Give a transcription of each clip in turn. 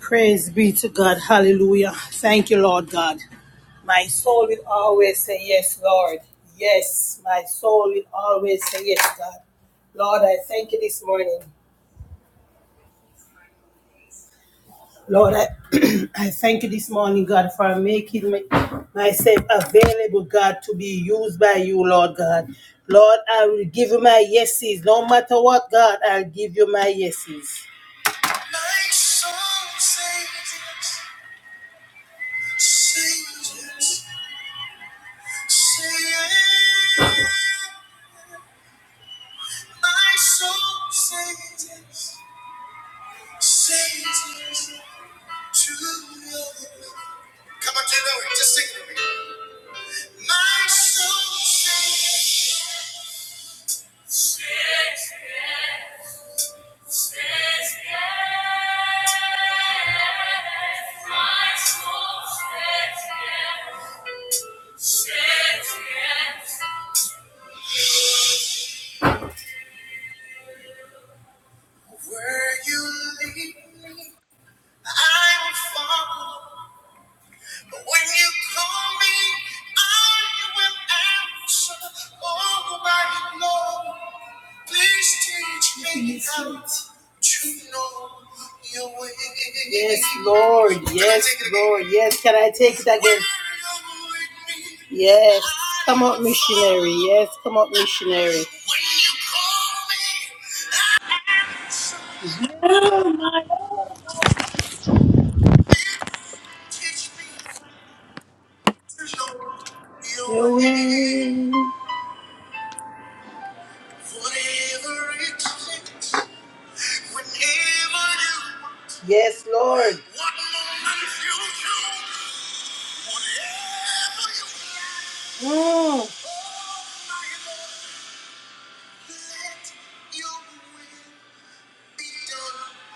Praise be to God. Hallelujah. Thank you, Lord God. My soul will always say yes, Lord. Yes, my soul will always say yes, God. Lord, I thank you this morning. Lord, I, I thank you this morning, God, for making me, myself available, God, to be used by you, Lord God. Lord, I will give you my yeses. No matter what, God, I'll give you my yeses. My soul says yes, says yes. My soul sings yes, yes to your name. Come on, you know it. Just sing with me. My soul says, says yes, says yes. yes, yes. Where you lead me, I will follow. When you call me, I will answer. Oh, my Lord, please teach me Yes, how Lord. to know your way. Yes, Lord. Yes, Lord. Yes, can I take it again? Yes, come up, missionary. Yes, come up, missionary. When you call me, I answer. Please teach me how to know Your way. Whatever it takes, whenever you want. Yes, Lord. What moment you choose, whatever you want. Mm.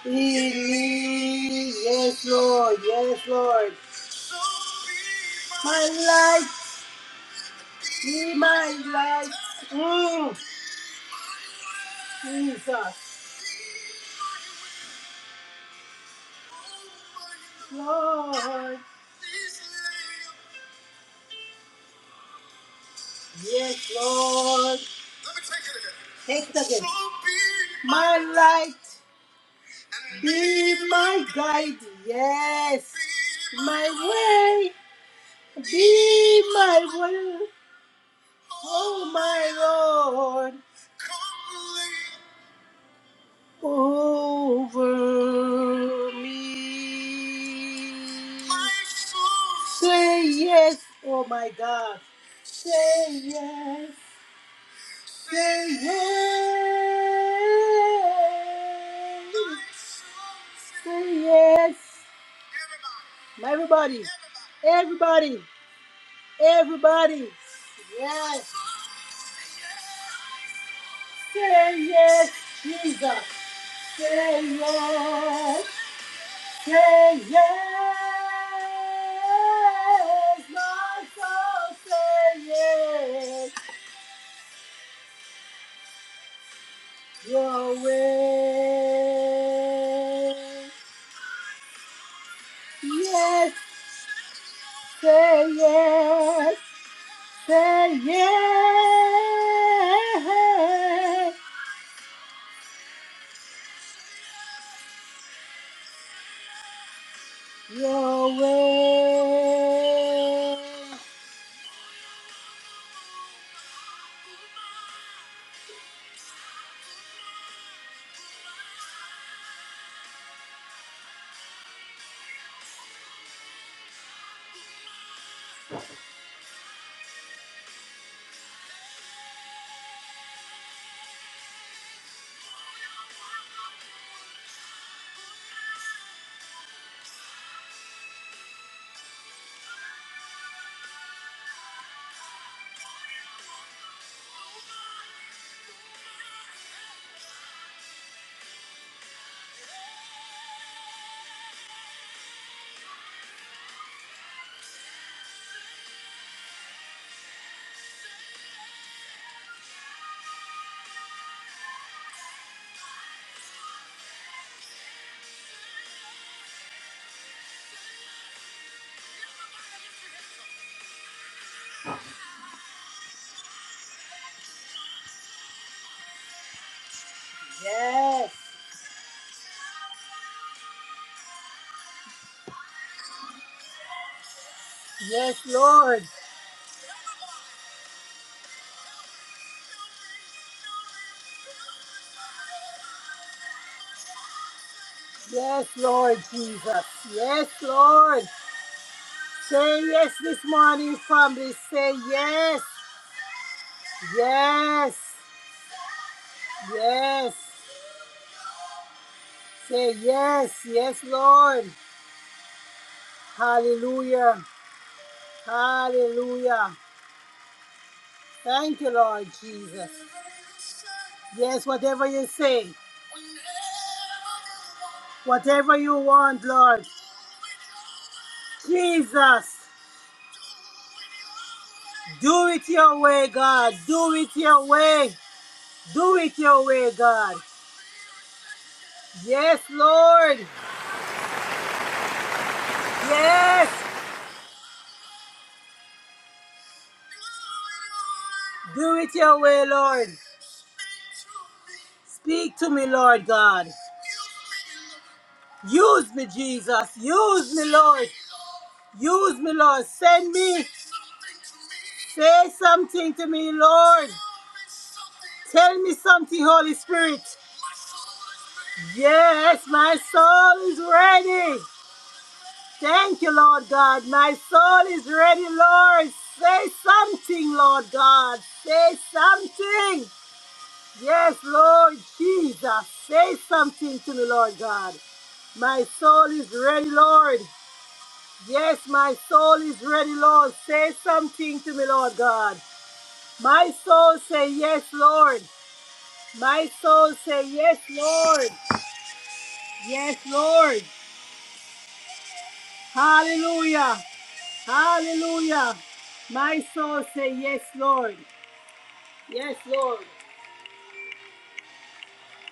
He- Yes, Lord. Yes, Lord. My life. Be my life. Mm. Jesus. Lord. Yes, Lord. Let me take it again. Take it again. So be my light. Be my guide. Yes. My way. Be my will. Oh, my Lord. Over me. Say yes, oh my God. Say yes. Say yes. Say yes. Everybody. Everybody. Everybody. Yes. Say yes, Jesus. Say yes. Say yes. My soul say yes. your way. Yes, say yes, say yes, your way. Yes, yes, Lord. Yes, Lord Jesus. Yes, Lord. Say yes this morning, family. Say yes, yes, yes. Say yes, yes, Lord. Hallelujah. Hallelujah. Thank you, Lord Jesus. Yes, whatever you say, whatever you want, Lord Jesus, do it your way, God. Do it your way. Do it your way, God. Yes, Lord. Yes. Do it your way, Lord. Speak to me, Lord God. Use me, Jesus. Use me, Lord. Use me, Lord. Send me. Say something to me, Lord. Tell me something, Holy Spirit. Yes, my soul is ready. Thank you, Lord God. My soul is ready, Lord. Say something, Lord God. Say something. Yes, Lord Jesus, say something to me, Lord God. My soul is ready, Lord. Yes, my soul is ready, Lord. Say something to me, Lord God. My soul say yes, Lord. My soul say yes, Lord. Yes, Lord. Hallelujah. Hallelujah. My soul say yes, Lord. Yes, Lord.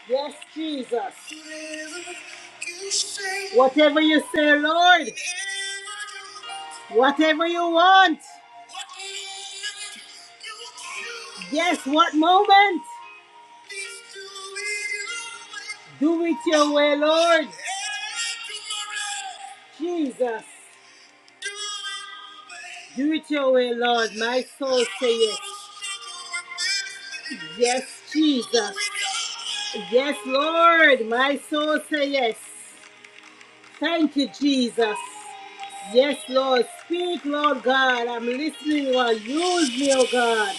Yes, Jesus. Whatever you say, Lord. Whatever you want. Yes, what moment? Do it your way, Lord. Jesus. Do it your way, Lord. My soul say yes. Yes, Jesus. Yes, Lord. My soul say yes. Thank you, Jesus. Yes, Lord. Speak, Lord God. I'm listening, Lord. Use me, oh God.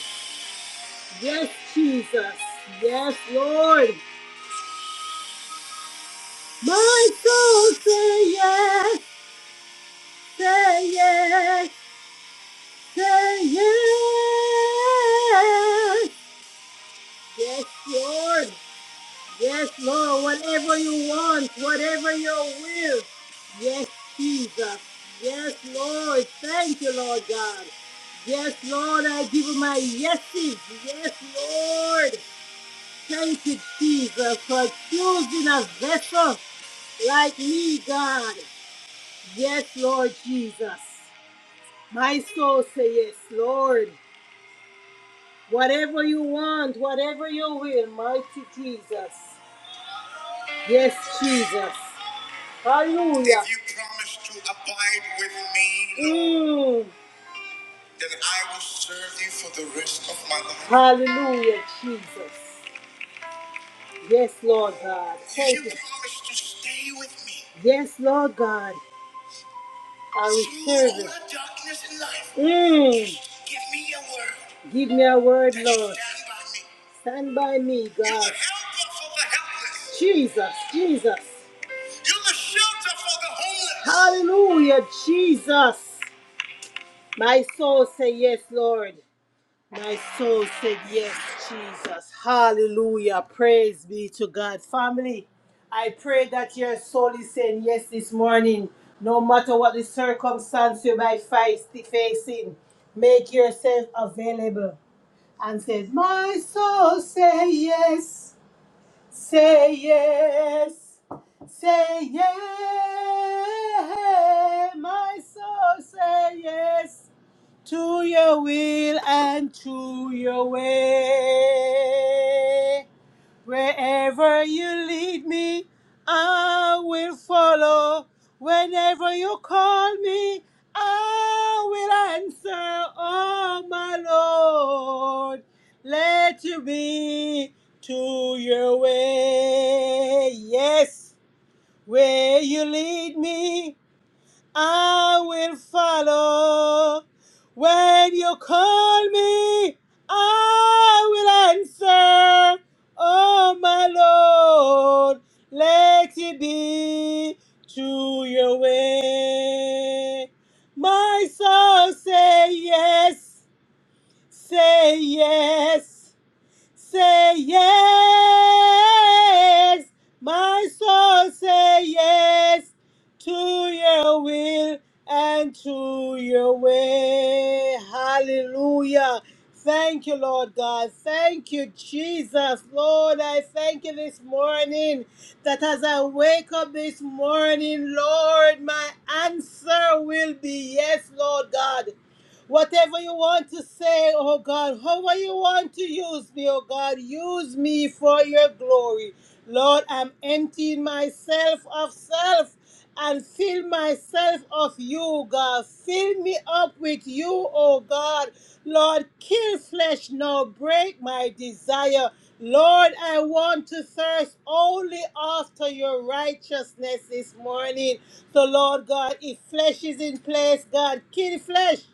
Yes, Jesus. Yes, Lord. My soul say yes. Say yes. Say yes. Yes, Lord. Yes, Lord. Whatever you want, whatever your will. Yes, Jesus. Yes, Lord. Thank you, Lord God. Yes, Lord. I give you my yeses. Yes, Lord. Thank you, Jesus, for choosing a vessel like me, God. Yes, Lord Jesus. My soul say yes, Lord. Whatever you want, whatever you will, mighty Jesus. Yes, Jesus. Hallelujah. If you promise to abide with me, Mm. then I will serve you for the rest of my life. Hallelujah, Jesus. Yes, Lord God. If Thank if you you. promise to stay with me Yes, Lord God. I will serve all darkness in life, you. Mm. give me a word Give me a word, that Lord. stand by me. Stand by me, You're God. You're the helper for the helpless. Jesus, Jesus. You're the shelter for the homeless. Hallelujah, Jesus. My soul say yes, Lord. My soul said yes, Jesus. Hallelujah. Praise be to God. Family, I pray that your soul is saying yes this morning. No matter what the circumstance you might face facing, make yourself available and says, My soul say yes. Say yes, say yes, my soul, say yes to your will and to your way. Wherever you lead me, I will follow. Whenever you call me, I will answer, oh my Lord. Let you be to your way. Yes, where you lead me. I will follow. When you call me, I will answer. Oh, my Lord, let it be to your way. My soul say yes, say yes. Say yes, my soul say yes to your will and to your way. Hallelujah. Thank you, Lord God. Thank you, Jesus. Lord, I thank you this morning that as I wake up this morning, Lord, my answer will be yes, Lord God. Whatever you want to say, oh God, however you want to use me, oh God, use me for your glory. Lord, I'm emptying myself of self and fill myself of you, God. Fill me up with you, oh God. Lord, kill flesh now, break my desire. Lord, I want to thirst only after your righteousness this morning. So, Lord God, if flesh is in place, God, kill flesh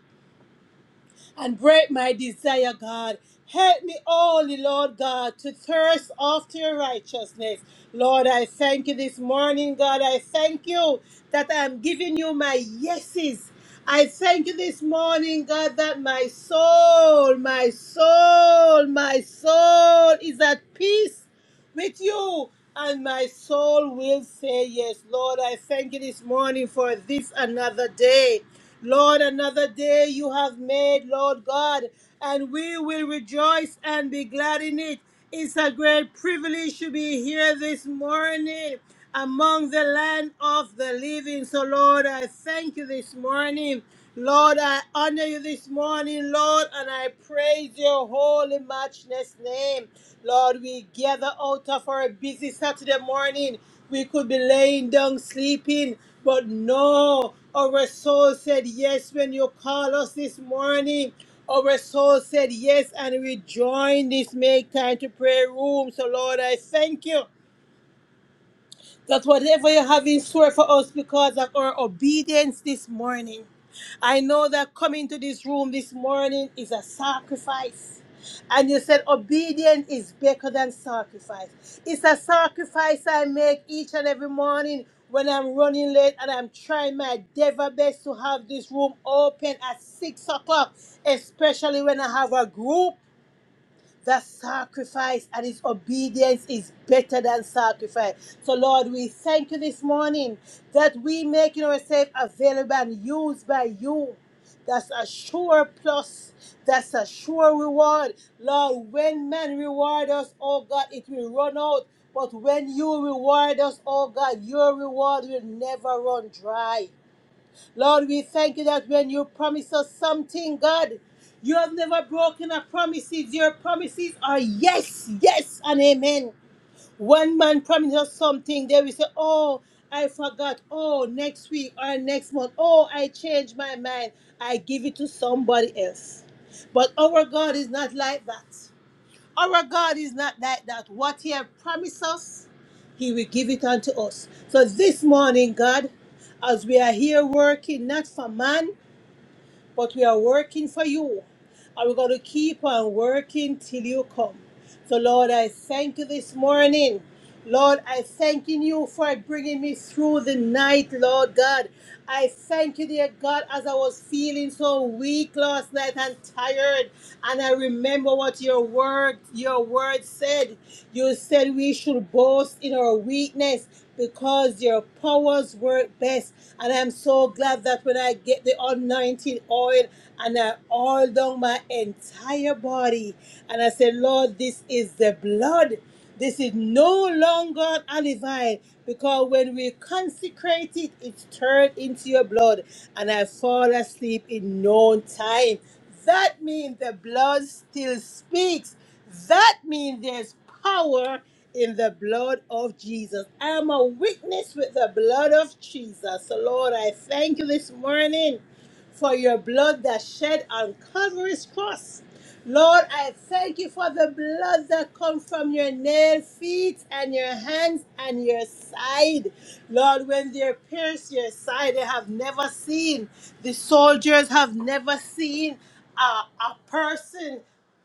and break my desire, God. Help me, only Lord God, to thirst after your righteousness. Lord, I thank you this morning, God. I thank you that I'm giving you my yeses. I thank you this morning, God, that my soul, my soul, my soul is at peace with you. And my soul will say yes. Lord, I thank you this morning for this another day. Lord, another day you have made, Lord God, and we will rejoice and be glad in it. It's a great privilege to be here this morning among the land of the living. So, Lord, I thank you this morning. Lord, I honor you this morning, Lord, and I praise your holy, matchless name. Lord, we gather out of our busy Saturday morning. We could be laying down sleeping, but no, our soul said yes when you call us this morning. Our soul said yes, and we join this make time to pray room. So, Lord, I thank you that whatever you have in store for us because of our obedience this morning. I know that coming to this room this morning is a sacrifice. And you said obedience is better than sacrifice. It's a sacrifice I make each and every morning when I'm running late and I'm trying my devil best to have this room open at six o'clock, especially when I have a group that sacrifice and his obedience is better than sacrifice. So, Lord, we thank you this morning that we making ourselves available and used by you. That's a sure plus. That's a sure reward. Lord, when man reward us, oh God, it will run out. But when you reward us, oh God, your reward will never run dry. Lord, we thank you that when you promise us something, God, you have never broken a promises. Your promises are yes, yes, and amen. One man promised us something, they will say, Oh, I forgot. Oh, next week or next month. Oh, I changed my mind. I give it to somebody else. But our God is not like that. Our God is not like that. What He has promised us, He will give it unto us. So this morning, God, as we are here working, not for man, but we are working for you. And we're going to keep on working till you come. So, Lord, I thank you this morning. Lord, I thank you for bringing me through the night, Lord God. I thank you, dear God, as I was feeling so weak last night and tired. And I remember what your word, your word said. You said we should boast in our weakness because your powers work best. And I'm so glad that when I get the anointing oil and I oil down my entire body, and I say, Lord, this is the blood. This is no longer olive oil because when we consecrate it, it's turned into your blood, and I fall asleep in no time. That means the blood still speaks. That means there's power in the blood of Jesus. I am a witness with the blood of Jesus. So, Lord, I thank you this morning for your blood that shed on Calvary's cross. Lord, I thank you for the blood that comes from your nail feet and your hands and your side. Lord, when they pierce your side, they have never seen. The soldiers have never seen a, a person.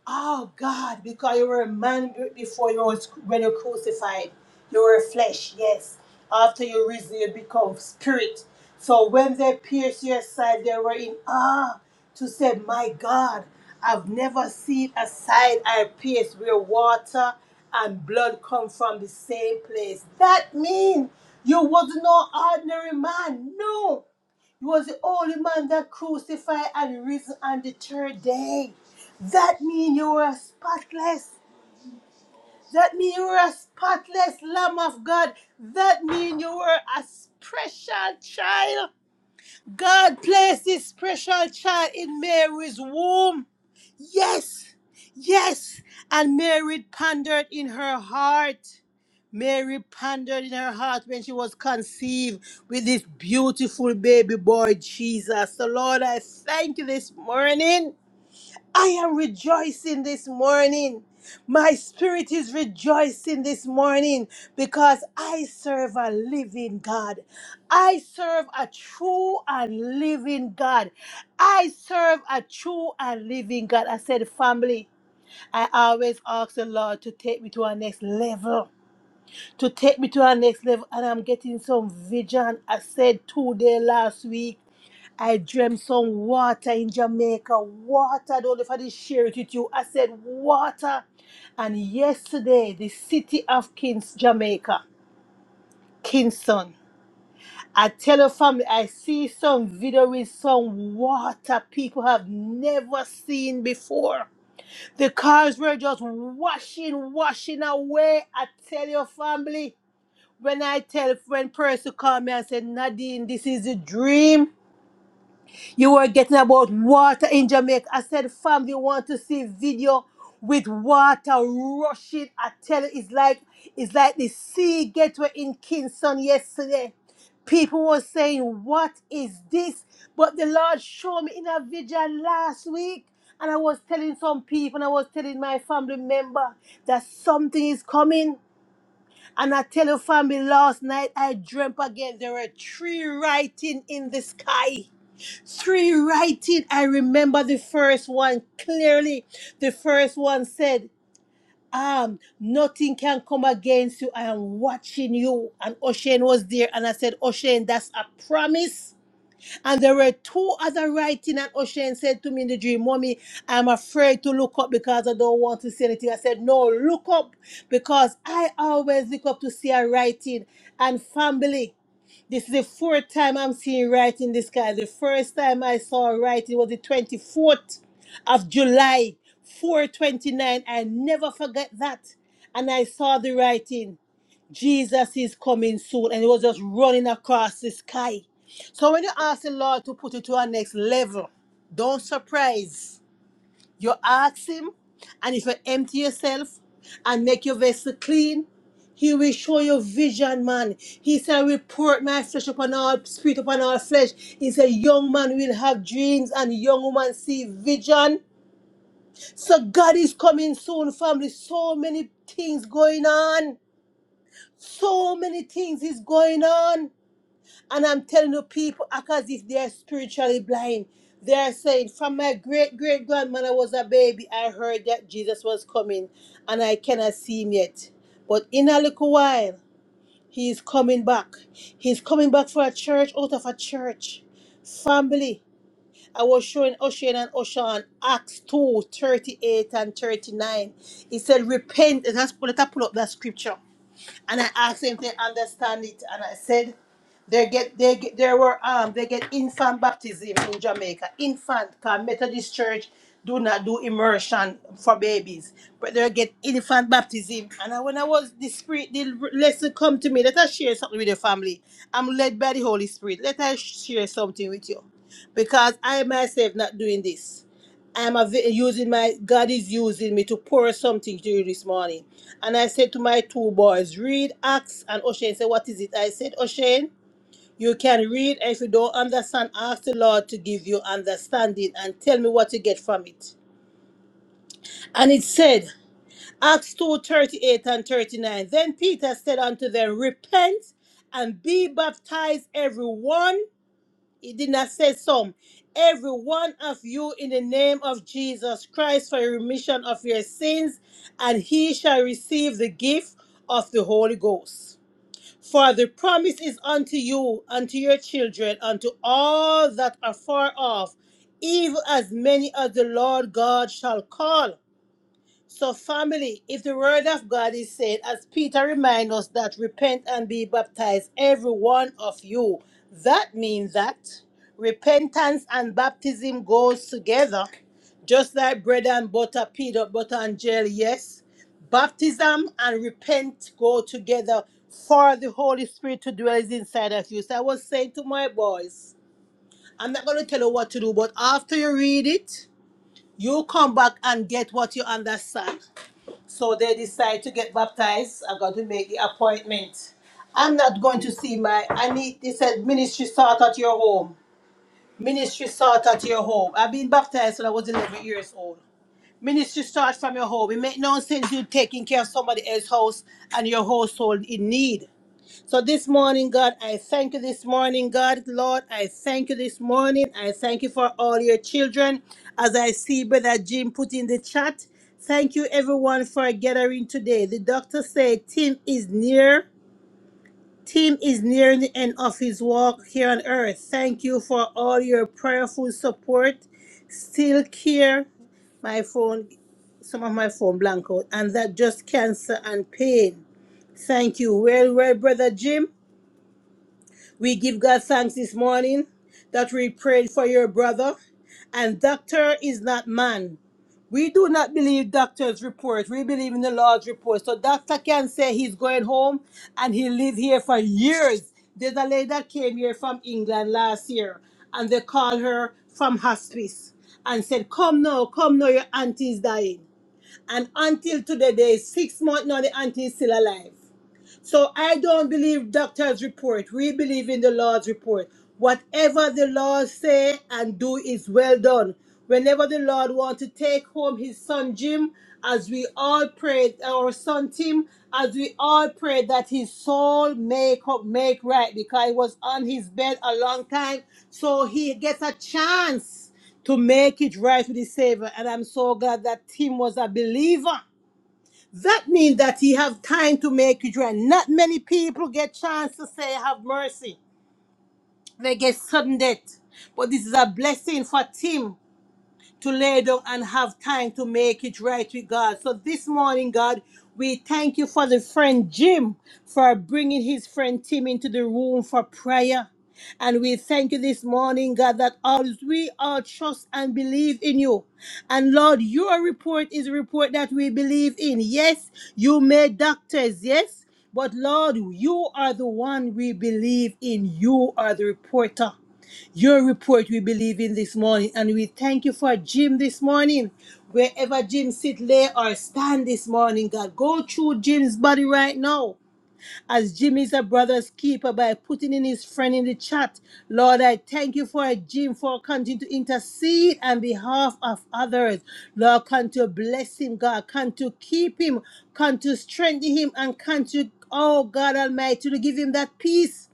Oh God, because you were a man before you was when you were crucified. You were flesh, yes. After you risen, you become spirit. So when they pierced your side, they were in awe to say, My God, I've never seen a side I pierced where water and blood come from the same place. That means you was no ordinary man. No. He was the only man that crucified and risen on the third day. That means you were spotless. That means you were a spotless Lamb of God. That means you were a special child. God placed this special child in Mary's womb. Yes, yes. And Mary pondered in her heart. Mary pondered in her heart when she was conceived with this beautiful baby boy, Jesus. So, Lord, I thank you this morning I am rejoicing this morning. My spirit is rejoicing this morning because I serve a living God. I serve a true and living God. I serve a true and living God. I said, family, I always ask the Lord to take me to our next level, to take me to our next level. And I'm getting some vision. I said two day last week. I dreamt some water in Jamaica. Water, I don't know if I did share it with you. I said water. And yesterday, the city of Kings, Jamaica, Kingston. I tell your family, I see some video with some water people have never seen before. The cars were just washing, washing away. I tell your family. When I tell when person call me and say, Nadine, this is a dream. You were getting about water in Jamaica. I said, fam, you want to see video with water rushing? I tell you, it's like it's like the sea gateway in Kingston yesterday. People were saying, What is this? But the Lord showed me in a vision last week. And I was telling some people, and I was telling my family member that something is coming. And I tell your family last night I dreamt again. There were three writing in the sky. Three writing, I remember the first one clearly. The first one said, um, nothing can come against you. I am watching you. And O'Shane was there. And I said, O'Shane, that's a promise. And there were two other writing, and O'Shane said to me in the dream, Mommy, I'm afraid to look up because I don't want to see anything. I said, No, look up because I always look up to see a writing and family. This is the fourth time I'm seeing writing the sky. The first time I saw writing was the 24th of July, 429. I never forget that. And I saw the writing, Jesus is coming soon. And it was just running across the sky. So when you ask the Lord to put you to our next level, don't surprise. You ask him, and if you empty yourself and make your vessel clean, he will show you vision, man. He said, I will pour my flesh upon all spirit upon all flesh. He said, Young man will have dreams and young woman see vision. So God is coming soon, family. So many things going on. So many things is going on. And I'm telling you, people act as if they are spiritually blind. They are saying, From my great great grandmother was a baby, I heard that Jesus was coming, and I cannot see him yet. But in a little while, he is coming back. He's coming back for a church out of a church. Family. I was showing Ocean and Ocean Acts 2 38 and 39. He said, Repent. Let's pull, let's pull up that scripture and I asked him if they understand it, and I said they get they get they were um they get infant baptism in Jamaica. Infant, cause Methodist Church do not do immersion for babies, but they get infant baptism. And I, when I was the spirit, the lesson come to me. Let us share something with the family. I'm led by the Holy Spirit. Let us share something with you, because I myself not doing this. I'm av- using my God is using me to pour something to you this morning. And I said to my two boys, read Acts and O'Shane said, What is it? I said, O'Shane, you can read and if you don't understand, ask the Lord to give you understanding and tell me what you get from it. And it said, Acts two thirty eight and 39. Then Peter said unto them, Repent and be baptized every one he did not say some. Every one of you in the name of Jesus Christ for remission of your sins, and he shall receive the gift of the Holy Ghost. For the promise is unto you, unto your children, unto all that are far off, even as many as the Lord God shall call. So, family, if the word of God is said, as Peter reminds us, that repent and be baptized, every one of you, that means that repentance and baptism goes together, just like bread and butter, peanut butter and jelly. Yes, baptism and repent go together for the Holy Spirit to dwell inside of you. So, I was saying to my boys, I'm not going to tell you what to do, but after you read it, you come back and get what you understand. So they decide to get baptized. I got to make the appointment. I'm not going to see my. I need. They said ministry start at your home. Ministry start at your home. I've been baptized when I was 11 years old. Ministry starts from your home. It makes no sense you taking care of somebody else's house and your household in need. So this morning, God, I thank you this morning, God, Lord, I thank you this morning. I thank you for all your children. As I see Brother Jim put in the chat, thank you everyone for gathering today. The doctor said Tim is near. Tim is nearing the end of his walk here on earth. Thank you for all your prayerful support. Still care. My phone some of my phone blank out, and that just cancer and pain. Thank you. Well, well, brother Jim. We give God thanks this morning that we prayed for your brother. And doctor is not man. We do not believe doctor's report. We believe in the Lord's report. So doctor can say he's going home and he lived here for years. There's a lady that came here from England last year and they called her from hospice and said, come now, come now, your auntie is dying. And until today, they six months now, the auntie is still alive. So I don't believe doctors' report. We believe in the Lord's report. Whatever the Lord say and do is well done. Whenever the Lord want to take home his son Jim, as we all prayed, our son Tim, as we all prayed that his soul make up, make right, because he was on his bed a long time. So he gets a chance to make it right with his Savior. And I'm so glad that Tim was a believer that means that he have time to make it right. Not many people get chance to say have mercy. They get sudden death. But this is a blessing for Tim to lay down and have time to make it right with God. So this morning, God, we thank you for the friend Jim for bringing his friend Tim into the room for prayer. And we thank you this morning, God, that all we all trust and believe in you. And Lord, your report is a report that we believe in. Yes, you made doctors, yes, but Lord, you are the one we believe in. You are the reporter. Your report we believe in this morning, and we thank you for Jim this morning. Wherever Jim sit, lay or stand this morning, God, go through Jim's body right now. As Jim is a brother's keeper by putting in his friend in the chat. Lord, I thank you for Jim for continuing to intercede on behalf of others. Lord, come to bless him, God. Come to keep him, come to strengthen him, and come to, oh God Almighty, to give him that peace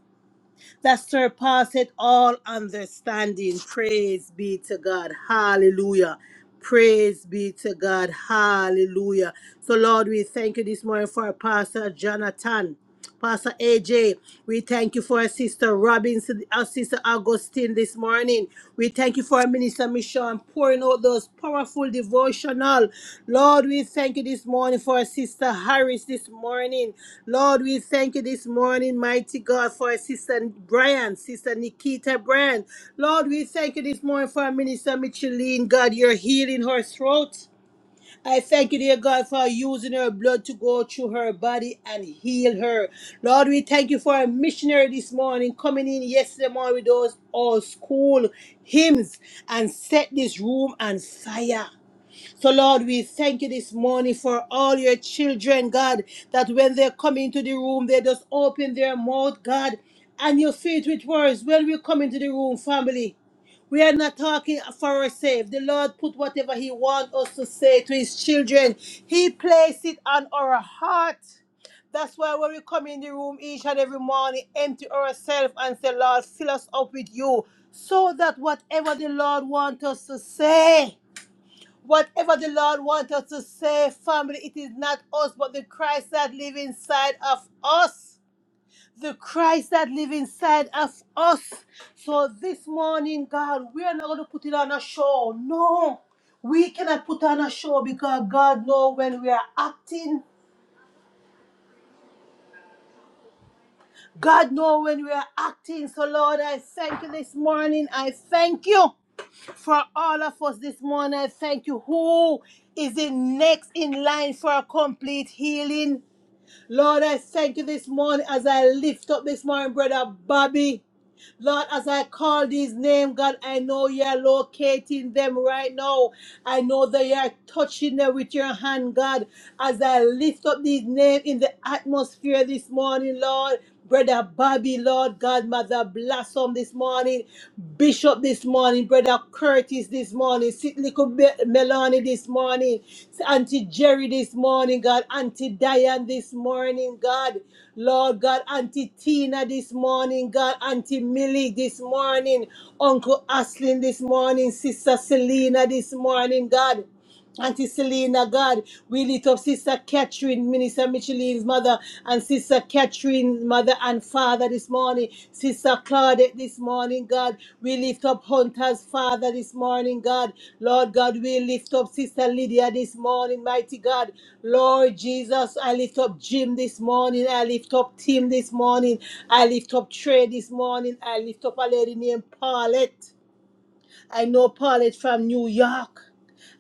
that surpasseth all understanding. Praise be to God. Hallelujah. Praise be to God. Hallelujah. So, Lord, we thank you this morning for Pastor Jonathan. Pastor AJ, we thank you for our sister Robinson, our sister Augustine this morning. We thank you thank you for our minister Michon pouring out those powerful devotional. Lord, we thank you this morning for our sister Harris this morning. Lord, we thank you this morning, mighty God, for our sister Brian, sister Nikita Brand. Lord, we thank you this morning for our minister Micheline. God, you're healing her throat. I thank you, dear God, for using her blood to go through her body and heal her. Lord, we thank you for a missionary this morning coming in yesterday morning with those old school hymns and set this room on fire. So, Lord, we thank you this morning for all your children, God, that when they come into the room, they just open their mouth, God, and you feed with words. When we come into the room, family, we are not talking for ourselves. The Lord put whatever He wants us to say to His children, He placed it on our heart. That's why when we come in the room each and every morning, empty ourselves and say, Lord, fill us up with you, so that whatever the Lord wants us to say, Whatever the Lord wants us to say, family, it is not us, but the Christ that lives inside of us. The Christ that lives inside of us. So this morning, God, we are not going to put it on a show. No, we cannot put on a show because God knows when we are acting. God knows when we are acting. So, Lord, I thank you this morning. I thank you for all of us this morning. I thank you. Who is the next in line for a complete healing? Lord, I thank you this morning as I lift up this morning, brother Bobby. Lord, as I call these names, God, I know you're locating them right now. I know that you're touching them with your hand, God. As I lift up these names in the atmosphere this morning, Lord. Brother Bobby, Lord God, Mother Blossom this morning, Bishop this morning, Brother Curtis this morning, Sit Little Connie this morning, Auntie Jerry this morning, God, Auntie Diane this morning, God, Lord God, Auntie Tina this morning, God, Auntie Millie this morning, Uncle Aslin this morning, Sister Selena this morning, God. Auntie Selena, God, we lift up Sister Catherine, Minister Micheline's mother, and Sister Catherine's mother and father this morning. Sister Claudette this morning, God. We lift up Hunter's father this morning, God. Lord God, we lift up Sister Lydia this morning, mighty God. Lord Jesus, I lift up Jim this morning. I lift up Tim this morning. I lift up Trey this morning. I lift up a lady named Paulette. I know Paulette from New York.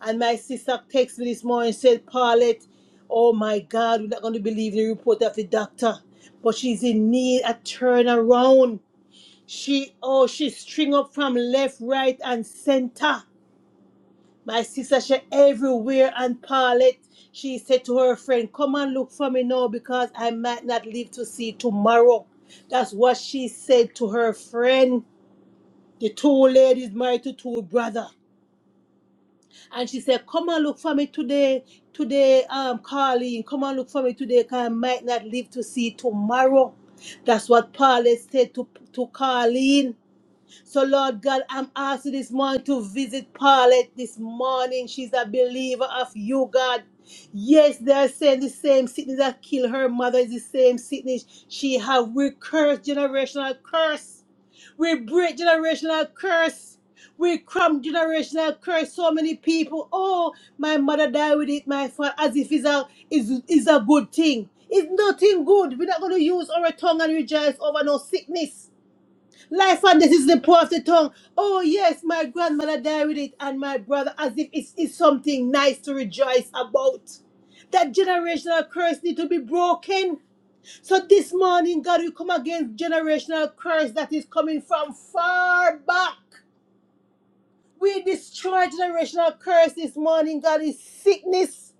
And my sister texted me this morning and said, Paulette, oh my God, we're not going to believe the report of the doctor. But she's in need a turnaround. She, oh, she string up from left, right, and center. My sister, she everywhere. And Paulette, she said to her friend, come and look for me now because I might not live to see tomorrow. That's what she said to her friend. The two ladies married to two brother. And she said, Come and look for me today, today, um, Carleen. Come and look for me today, because I might not live to see tomorrow. That's what Paulette said to, to Carleen. So, Lord God, I'm asking this morning to visit Paulette this morning. She's a believer of you, God. Yes, they are saying the same sickness that killed her mother is the same sickness she have. We curse generational curse. We break generational curse. We cramp generational curse. So many people, oh, my mother died with it, my father, as if it's a, is, is a good thing. It's nothing good. We're not going to use our tongue and rejoice over no sickness. Life and death is the power of the tongue. Oh, yes, my grandmother died with it, and my brother, as if it's, it's something nice to rejoice about. That generational curse need to be broken. So this morning, God, we come against generational curse that is coming from far back. We destroy generational curse this morning, God, is sickness.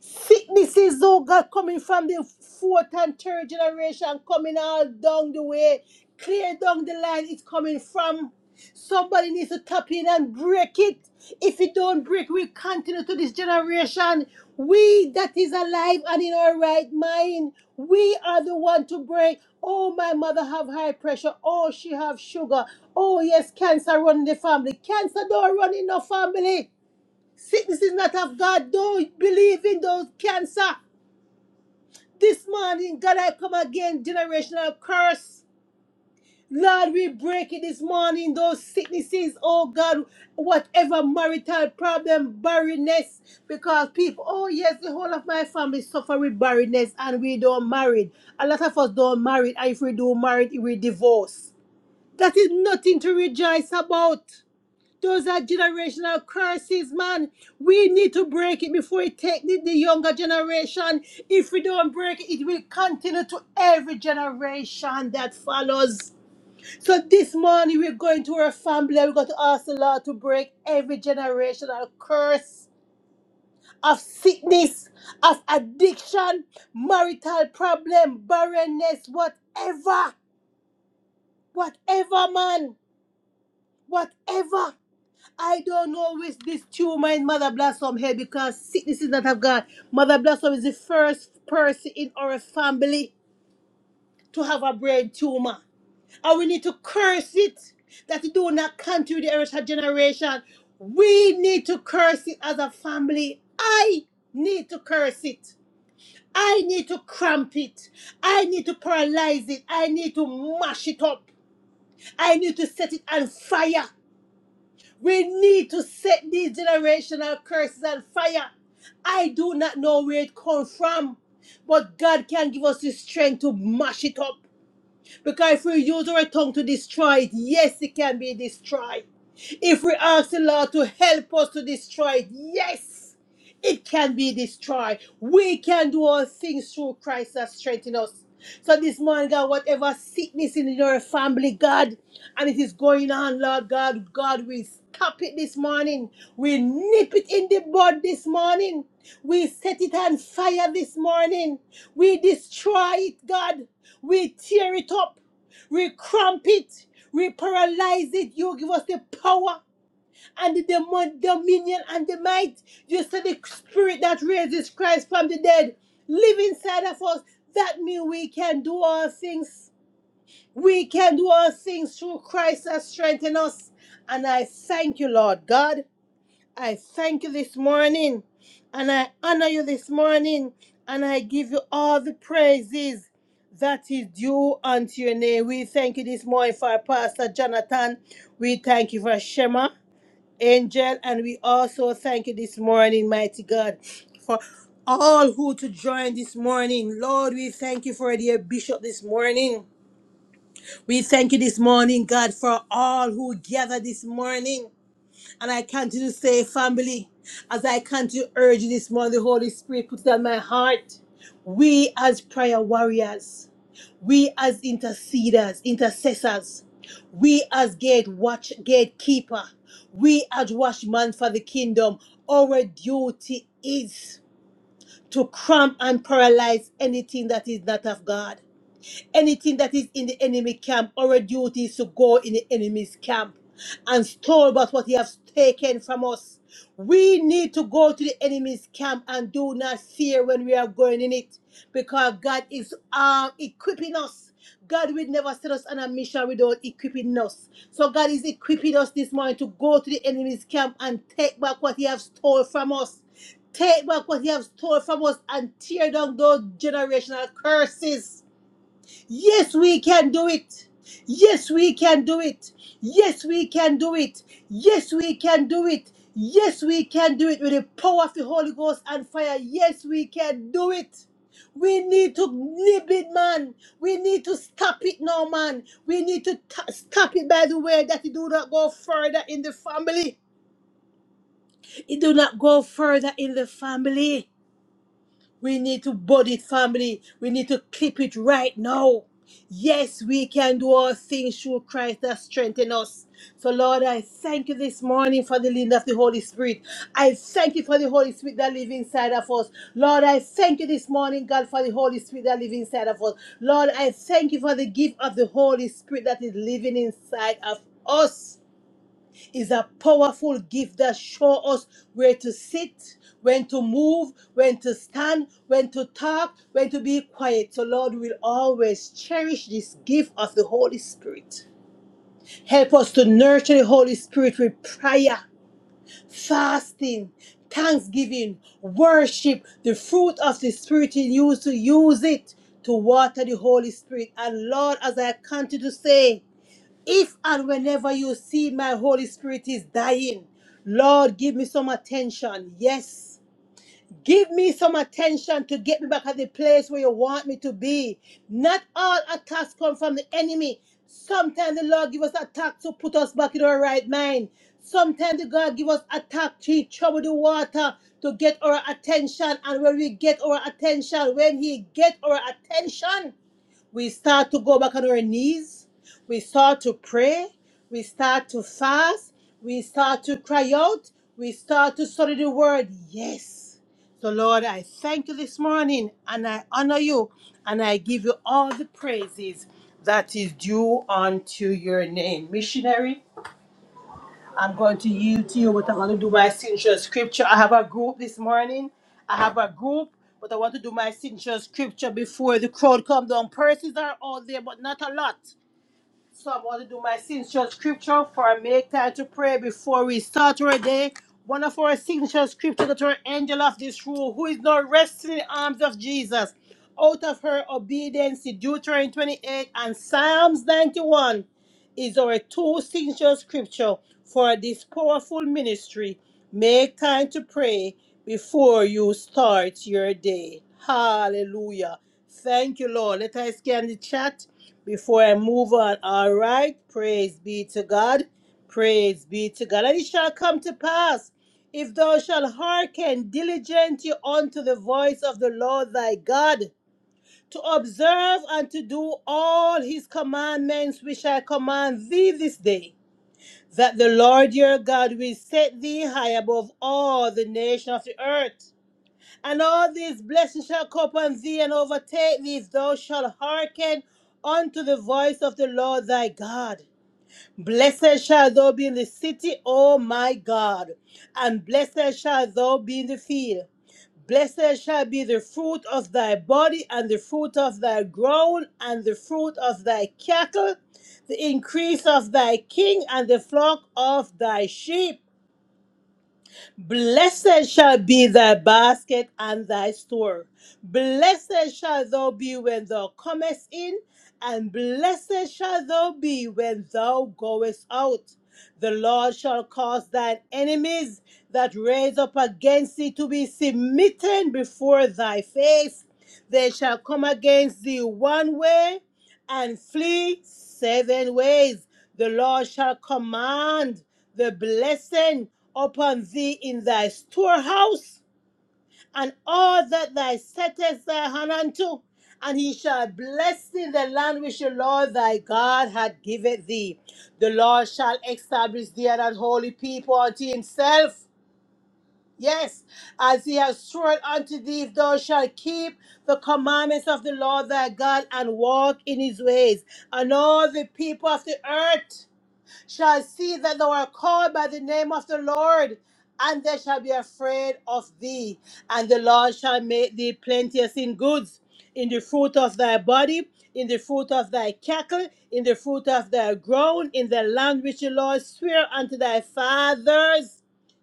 Sicknesses, oh God, coming from the fourth and third generation, coming all down the way, clear down the line, it's coming from. Somebody needs to tap in and break it. If it don't break, we continue to this generation. We that is alive and in our right mind, we are the one to break. Oh, my mother have high pressure. Oh, she have sugar. Oh, yes, cancer run in the family. Cancer don't run in no family. Sickness is not of God. Don't believe in those cancer. This morning, God, I come again, generational curse. Lord, we break it this morning, those sicknesses, oh God, whatever marital problem, barrenness, because people, oh yes, the whole of my family suffer with barrenness and we don't marry. A lot of us don't marry, and if we do marry, we divorce. That is nothing to rejoice about. Those are generational curses, man. We need to break it before it takes the, the younger generation. If we don't break it, it will continue to every generation that follows. So this morning we're going to our family. We're going to ask the Lord to break every generational curse of sickness, of addiction, marital problem, barrenness, whatever, whatever, man, whatever. I don't know which this tumor in Mother Blossom here because sickness is not of God. Mother Blossom is the first person in our family to have a brain tumor. And we need to curse it that it do not continue the Eritrea generation. We need to curse it as a family. I need to curse it. I need to cramp it. I need to paralyze it. I need to mash it up. I need to set it on fire. We need to set these generational curses on fire. I do not know where it comes from, but God can give us the strength to mash it up. Because if we use our tongue to destroy it, yes, it can be destroyed. If we ask the Lord to help us to destroy it, yes, it can be destroyed. We can do all things through Christ that strengthens us. So this morning, God, whatever sickness in your family, God, and it is going on, Lord God, God, we stop it this morning. We nip it in the bud this morning. We set it on fire this morning. We destroy it, God. We tear it up. We cramp it. We paralyze it. You give us the power and the demo- dominion and the might. You said the spirit that raises Christ from the dead live inside of us. That means we can do all things. We can do all things through Christ that strengthens us. And I thank you, Lord God. I thank you this morning and I honor you this morning and I give you all the praises that is due unto your name. We thank you this morning for Pastor Jonathan. We thank you for Shema, Angel, and we also thank you this morning, mighty God, for all who to join this morning. Lord, we thank you for dear bishop this morning. We thank you this morning, God, for all who gather this morning. And I continue to say, family, as I continue to urge you this morning, the Holy Spirit puts it on my heart. We as prayer warriors, we as interceders, intercessors, we as gate watch gatekeeper, we as watchman for the kingdom, our duty is to cramp and paralyze anything that is not of God. Anything that is in the enemy camp, our duty is to go in the enemy's camp and store about what he has taken from us. We need to go to the enemy's camp and do not fear when we are going in it because God is uh, equipping us. God will never set us on a mission without equipping us. So God is equipping us this morning to go to the enemy's camp and take back what he has stole from us. Take back what he has stole from us and tear down those generational curses Yes, we can do it. Yes, we can do it. Yes, we can do it. Yes, we can do it. Yes, we can do it with the power of the Holy Ghost and fire. Yes, we can do it. We need to nip it, man. We need to stop it now, man. We need to ta- stop it by the way that it do not go further in the family. It do not go further in the family. We need to body family. We need to keep it right now. Yes, we can do all things through Christ that strengthens us. So, Lord, I thank you this morning for the leading of the Holy Spirit. I thank you for the Holy Spirit that lives inside of us. Lord, I thank you this morning, God, for the Holy Spirit that lives inside of us. Lord, I thank you for the gift of the Holy Spirit that is living inside of us is a powerful gift that shows us where to sit, when to move, when to stand, when to talk, when to be quiet. So, Lord, we will always cherish this gift of the Holy Spirit. Help us to nurture the Holy Spirit with prayer, fasting, thanksgiving, worship, the fruit of the Spirit in you to use it to water the Holy Spirit. And Lord, as I continue to say, if and whenever you see my Holy Spirit is dying, Lord, give me some attention. Yes. Give me some attention to get me back at the place where you want me to be. Not all attacks come from the enemy. Sometimes the Lord give us attacks to put us back in our right mind. Sometimes the God give us attack to trouble the water to get our attention. And when we get our attention, when He get our attention, we start to go back on our knees. We start to pray. We start to fast. We start to cry out. We start to study the word. Yes. So, Lord, I thank you this morning and I honor you and I give you all the praises that is due unto your name. Missionary, I'm going to yield to you, but I'm going to do my signature scripture. I have a group this morning. I have a group, but I want to do my signature scripture before the crowd come down. Persons are out there, but not a lot. So I'm going to do my signature scripture for a make time to pray before we start our day. One of our signature scripture that our angel of this rule, who is now resting in the arms of Jesus, out of her obedience, Deuteronomy 28 and Psalms 91 is our two signature scripture for this powerful ministry. Make time to pray before you start your day. Hallelujah. Thank you, Lord. Let us scan the chat before I move on. All right. Praise be to God. Praise be to God. And it shall come to pass if thou shalt hearken diligently unto the voice of the Lord thy God to observe and to do all his commandments which I command thee this day, that the Lord your God will set thee high above all the nations of the earth. And all these blessings shall come upon thee and overtake thee if thou shalt hearken unto the voice of the Lord thy God. Blessed shall thou be in the city, O my God, and blessed shall thou be in the field. Blessed shall be the fruit of thy body, and the fruit of thy ground, and the fruit of thy cattle, the increase of thy king, and the flock of thy sheep. Blessed shall be thy basket and thy store. Blessed shall thou be when thou comest in, and blessed shall thou be when thou goest out. The Lord shall cause thine enemies that raise up against thee to be submitted before thy face. They shall come against thee one way, and flee seven ways. The Lord shall command the blessing upon thee in thy storehouse and all that thou settest thy hand unto, and he shall bless thee in the land which the Lord thy God hath given thee. The Lord shall establish thee and an holy people unto himself Yes, as he has sworn unto thee, if thou shalt keep the commandments of the Lord thy God and walk in his ways, and all the people of the earth shall see that thou art called by the name of the Lord, and they shall be afraid of thee. And the Lord shall make thee plenteous in goods, in the fruit of thy body, in the fruit of thy cattle, in the fruit of thy ground, in the land which the Lord sware unto thy fathers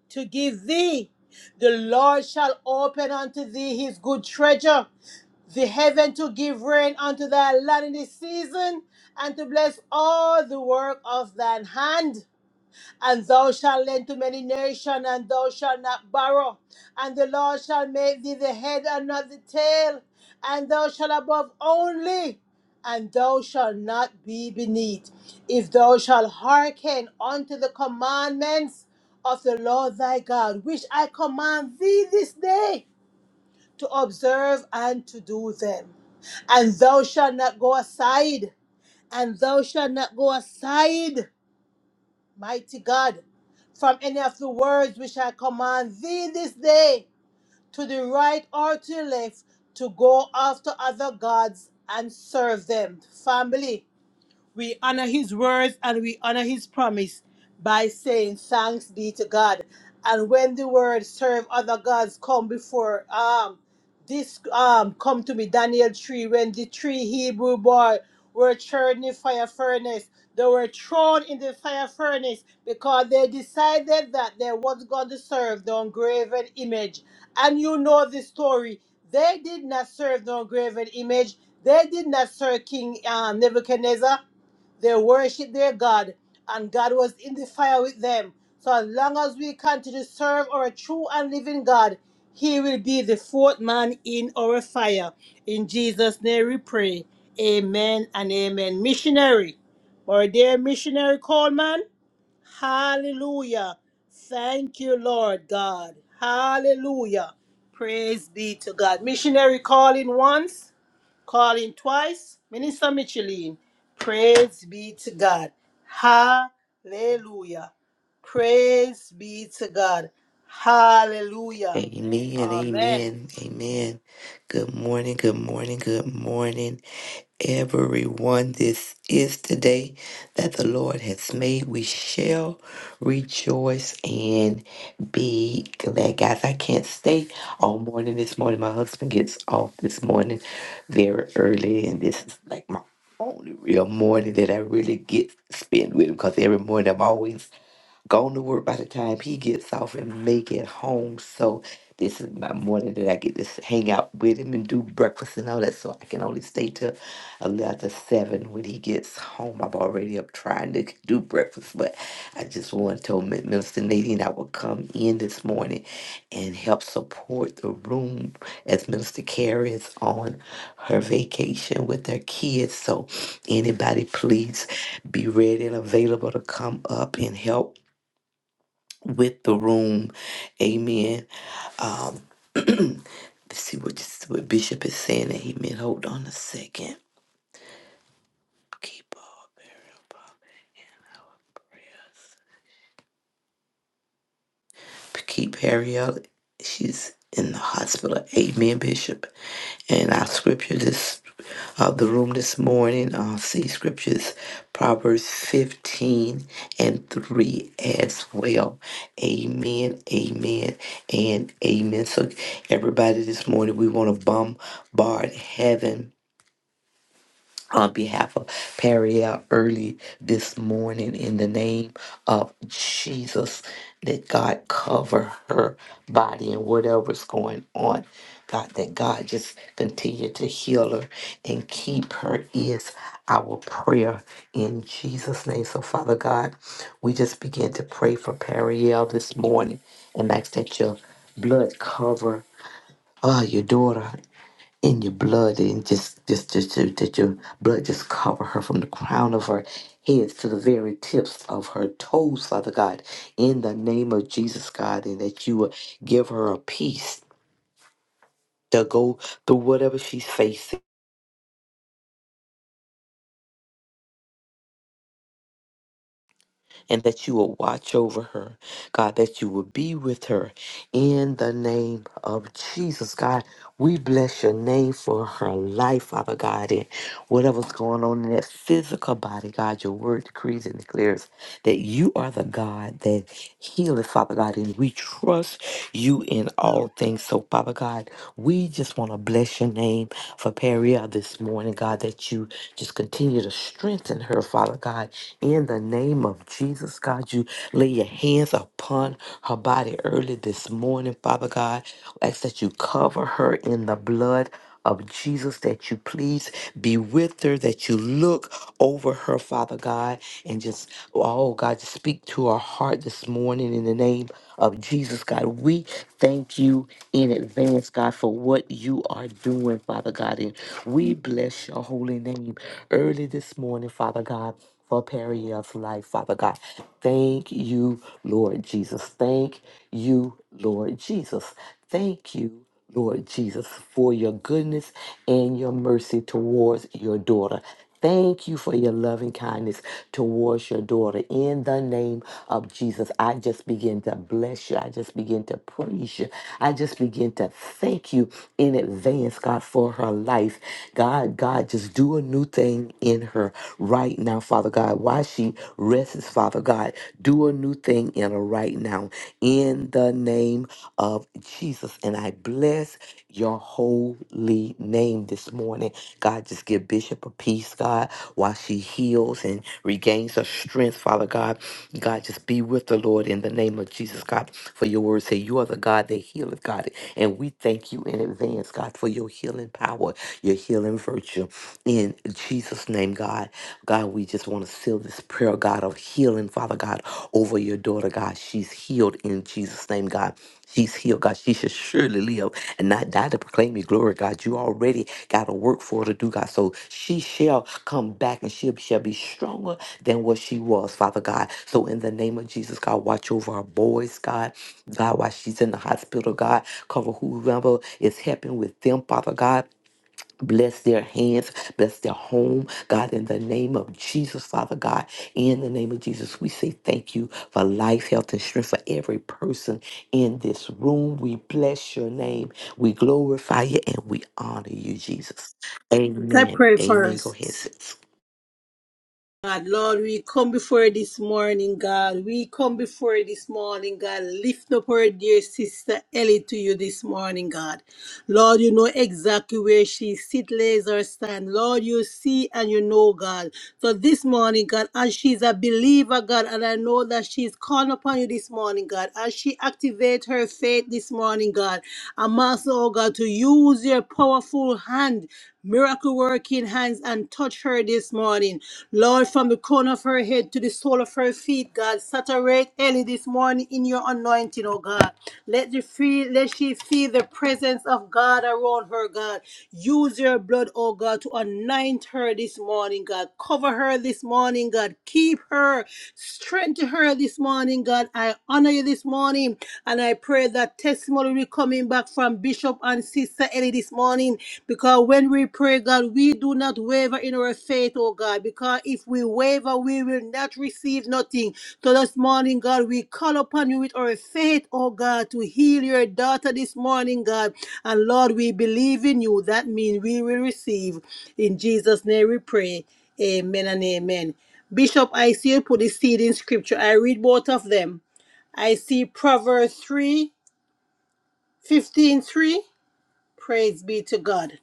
to give thee the Lord shall open unto thee his good treasure, the heaven to give rain unto thy land in this season, and to bless all the work of thine hand. And thou shalt lend to many nations, and thou shalt not borrow. And the Lord shall make thee the head and not the tail, and thou shalt above only, and thou shalt not be beneath. If thou shalt hearken unto the commandments of the Lord thy God, which I command thee this day to observe and to do them. And thou shalt not go aside, and thou shalt not go aside Mighty God, from any of the words which I command thee this day, to the right or to the left, to go after other gods and serve them. Family, we honor his words and we honor his promise by saying thanks be to God. And when the word serve other gods come before um this um come to me, Daniel 3, when the three Hebrew boy were thrown in the fire furnace, they were thrown in the fire furnace because they decided that they was going to serve the graven image. And you know the story. They did not serve the graven image. They did not serve King um, Nebuchadnezzar. They worship their God, and God was in the fire with them. So as long as we continue to serve our true and living God, He will be the fourth man in our fire. In Jesus' name we pray. Amen and amen. Missionary, our dear missionary Coleman, hallelujah. Thank you, Lord God. Hallelujah. Praise be to God. Missionary calling once. Calling twice, Minister Micheline. Praise be to God. Hallelujah. Praise be to God. Hallelujah. Amen, Amen. amen, amen. Good morning, good morning, good morning, everyone. This is the day that the Lord has made. We shall rejoice and be glad. Guys, I can't stay all morning this morning. My husband gets off this morning very early, and this is like my only real morning that I really get spent with him because every morning I'm always gone to work by the time he gets off and make it home. So this is my morning that I get to s- hang out with him and do breakfast and all that. So I can only stay till a little after seven when he gets home. I'm already up trying to do breakfast, but I just want to Min- Minister Nadine I will come in this morning and help support the room as Minister Carrie is on her vacation with her kids. So anybody please be ready and available to come up and help with the room. Amen. Um, let's see what, this, what Bishop is saying. Amen. Hold on a second. Keep all burial prayers. Keep Harriet. She's in the hospital. Amen, Bishop. And our scripture this of the room this morning. Uh, see scriptures, Proverbs 15 and 3 as well. Amen, amen, and amen. So, everybody, this morning we want to bombard heaven on behalf of Peria early this morning in the name of Jesus. That God cover her body and whatever's going on. God, that God just continue to heal her and keep her is our prayer in Jesus' name. So, Father God, we just begin to pray for Periel this morning and ask that your blood cover uh, your daughter in your blood and just just just just- that your blood just cover her from the crown of her head to the very tips of her toes, Father God, in the name of Jesus, God, and that you will give her a peace to go through whatever she's facing and that you will watch over her. God, that you will be with her in the name of Jesus. God, we bless your name for her life, Father God, and whatever's going on in that physical body, God, your word decrees and declares that you are the God that healeth, Father God, and we trust you in all things. So, Father God, we just want to bless your name for Peria this morning, God, that you just continue to strengthen her, Father God, in the name of Jesus, God. You lay your hands upon her body early this morning, Father God. Ask that you cover her in the blood of Jesus, that you please be with her, that you look over her, Father God, and just, oh God, just speak to her heart this morning in the name of Jesus, God. We thank you in advance, God, for what you are doing, Father God, and we bless your holy holy name early this morning, Father God, for Perio's life, Father God. Thank you, Lord Jesus. Thank you, Lord Jesus. Thank you. Lord Jesus, for your goodness and your mercy towards your daughter. Thank you for your loving kindness towards your daughter. In the name of Jesus, I just begin to bless you. I just begin to praise you. I just begin to thank you in advance, God, for her life. God, God, just do a new thing in her right now, Father God. While she rests, Father God, do a new thing in her right now. In the name of Jesus. Jesus. And I bless your holy name this morning. God, just give Bishop a peace, God, while she heals and regains her strength, Father God. God, just be with the Lord in the name of Jesus, God. For your word say you are the God that healeth, God. And we thank you in advance, God, for your healing power, your healing virtue. In Jesus' name, God. God, we just want to seal this prayer, God, of healing, Father God, over your daughter, God. She's healed in Jesus' name, God. She's healed, God. She should surely live and not die to proclaim your glory, God. You already got a work for her to do, God. So she shall come back and she shall be stronger than what she was, Father God. So in the name of Jesus, God, watch over our boys, God. God, while she's in the hospital, God, cover whoever is helping with them, Father God. Bless their hands, bless their home, God, in the name of Jesus, Father God, in the name of Jesus, we say thank you for life, health, and strength for every person in this room. We bless your name, we glorify you, and we honor you, Jesus. Let's Amen. pray Amen. Go first. ahead, sis. God, Lord, we come before you this morning, God. We come before you this morning, God. Lift up our dear sister Ellie to you this morning, God. Lord, you know exactly where she sit, lays or stand. Lord, you see and you know, God. So this morning, God, as she's a believer, God, and I know that she's calling upon you this morning, God, as she activate her faith this morning, God, I'm asking, oh God, to use your powerful hand miracle working hands and touch her this morning. Lord, from the corner of her head to the sole of her feet, God, saturate Ellie this morning in your anointing, oh God. Let the feel, let she feel the presence of God around her, God. Use your blood, oh God, to anoint her this morning, God. Cover her this morning, God. Keep her, strengthen her this morning, God. I honor you this morning and I pray that testimony will come in back from Bishop and Sister Ellie this morning because when we pray, God, we do not waver in our faith, oh God, because if we waver, we will not receive nothing. So this morning, God, we call upon you with our faith, oh God, to heal your daughter this morning, God. And Lord, we believe in you. That means we will receive. In Jesus' name we pray. Amen and amen. Bishop, I see you put the seed in scripture. I read both of them. I see Proverbs three fifteen three. Praise be to God.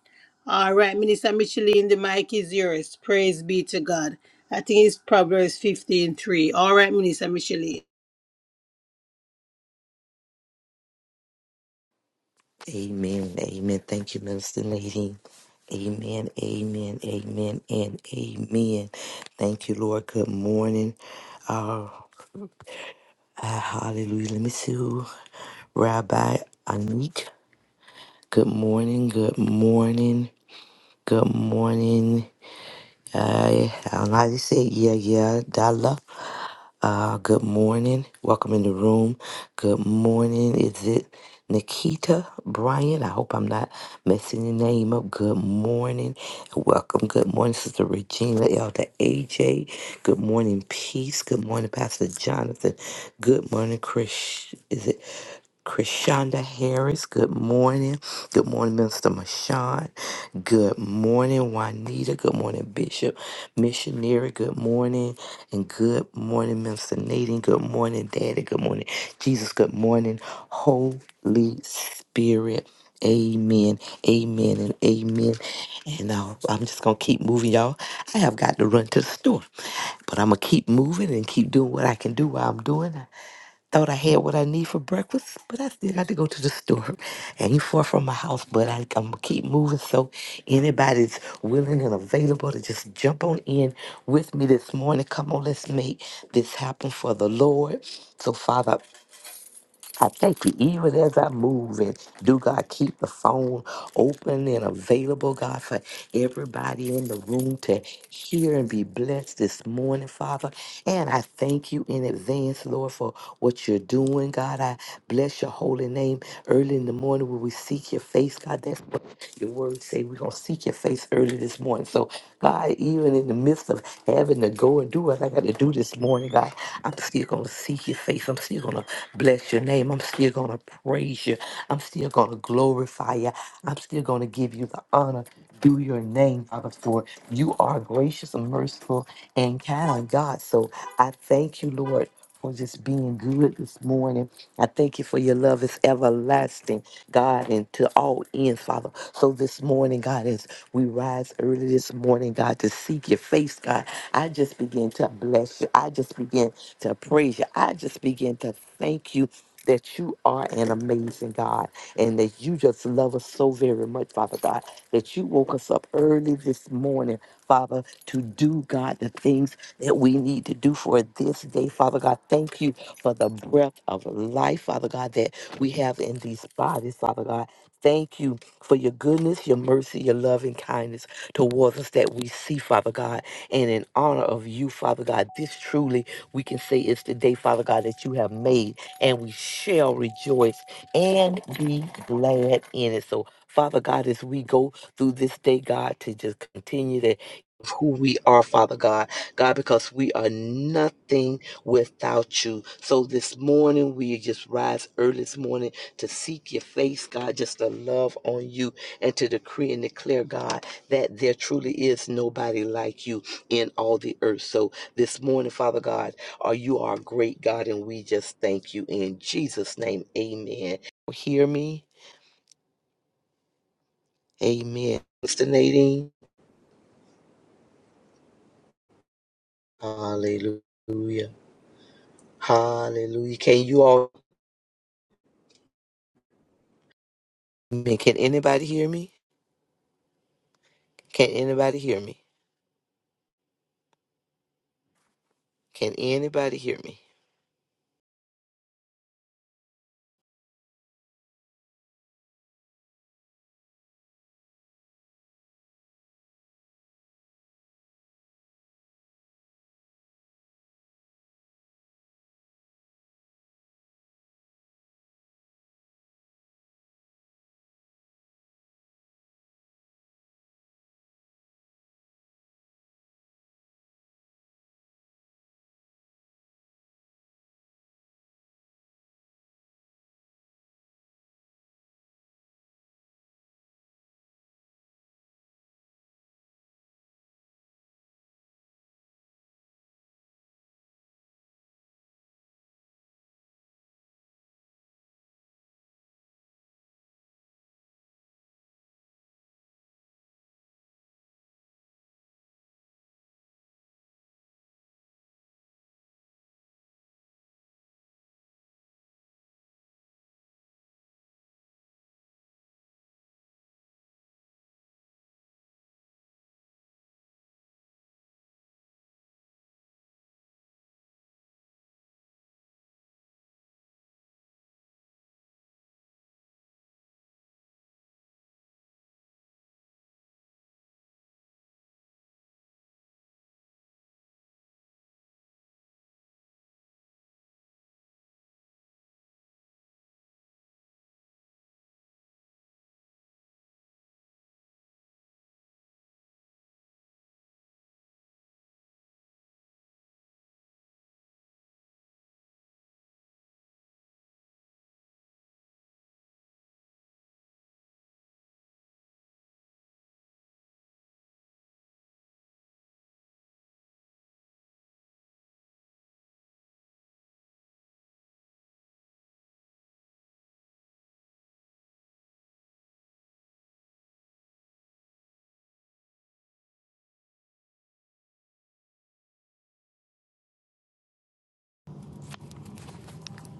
All right, Minister Micheline, the mic is yours. Praise be to God. I think it's Proverbs 15 3. All right, Minister Micheline. Amen. Amen. Thank you, Minister Lady. Amen. Amen. Amen. And amen. Thank you, Lord. Good morning. Uh, Ah, hallelujah. Let me see who. Rabbi Anik. Good morning. Good morning. Good morning. I Almighty said, yeah, yeah, Dala. Uh, good morning. Welcome in the room. Good morning. Is it Nikita Bryan? I hope I'm not messing your name up. Good morning. Welcome. Good morning, Sister Regina, Elder AJ. Good morning, Peace. Good morning, Pastor Jonathan. Good morning, Chris. Is it? Krishanda Harris, good morning. Good morning, Minister Mashawn. Good morning, Juanita. Good morning, Bishop. Missionary, good morning. And good morning, Minister Nadine. Good morning, Daddy. Good morning, Jesus. Good morning, Holy Spirit. Amen, amen, and amen. And uh, I'm just going to keep moving, y'all. I have got to run to the store, but I'm going to keep moving and keep doing what I can do while I'm doing. Thought I had what I need for breakfast, but I still got to go to the store. Ain't far from my house, but I, I'm gonna keep moving. So anybody's willing and available to just jump on in with me this morning. Come on, let's make this happen for the Lord. So Father, I thank you, even as I move and do God keep the phone open and available, God, for everybody in the room to hear and be blessed this morning, Father. And I thank you in advance, Lord, for what you're doing, God. I bless your holy name early in the morning when we seek your face, God. That's what your word say. We're gonna seek your face early this morning. So, God, even in the midst of having to go and do what I got to do this morning, God, I'm still going to seek your face. I'm still going to bless your name. I'm still going to praise you. I'm still going to glorify you. I'm still going to give you the honor do your name, Father, for you are gracious and merciful and kind, God. So I thank you, Lord for just being good this morning. I thank you for your love is everlasting, God, and to all ends, Father. So this morning, God, as we rise early this morning, God, to seek your face, God, I just begin to bless you. I just begin to praise you. I just begin to thank you. That you are an amazing God and that you just love us so very much, Father God, that you woke us up early this morning, Father, to do, God, the things that we need to do for this day. Father God, thank you for the breath of life, Father God, that we have in these bodies, Father God. Thank you for your goodness, your mercy, your love and kindness towards us that we see, Father God. And in honor of you, Father God, this truly we can say is the day, Father God, that you have made, and we shall rejoice and be glad in it. So, Father God, as we go through this day, God, to just continue to who we are, Father God. God, because we are nothing without you. So this morning, we just rise early this morning to seek your face, God, just to love on you and to decree and declare, God, that there truly is nobody like you in all the earth. So this morning, Father God, are you our great God, and we just thank you in Jesus' name. Amen. Hear me? Amen. Mr. Nadine, hallelujah. Hallelujah. Can you all, can anybody hear me? Can anybody hear me? Can anybody hear me?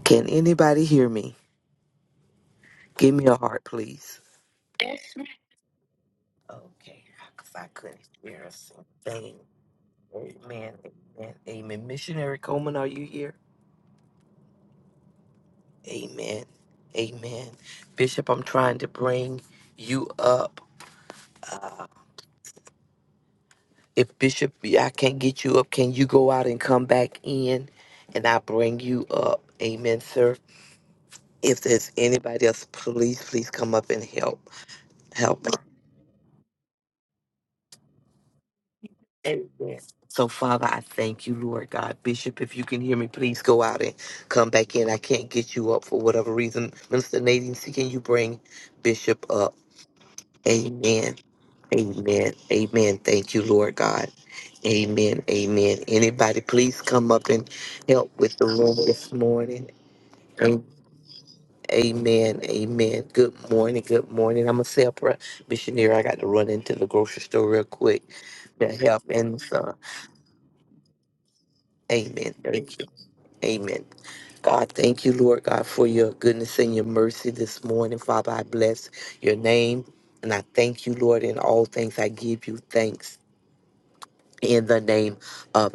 Can anybody hear me? Give me a heart, please. Okay, because I couldn't hear a single thing. Amen. Amen. Amen. Missionary Coleman, are you here? Amen. Amen. Bishop, I'm trying to bring you up. Uh, if Bishop, I can't get you up, can you go out and come back in and I bring you up? Amen, sir. If there's anybody else, please, please come up and help. Help. Amen. So, Father, I thank you, Lord God. Bishop, if you can hear me, please go out and come back in. I can't get you up for whatever reason. Minister Nadine, can you bring Bishop up? Amen. Amen. Amen. Thank you, Lord God. Amen. Amen. Anybody, please come up and help with the room this morning. Am- Amen. Amen. Good morning. Good morning. I'm a separate missionary. I got to run into the grocery store real quick to help. And uh, amen. Amen. God, thank you, Lord God, for your goodness and your mercy this morning. Father, I bless your name and I thank you, Lord, in all things. I give you thanks in the name of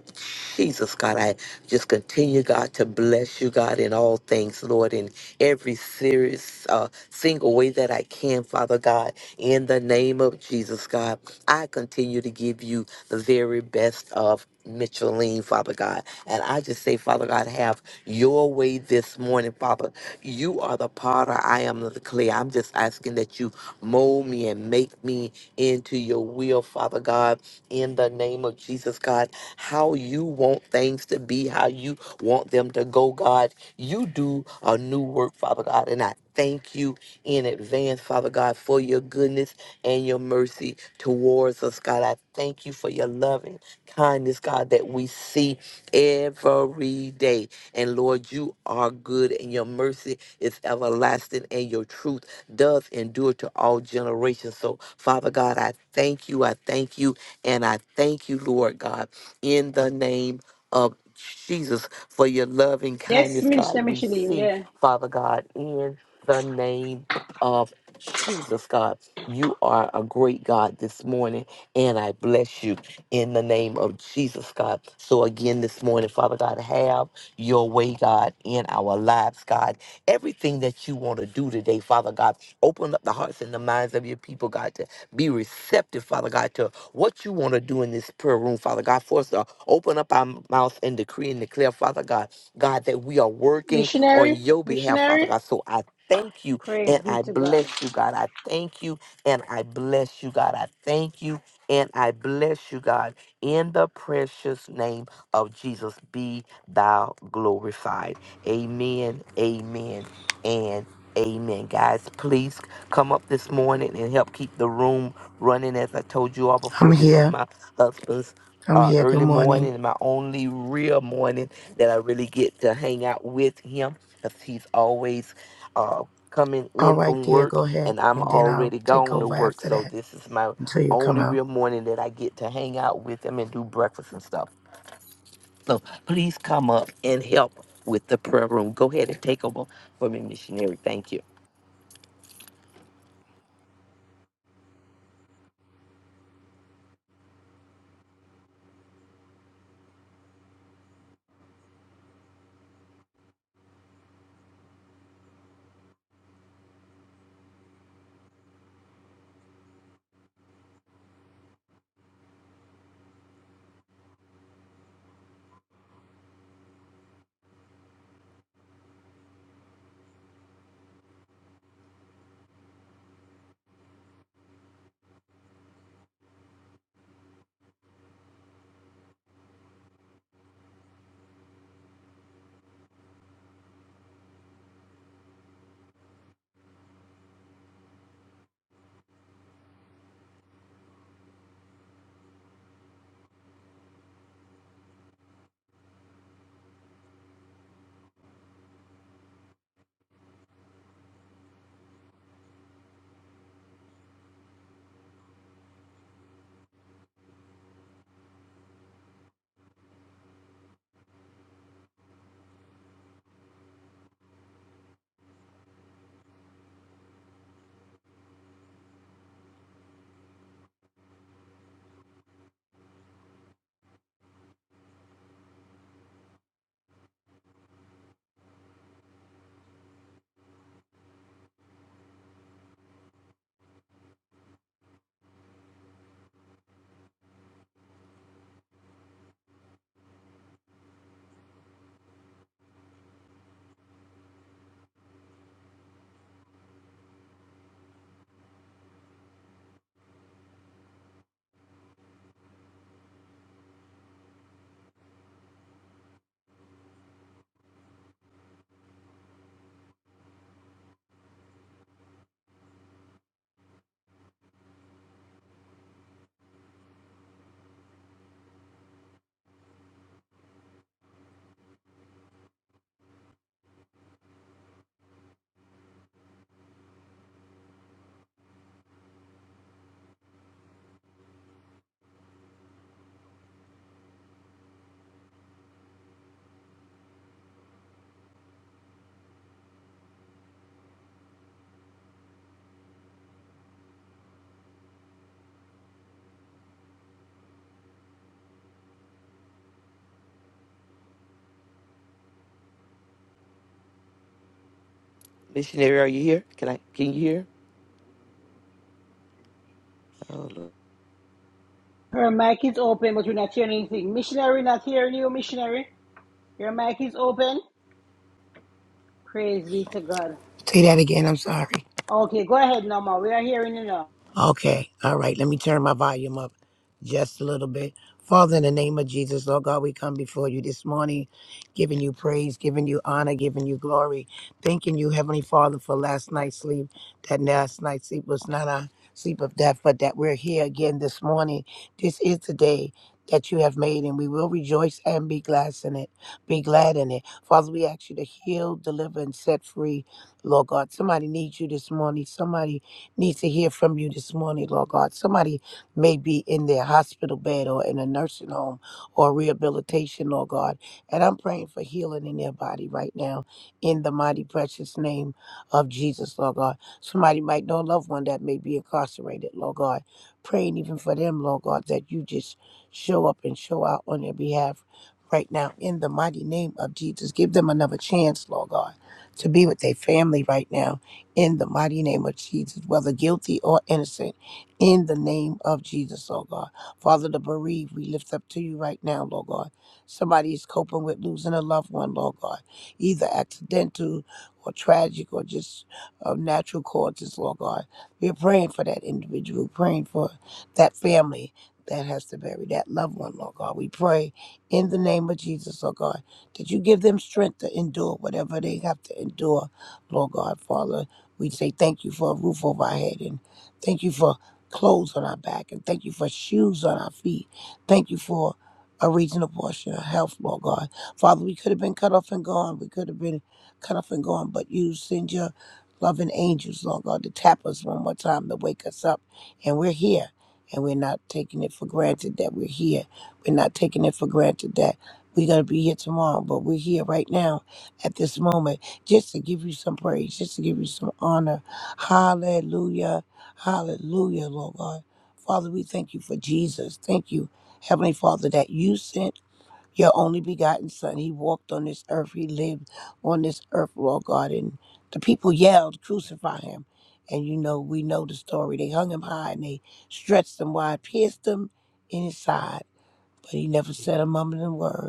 Jesus, God. I just continue, God, to bless you, God, in all things, Lord, in every serious, uh, single way that I can, Father God, in the name of Jesus, God. I continue to give you the very best of Micheline, Father God. And I just say, Father God, have your way this morning, Father. You are the potter. I am the clay. I'm just asking that you mold me and make me into your will, Father God in the name of Jesus, God, how you want things to be, how you want them to go, God. You do a new work, Father God, and I thank you in advance, Father God, for your goodness and your mercy towards us, God. I thank you for your loving kindness, God, that we see every day. And Lord, you are good, and your mercy is everlasting, and your truth does endure to all generations. So, Father God, I thank you. I thank you and I thank you, Lord God, in the name of Jesus for your loving Yes, kindness, Minister God. We Micheline, see, yeah. Father God, in the name of Jesus, God. You are a great God this morning, and I bless you in the name of Jesus, God. So, again, this morning, Father God, have your way, God, in our lives, God. Everything that you want to do today, Father God, open up the hearts and the minds of your people, God, to be receptive, Father God, to what you want to do in this prayer room, Father God. For us to open up our mouth and decree and declare, Father God, God, that we are working on Missionary, your behalf, Father missionary, God. So I thank you praise and be I to God. bless you, God. I thank you and I bless you, God. I thank you and I bless you, God. In the precious name of Jesus, be thou glorified. Amen, amen, and amen. Guys, please come up this morning and help keep the room running. As I told you all I'm before, this is here. my husband's I'm uh, here. Good early morning. morning and my only real morning that I really get to hang out with him because he's always uh, coming All in right, from dear. work Go ahead, and I'm and then I'll already take gone to over work. after So that this is my until you come only out. real morning that I get to hang out with him and do breakfast and stuff. So please come up and help with the prayer room. Go ahead and take over for me, missionary. Thank you. Missionary, are you here? Can I can you hear? Oh, Lord. Her mic is open, but we're not hearing anything. Missionary, not hearing you, missionary. Your mic is open, praise be to God. Say that again. I'm sorry. Okay, go ahead, Norma. We are hearing you now. Okay. All right. Let me turn my volume up just a little bit. Father, in the name of Jesus, Lord God, we come before you this morning, giving you praise, giving you honor, giving you glory. Thanking you, Heavenly Father, for last night's sleep. That last night's sleep was not a sleep of death, but that we're here again this morning. This is the day that you have made, and we will rejoice and be glad in it. Be glad in it. Father, we ask you to heal, deliver, and set free. Lord God, somebody needs you this morning. Somebody need to hear from you this morning, Lord God. Somebody may be in their hospital bed or in a nursing home or rehabilitation, Lord God. And I'm praying for healing in their body right now in the mighty, precious name of Jesus, Lord God. Somebody might know a loved one that may be incarcerated, Lord God. Praying even for them, Lord God, that you just show up and show out on their behalf right now in the mighty name of Jesus. Give them another chance, Lord God, to be with their family right now in the mighty name of Jesus, whether guilty or innocent, in the name of Jesus, oh God. Father, the bereaved, we lift up to you right now, Lord God. Somebody is coping with losing a loved one, Lord God, either accidental or tragic or just of natural causes, Lord God. We're praying for that individual, praying for that family that has to bury that loved one, Lord God. We pray in the name of Jesus, oh God, that you give them strength to endure whatever they have to endure, Lord God, Father we say thank you for a roof over our head and thank you for clothes on our back and thank you for shoes on our feet. Thank you for a reasonable portion of health, Lord God. Father, we could have been cut off and gone. We could have been cut off and gone, but you send your loving angels, Lord God, to tap us one more time to wake us up. And we're here. And we're not taking it for granted that we're here. We're not taking it for granted that we're going to be here tomorrow, but we're here right now at this moment just to give you some praise, just to give you some honor. Hallelujah. Hallelujah, Lord God. Father, we thank you for Jesus. Thank you, Heavenly Father, that you sent your only begotten Son. He walked on this earth, He lived on this earth, Lord God. And the people yelled, Crucify Him. And you know, we know the story. They hung Him high and they stretched Him wide, pierced Him in His side, but He never said a mumbling word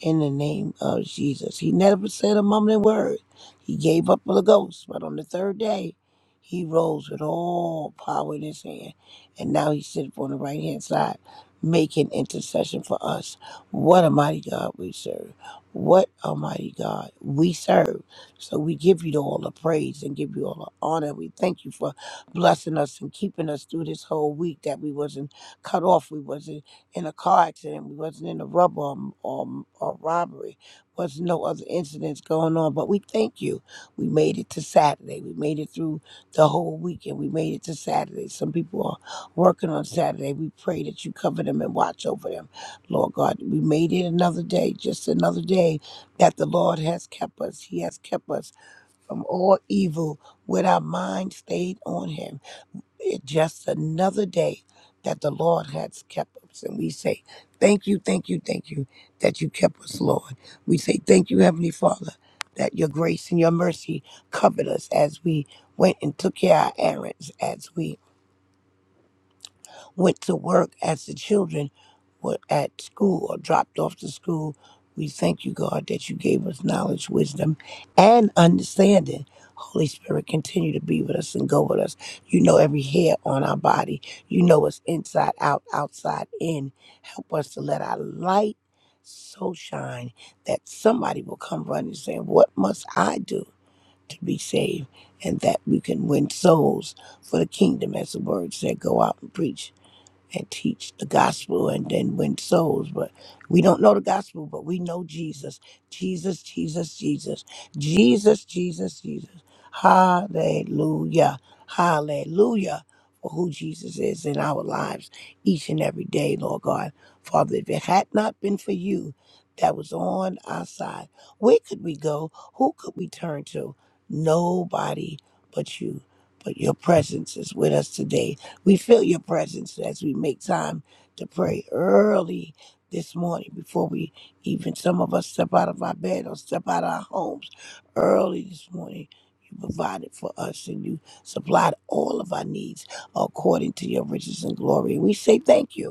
in the name of Jesus. He never said a mumbling word. He gave up for the ghost, but on the third day, he rose with all power in his hand, and now he sits on the right hand side, making intercession for us. What a mighty God we serve! What a mighty God we serve! So we give you all the praise and give you all the honor. We thank you for blessing us and keeping us through this whole week that we wasn't cut off. We wasn't in a car accident. We wasn't in a rubber or, or, or robbery. Was no other incidents going on. But we thank you. We made it to Saturday. We made it through the whole weekend. We made it to Saturday. Some people are working on Saturday. We pray that you cover them and watch over them, Lord God. We made it another day, just another day that the Lord has kept us. He has kept us from all evil with our mind stayed on Him. It's just another day that the Lord has kept us. And we say, Thank you, thank you, thank you that you kept us, Lord. We say, Thank you, Heavenly Father, that your grace and your mercy covered us as we went and took care of our errands, as we went to work as the children were at school or dropped off to school. We thank you, God, that you gave us knowledge, wisdom, and understanding. Holy Spirit, continue to be with us and go with us. You know every hair on our body. You know us inside out, outside in. Help us to let our light so shine that somebody will come running and say, What must I do to be saved? And that we can win souls for the kingdom, as the word said, go out and preach and teach the gospel and then win souls. But we don't know the gospel, but we know Jesus. Jesus, Jesus, Jesus. Jesus, Jesus, Jesus. Hallelujah. Hallelujah for who Jesus is in our lives each and every day, Lord God. Father, if it had not been for you that was on our side, where could we go? Who could we turn to? Nobody but you. But your presence is with us today we feel your presence as we make time to pray early this morning before we even some of us step out of our bed or step out of our homes early this morning. You provided for us and you supplied all of our needs according to your riches and glory. We say thank you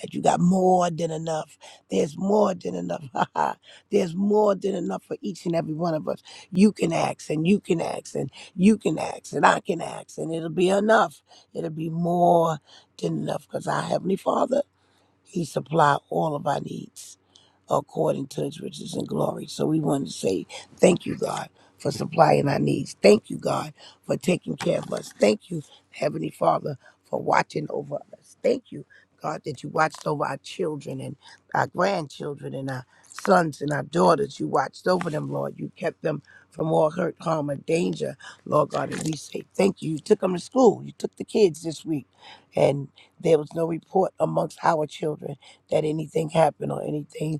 that you got more than enough. There's more than enough. There's more than enough for each and every one of us. You can ask and you can ask and you can ask and I can ask and it'll be enough. It'll be more than enough because our Heavenly Father, He supply all of our needs according to his riches and glory. So we want to say thank you, God, for supplying our needs. Thank you, God, for taking care of us. Thank you, Heavenly Father, for watching over us. Thank you, God, that you watched over our children and our grandchildren and our sons and our daughters. You watched over them, Lord. You kept them from all hurt, harm, or danger, Lord God. And we say thank you. You took them to school. You took the kids this week. And there was no report amongst our children that anything happened or anything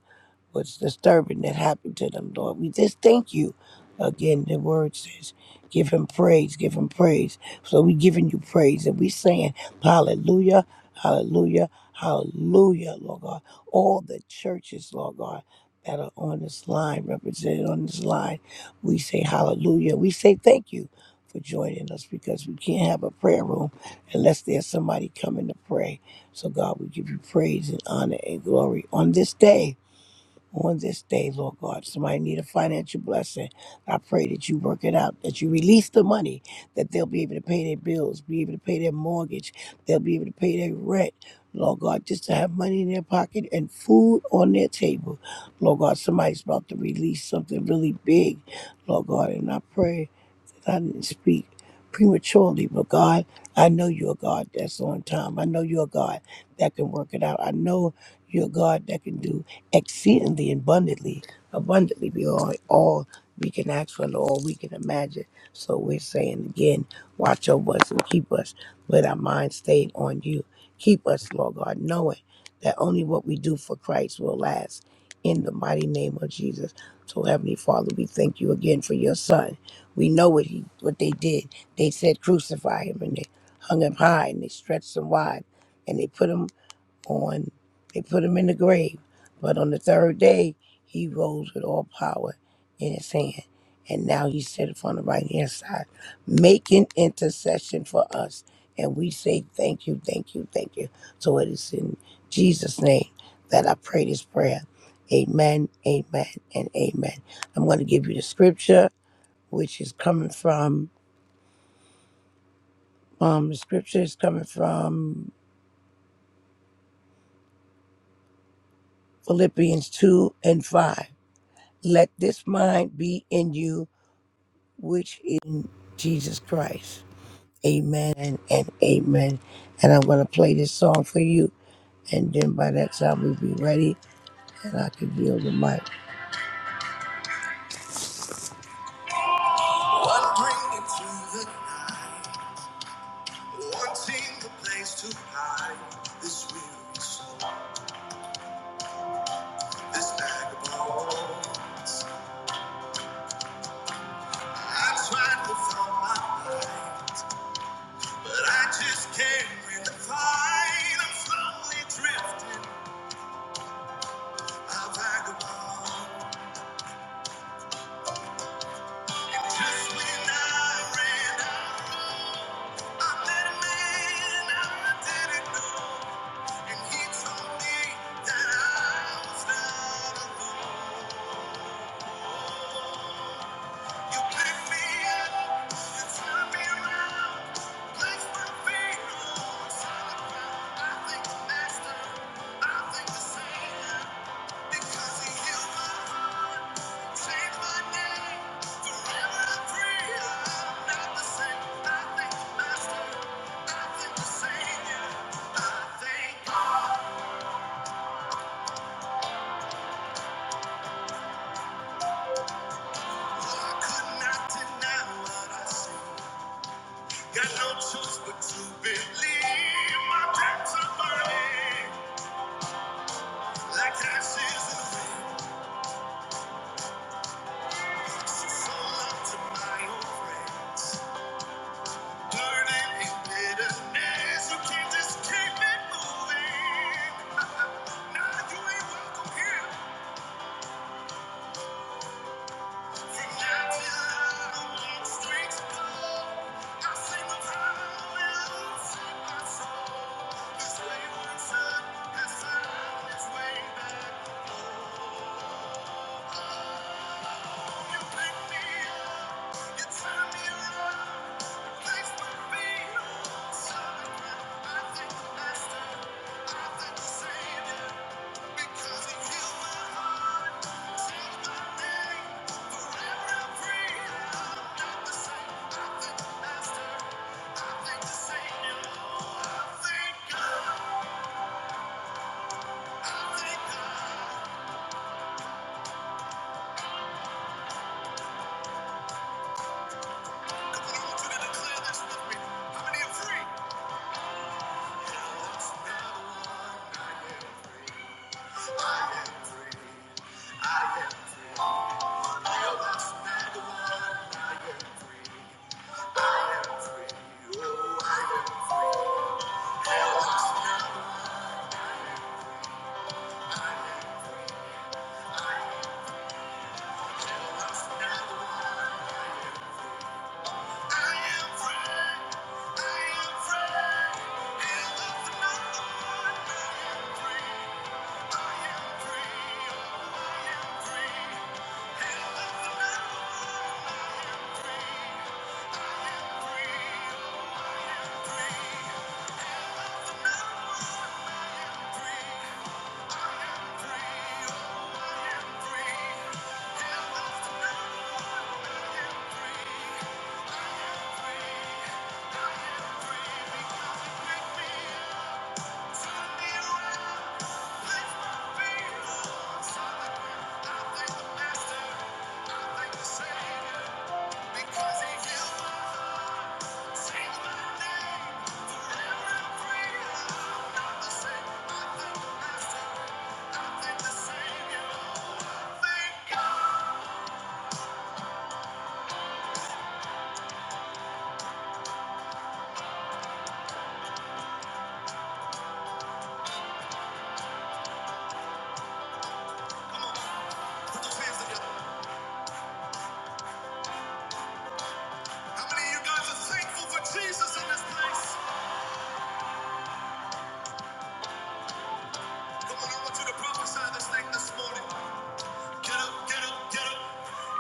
what's disturbing that happened to them, Lord. We just thank you. Again, the word says, give him praise, give him praise. So we giving you praise and we saying, hallelujah, hallelujah, hallelujah, Lord God. All the churches, Lord God, that are on this line, represented on this line, we say hallelujah. We say thank you for joining us because we can't have a prayer room unless there's somebody coming to pray. So God, we give you praise and honor and glory on this day on this day, Lord God. Somebody need a financial blessing. I pray that you work it out, that you release the money, that they'll be able to pay their bills, be able to pay their mortgage, they'll be able to pay their rent. Lord God, just to have money in their pocket and food on their table. Lord God, somebody's about to release something really big, Lord God, and I pray that I didn't speak prematurely, but God, I know you're a God that's on time. I know you're a God that can work it out. I know you're a God that can do exceedingly abundantly, abundantly beyond all we can ask for, all we can imagine. So we're saying again, watch over us and keep us with our mind stayed on you. Keep us, Lord God, knowing that only what we do for Christ will last. In the mighty name of Jesus. So, Heavenly Father, we thank you again for your Son. We know what he what they did. They said crucify him and they hung him high and they stretched him wide and they put him on they put him in the grave. But on the third day he rose with all power in his hand. And now he set on the right hand side, making intercession for us. And we say thank you, thank you, thank you. So it is in Jesus' name that I pray this prayer. Amen, amen, and amen. I'm going to give you the scripture which is coming from um, the scripture is coming from Philippians 2 and 5. Let this mind be in you, which is in Jesus Christ. Amen and, and amen. And I'm going to play this song for you, and then by that time we'll be ready, and I can yield the mic. One bringing through the night, wanting a place to hide this weary soul, this vagabond. I tried to find my mind. But I just can't win the fight. I'm slowly drifting. I vagabond. And just when I ran out, I met a man I didn't know. And he told me that I was not You pick me up, you turn me around, place my feet on solid ground. I think the master, I think the savior, because he healed my heart, changed my name. Forever I'm free, I'm not the same. I think the master, I think the savior, I think. Oh, I could not deny what I see. Got no choice but to believe my debts are burning like ashes in the wind. She sold out to my old friends, burning in bitterness. You can't just keep it moving. Now you ain't welcome here. From now till I walk straight to God, I sing of how you saved my soul. This wayward son has found his way back. How many are free? Now let's never one night. Thank you. Savior. How many of you guys are thankful for Jesus in this place? Come on, I want you to prophesy this thing this morning. Get up, get up, get up,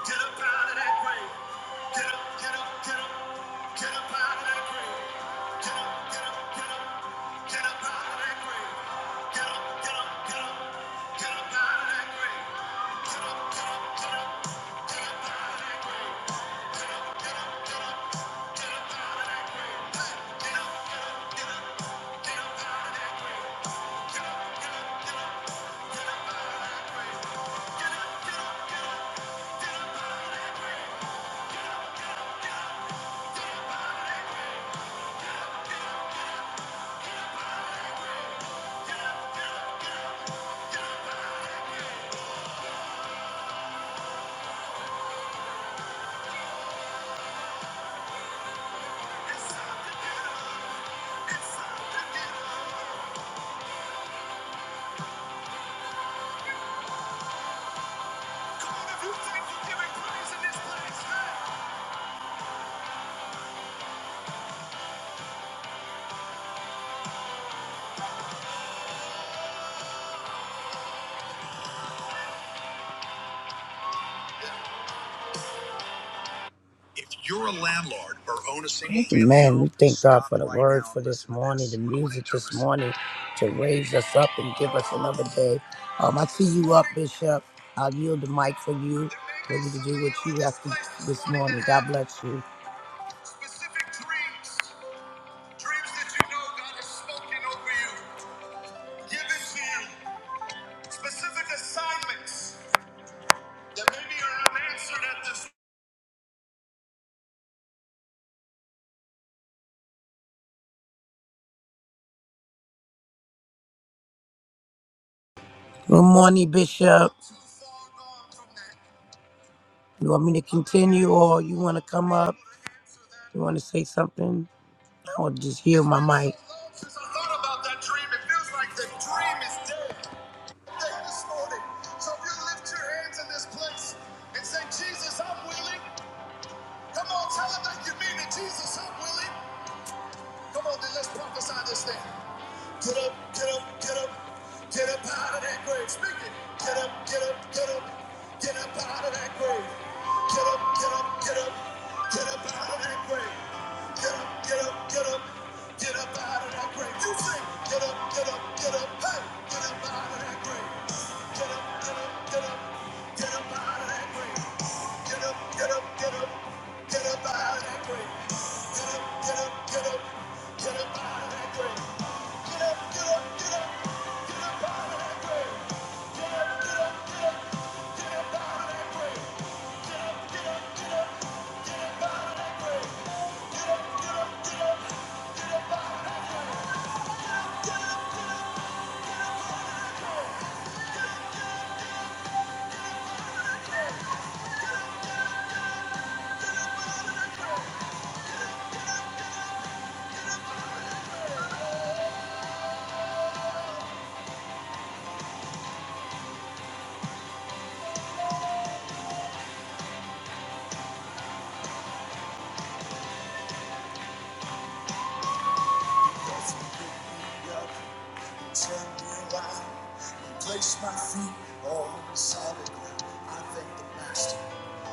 get up out of that grave. Get up, get up, get up, get up out of that grave. Get up, get up, get up, get up out of that grave. Get up, get up, get up, get up out of that grave. Get up, get up, get up, get up out of that grave. Get up, get up, it's time to get up. It's time to get up. Come on, if you think you're giving praise in this place, hey. If you're a landlord or own a single family, man, we thank God for the word for this morning, the music this morning to raise us up and give us another day. Um, I see you up, Bishop. I'll yield the mic for you. What you can do what you have to do this morning. God bless you. Good morning, Bishop. You want me to continue or you want to come up? You want to say something? I will just heal my mic. Get up, get up, get up, get up out of that grave. Speak it. Get up, get up, get up, get up out of that grave. Get up, get up, get up, get up out of that grave. Get up, get up, get up, get up out of that grave. You say, get up, get up, get up. Hey! Place my feet on solid ground. I thank the Master.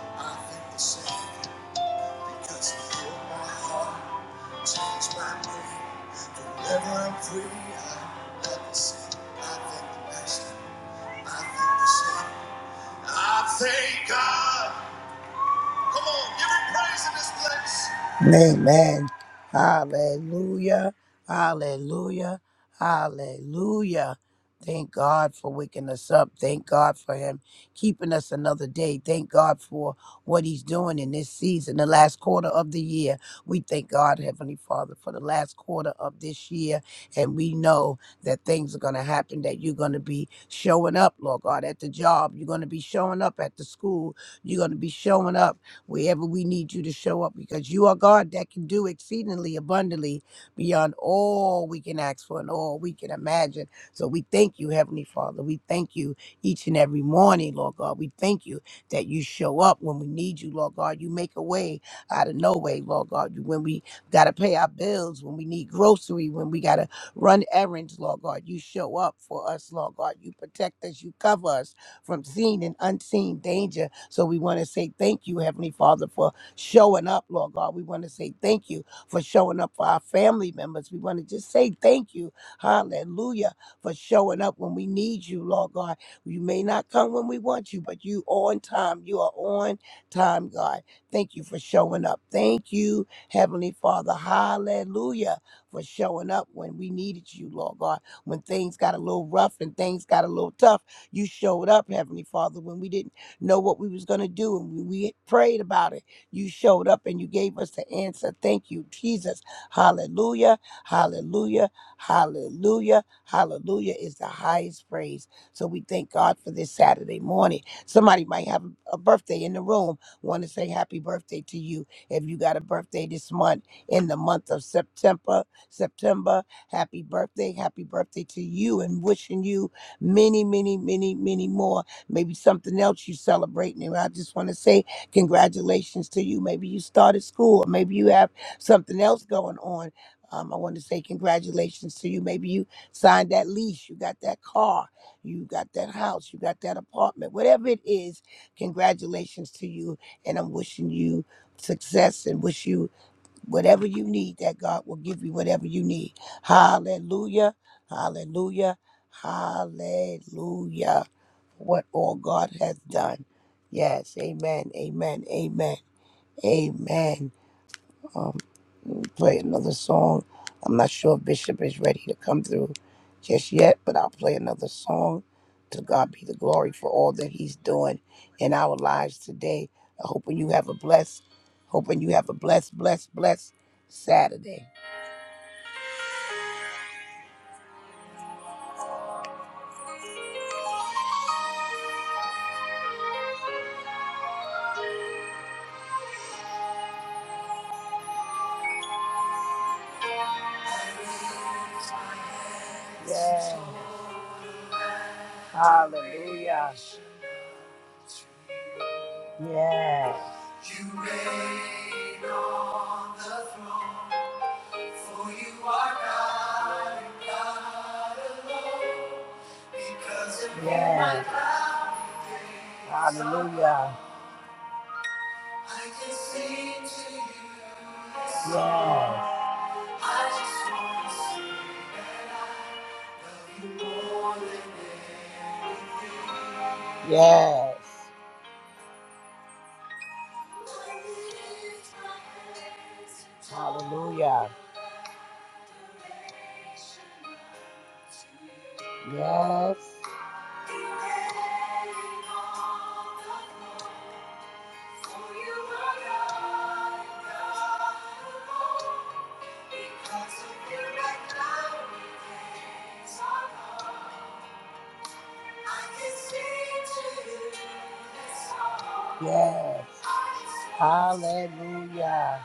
I thank the Savior. Because you healed my heart, changed my brain. Whenever I'm free. I love the same. I thank the master. I thank the same. I thank God. Come on, give him praise in this place. Amen. Hallelujah. Hallelujah. Hallelujah. Thank God for waking us up. Thank God for Him keeping us another day. Thank God for what He's doing in this season, the last quarter of the year. We thank God, Heavenly Father, for the last quarter of this year. And we know that things are going to happen, that you're going to be showing up, Lord God, at the job. You're going to be showing up at the school. You're going to be showing up wherever we need you to show up because you are God that can do exceedingly abundantly beyond all we can ask for and all we can imagine. So we thank you, Heavenly Father. We thank you each and every morning, Lord God. We thank you that you show up when we need you, Lord God. You make a way out of no way, Lord God. You- When we got to pay our bills, when we need grocery, when we got to run errands, Lord God, you show up for us, Lord God. You protect us, you cover us from seen and unseen danger. So we want to say thank you, Heavenly Father, for showing up, Lord God. We want to say thank you for showing up for our family members. We want to just say thank you, hallelujah, for showing up when we need you, Lord God. You may not come when we want you, but you on time. You are on time, God. Thank you for showing up. Thank you, Heavenly Father. Hallelujah. For showing up when we needed you, Lord God. When things got a little rough and things got a little tough. You showed up, Heavenly Father, when we didn't know what we was going to do and when we prayed about it. You showed up and you gave us the answer. Thank you, Jesus. Hallelujah. Hallelujah. Hallelujah. Hallelujah is the highest praise. So we thank God for this Saturday morning. Somebody might have a birthday in the room. Want to say happy birthday to you. If you got a birthday this month in the month of September, September, happy birthday. Happy birthday to you and wishing you many, many, many, many more. Maybe something else you're celebrating. And I just want to say congratulations to you. Maybe you started school, or maybe you have something else going on. Um, I want to say congratulations to you. Maybe you signed that lease, you got that car, you got that house, you got that apartment, whatever it is. Congratulations to you, and I'm wishing you success and wish you whatever you need, that God will give you whatever you need. Hallelujah. Hallelujah. Hallelujah. What all God has done. Yes. Amen. Amen. Amen. Amen um, play another song. I'm not sure if Bishop is ready to come through just yet, but I'll play another song. To God be the glory for all that He's doing in our lives today. i hoping you have a blessed, hoping you have a blessed, blessed, blessed Saturday. Yes. Hallelujah. Yes. Yes. Hallelujah. Yes. Hallelujah. Yes. Yes. Hallelujah.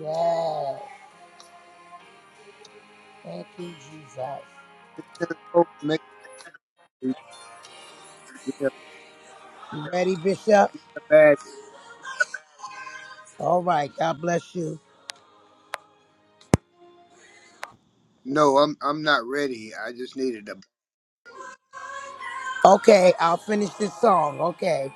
Yes. Thank you, Jesus. Just go and make me feel You ready, Bishop? bad. All right. God bless you. No, I'm I'm not ready. I just needed to Okay, I'll finish this song. Okay.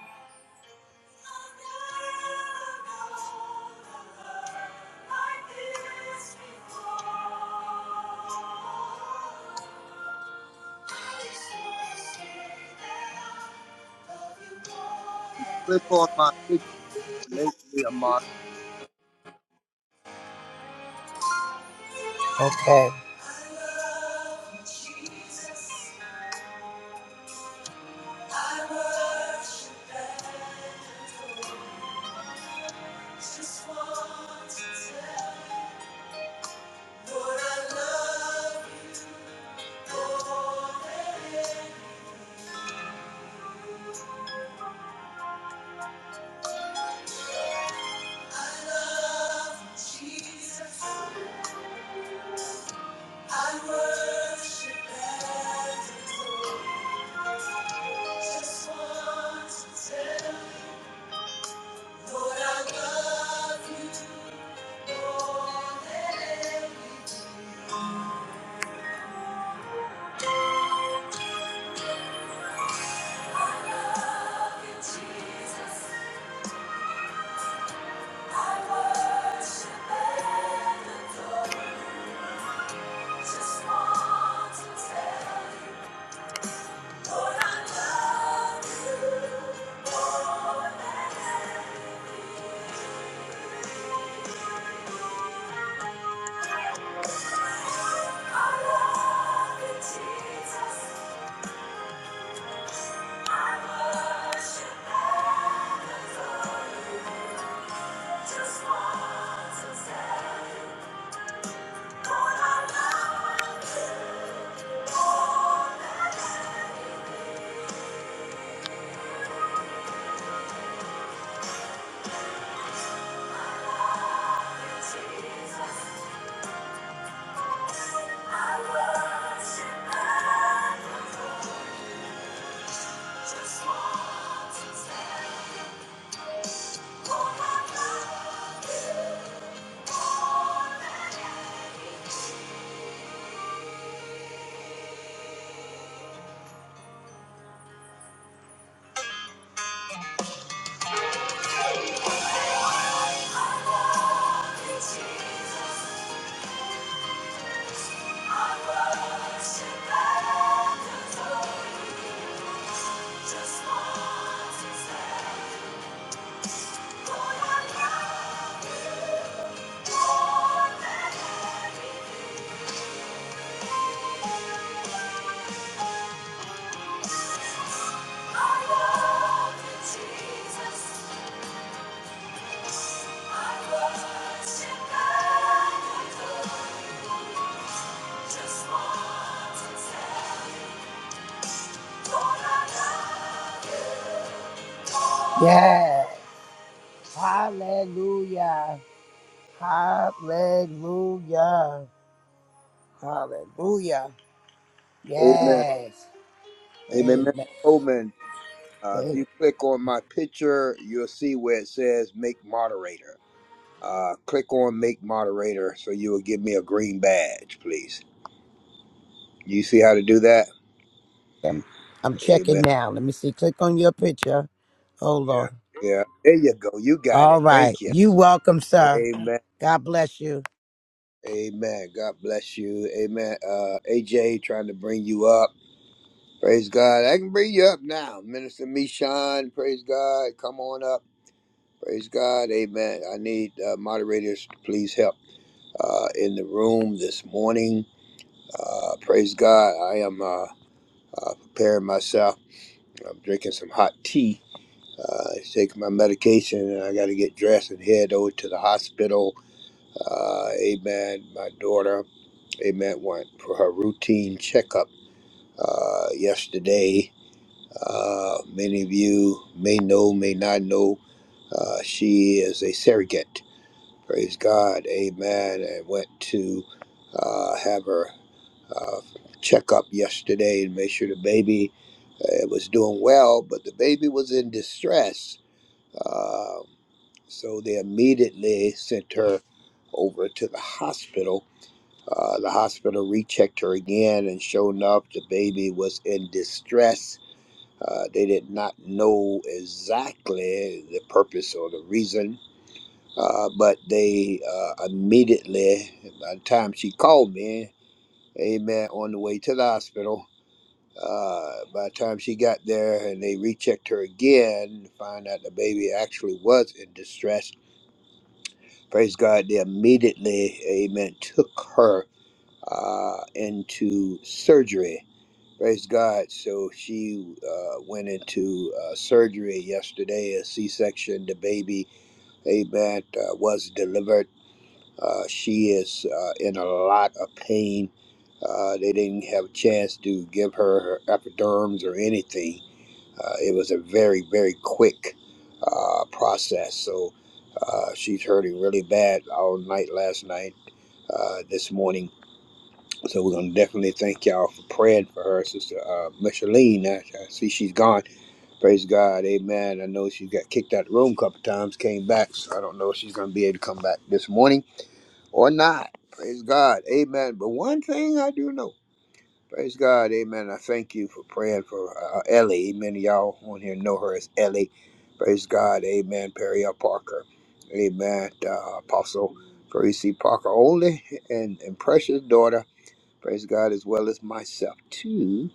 click on my picture, make me a model. Okay. I love Jesus. I worship and adore. Just want to tell you, Lord, I love you more than anything. I love you, Jesus. I worship and adore. Just want to tell you, Lord, I love you Just want to say, oh I worship and just want to say. Yes. Hallelujah. Hallelujah. Hallelujah. Amen. Yes. Amen. Mr. Amen. Coleman, uh, if Amen. you click on my picture, you'll see where it says make moderator. Uh, click on make moderator so you will give me a green badge, please. You see how to do that? I'm checking Amen. now. Let me see. Click on your picture. Hold on. Yeah. There you go. You got All it. right. Thank you. You welcome, sir. Amen. God bless you. Amen. God bless you. Amen. Uh, AJ, trying to bring you up. Praise God. I can bring you up now. Minister Mishan, praise God. Come on up. Praise God. Amen. I need uh, moderators to please help uh, in the room this morning. Uh, praise God. I am uh, uh, preparing myself. I'm drinking some hot tea. Uh, taking my medication and I got to get dressed and head over to the hospital. Uh, amen. My daughter, amen, went for her routine checkup uh, yesterday Uh, many of you may know, may not know, uh, she is a surrogate. Praise God, amen. And went to uh, have her uh, checkup yesterday and make sure the baby uh, was doing well, but the baby was in distress. Uh, so they immediately sent her over to the hospital. Uh, the hospital rechecked her again, and sure enough, the baby was in distress uh, they did not know exactly the purpose or the reason, uh, but they uh, immediately, by the time she called me, amen, on the way to the hospital, uh, by the time she got there and they rechecked her again, find out the baby actually was in distress, praise God, they immediately, amen, took her uh, into surgery Praise God. So she uh, went into uh, surgery yesterday, a C section. The baby, amen, uh, was delivered. Uh, she is uh, in a lot of pain. Uh, they didn't have a chance to give her her epiderms or anything. Uh, it was a very, very quick uh, process. So uh, she's hurting really bad all night last night, uh, this morning. So we're gonna definitely thank y'all for praying for her, sister uh, Micheline. I, I see she's gone. Praise God, Amen. I know she got kicked out of the room a couple times, came back. So I don't know if she's gonna be able to come back this morning or not. Praise God, Amen. But one thing I do know, praise God, Amen. I thank you for praying for uh, Ellie. Many of y'all on here know her as Ellie. Praise God, Amen. Perry Parker, Amen. Uh, Apostle Parisi Parker, only and, and precious daughter. Praise God as well as myself too.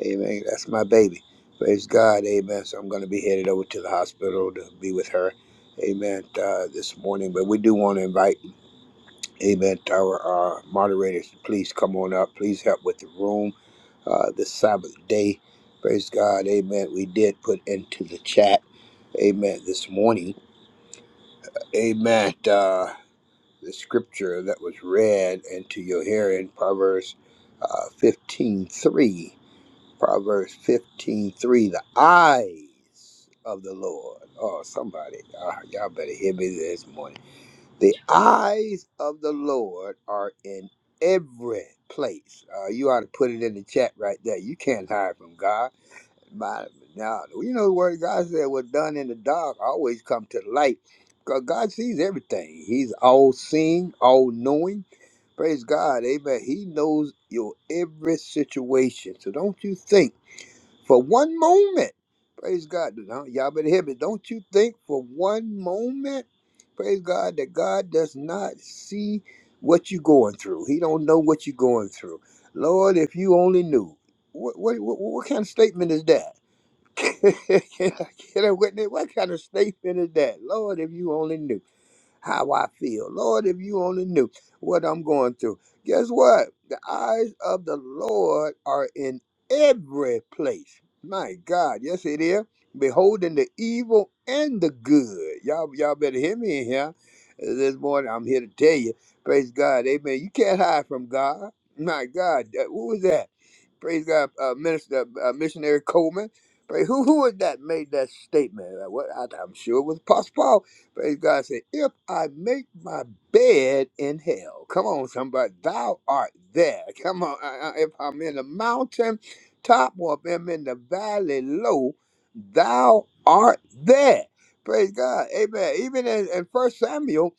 Amen. That's my baby. Praise God. Amen. So I'm going to be headed over to the hospital to be with her. Amen. Uh, this morning, but we do want to invite, Amen, to our uh, moderators. to Please come on up. Please help with the room. Uh, this Sabbath day, praise God. Amen. We did put into the chat. Amen. This morning. Amen. Uh, the scripture that was read into your hearing, Proverbs uh, 15 three. Proverbs 15 3. The eyes of the Lord. Oh, somebody, ah, y'all better hear me this morning. The eyes of the Lord are in every place. Uh, you ought to put it in the chat right there. You can't hide from God. My, now, you know the word of God said, what's done in the dark always come to light. Because God sees everything. He's all seeing, all knowing. Praise God. Amen. He knows your every situation. So don't you think for one moment. Praise God. Now, Y'all better hear me. Don't you think for one moment, praise God, that God does not see what you're going through. He don't know what you're going through. Lord, if you only knew. What, what, what, what kind of statement is that? Can I get a witness? What kind of statement is that? Lord, if you only knew how I feel. Lord, if you only knew what I'm going through. Guess what? The eyes of the Lord are in every place. My God, yes it is. Beholding the evil and the good. Y'all, y'all better hear me in here. This morning I'm here to tell you, praise God, amen. You can't hide from God. My God, uh, who was that? praise God, uh, Minister uh, Missionary Coleman. Praise, who who was that made that statement? Uh, What I, I'm sure it was Apostle Paul Praise God. Say, if I make my bed in hell, come on, somebody, thou art there. Come on, I- I- if I'm in the mountain top or if I'm in the valley low, thou art there. Praise God. Amen. Even in, in 1 Samuel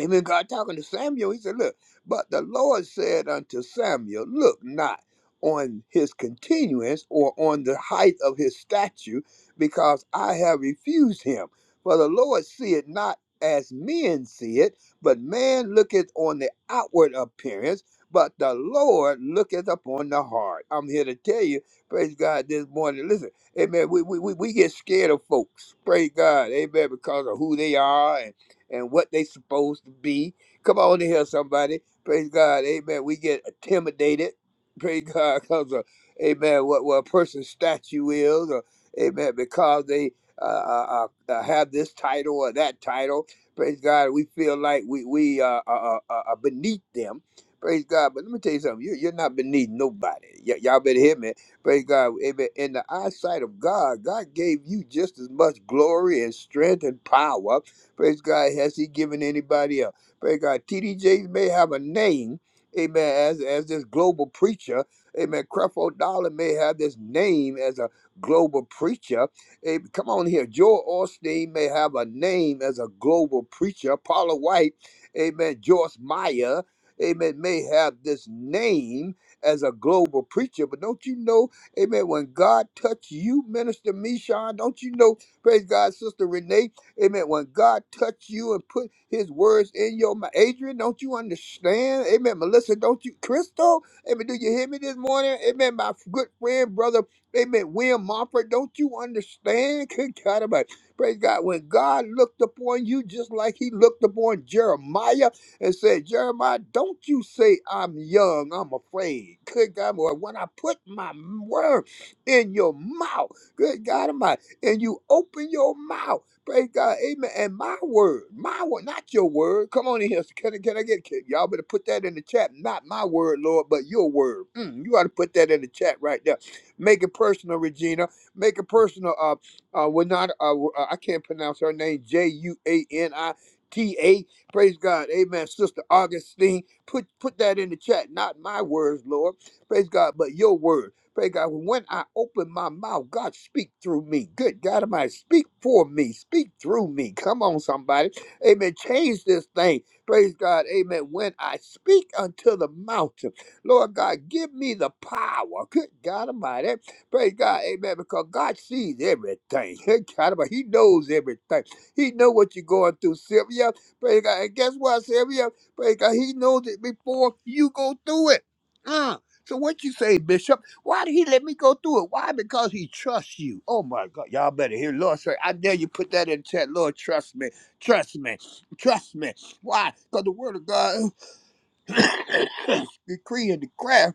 even God talking to Samuel, he said, Look, but the Lord said unto Samuel, Look not on his continuance or on the height of his statue, because I have refused him. For the Lord see it not as men see it, but man looketh on the outward appearance, but the Lord looketh upon the heart. I'm here to tell you, praise God this morning. Listen, amen. We, we, we we get scared of folks, praise God, amen, because of who they are and what they supposed to be. Come on in here, somebody. Praise God. Amen. We get intimidated. Praise God because of, amen, what, what a person's statue is, or, amen, because they uh, uh, uh, uh, have this title or that title. Praise God. We feel like we, we uh, are, are, are beneath them. Praise God. But let me tell you something. You, you're not beneath nobody. Y- y'all better hear me. Praise God. Amen. In the eyesight of God, God gave you just as much glory and strength and power. Praise God. Has he given anybody up? Praise God. TDJs may have a name, amen, as, as this global preacher. Amen. Creflo Dollar may have this name as a global preacher. Hey, come on here. Joel Osteen may have a name as a global preacher. Paula White, amen. Joyce Meyer, amen, may have this name as a global preacher. But don't you know, amen, when God touched you, Minister Mishon, don't you know, praise God, Sister Renee, Amen. When God touched you and put his words in your mouth. Adrian, don't you understand? Amen. Melissa, don't you? Crystal? Amen. Do you hear me this morning? Amen. My good friend, brother, amen. William Mumford, don't you understand? Good God, about Praise God. When God looked upon you just like he looked upon Jeremiah and said, Jeremiah, don't you say I'm young, I'm afraid. Good God, boy, when I put my word in your mouth, good God, am I, and you open your mouth. Praise God. Amen. And my word, my word, not your word. Come on in here. Can, I- can I get can, y'all better put that in the chat? Not my word, Lord, but your word. Mm, you ought to put that in the chat right there. Make it personal, Regina. Make it personal. Uh, uh, we're not. Uh, uh, I can't pronounce her name. J U A N I T A. Praise God. Amen. Sister Augustine, put put that in the chat. Not my words, Lord. Praise God, but your word. Pray God, when I open my mouth, God speak through me. Good God Almighty, speak for me, speak through me. Come on, somebody. Amen. Change this thing. Praise God. Amen. When I speak unto the mountain, Lord God, give me the power. Good God Almighty. Praise God. Amen. Because God sees everything. Good God Almighty. He knows everything. He know what you're going through, Sylvia. Praise God. And guess what, Sylvia? Praise God. He knows it before you go through it. Uh, so what you say, Bishop? Why did he let me go through it? Why? Because he trusts you. Oh my God. Y'all better hear Lord say, I dare you put that in chat. Lord, trust me. Trust me. Trust me. Why? Because the word of God decree and declare.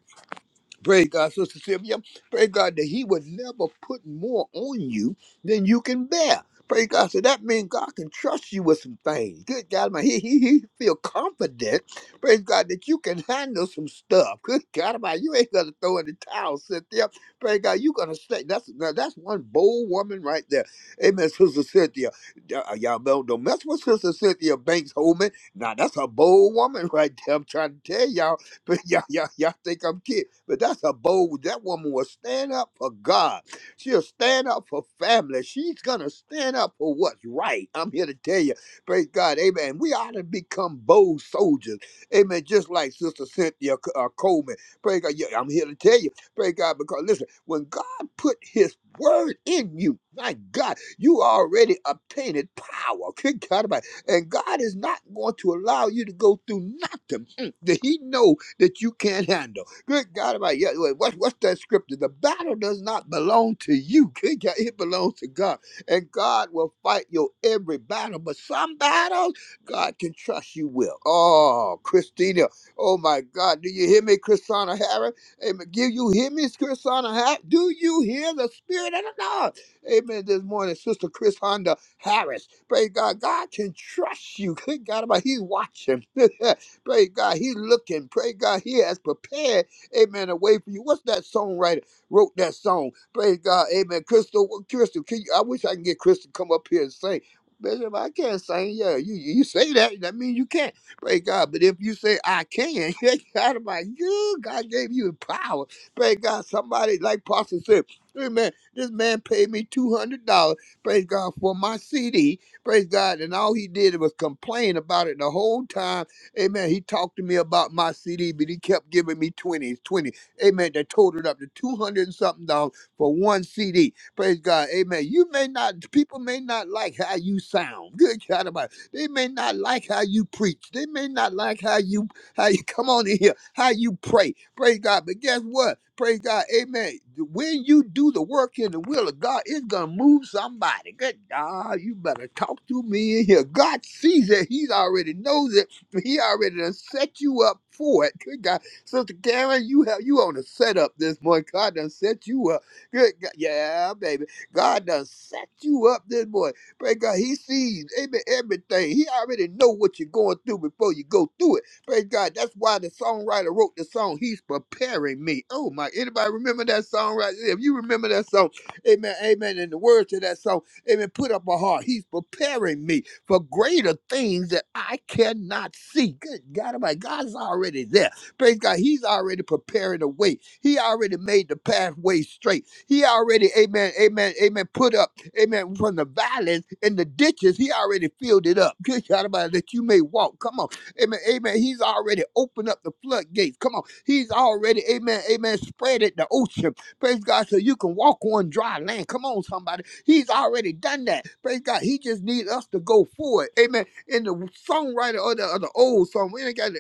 Praise God, Sister Sylvia. Praise God that He would never put more on you than you can bear. Praise God. So that means God can trust you with some things. Good God, man. He, he, he feel confident. Praise God that you can handle some stuff. Good God, man. You ain't gonna throw in the towel, Cynthia. Praise God, you gonna stay. That's now that's one bold woman right there. Amen, Sister Cynthia. Uh, Y'all don't, don't mess with Sister Cynthia Banks Holman. Now that's a bold woman right there. I'm trying to tell y'all. But y'all, y'all, y'all think I'm kidding. But that's a bold, that woman will stand up for God. She'll stand up for family. She's going to stand up for what's right. I'm here to tell you, praise God, amen. We ought to become bold soldiers, amen, just like Sister Cynthia uh, Coleman. Praise God, yeah, I'm here to tell you, praise God, because listen, when God put his word in you, my God, you already obtained power. Good God, about and God is not going to allow you to go through nothing that he know that you can't handle. Good God, about yeah, wait, what, what's that scripture? The battle does not belong to you. Good God, it belongs to God, and God will fight your every battle. But some battles, God can trust you will. Oh, Christina, oh my God, do you hear me, Christina Harris? Amen. Do you hear me, Christina Harris? Do you hear the Spirit of the Lord? Amen. This morning, Sister Chris Honda Harris. Praise God. God can trust you. Good God, about He's watching. Praise God, He's looking. Praise God, He has prepared, amen, a way for you. What's that songwriter wrote that song? Praise God, amen. Crystal, Crystal, can you, I wish I can get Crystal to come up here and sing. Bishop, I can't sing. Yeah, you you say that, that means you can't. Praise God. But if you say I can, God, I'm like, you, God gave you the power. Praise God. Somebody like Pastor said, Amen. this man paid me two hundred dollars. Praise God for my CD. Praise God. And all he did was complain about it the whole time Amen. He talked to me about my CD, but he kept giving me 20s, 20. Amen. That totaled up to 200 and something dollars for one CD. Praise God. Amen. You may not, people may not like how you sound. Good God about it. They may not like how you preach. They may not like how you, how you come on in here, how you pray. Praise God. But guess what? Praise God. Amen. When you do the work in the will of God, it's going to move somebody. Good God. You better talk to me in here. God sees it. He's already knows it he already done set you up for it. Good God, Sister Karen, you have you on a setup this morning. God done set you up. Good God, yeah, baby. God done set you up this morning. Pray God, He sees amen, everything. He already know what you're going through before you go through it. Praise God. That's why the songwriter wrote the song. He's preparing me. Oh my! Anybody remember that song? Right? there? If you remember that song, Amen. Amen. And the words to that song, Amen. Put up a heart. He's preparing me for greater things that I cannot see. Good God, my God's already there. Praise God. He's already preparing the way. He already made the pathway straight. He already, amen, amen, amen, put up, amen, from the valleys and the ditches. He already filled it up. Good God, my, that you may walk. Come on. Amen, amen. He's already opened up the floodgates. Come on. He's already, amen, amen, spread it the ocean. Praise God, so you can walk on dry land. Come on, somebody. He's already done that. Praise God. He just needs us to go forward. Amen. And the songwriter or the, or the old song, we ain't got a-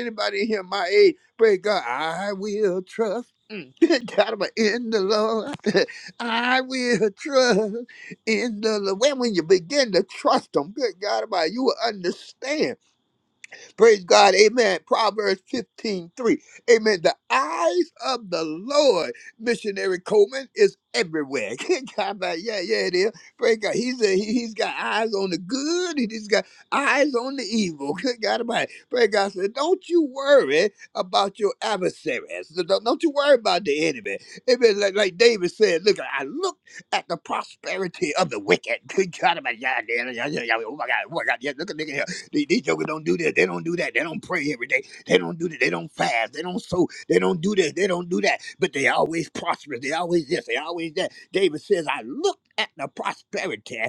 anybody in here my age. Praise God. I will trust. God, I'm in the Lord. I will trust in the Lord. When, when you begin to trust Him, good God, about you will understand. Praise God. Amen. Proverbs 15 3, Amen. The eyes of the Lord, missionary Coleman, is everywhere. Good God, man, yeah, yeah, it is. Praise God. He's, a, he, has got eyes on the good he's got eyes on the evil. Good God, about Praise God. So don't you worry about your adversaries. So Don't, don't you worry about the enemy. Amen. Like, like David said, look, I looked at the prosperity of the wicked. Good God, about yeah, yeah, yeah, yeah, yeah. Oh my God. Oh my God. Yeah, look at look at here. These, these jokers don't do this. They don't do that. They don't pray every day. They don't do that. They don't fast. They don't sow. They don't do this. They don't do that. But they always prosperous. They always this. They always that. David says, I looked at the prosperity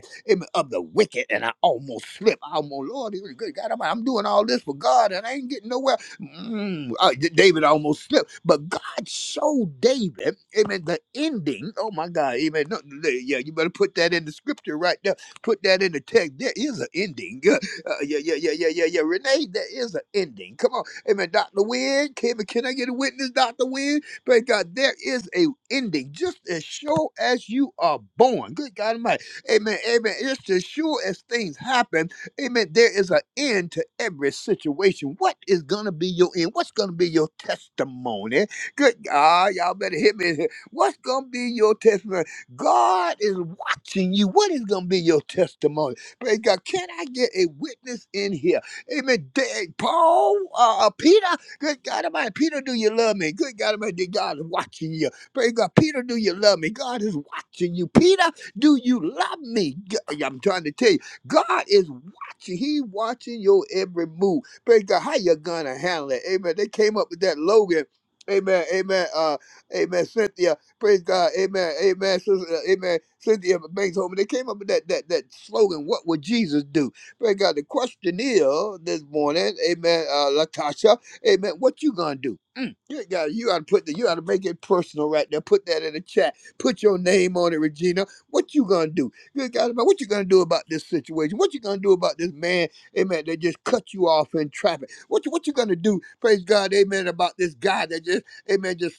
of the wicked and I almost slipped. I almost, Lord, he was good. God, I'm, I'm doing all this for God and I ain't getting nowhere. Mm, uh, D- David almost slipped. But God showed David, amen, the ending. Oh my God, amen. No, yeah, you better put that in the scripture right there. Put that in the text. There is an ending. Uh, yeah, yeah, yeah, yeah, yeah, yeah. Renee, there is an ending. Come on. Amen. Dr. Wynn, can, can I get a witness, Dr. Wynn? Praise God. There is a ending just as sure as you are born. Good God Almighty. Amen. Amen. Just as sure as things happen, amen, there is an end to every situation. What is going to be your end? What's going to be your testimony? Good God. Y'all better hit me. here. What's going to be your testimony? God is watching you. What is going to be your testimony? Praise God. Can I get a witness in here? Amen. Da- Paul, uh, uh, Peter, good God Almighty. Peter, do you love me? Good God Almighty. God is watching you. Praise God. Peter, do you love me? God is watching you. Peter, do you love me? G- yeah, I'm trying to tell you, God is watching. He watching your every move. Praise God. How you gonna handle it? Amen. They came up with that Logan. Amen. Amen. Uh, amen. Cynthia. Praise God. Amen. Amen. Sister, uh, amen. Cynthia Banks Holman. They came up with that that that slogan, what would Jesus do? Praise God. The question is this morning, amen, uh, Latasha, amen, what you gonna do? Mm. You gotta you gotta put the you gotta make it personal right there. Put that in the chat. Put your name on it, Regina. What you gonna do? Good God, about what you gonna do about this situation? What you gonna do about this man, amen, that just cut you off in traffic? What you what you gonna do, praise God, amen, about this guy that just amen. just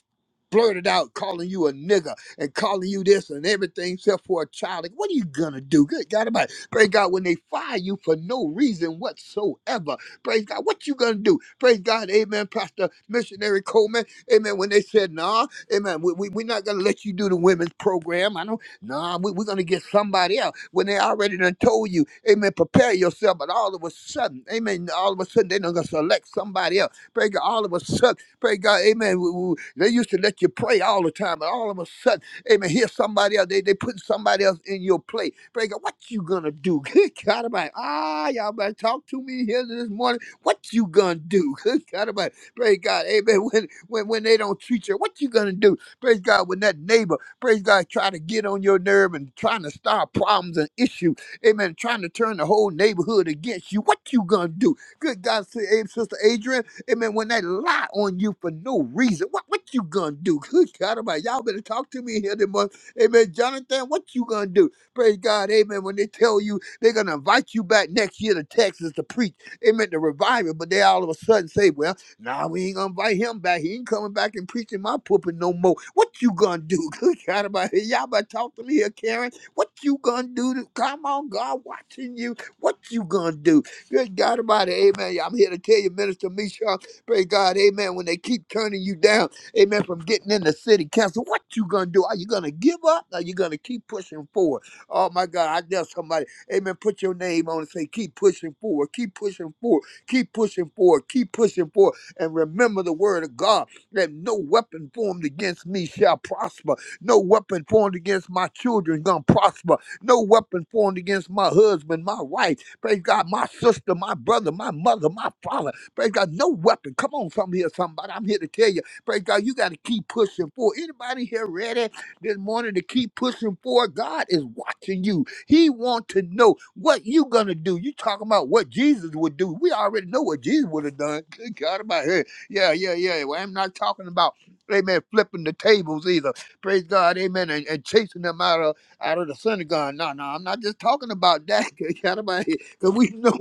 blurted out calling you a nigger and calling you this and everything except for a child. Like, what are you gonna do? Good God about Praise God when they fire you for no reason whatsoever. Praise God, what you gonna do? Praise God, amen, Pastor Missionary Coleman. Amen. When they said, nah, amen, we, we, we're not gonna let you do the women's program. I know, nah, we, we're gonna get somebody else. When they already done told you, amen, prepare yourself, but all of a sudden, amen, all of a sudden they done gonna select somebody else. Praise God, all of a sudden. Pray God, amen. W- w- They used to let you pray all the time, and all of a sudden, amen, here's somebody else. They, they put somebody else in your place. Pray God, what you gonna do? Good God, about ah, y'all better talk to me here this morning. What you gonna do? Good God, about pray God, amen. When, when when they don't treat you, what you gonna do? Praise God, when that neighbor, praise God, try to get on your nerve and trying to start problems and issues, amen, trying to turn the whole neighborhood against you, what you gonna do? Good God, say, hey, Sister Adrian. Amen. When they lie on you for no reason, what, what you gonna do? Good God Almighty, y'all better talk to me here this morning. Amen. Jonathan, what you gonna do? Praise God. Amen. When they tell you they're gonna invite you back next year to Texas to preach, amen, to revival, but they all of a sudden say, well, nah, we ain't gonna invite him back. He ain't coming back and preaching my pulpit no more. What you gonna do? Good God Almighty, y'all better talk to me here, Karen. What you gonna do? To, come on, God watching you. What you gonna do? Good God Almighty, amen. I'm here to tell you, Minister Misha. Praise God. Amen. When they keep turning you down, amen, from getting in the city council, what you going to do? Are you going to give up? Are you going to keep pushing forward? Oh, my God. I tell somebody, amen, put your name on and say, keep pushing forward, keep pushing forward, keep pushing forward, keep pushing forward. And remember the word of God that no weapon formed against me shall prosper. No weapon formed against my children gonna prosper. No weapon formed against my husband, my wife, praise God, my sister, my brother, my mother, my father. Praise God, no weapon. Come on, from here, somebody. I'm here to tell you. Praise God, you got to keep pushing forward. Anybody here ready this morning to keep pushing forward? God is watching you. He want to know what you gonna do. You talking about what Jesus would do? We already know what Jesus would have done. Good God, about here. Yeah, yeah, yeah. Well, I'm not talking about. Amen. Flipping the tables either. Praise God. Amen. And, and chasing them out of out of the synagogue. No, no, I'm not just talking about that. Good God about here, Because we know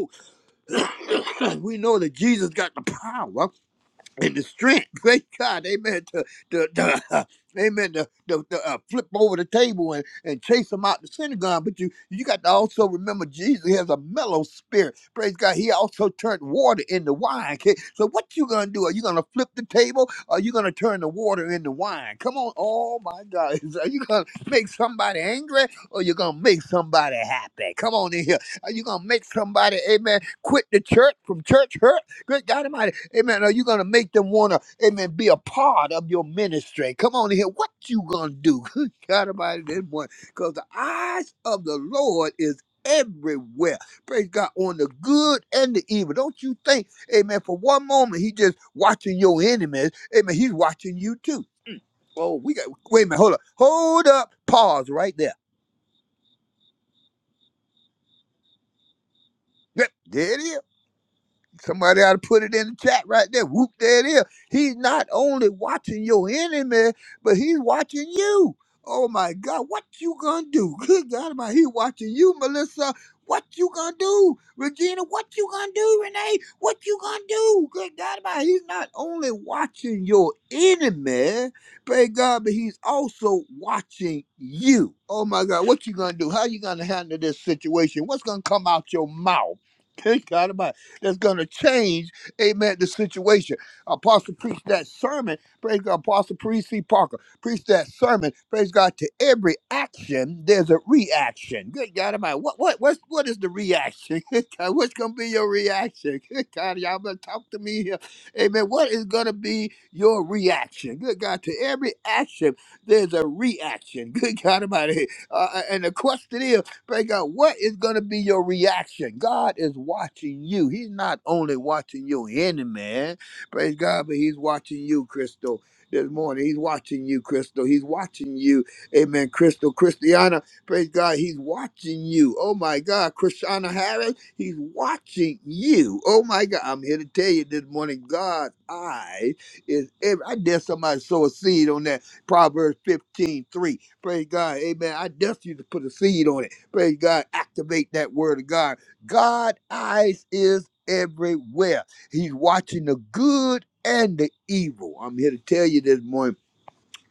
we know that Jesus got the power and the strength, great God, amen, to, to, to uh, amen, to, to, to uh, flip over the table and, and chase them out the synagogue. But you you got to also remember Jesus has a mellow spirit. Praise God. He also turned water into wine. Okay? So what you going to do? Are you going to flip the table? Or are you going to turn the water into wine? Come on. Oh, my God. Are you going to make somebody angry or you going to make somebody happy? Come on in here. Are you going to make somebody, amen, quit the church from church hurt? Good God Almighty. Amen. Are you going to make them want to, amen, be a part of your ministry? Come on in here. What you going to do? Good God about this one. Because the eyes of the Lord is everywhere. Praise God on the good and the evil. Don't you think, amen, for one moment he just watching your enemies. Amen. He's watching you too. Oh, we got, wait a minute. Hold up. Hold up. Pause right there. Yep. There it is. Somebody ought to put it in the chat right there. Whoop, there it is. He's not only watching your enemy, but he's watching you. Oh my God, what you gonna do? Good God, my he watching you, Melissa. What you gonna do, Regina? What you gonna do, Renee? What you gonna do? Good God, my he's not only watching your enemy, praise God, but he's also watching you. Oh my God, what you gonna do? How you gonna handle this situation? What's gonna come out your mouth? Good God, that's going to change, amen, the situation. Apostle preached that sermon, praise God. Apostle Priest C. Parker preached that sermon, praise God. To every action, there's a reaction. Good God Almighty, what what what's, what is the reaction? Good God, what's going to be your reaction? Good God, y'all better talk to me here, amen. What is going to be your reaction? Good God, to every action, there's a reaction. Good God Almighty, uh, and the question is. Pray God, what is going to be your reaction? God is watching you. He's not only watching your enemy, man. Praise God, but He's watching you, Crystal. This morning, He's watching you, Crystal. He's watching you. Amen, Crystal. Christiana, praise God, He's watching you. Oh my God, Christiana Harris, He's watching you. Oh my God, I'm here to tell you this morning, God's eye is every. I dare somebody sow a seed on that Proverbs 15 3. Praise God, amen. I dare you to put a seed on it. Praise God. Activate that word of God. God eyes is everywhere. He's watching the good and the evil. I'm here to tell you this morning.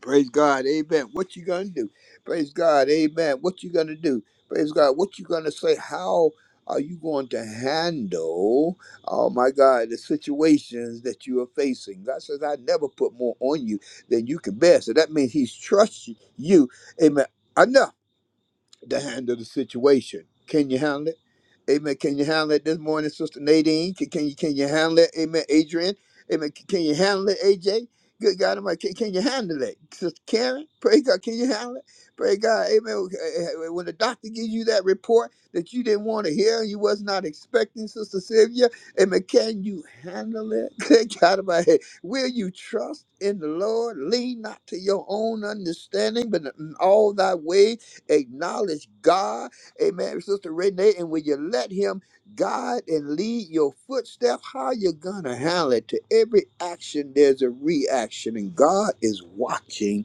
Praise God. Amen. What you gonna do? Praise God. Amen. What you gonna do? Praise God. What you gonna say? How are you going to handle, oh my God, the situations that you are facing? God says, I never put more on you than you can bear. So that means He's trusting you, amen, enough to handle the situation. Can you handle it? Amen. Can you handle it this morning, Sister Nadine? Can, can you can you handle it? Amen. Adrian. Amen. Can, can you handle it, AJ? Good God, Almighty, can, can you handle it? Sister Karen, praise God, can you handle it? Praise God, amen. Okay. Eh, eh, When the doctor gives you that report that you didn't want to hear and you was not expecting, Sister Sylvia, amen, can you handle it? Good God, Almighty, will you trust in the Lord? Lean not to your own understanding, but in all thy ways Acknowledge God. Amen. Sister Renee, and when you let Him guide and lead your footstep, how you gonna handle it? To every action, there's a reaction, and God is watching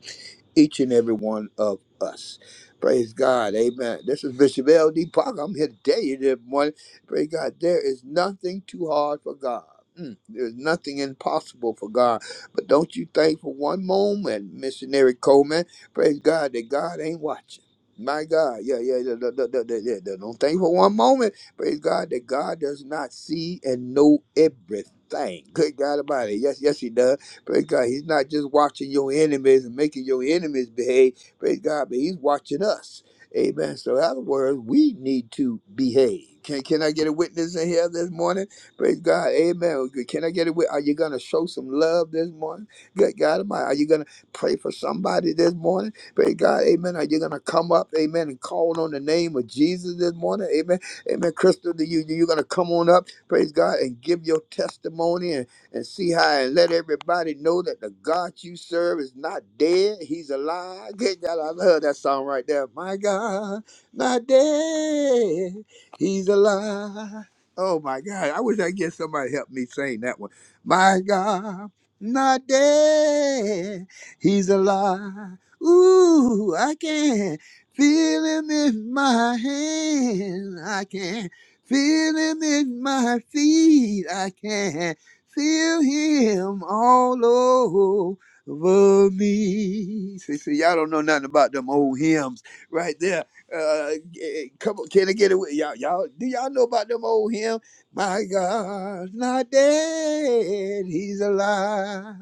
each and every one of us. Praise God. Amen. This is Bishop L.D. Parker. I'm here today, this morning. Praise God. There is nothing too hard for God. Mm, There's nothing impossible for God. But don't you think for one moment, Missionary Coleman, praise God, that God ain't watching. My God, yeah, yeah, yeah, yeah, yeah, yeah, yeah, yeah. Don't think for one moment, praise God, that God does not see and know everything. Good God about it. Yes, yes, He does. Praise God. He's not just watching your enemies and making your enemies behave. Praise God. But he's watching us. Amen. So, in other words, we need to behave. Can, can I get a witness in here this morning? Praise God. Amen. Can I get a witness? Are you going to show some love this morning? Good God Almighty. Are you going to pray for somebody this morning? Praise God. Amen. Are you going to come up? Amen. And call on the name of Jesus this morning? Amen. Amen. Crystal, do you, you're going to come on up. Praise God. And give your testimony and see how and let everybody know that the God you serve is not dead. He's alive. Good God, I love that song right there. My God, not dead. He's alive. Oh my God. I wish I could get somebody to help me sing that one. My God, not dead. He's alive. Ooh, I can feel him in my hand. I can feel him in my feet. I can Feel him all over me. See, see, y'all don't know nothing about them old hymns right there. Uh, eh, come on, can I get away? Y'all, y'all, do y'all know about them old hymns? My God's not dead, he's alive.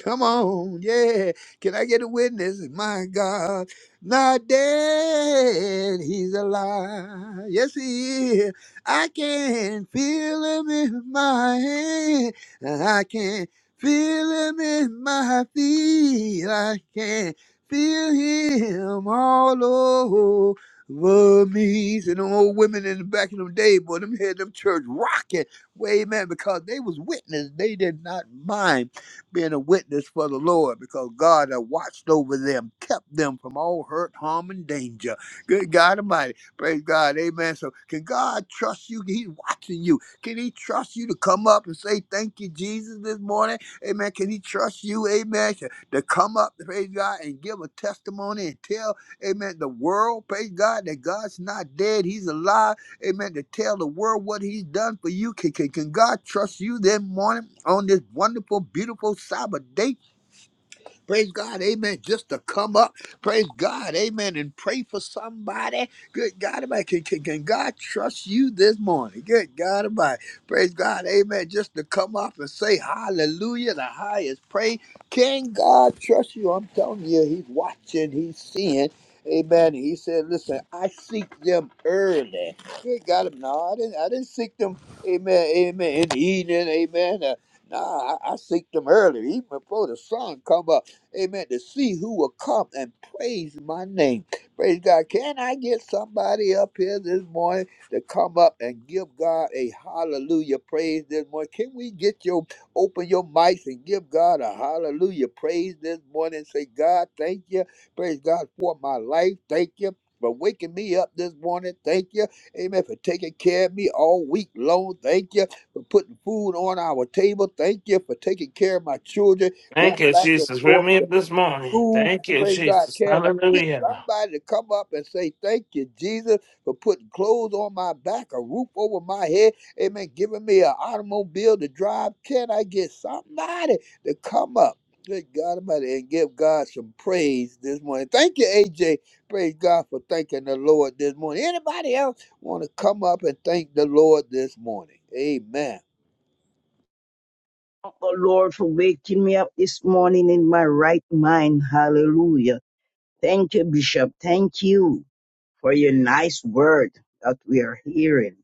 Come on, yeah. Can I get a witness? My God, not dead, he's alive. Yes, he is. I can feel him in my and I can feel him in my feet. I can feel him all over me. And them old women in the back of them day, boy, them had them church rocking. Way man, because they was witness. They did not mind being a witness for the Lord because God had watched over them, kept them from all hurt, harm, and danger. Good God Almighty. Praise God. Amen. So can God trust you? He's watching you. Can he trust you to come up and say thank you, Jesus, this morning? Amen. Can he trust you, amen, to, to come up, praise God, and give a testimony and tell, amen, the world, praise God, that God's not dead, he's alive, amen, to tell the world what he's done for you? Can, can, can God trust you this morning on this wonderful, beautiful Sabbath day? Praise God, amen. Just to come up, praise God, amen, and pray for somebody. Good God, about can, can, can God trust you this morning? Good God, about praise God, amen. Just to come up and say hallelujah, the highest praise. Can God trust you? I'm telling you, He's watching, He's seeing. Amen. He said, "Listen, I seek them early. Good God, amen. no, I didn't. I didn't seek them. Amen. Amen. In the evening. Amen. Uh, Nah, I, I seek them early, even before the sun come up. Amen. To see who will come and praise my name. Praise God. Can I get somebody up here this morning to come up and give God a hallelujah praise this morning? Can we get your open your mics and give God a hallelujah praise this morning? Say, God, thank you. Praise God for my life. Thank you. For waking me up this morning, thank you. Amen. For taking care of me all week long, thank you. For putting food on our table, thank you. For taking care of my children, going Thank you, back and Jesus. Wake forth me to up this morning. who, Thank you, praise God, Jesus. can I get Hallelujah. somebody to come up and say, Thank you, Jesus, for putting clothes on my back, a roof over my head, amen, giving me an automobile to drive? Can I get somebody to come up? Good God Almighty, and give God some praise this morning. Thank you, AJ. Praise God for thanking the Lord this morning. Anybody else want to come up and thank the Lord this morning? Amen. Oh Lord, for waking me up this morning in my right mind. Hallelujah. Thank you, Bishop. Thank you for your nice word that we are hearing.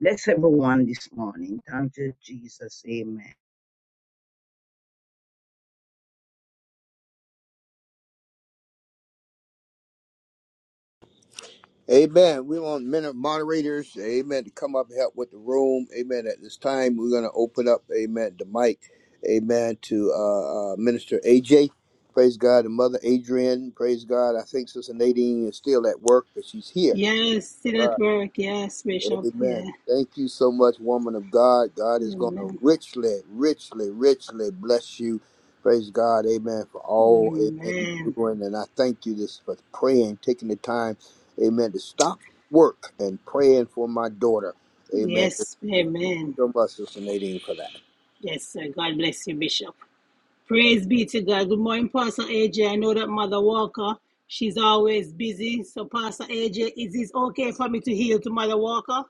Bless everyone this morning. Thank you, Jesus. Amen. Amen. We want men of moderators, amen, to come up and help with the room. Amen. At this time, we're going to open up, amen, the mic, amen, to uh, uh, Minister AJ. Praise God. And Mother Adrian, praise God. I think Sister Nadine is still at work, but she's here. Yes, still at work. Yes, Bishop. Amen. Yeah. Thank you so much, woman of God. God is going to Amen. richly, richly, richly bless you. Praise God. Amen. For all, amen, you're Amen. doing. And I thank you this for praying, taking the time, amen, to stop work and praying for my daughter. Amen. Yes, Thank you amen. so much, Sister Nadine, for that. Yes, sir. God bless you, Bishop. Praise be to God. Good morning, Pastor AJ. I know that Mother Walker, she's always busy. So, Pastor AJ, is it okay for me to heal to Mother Walker?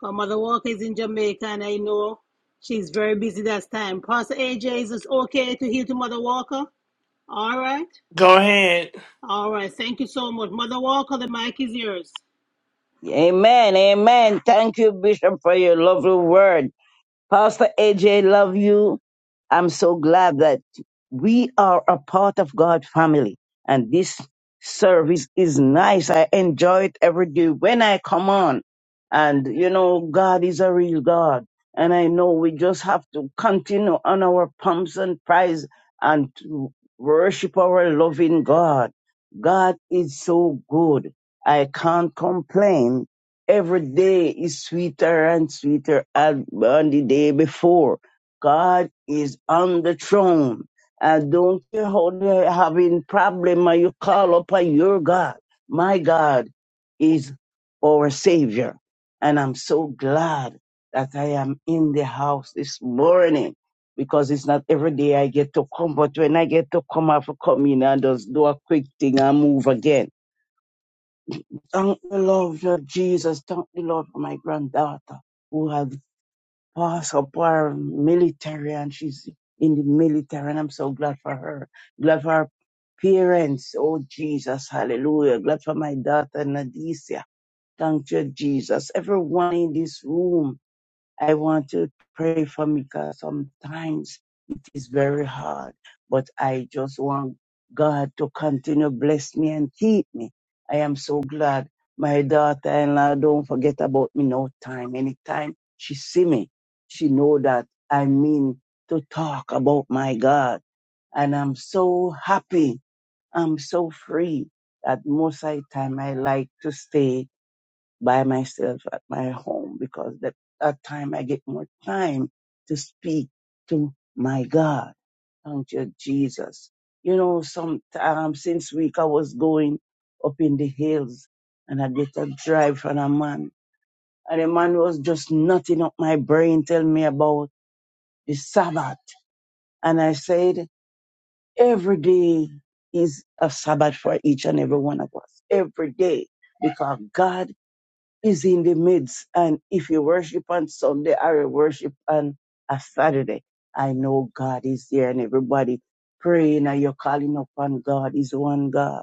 Because Mother Walker is in Jamaica and I know she's very busy that time. Pastor AJ, is it okay to heal to Mother Walker? All right. Go ahead. All right. Thank you so much. Mother Walker, the mic is yours. Amen. Amen. Thank you, Bishop, for your lovely word. Pastor AJ, love you. I'm so glad that we are a part of God family. And this service is nice. I enjoy it every day when I come on. And you know, God is a real God. And I know we just have to continue on our pumps and prize and to worship our loving God. God is so good. I can't complain Every day is sweeter and sweeter than the day before. God is on the throne. I don't care how they're having problem and you call upon your God. My God is our Savior. And I'm so glad that I am in the house this morning because it's not every day I get to come, but when I get to come, I have to come in and just do a quick thing and move again. Thank the Lord for Jesus. Thank the Lord for my granddaughter who has passed her military and she's in the military and I'm so glad for her. Glad for her parents. Oh Jesus, hallelujah. Glad for my daughter Nadicia. Thank you, Jesus. Everyone in this room, I want to pray for me because sometimes it's very hard, but I just want God to continue bless me and keep me. I am so glad my daughter-in-law don't forget about me no time. Anytime she see me, she know that I mean to talk about my God. And I'm so happy. I'm so free that most of the time I like to stay by myself at my home because that, that time I get more time to speak to my God. Thank you, Jesus. You know, some um, since week I was going up in the hills and I get a drive from a man. And the man was just knotting up my brain, telling me about the Sabbath. And I said, every day is a Sabbath for each and every one of us. Every day. Because God is in the midst. And if you worship on Sunday or you worship on a Saturday, I know God is there and everybody praying and you're calling upon God is one God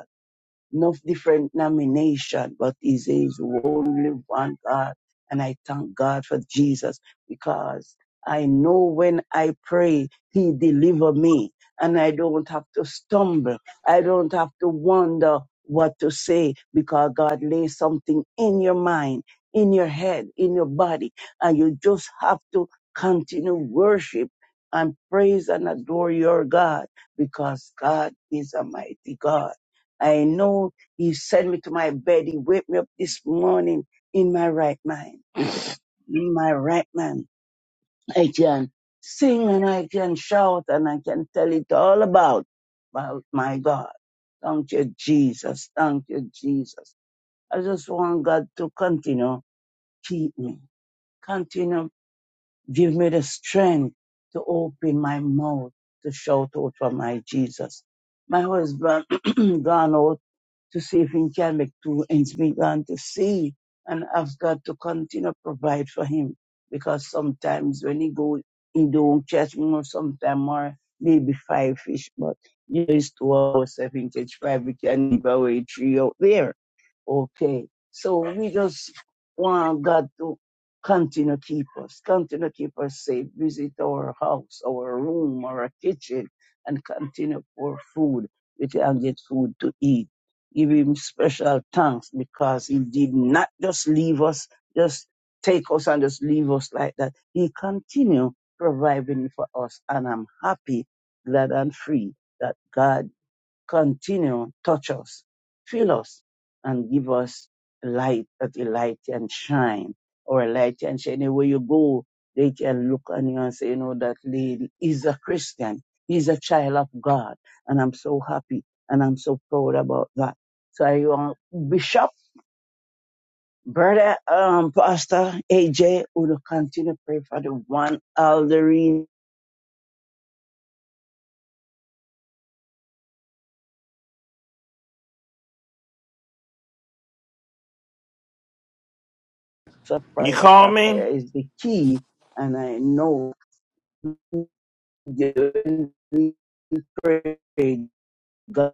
no different nomination, but he says only one God. And I thank God for Jesus because I know when I pray, he deliver me and I don't have to stumble. I don't have to wonder what to say because God lays something in your mind, in your head, in your body, and you just have to continue worship and praise and adore your God because God is a mighty God. I know He sent me to my bed. He waked me up this morning in my right mind. In my right mind, I can sing and I can shout and I can tell it all about, about my God. Thank you, Jesus. Thank you, Jesus. I just want God to continue keep me. Continue give me the strength to open my mouth to shout out for my Jesus. My husband gone out to see if he can make two ends meet and to see. And I've got to continue to provide for him because sometimes when he go, he don't catch more, sometimes more, maybe five fish, but you know, it's two hours, seven catch five, we can give away three out there. Okay. So we just want God to continue to keep us, continue to keep us safe, visit our house, our room, our kitchen, and continue for food. We can get food to eat give him special thanks because he did not just leave us, just take us and just leave us like that. He continued providing for us, and I'm happy, glad, and free that God continue touch us, fill us, and give us light that the light can shine or a light can shine. Anywhere you go, they can look on you and say, you know, that lady is a Christian. He's a child of God. And I'm so happy and I'm so proud about that. So I want Bishop, brother, um, Pastor AJ, will continue to pray for the one elderly for You prayer. call For prayer me? is the key. And I know given we pray, God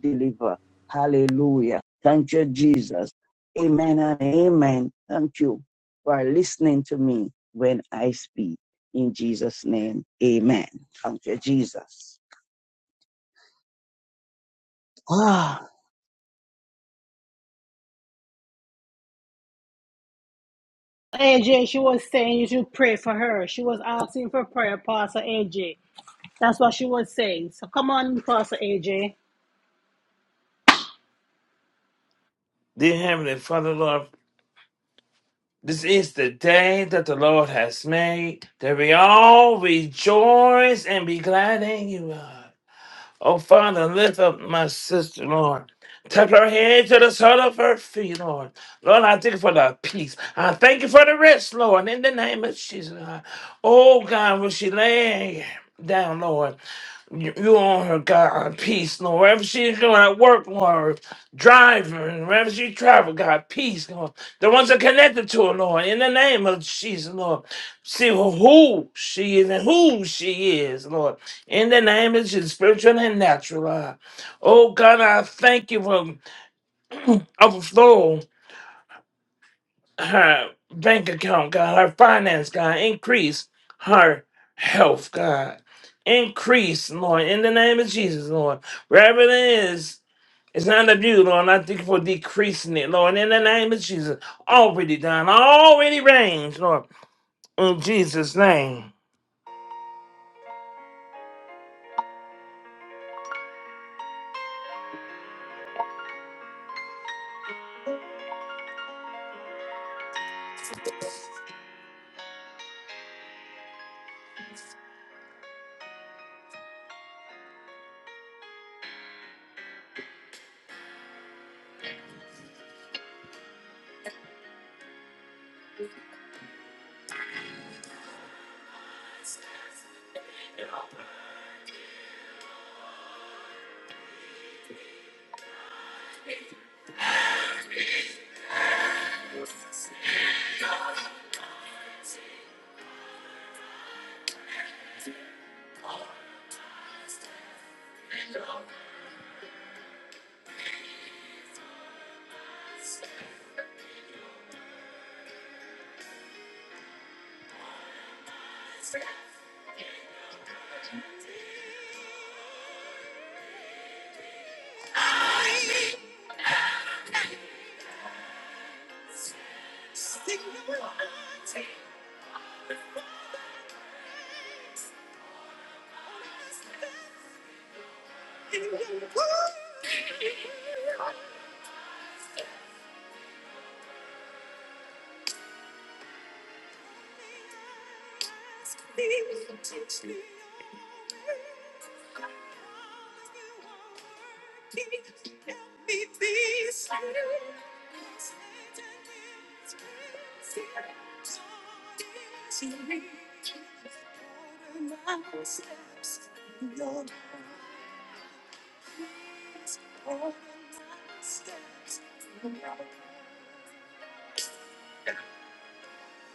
deliver. Hallelujah. Thank you, Jesus. Amen and amen. Thank you for listening to me when I speak. In Jesus' name, amen. Thank you, Jesus. Ah. AJ, she was saying you should pray for her. She was asking for prayer, Pastor AJ. That's what she was saying. So come on, Pastor AJ. Dear Heavenly Father, Lord, this is the day that the Lord has made, that we all rejoice and be glad in you, Lord. Oh, Father, lift up my sister, Lord. Touch her head to the sole of her feet, Lord. Lord, I thank you for the peace. I thank you for the rest, Lord, in the name of Jesus. Lord. Oh, God, when she lay down, Lord. You, you on her God peace, Lord. Wherever she's going at work, Lord, driving, wherever she travel, God peace, Lord. The ones that connected to her, Lord, in the name of Jesus, Lord. See who she is and who she is, Lord. In the name of Jesus, spiritual and natural, Lord. Oh God, I thank you for overflow her bank account, God, her finance, God. Increase her health, God. Increase, Lord, in the name of Jesus, Lord. Wherever it is, it's not of you, Lord. And I thank you for decreasing it, Lord. In the name of Jesus. Already done, already ranged, Lord. In Jesus' name.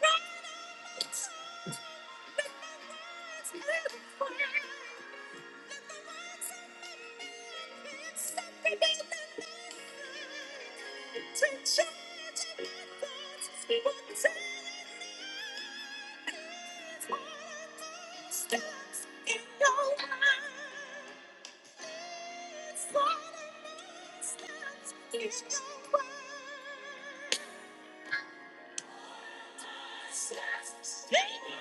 Write on my soul. Let my words come alive. Let the words of my lips help rebuild the night. To change my thoughts, what's in your mind? What are my steps in your mind? What are my steps in your mind?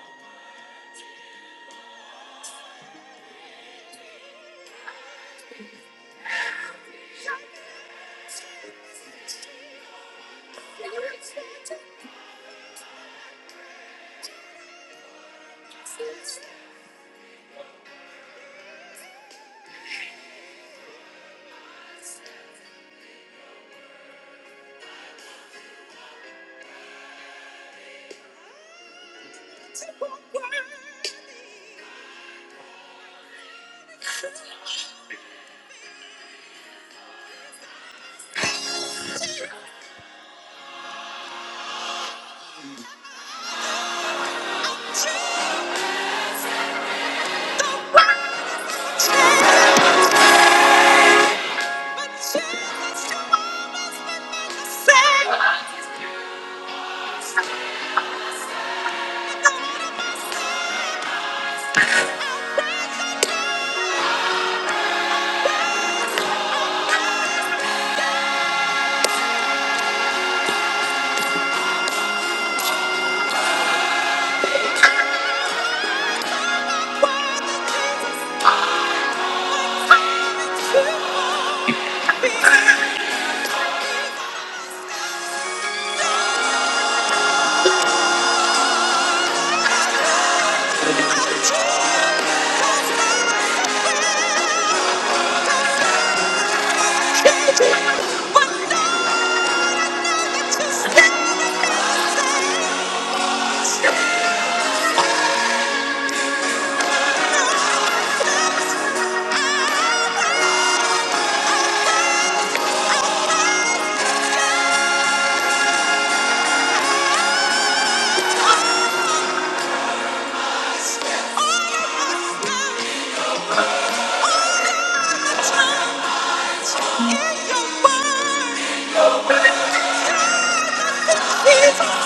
Thank you.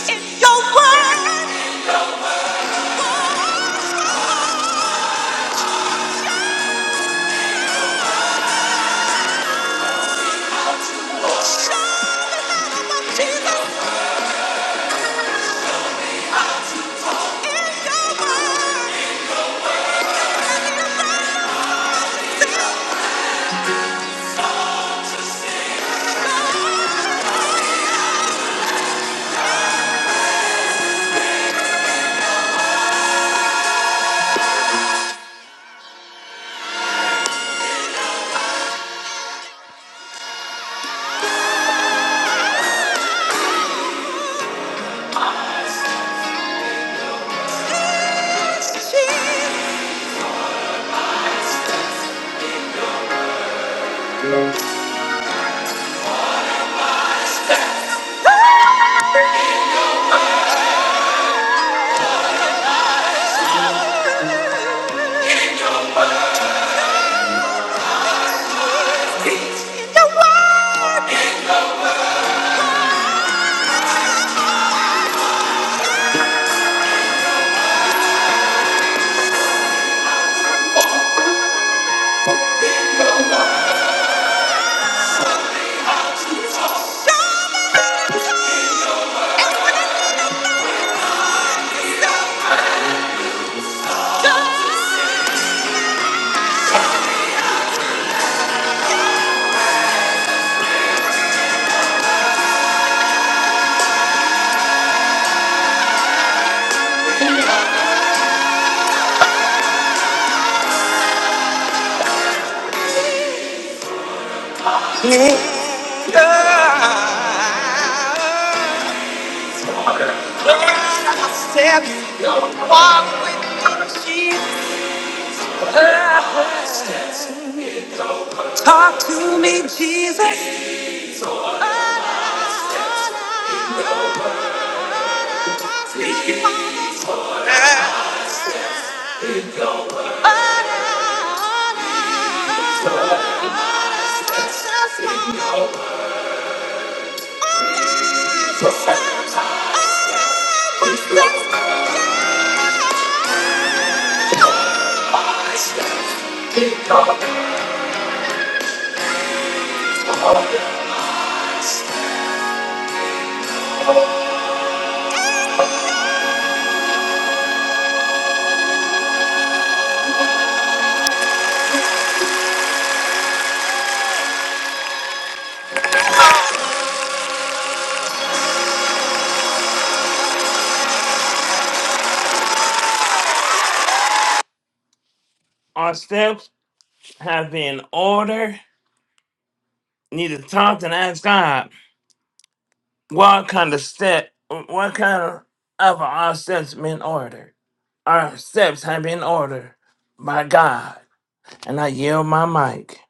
It's your word. Show the love of Jesus. It's your word. Jesus. It's your word. Show the love of Jesus. Lord, I said, walk with me, Jesus. Talk to me, Jesus. Our steps have been ordered. Need to talk and ask God what kind of step, what kind of of our steps been ordered. Our steps have been ordered by God, and I yield my mic.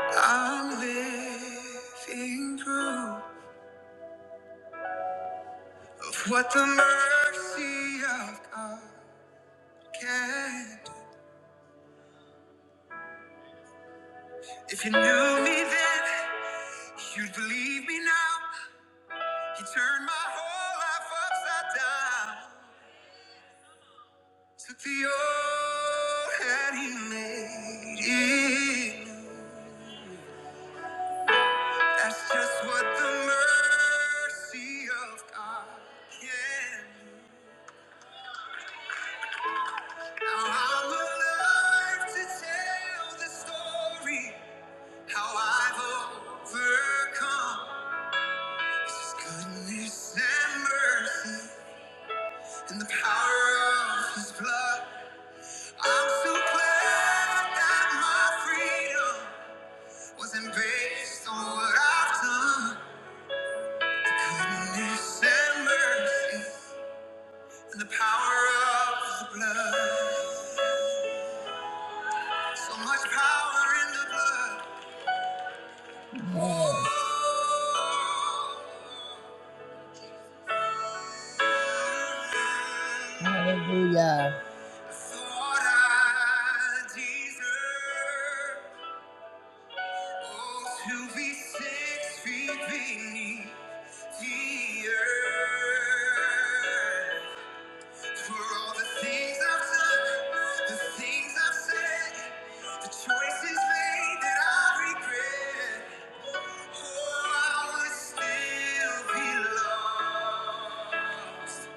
I'm living proof of what the mercy of God can do. If you knew me then, you'd believe. See how I've overcome His goodness and mercy and the power of His blood. I'm so glad that my freedom wasn't based on what I've done. Goodness and mercy and the power of the blood. So much power in the blood. Whoa. Hallelujah. Thought I deserved, oh, to be six feet beneath the earth. For all the things I've done, the things I've said, the choices made that I regret, oh, I would still be lost.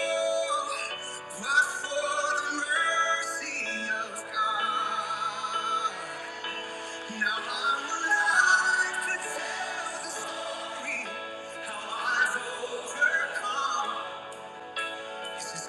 Oh, but for the mercy of God, now I'm alive to tell the story how I've overcome. Goodness and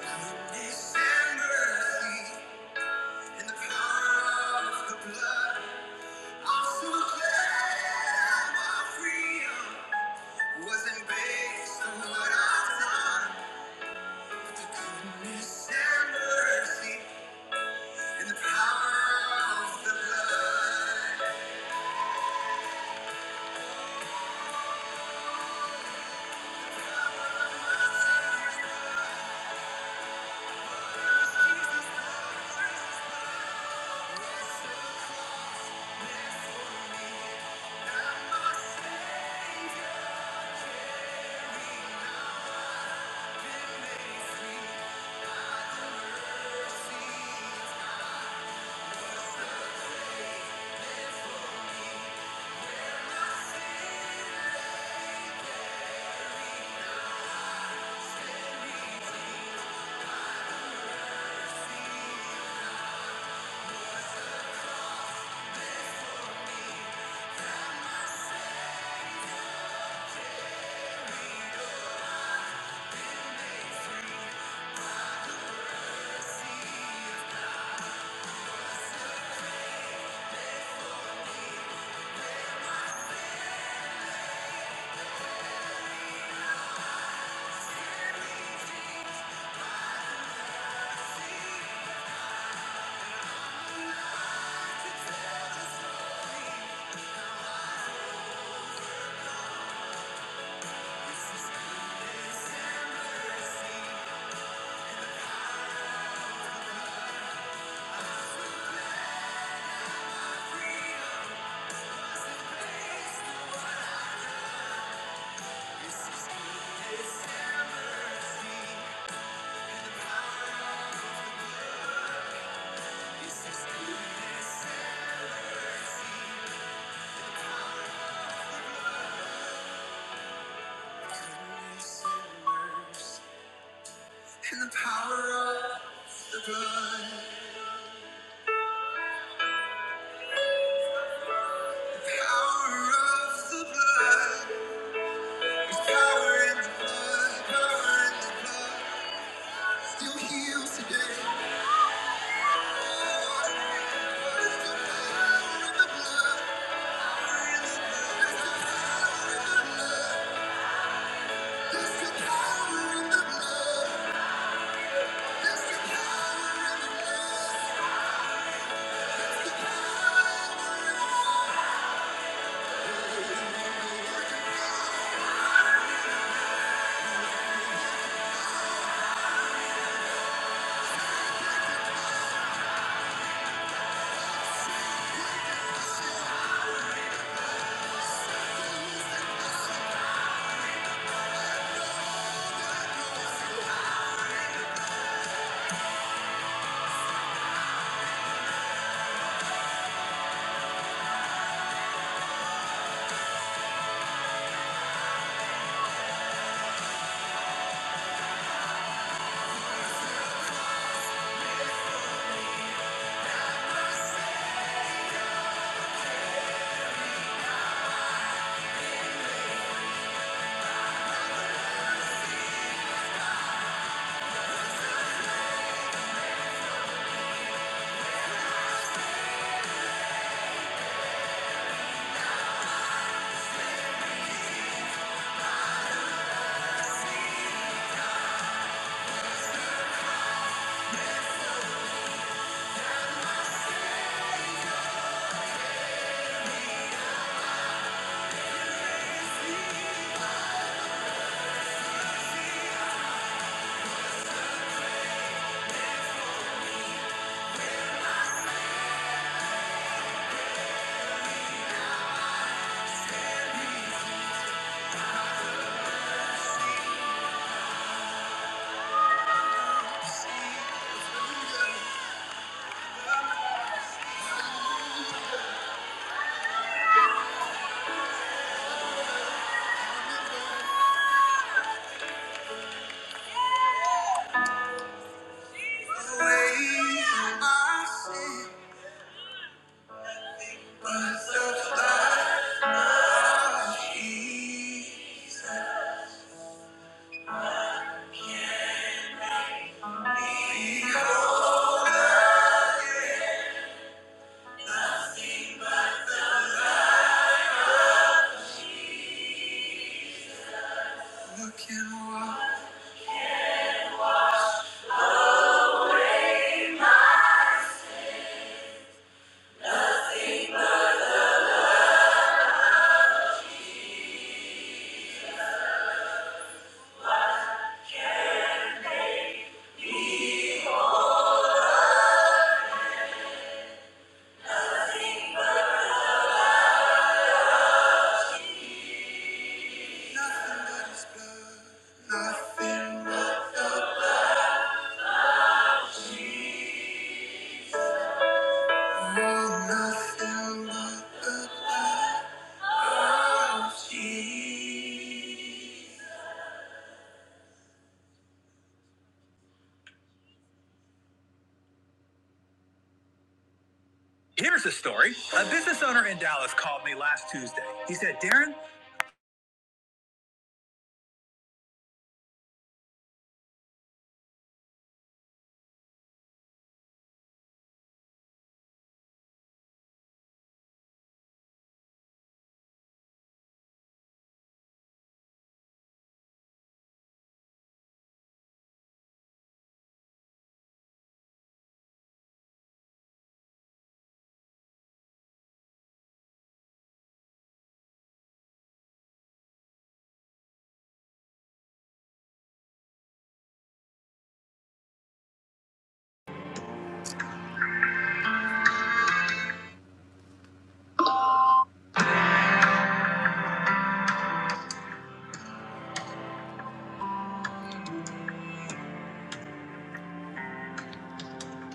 mercy. In the power of the blood, the power of the blood, there's power in the blood, power in the blood, still heals today. There's the power in the blood, in the blood, there's the power in the blood. Away from my sin, he who can walk, nothing but his blood, nothing but Jesus. Here's a story. A business owner in Dallas called me last Tuesday. He said, Darren,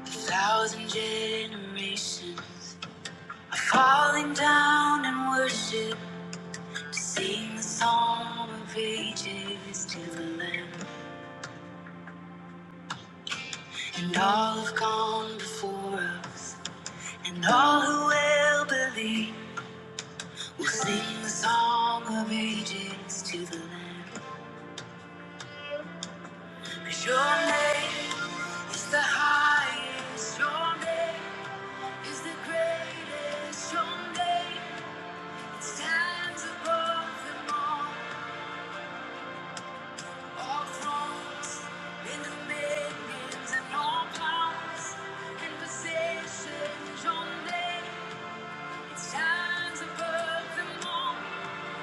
a thousand generations are falling down in worship to sing the song of ages to the Lamb. And all have gone before us, and all who will believe will sing the song of ages to the Lamb. 'Cause your name is the highest, your name is the greatest, your name stands above them all. All thrones and dominions and all powers and possessions, your name it stands above them all.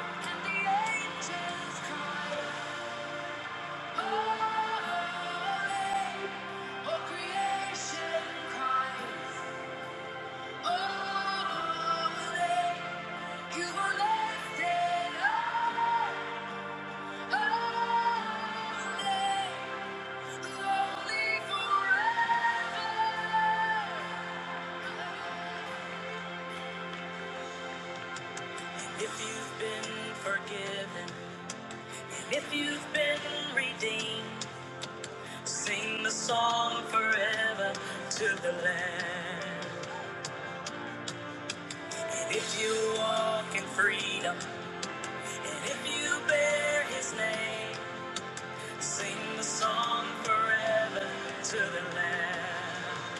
And the angels cry, Holy, all creation cries. If you've been forgiven, if you've been redeemed, sing the song forever to the Lamb. And if you walk in freedom, and if you bear His name, Sing the song forever to the land.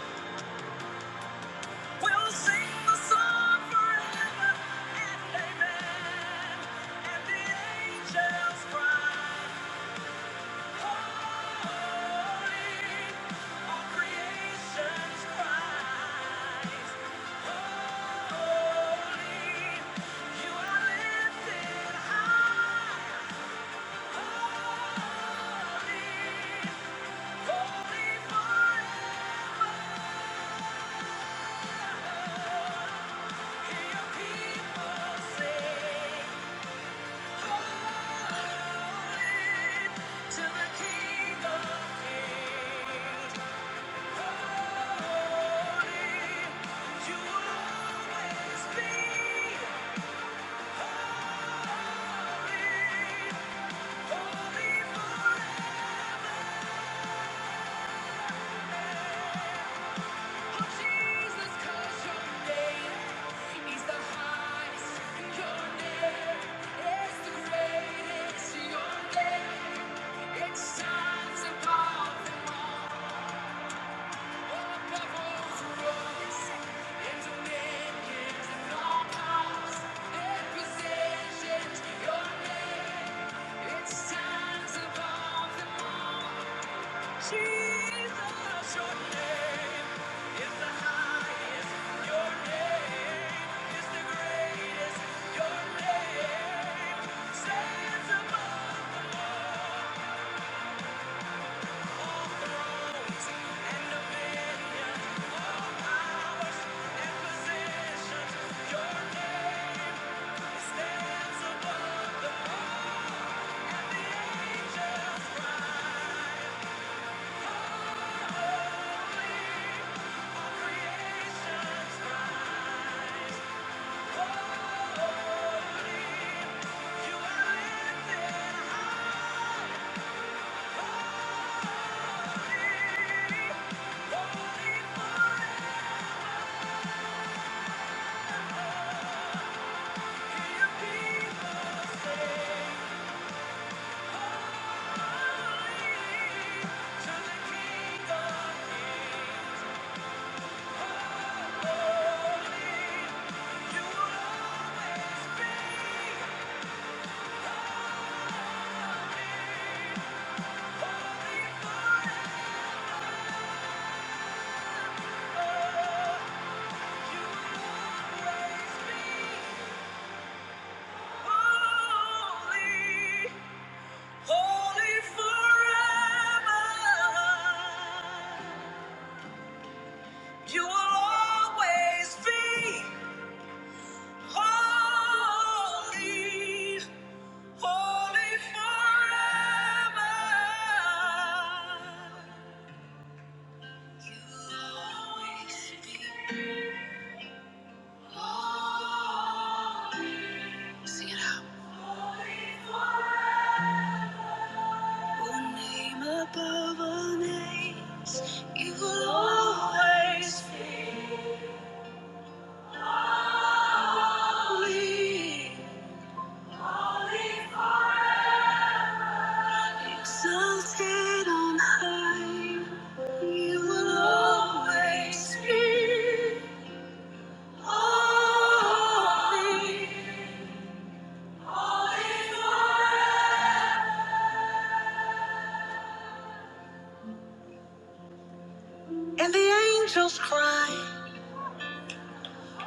We'll sing the song forever and amen. And the angels cry, holy. All creation's cries, holy. You are lifted high, holy, holy forever. Hear your people sing. To the King of Kings, holy, you will always be holy, for Jesus, 'cause your name is the highest, your name is the greatest. Your name, it shines above. Your name is the greatest. Your name stands above. Holy, you always be Holy, holy forever. You will always be holy, holy forever. You will always be holy. Sing it out. One name above all names, you will always be exalted on high. You will always be holy,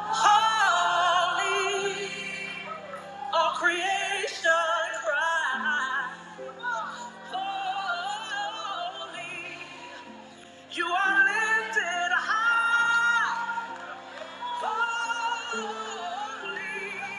holy. All creation cries, holy. You are lifted high. Holy,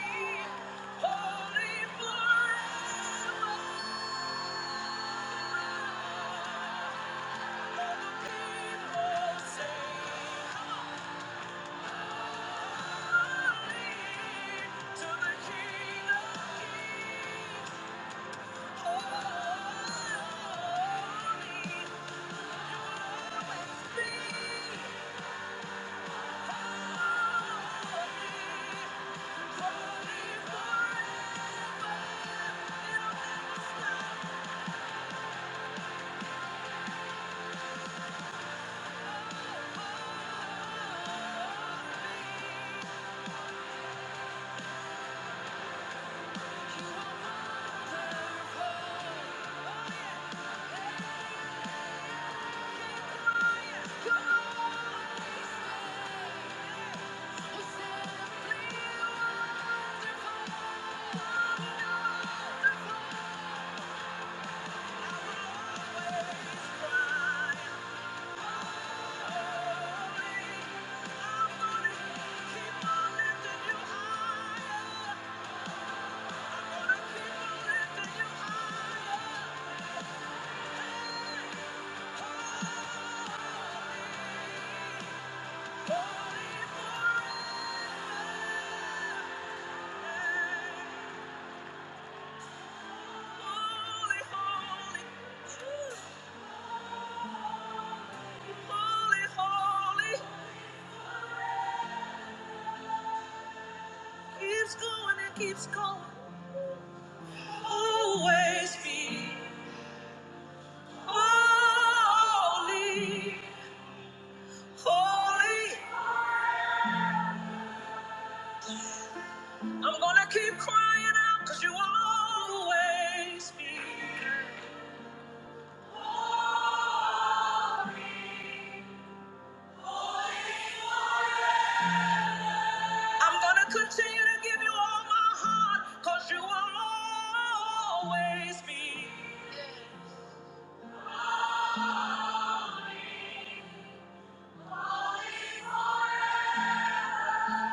Keeps going Always be holy, holy. I'm gonna keep crying out because you will always be holy, holy. holy. I'm gonna continue to give you all my heart because you will always be.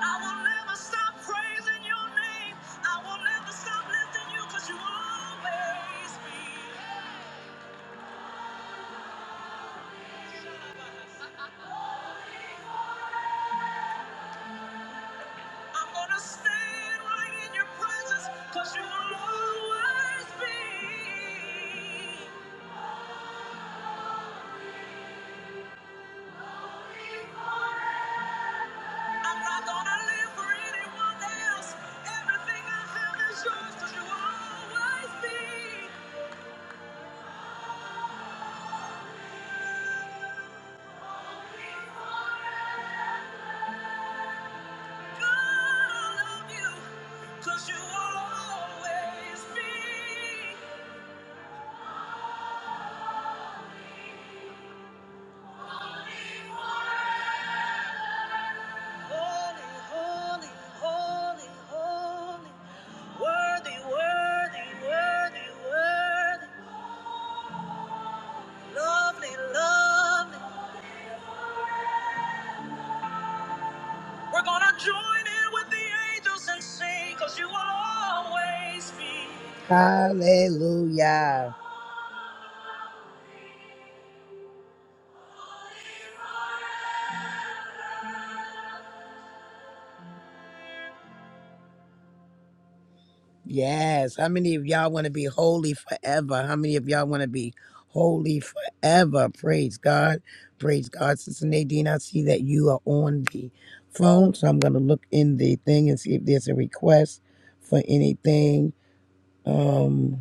I will never stop praising your name. I will never stop lifting you because you will always be. I'm going to stand right in your presence because you will always be. I'm not going to live for anyone else. Everything I have is yours because you will always be. Um, We're going to join in with the angels and sing because you will always be. Hallelujah. Yes. How many of y'all want to be holy forever? How many of y'all want to be holy forever? Praise God. Praise God. Sister Nadine, I see that you are on the phone. So I'm going to look in the thing and see if there's a request for anything. Um,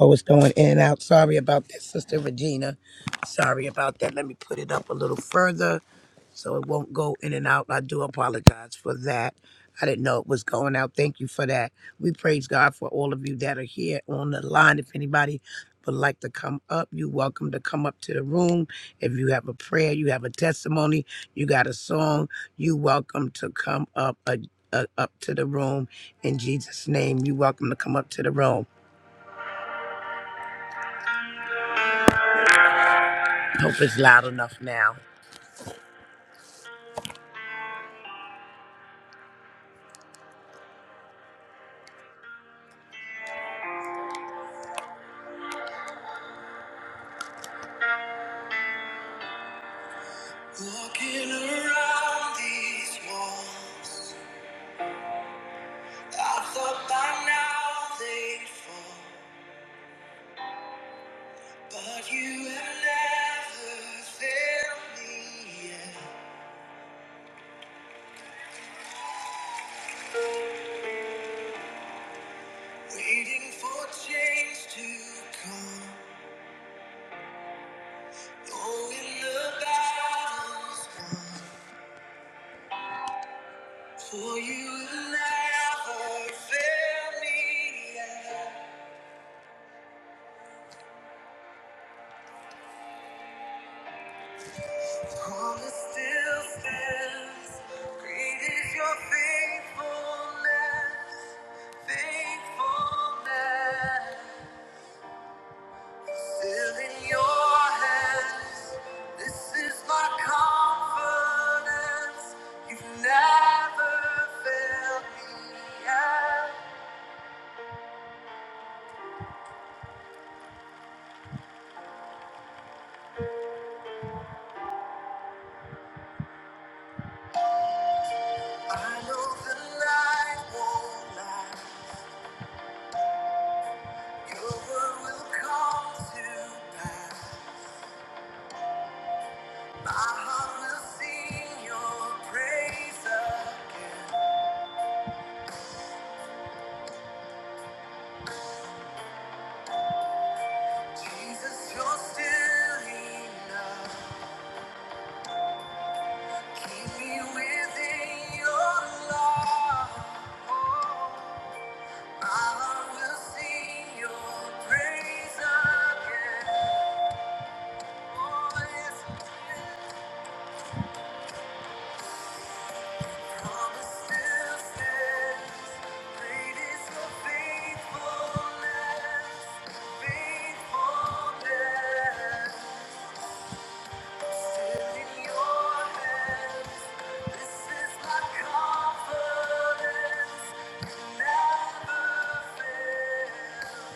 I was going in and out. Sorry about that, Sister Regina. Sorry about that. Let me put it up a little further so it won't go in and out. I do apologize for that. I didn't know it was going out. Thank you for that. We praise God for all of you that are here on the line. If anybody would like to come up, you're welcome to come up to the room. If you have a prayer, you have a testimony, you got a song, you're welcome to come up, uh, uh, up to the room. In Jesus' name, you're welcome to come up to the room. Hope it's loud enough now. Walking around these walls, I thought by now they'd fall, but you have never failed me yet. Waiting for change to come, for failure still stands. Great is your faithfulness, faithfulness, still in your hands. This is my confidence. You've never failed me yet. I know the night won't last. Your word will come to pass. My heart will sing your praise again. Jesus, you're still enough. Keep me within your love. Oh. I will sing your praise again. Oh, yes, your faithfulness, faithfulness. in your hands, this is my confidence, never fails.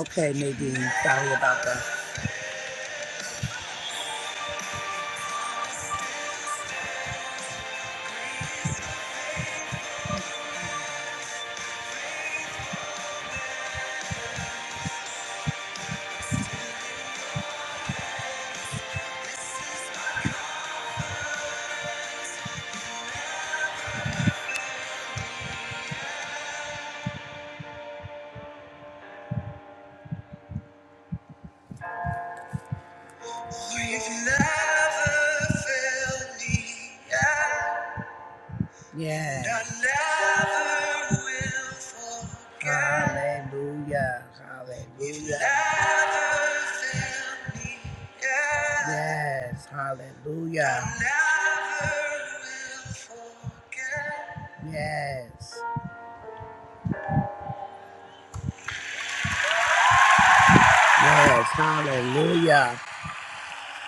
Okay, Nadine, sorry about that. You've never failed me yet. Yes. I never will forget. Hallelujah. Hallelujah. You've never failed me yet. Yes. Hallelujah. I never will forget. Yes. Yes. Hallelujah.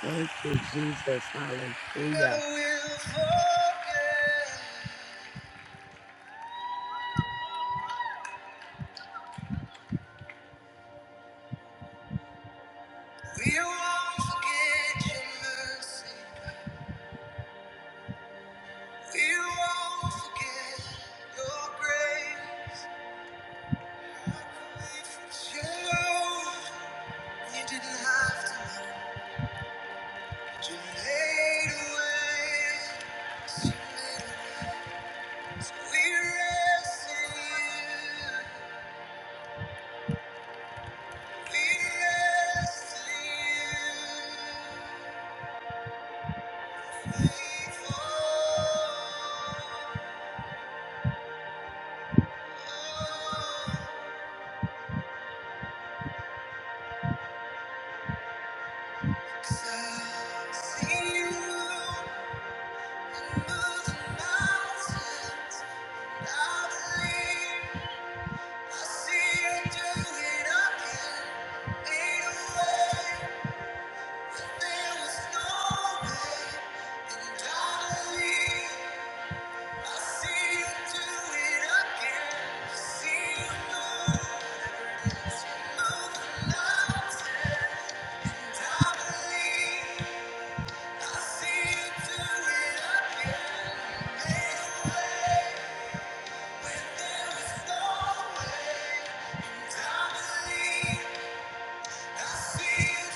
Thank you, Jesus. Hallelujah. I will forget. We won't forget your mercy. We won't forget your grace. Your love, you didn't have to. You made a way. We rest in you. Rest in you. See you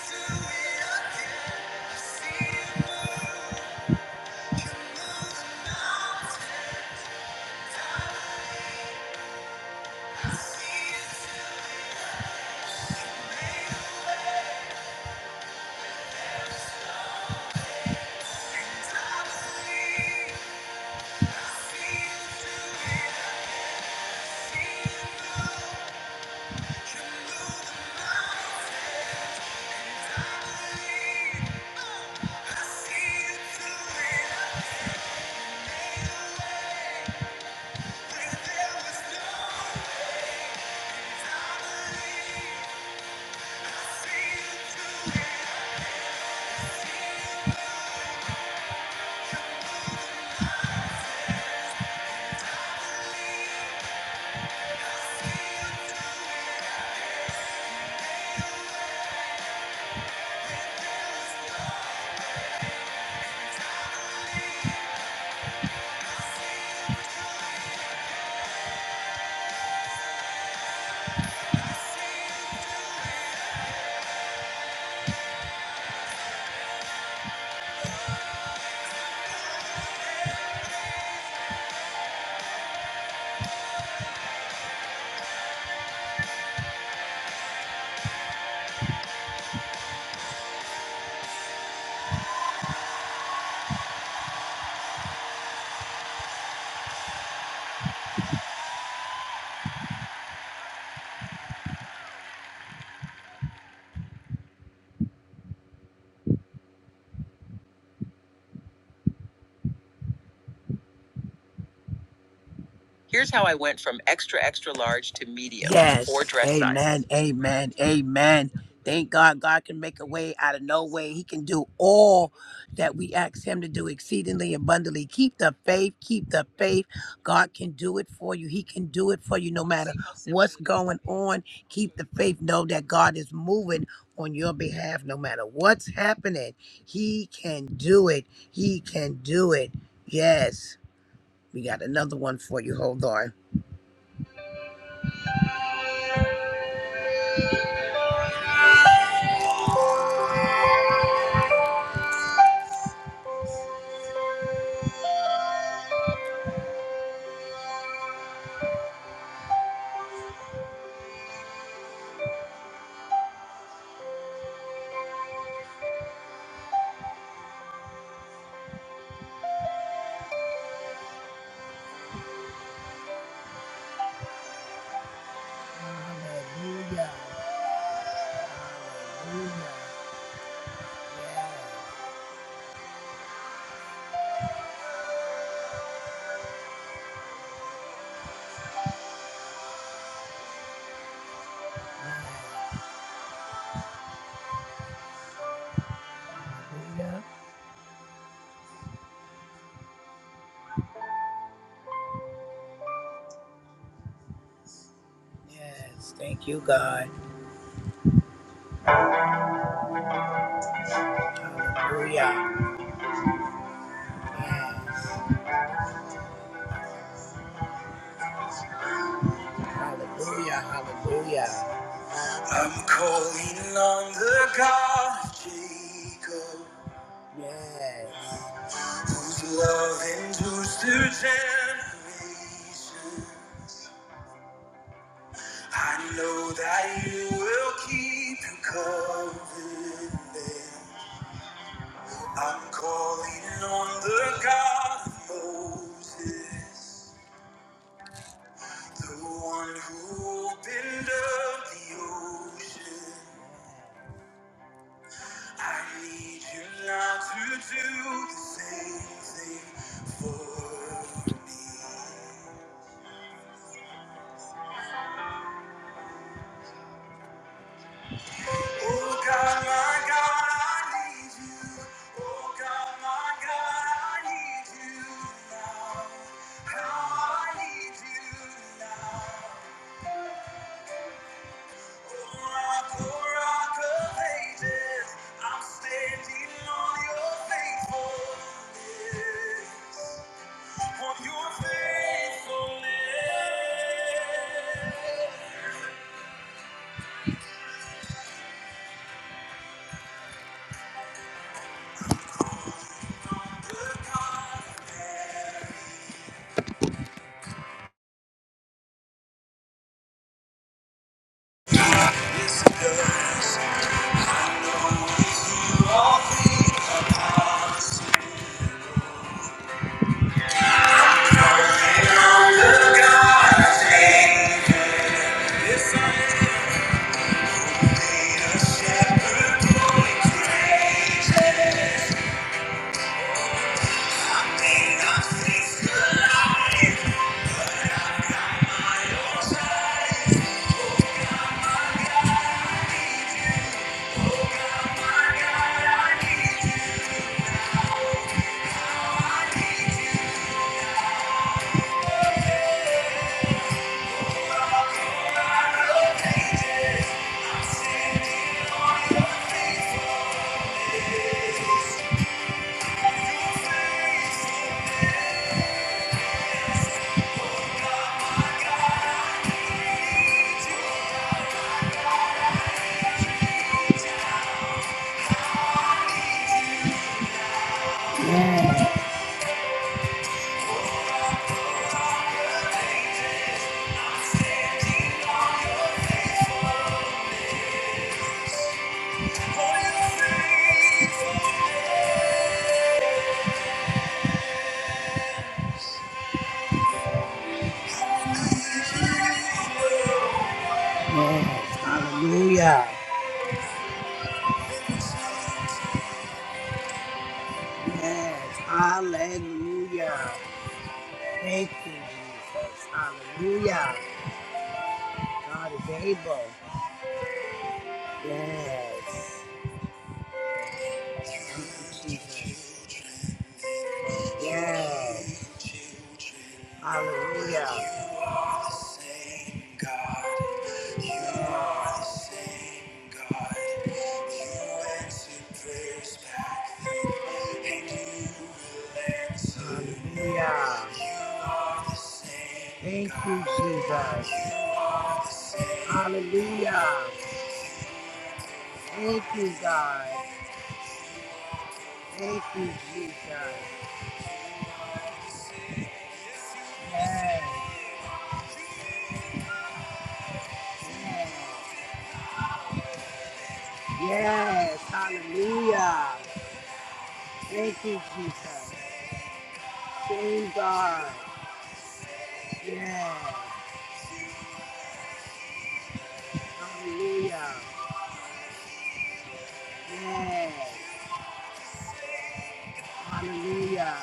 do it. Yes. or dress size. Amen. Amen. Amen. Thank God God can make a way out of no way. He can do all that we ask him to do exceedingly abundantly. Keep the faith. Keep the faith. God can do it for you. He can do it for you no matter what's going on. Keep the faith. Know that God is moving on your behalf no matter what's happening. He can do it. He can do it. Yes. We got another one for you. Hold on. Hallelujah. Hallelujah. Hallelujah. Yes. Thank you, God. Hallelujah. Yes. Hallelujah. Hallelujah. I'm calling on the God of Jacob. Yes. Whose love endures through generations. I know that you will keep your covenant. I'm calling on the God of Moses. The one who opened up the ocean. I need you now to do things for me. I need God, my God, I need you now. How I need you now. Rock, oh, rock of ages, I'm standing on your faithfulness. Yes, hallelujah. Yes, hallelujah. Thank you, Jesus. Hallelujah. God is able. Yes, yes. Hallelujah. Hallelujah. Thank you, Jesus. Hallelujah. Thank you, God. Thank you, Jesus. Yes, yes. Yes, hallelujah. Thank you, Jesus. Same God. Yes, hallelujah. Yes, hallelujah.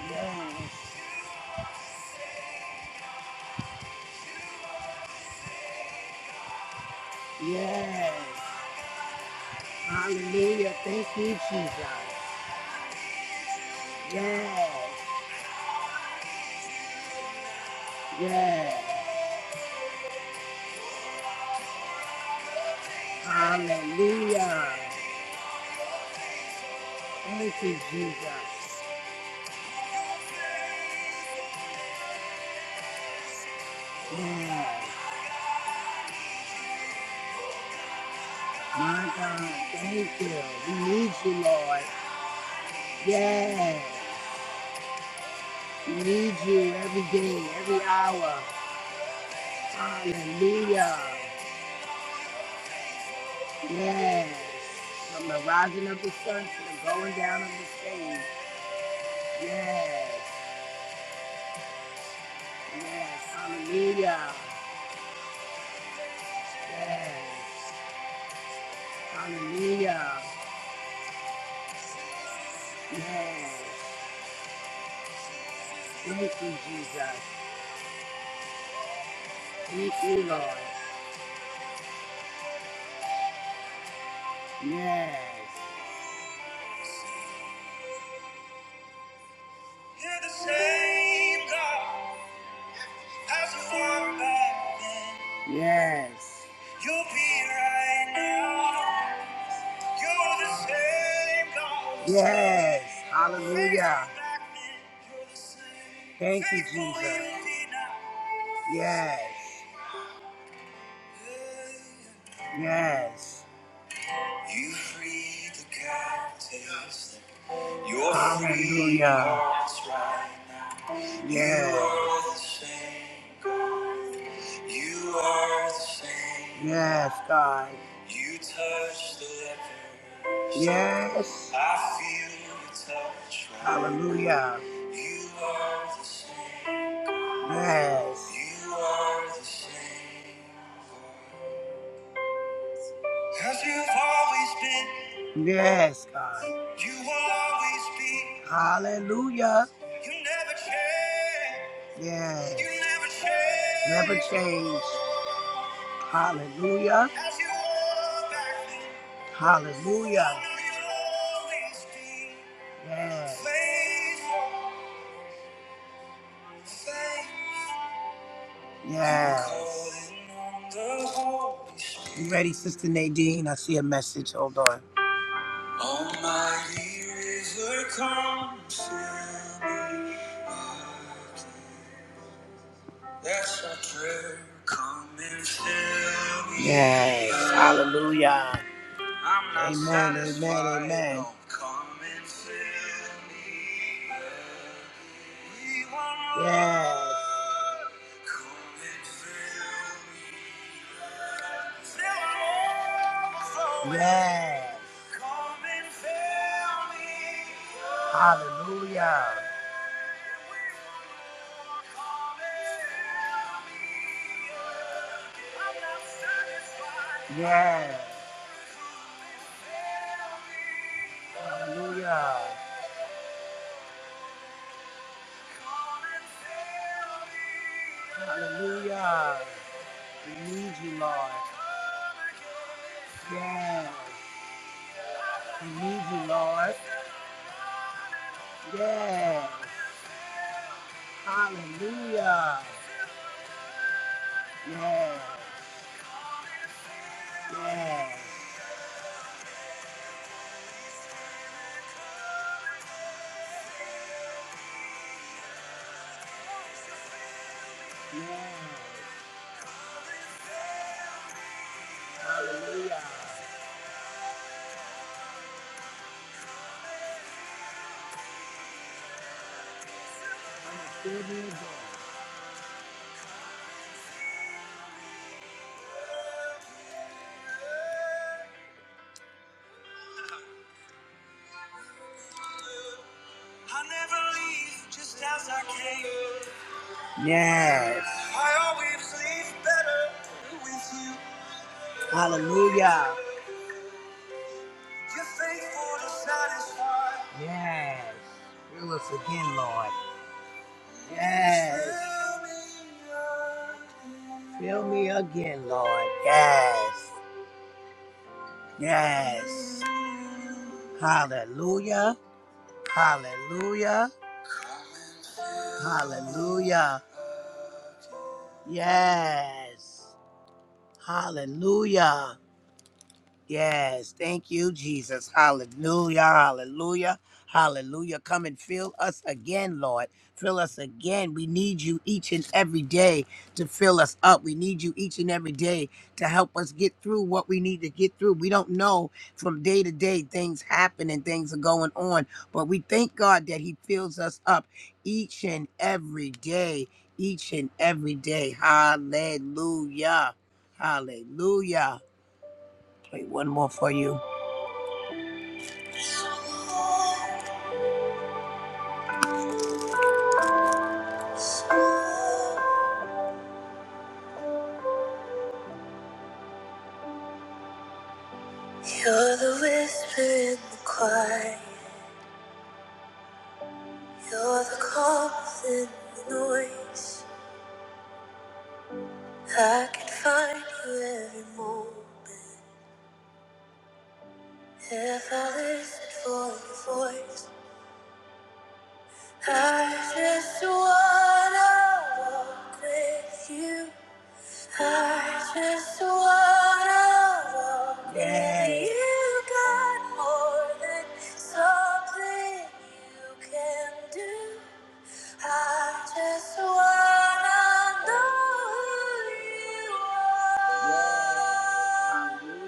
Yes, yes, hallelujah. Thank you, Jesus. Yes, yes, hallelujah. Thank you, Jesus. Yes, my God, thank you. We need you, Lord. Yes, we need you every day, every hour. Hallelujah. Yes. From the rising of the sun to the going down of the same. Yes. Yes. Hallelujah. Yes. Hallelujah. Yes. Thank you, Jesus. Thank you, Lord. Yes. Yes. Yes. Hallelujah. Thank you, Jesus. Yes. Yes. You free the captives. Your Hallelujah. heart's right. Yeah. You are the same. You are the same. Yes, God. You touch the leper. Yes. I feel your touch. Right. Hallelujah. You are the same. Yes. You are the same. Cause you've always been. Yes, God. You will always be. Hallelujah. You never change. Yes. You never change. Never change. Hallelujah. As you were back then. Hallelujah. so you'll always be. Yes. Faithful, faithful. Yes. Calling on the Holy Spirit. You ready, Sister Nadine? I see a message. Hold on. Almighty river, come fill me. again. That's our prayer. Come and fill me. Yes, hallelujah. I'm not amen, satisfied. amen, amen. Don't Come and fill me. again. We want more. Yes. Come and fill me. Yes. Hallelujah. Yes. Hallelujah. Hallelujah. We need you, Lord. Yes. We need you, Lord. Yes. Hallelujah. Yes. Yes. Yes. Hallelujah. I never leave just as I came. Yes. Hallelujah. Faithful to satisfy. Yes. Fill us again, Lord. Yes. Fill me again, Lord. Yes. Yes. Hallelujah. Hallelujah. Hallelujah. Yes. Hallelujah. Yes, thank you, Jesus. Hallelujah, hallelujah, hallelujah. Come and fill us again, Lord. Fill us again. We need you each and every day to fill us up. We need you each and every day to help us get through what we need to get through. We don't know from day to day things happen and things are going on, but we thank God that He fills us up each and every day, each and every day. Hallelujah, hallelujah. Play one more for you. You're the whisper in the quiet. You're the calm within the noise. I can find you every moment if I listen for your voice. I just wanna walk with you. I just wanna walk with you you. Got more than something you can do. I just wanna know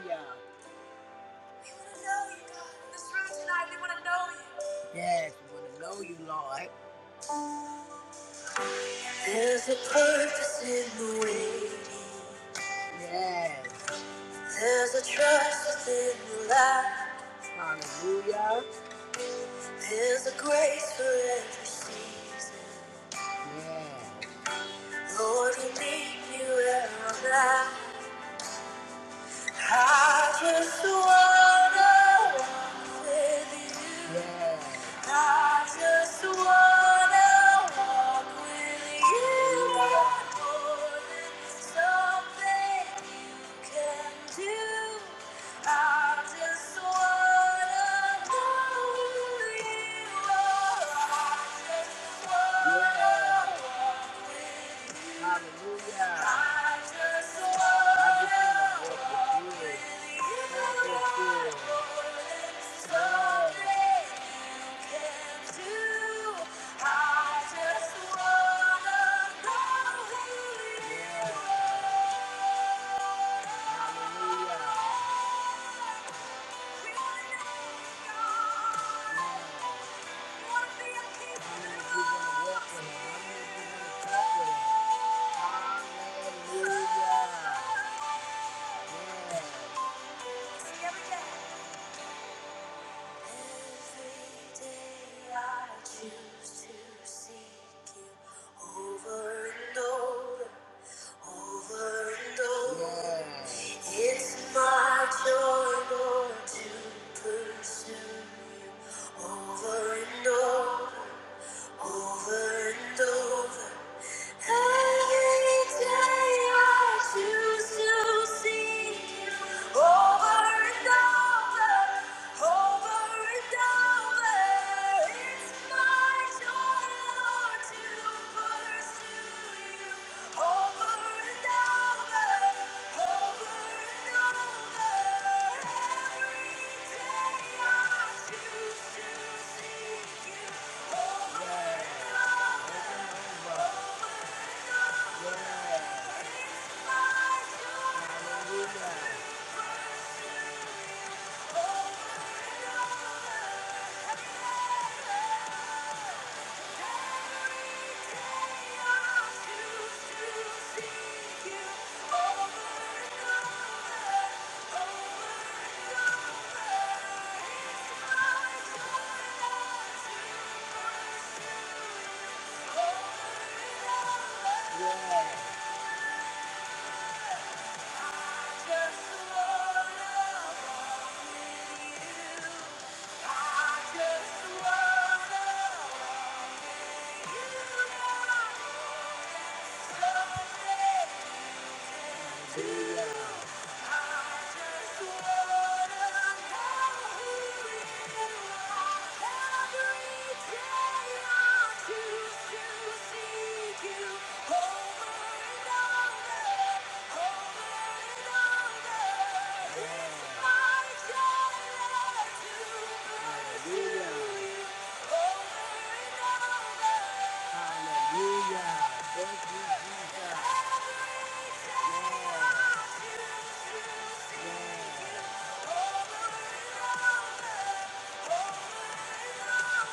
you Yes, hallelujah. We wanna know you, God. In this room tonight, we wanna know you. Yes, we wanna know you, Lord. There's a purpose in the waiting. Yes. There's a trust within the light. Hallelujah. There's a grace for every season. Yeah. Lord, you meet me where I'm at. I just wanna walk with you. I just wanna walk with you. I'm more than something you can do. I just wanna know who you are. I just wanna walk. Hallelujah. I just want to worship you. Worship you. Over and over, Yes. it's my joy, Lord, to pursue you. Over and over, over and over. Over and over. Just wanna love you.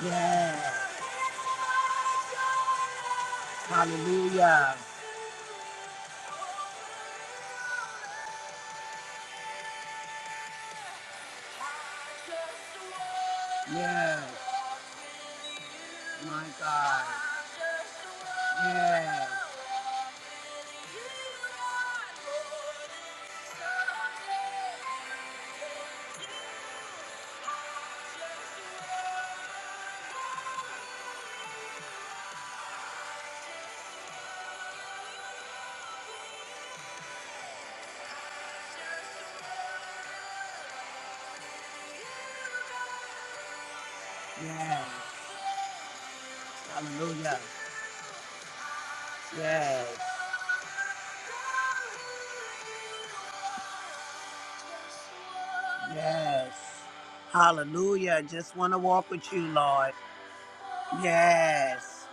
Yes, hallelujah. Yes, my God. Yes. Yes. Hallelujah. Yes. Yes. Hallelujah. Just want to walk with you, Lord. Yes.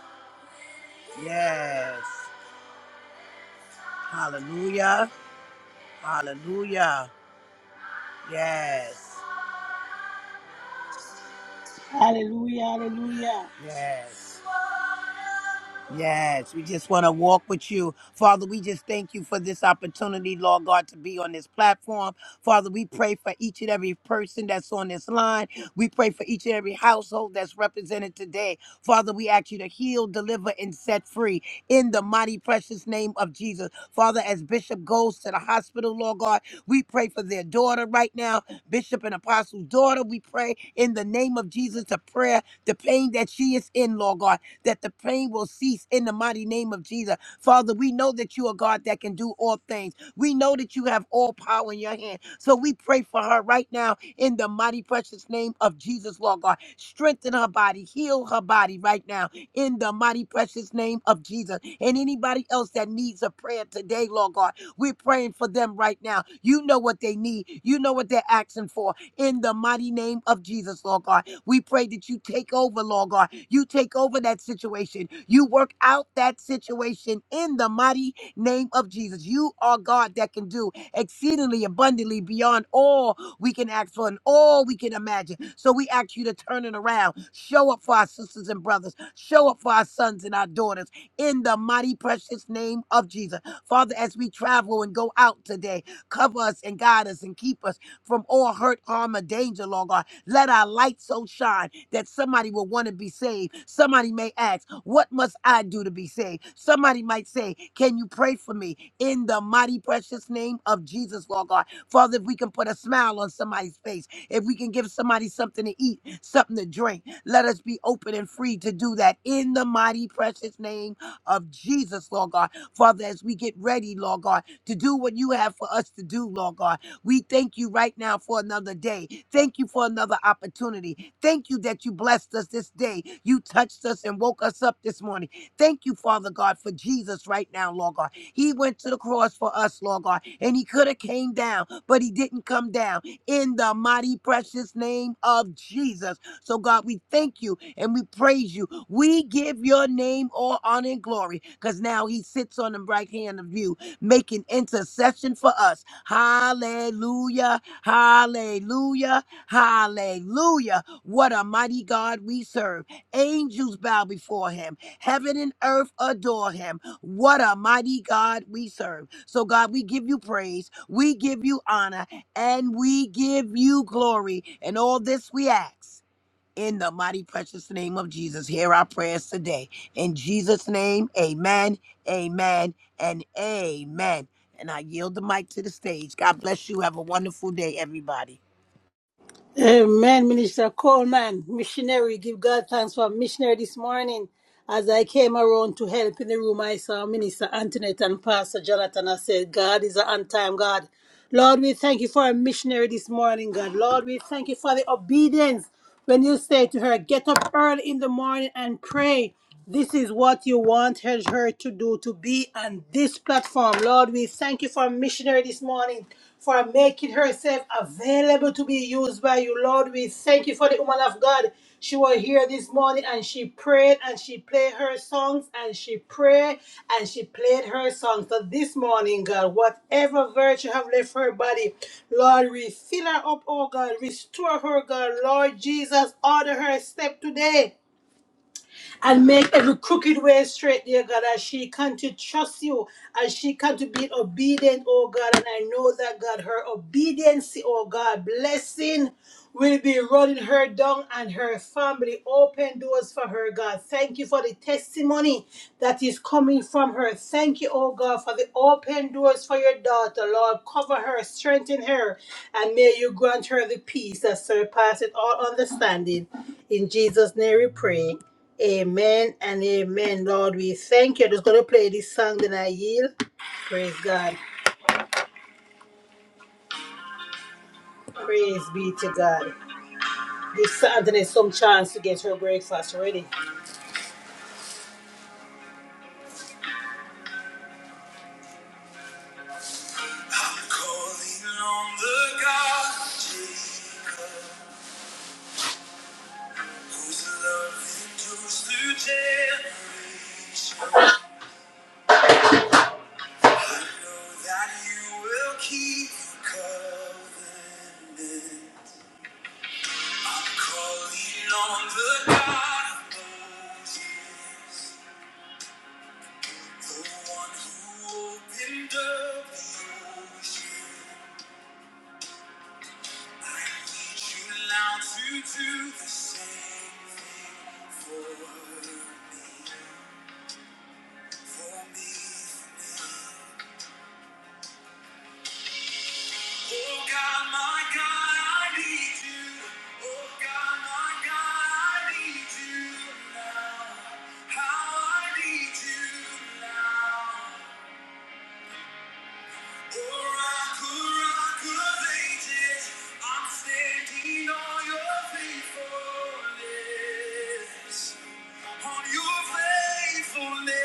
Yes. Hallelujah. Hallelujah. Yes. Hallelujah, hallelujah. Yes. Yes, we just want to walk with you. Father, we just thank you for this opportunity, Lord God, to be on this platform. Father, we pray for each and every person that's on this line. We pray for each and every household that's represented today. Father, we ask you to heal, deliver, and set free in the mighty, precious name of Jesus. Father, as Bishop goes to the hospital, Lord God, we pray for their daughter right now, Bishop and Apostle's daughter. We pray in the name of Jesus to prayer, the pain that she is in, Lord God that the pain will cease in the mighty name of Jesus. Father, we know that you are God that can do all things. We know that you have all power in your hand. So we pray for her right now in the mighty precious name of Jesus, Lord God. Strengthen her body, heal her body right now in the mighty precious name of Jesus. And anybody else that needs a prayer today, Lord God, we're praying for them right now. You know what they need. You know what they're asking for in the mighty name of Jesus, Lord God. We pray that you take over, Lord God. You take over that situation. You work out that situation in the mighty name of Jesus. You are God that can do exceedingly abundantly beyond all we can ask for and all we can imagine. So we ask you to turn it around. Show up for our sisters and brothers. Show up for our sons and our daughters in the mighty, precious name of Jesus. Father, as we travel and go out today, cover us and guide us and keep us from all hurt, harm, or danger, Lord God. Let our light light so shine that somebody will want to be saved. Somebody may ask, What must I do to be saved? Somebody might say, Can you pray for me in the mighty, precious name of Jesus, Lord God? Father, if we can put a smile on somebody's face, if we can give somebody something to eat, something to drink, let us be open and free to do that in the mighty, precious name of Jesus, Lord God. Father, as we get ready, Lord God, to do what you have for us to do, Lord God. We thank you right now for another day. Thank you for another opportunity. Thank you that you blessed us this day. You touched us and woke us up this morning. Thank you, Father God, for Jesus right now, Lord God. He went to the cross for us, Lord God, and he could have came down, but he didn't come down. In the mighty precious name of Jesus. So God, we thank you and we praise you. We give your name all honor and glory because now he sits on the right hand of you making intercession for us. Hallelujah. Hallelujah. Hallelujah. What a mighty God we serve. Angels bow before him. Heaven and earth adore him. What a mighty God we serve. So, God, we give you praise. We give you honor and we give you glory. And all this we ask. In the mighty precious name of Jesus, hear our prayers today. In Jesus' name, amen, amen, and amen. And I yield the mic to the stage. God bless you. Have a wonderful day, everybody. Amen, Minister Coleman, missionary. Give God thanks for missionary this morning. As I came around to help in the room, I saw Minister Antoinette and Pastor Jonathan. I said, God is an on time God. Lord, we thank you for a missionary this morning, God. Lord, we thank you for the obedience. When you say to her, get up early in the morning and pray, this is what you wanted her to do to be on this platform. Lord, we thank you for missionary this morning for making herself available to be used by you. Lord, we thank you for the woman of God she was here this morning and she prayed and she played her songs and she prayed and she played her songs. So this morning, God, whatever virtue have left her body, Lord, refill her up, oh God, restore her, God, Lord Jesus, order her step today and make every crooked way straight, dear God, as she can to trust you, as she can to be obedient, oh God. And I know that, God, her obedience, oh God, blessing will be running her down and her family. Open doors for her, God. Thank you for the testimony that is coming from her. Thank you, oh God, for the open doors for your daughter, Lord. Cover her, strengthen her, and may you grant her the peace that surpasses all understanding. In Jesus' name we pray. Amen and amen. Lord, we thank you. I'm just going to play this song, then I yield. Praise God. Praise be to God. Give Santa some chance to get her breakfast ready. I'm calling on the God of Jacob, whose love endures through generations. I know that you will keep your covenant. Calling on the God of Moses. The one who opened up the ocean. I need you now to do the same thing for me, for me, for me. Oh God, my God, I need you. Oh God, my God, I need you now. How I need you now. I'm standing on your faithfulness. On your faithfulness.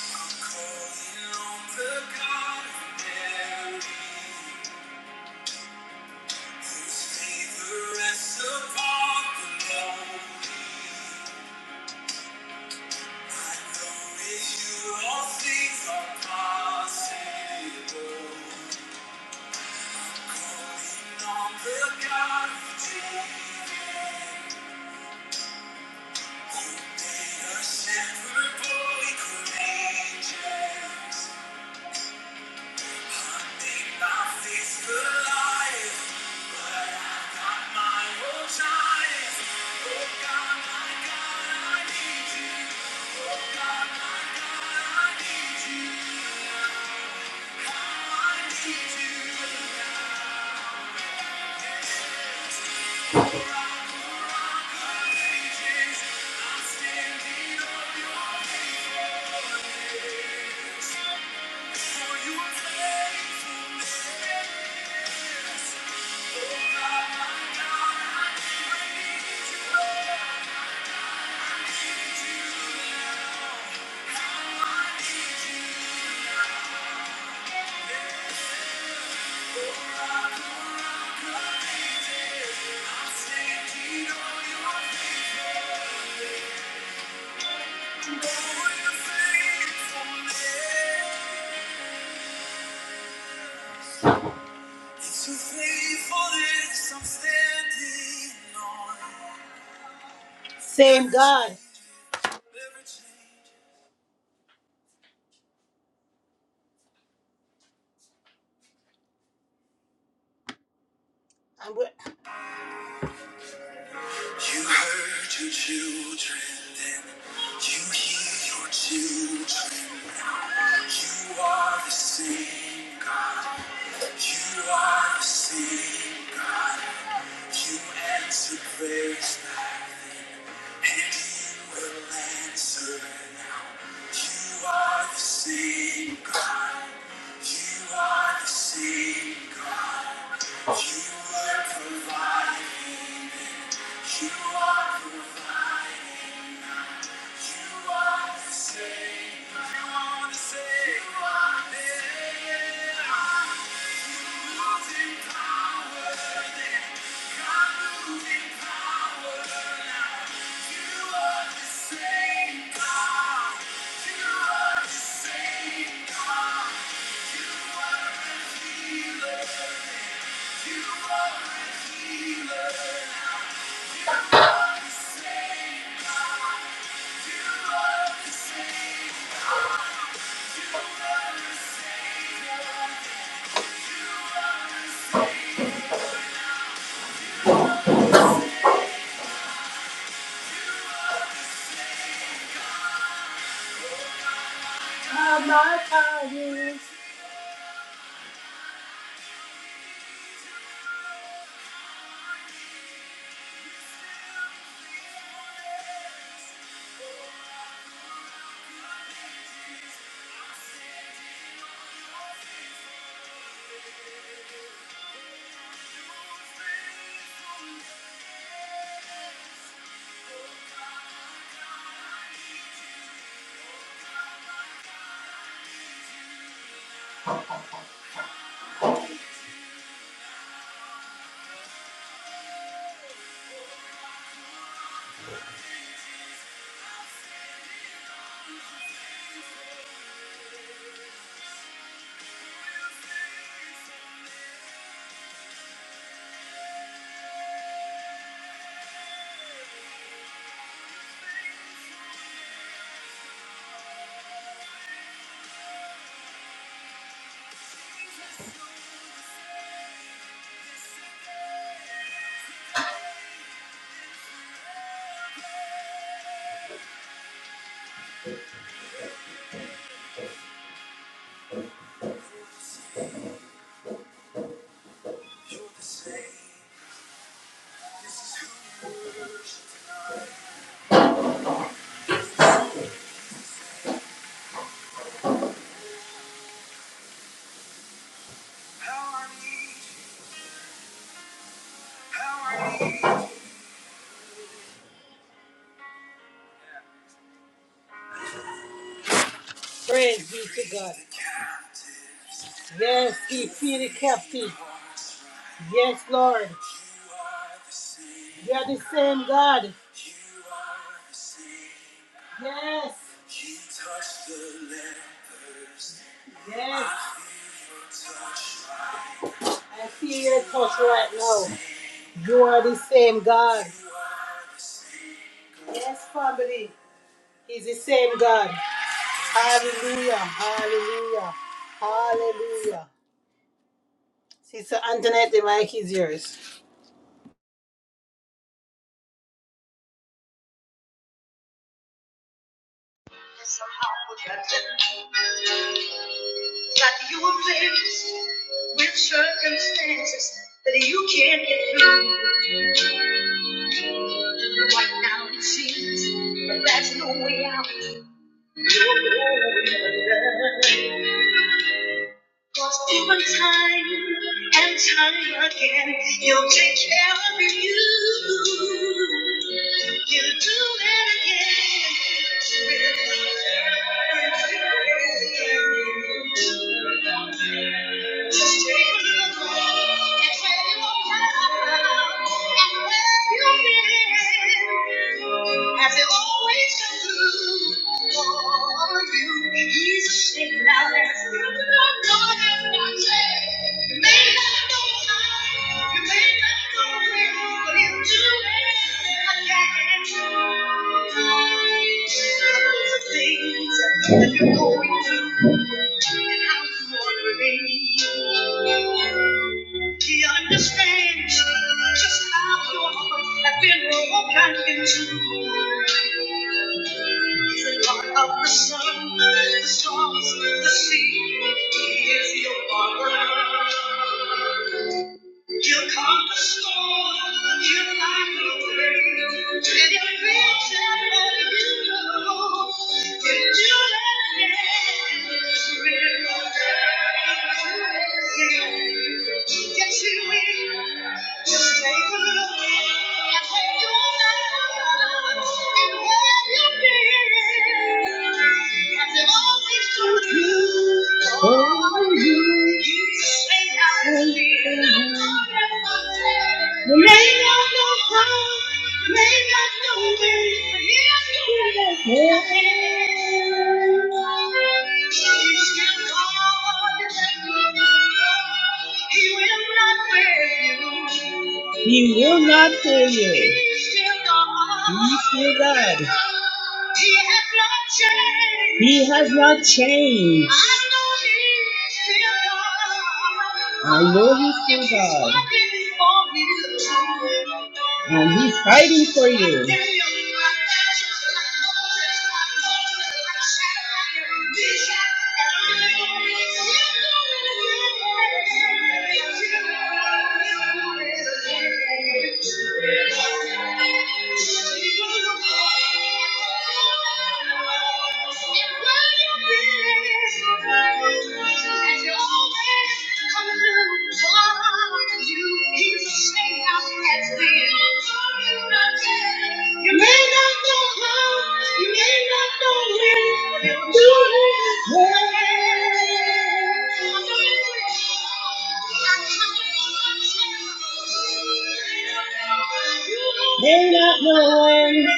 I'm calling on the God of Mary, whose favor rests upon the lonely. I know with you all things are possible. I need you now. Thank you. Same God. I'm wi- You heard your children, then you hear your children You are the same God. You are the same God. You answer prayers now, and you will answer now. You are the same God. You are the same God. You were providing then. You are providing now. You are the same. You are the same. You are the same. Thank you. You're the same. This is who you worship How I need you. How I need you. Praise be to God. Yes, he feed the captive. Yes, Lord. You are the same God. Yes. Yes. I feel your touch right now. You are the same God. Yes, family. He's the same God. Hallelujah. Hallelujah. Hallelujah. Sister Antoinette, the mic is yours. That you were faced with circumstances that you can't get through. Right now it seems that there's no way out. You're going under. Over time and time again, you'll take care of you. You'll do it again. Just take a little look and say you're proud. And where you've been, as it always does. That you're going through, and I was wondering he understands just how your heart has been broken the God of the sun, the stars, the sea, He is your father. You calm the storm, you light the way, and you reach out you know when you let it in, will die. Yes, you will. Just take a look and take your mind and where you've been. Has it always told you? Oh, you. He will not fail you. He's still God. He has not changed. He has not changed. Please. I know he's still God. And he's fighting for you. You may not know how, you may not know when, you do it well. May not know when.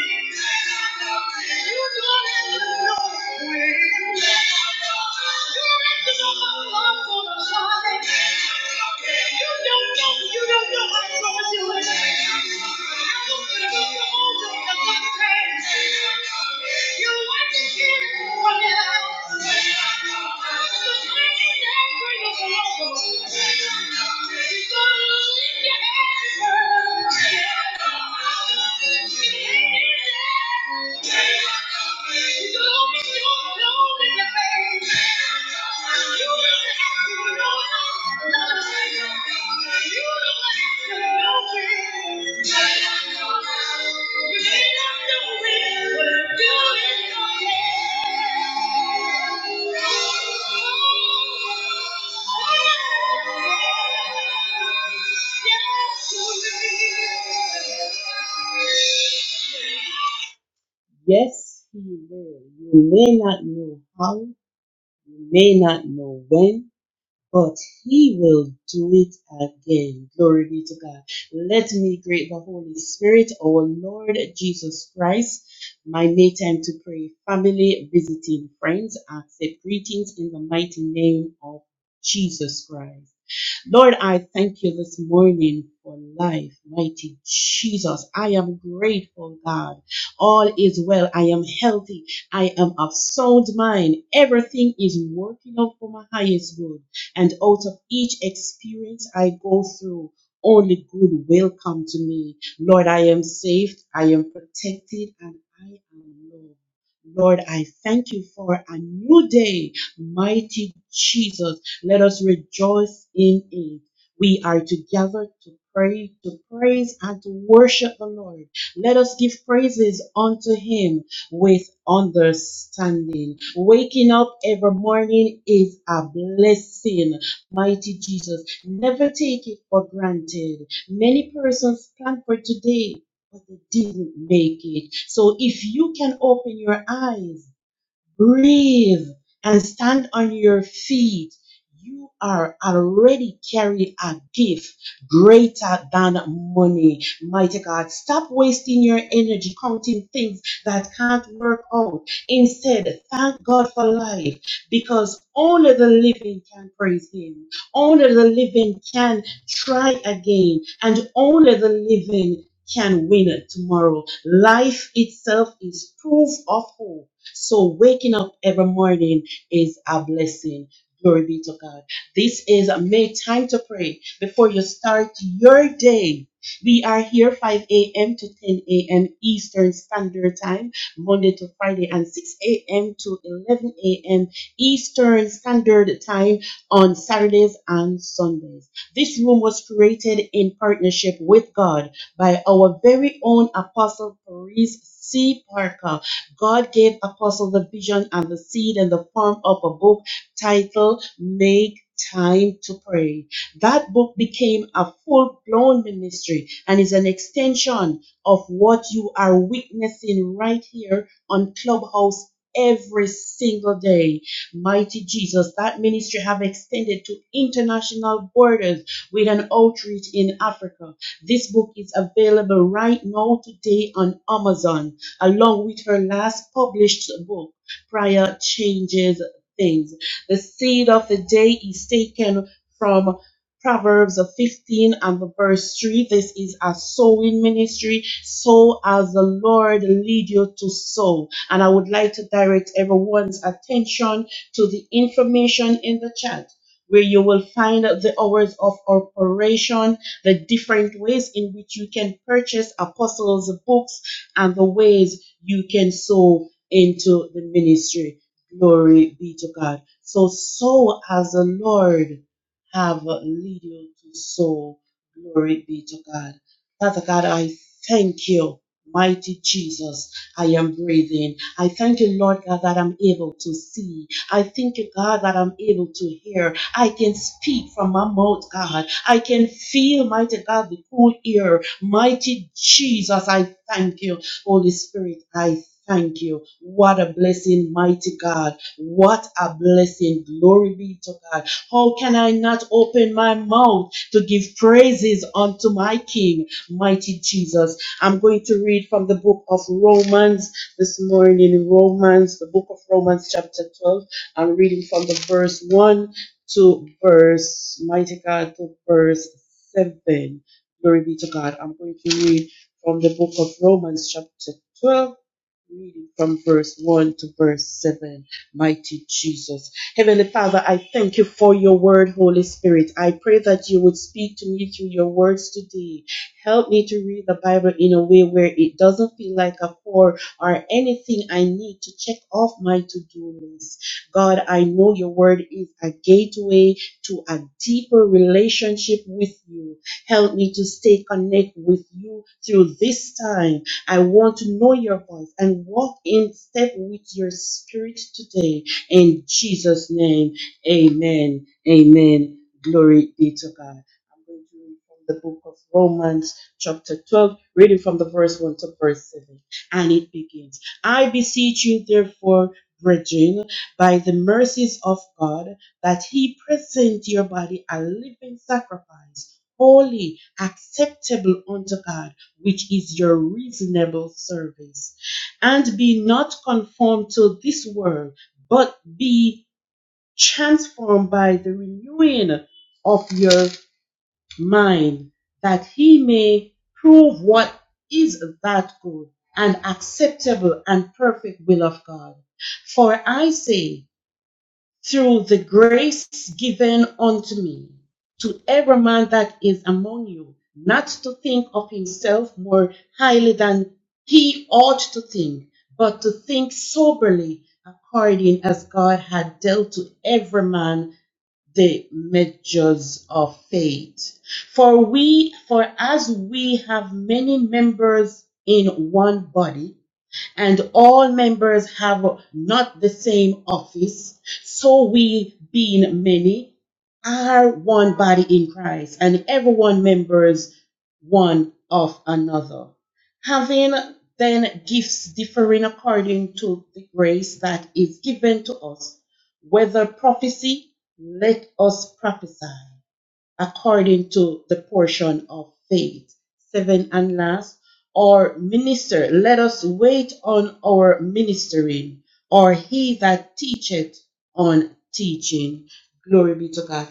Yeah. Yes, you will. Yes, He will. You may not know how, you may not know when, but He will do it again. Glory be to God. Let me greet the Holy Spirit, our Lord Jesus Christ. My May time to pray. Family, visiting friends, accept greetings in the mighty name of Jesus Christ. Lord, I thank you this morning for life, mighty Jesus. I am grateful, God. All is well. I am healthy. I am of sound mind. Everything is working out for my highest good. And out of each experience I go through, only good will come to me. Lord, I am saved. I am protected and I am loved. Lord, I thank you for a new day, mighty Jesus. Let us rejoice in it. We are together to pray, to praise and to worship the Lord. Let us give praises unto him with understanding. Waking up every morning is a blessing. Mighty Jesus, never take it for granted. Many persons plan for today, but they didn't make it. So if you can open your eyes, Breathe and stand on your feet. You are already carrying a gift greater than money. Mighty God, stop wasting your energy counting things that can't work out. Instead, thank God for life because only the living can praise Him. Only the living can try again. And only the living can win tomorrow. Life itself is proof of hope so waking up every morning is a blessing. Glory be to God. This is Make Time to Pray before you start your day. We are here 5 a.m. to 10 a.m. Eastern Standard Time, Monday to Friday, and 6 a.m. to 11 a.m. Eastern Standard Time on Saturdays and Sundays. This room was created in partnership with God by our very own Apostle Paris C. Parker God gave Apostle the vision and the seed in the form of a book titled Make Time to Pray. That book became a full blown ministry and is an extension of what you are witnessing right here on Clubhouse every single day. Mighty Jesus, that ministry have extended to international borders with an outreach in Africa. This book is available right now today on Amazon along with her last published book, Prior Changes Things. The seed of the day is taken from Proverbs 15 and the verse 3. This is a sowing ministry. Sow as the Lord lead you to sow. And I would like to direct everyone's attention to the information in the chat where you will find the hours of operation, the different ways in which you can purchase apostles' books and the ways you can sow into the ministry. Glory be to God. So sow as the Lord have lead you to sow. Glory be to God. Father God, I thank you, mighty Jesus. I am breathing. I thank you, Lord God, that I'm able to see. I thank you, God, that I'm able to hear. I can speak from my mouth, God. I can feel, mighty God, the cool ear. Mighty Jesus, I thank you. Holy Spirit, I thank you. What a blessing, mighty God. What a blessing. Glory be to God. How can I not open my mouth to give praises unto my King, mighty Jesus? I'm going to read from the book of Romans this morning. Romans, the book of Romans, chapter 12. I'm reading from the verse 1 to verse, mighty God, to verse 7. Glory be to God. I'm going to read from the book of Romans, chapter 12 reading from verse 1 to verse 7. Mighty Jesus. Heavenly Father, I thank you for your word, Holy Spirit. I pray that you would speak to me through your words today. Help me to read the Bible in a way where it doesn't feel like a chore or anything I need to check off my to do list. God, I know your word is a gateway to a deeper relationship with you. Help me to stay connected with you through this time I want to know your voice and walk in step with your spirit today. In Jesus' name, amen. Amen. Glory be to God. I'm going to read from the book of Romans, chapter 12, reading from the verse 1 to verse 7. And it begins I beseech you, therefore, brethren, by the mercies of God, that he present your body a living sacrifice, holy, acceptable unto God which is your reasonable service. And be not conformed to this world, but be transformed by the renewing of your mind, that he may prove what is that good and acceptable and perfect will of God. For I say, through the grace given unto me, to every man that is among you, not to think of himself more highly than he ought to think, but to think soberly according as God had dealt to every man the measures of faith. For we, for as we have many members in one body, and all members have not the same office, so we, being many, are one body in Christ, and everyone members one of another. Having then gifts differing according to the grace that is given to us, whether prophecy, let us prophesy according to the portion of faith. Seven and last, or minister, let us wait on our ministering, or he that teacheth on teaching. Glory be to God.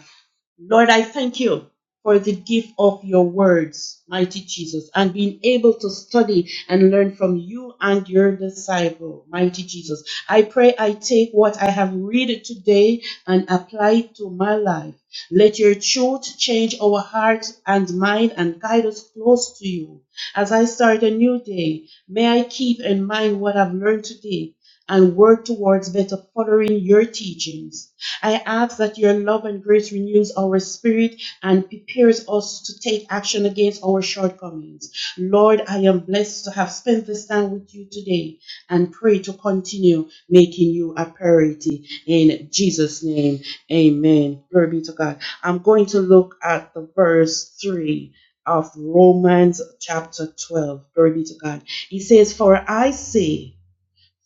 Lord, I thank you for the gift of your words, mighty Jesus, and being able to study and learn from you and your disciple, mighty Jesus. I pray I take what I have read today and apply it to my life. Let your truth change our hearts and mind and guide us close to you. As I start a new day, may I keep in mind what I've learned today and work towards better following your teachings. I ask that your love and grace renews our spirit and prepares us to take action against our shortcomings. Lord, I am blessed to have spent this time with you today and pray to continue making you a priority in Jesus' name. Amen. Glory be to God. I'm going to look at the verse 3 of Romans chapter 12. Glory be to God. He says, For I say,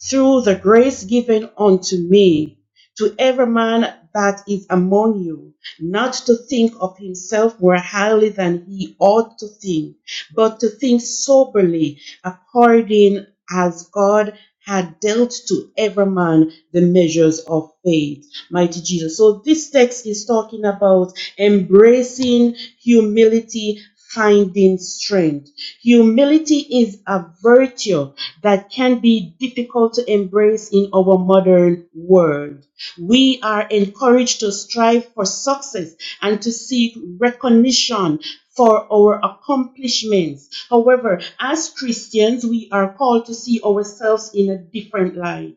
through the grace given unto me, to every man that is among you, not to think of himself more highly than he ought to think, but to think soberly, according as God had dealt to every man the measures of faith. Mighty Jesus. So this text is talking about embracing humility, finding strength. Humility is a virtue that can be difficult to embrace in our modern world. We are encouraged to strive for success and to seek recognition for our accomplishments. However, as Christians, we are called to see ourselves in a different light.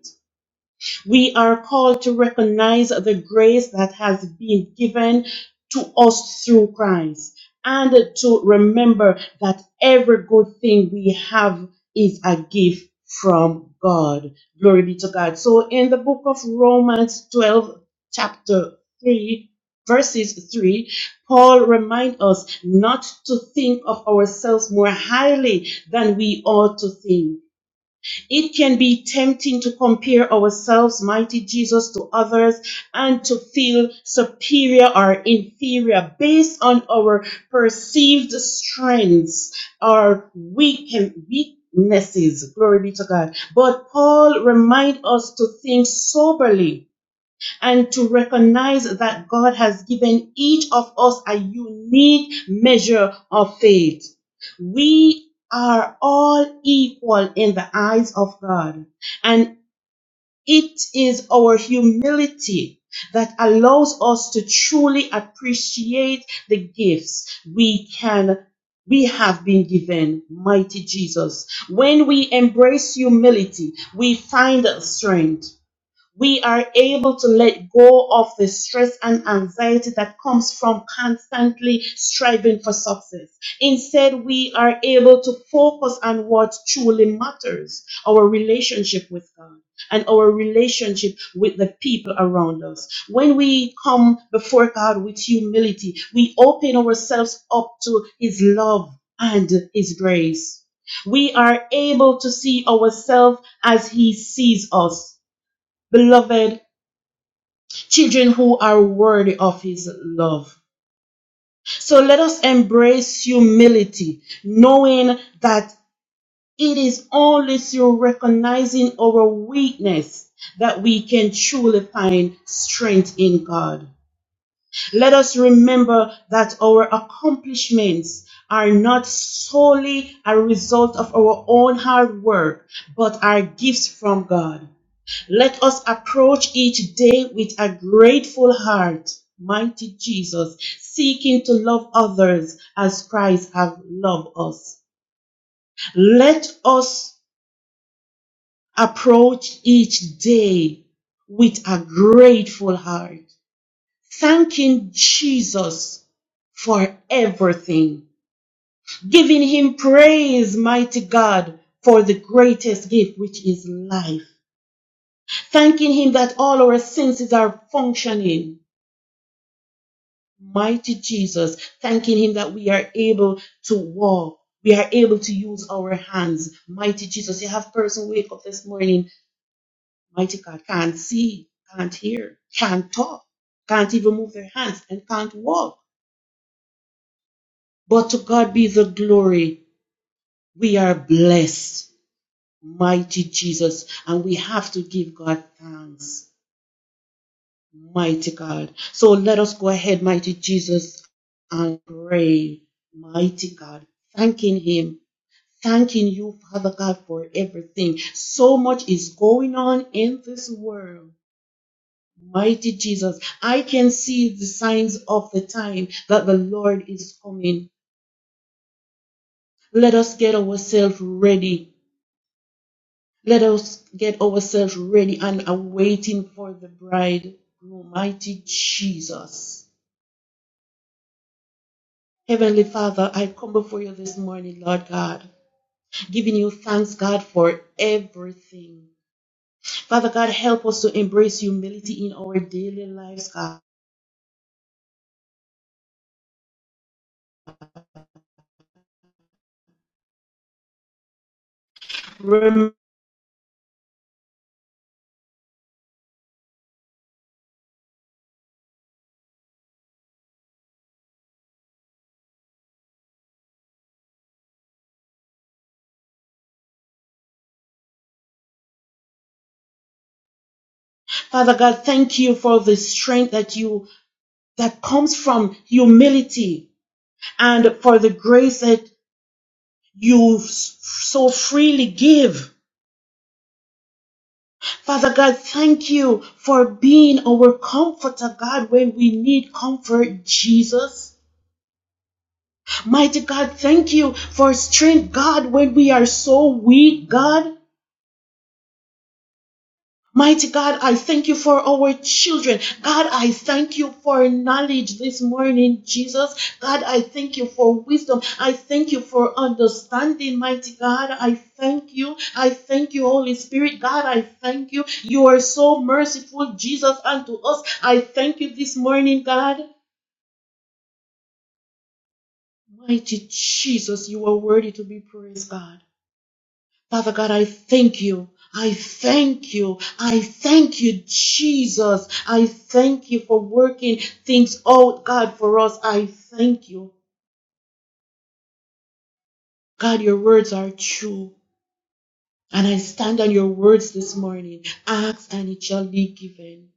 We are called to recognize the grace that has been given to us through Christ and to remember that every good thing we have is a gift from God. Glory be to God. So in the book of Romans 12, chapter 3, verses 3, Paul reminds us not to think of ourselves more highly than we ought to think it can be tempting to compare ourselves, mighty Jesus, to others and to feel superior or inferior based on our perceived strengths or weak- weaknesses. Glory be to God. But Paul reminds us to think soberly and to recognize that God has given each of us a unique measure of faith. We are all equal in the eyes of God, and it is our humility that allows us to truly appreciate the gifts we can we have been given mighty Jesus. When we embrace humility, we find strength we are able to let go of the stress and anxiety that comes from constantly striving for success. Instead, we are able to focus on what truly matters our relationship with God and our relationship with the people around us. When we come before God with humility, we open ourselves up to His love and His grace. We are able to see ourselves as He sees us beloved children who are worthy of his love. So let us embrace humility, knowing that it is only through recognizing our weakness that we can truly find strength in God. Let us remember that our accomplishments are not solely a result of our own hard work, but are gifts from God. Let us approach each day with a grateful heart, mighty Jesus, seeking to love others as Christ has loved us. Let us approach each day with a grateful heart, thanking Jesus for everything, giving him praise, mighty God, for the greatest gift, which is life, thanking him that all our senses are functioning mighty Jesus, thanking Him that we are able to walk. We are able to use our hands. Mighty Jesus, you have person wake up this morning, mighty God, can't see, can't hear, can't talk, can't even move their hands, and can't walk. But to God be the glory. We are blessed, mighty Jesus, and we have to give God thanks, mighty God. So let us go ahead, mighty Jesus, and pray, mighty God, thanking Him Thanking you, Father God, for everything. So much is going on in this world. Mighty Jesus, I can see the signs of the time that the Lord is coming. Let us get ourselves ready. Let us get ourselves ready and awaiting for the bridegroom, Mighty Jesus. Heavenly Father, I come before you this morning, Lord God, giving you thanks, God, for everything. Father God, help us to embrace humility in our daily lives, God. Rem- Father God, thank you for the strength that you that comes from humility and for the grace that you s- so freely give. Father God, thank you for being our comforter, God, when we need comfort, Jesus. Mighty God, thank you for strength, God, when we are so weak, God. Mighty God, I thank you for our children. God, I thank you for knowledge this morning, Jesus. God, I thank you for wisdom. I thank you for understanding, mighty God. I thank you. I thank you, Holy Spirit. God, I thank you. You are so merciful, Jesus, unto us. I thank you this morning, God. Mighty Jesus, you are worthy to be praised, God. Father God, I thank you. I thank you. I thank you, Jesus. I thank you for working things out, God, for us. I thank you. God, your words are true. And I stand on your words this morning. Ask and it shall be given.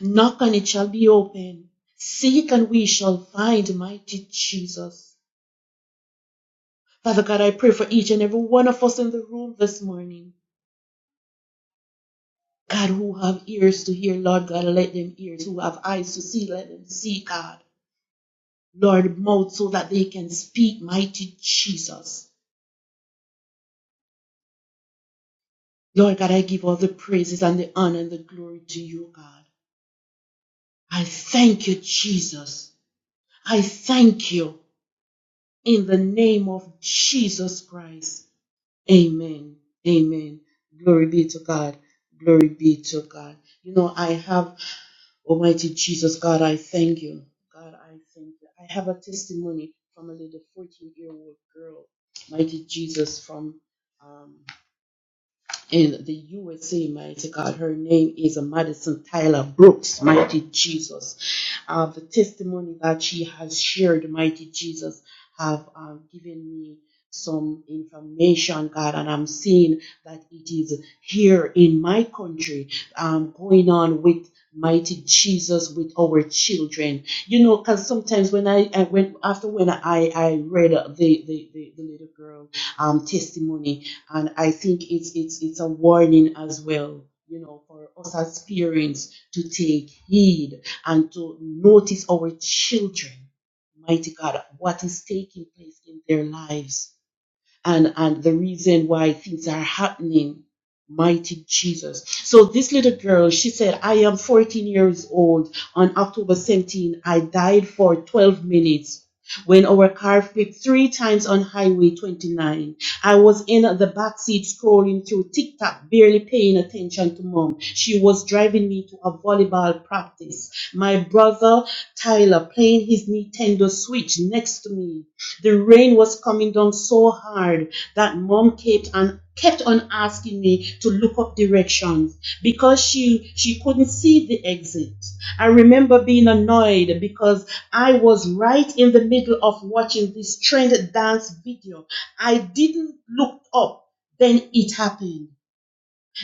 Knock and it shall be open. Seek and we shall find, mighty Jesus. Father God, I pray for each and every one of us in the room this morning. God, who have ears to hear, Lord God, let them ears, who have eyes to see, let them see, God. Lord, mouth so that they can speak, mighty Jesus. Lord God, I give all the praises and the honor and the glory to you, God. I thank you, Jesus. I thank you in the name of Jesus Christ. Amen. Amen. Glory be to God. Glory be to God. You know, I have Almighty Jesus, God, I thank you. God, I thank you. I have a testimony from a little 14 year old girl. Mighty Jesus, from um, in the USA, mighty God. Her name is Madison Tyler Brooks, mighty Jesus. Uh, the testimony that she has shared, mighty Jesus, have um, given me some information, God, and I'm seeing that it is here in my country um, going on with mighty jesus with our children you know because sometimes when i, I when after when i i read the the, the, the little girl um testimony and I think it's it's it's a warning as well, you know, for us as parents to take heed and to notice our children, mighty God, what is taking place in their lives and and the reason why things are happening mighty jesus so this little girl she said i am 14 years old on october seventeenth, i died for 12 minutes when our car flipped three times on highway 29 i was in the back seat scrolling through tiktok barely paying attention to mom she was driving me to a volleyball practice my brother tyler playing his nintendo switch next to me the rain was coming down so hard that mom kept and kept on asking me to look up directions because she she couldn't see the exit. I remember being annoyed because I was right in the middle of watching this trend dance video. I didn't look up. Then it happened.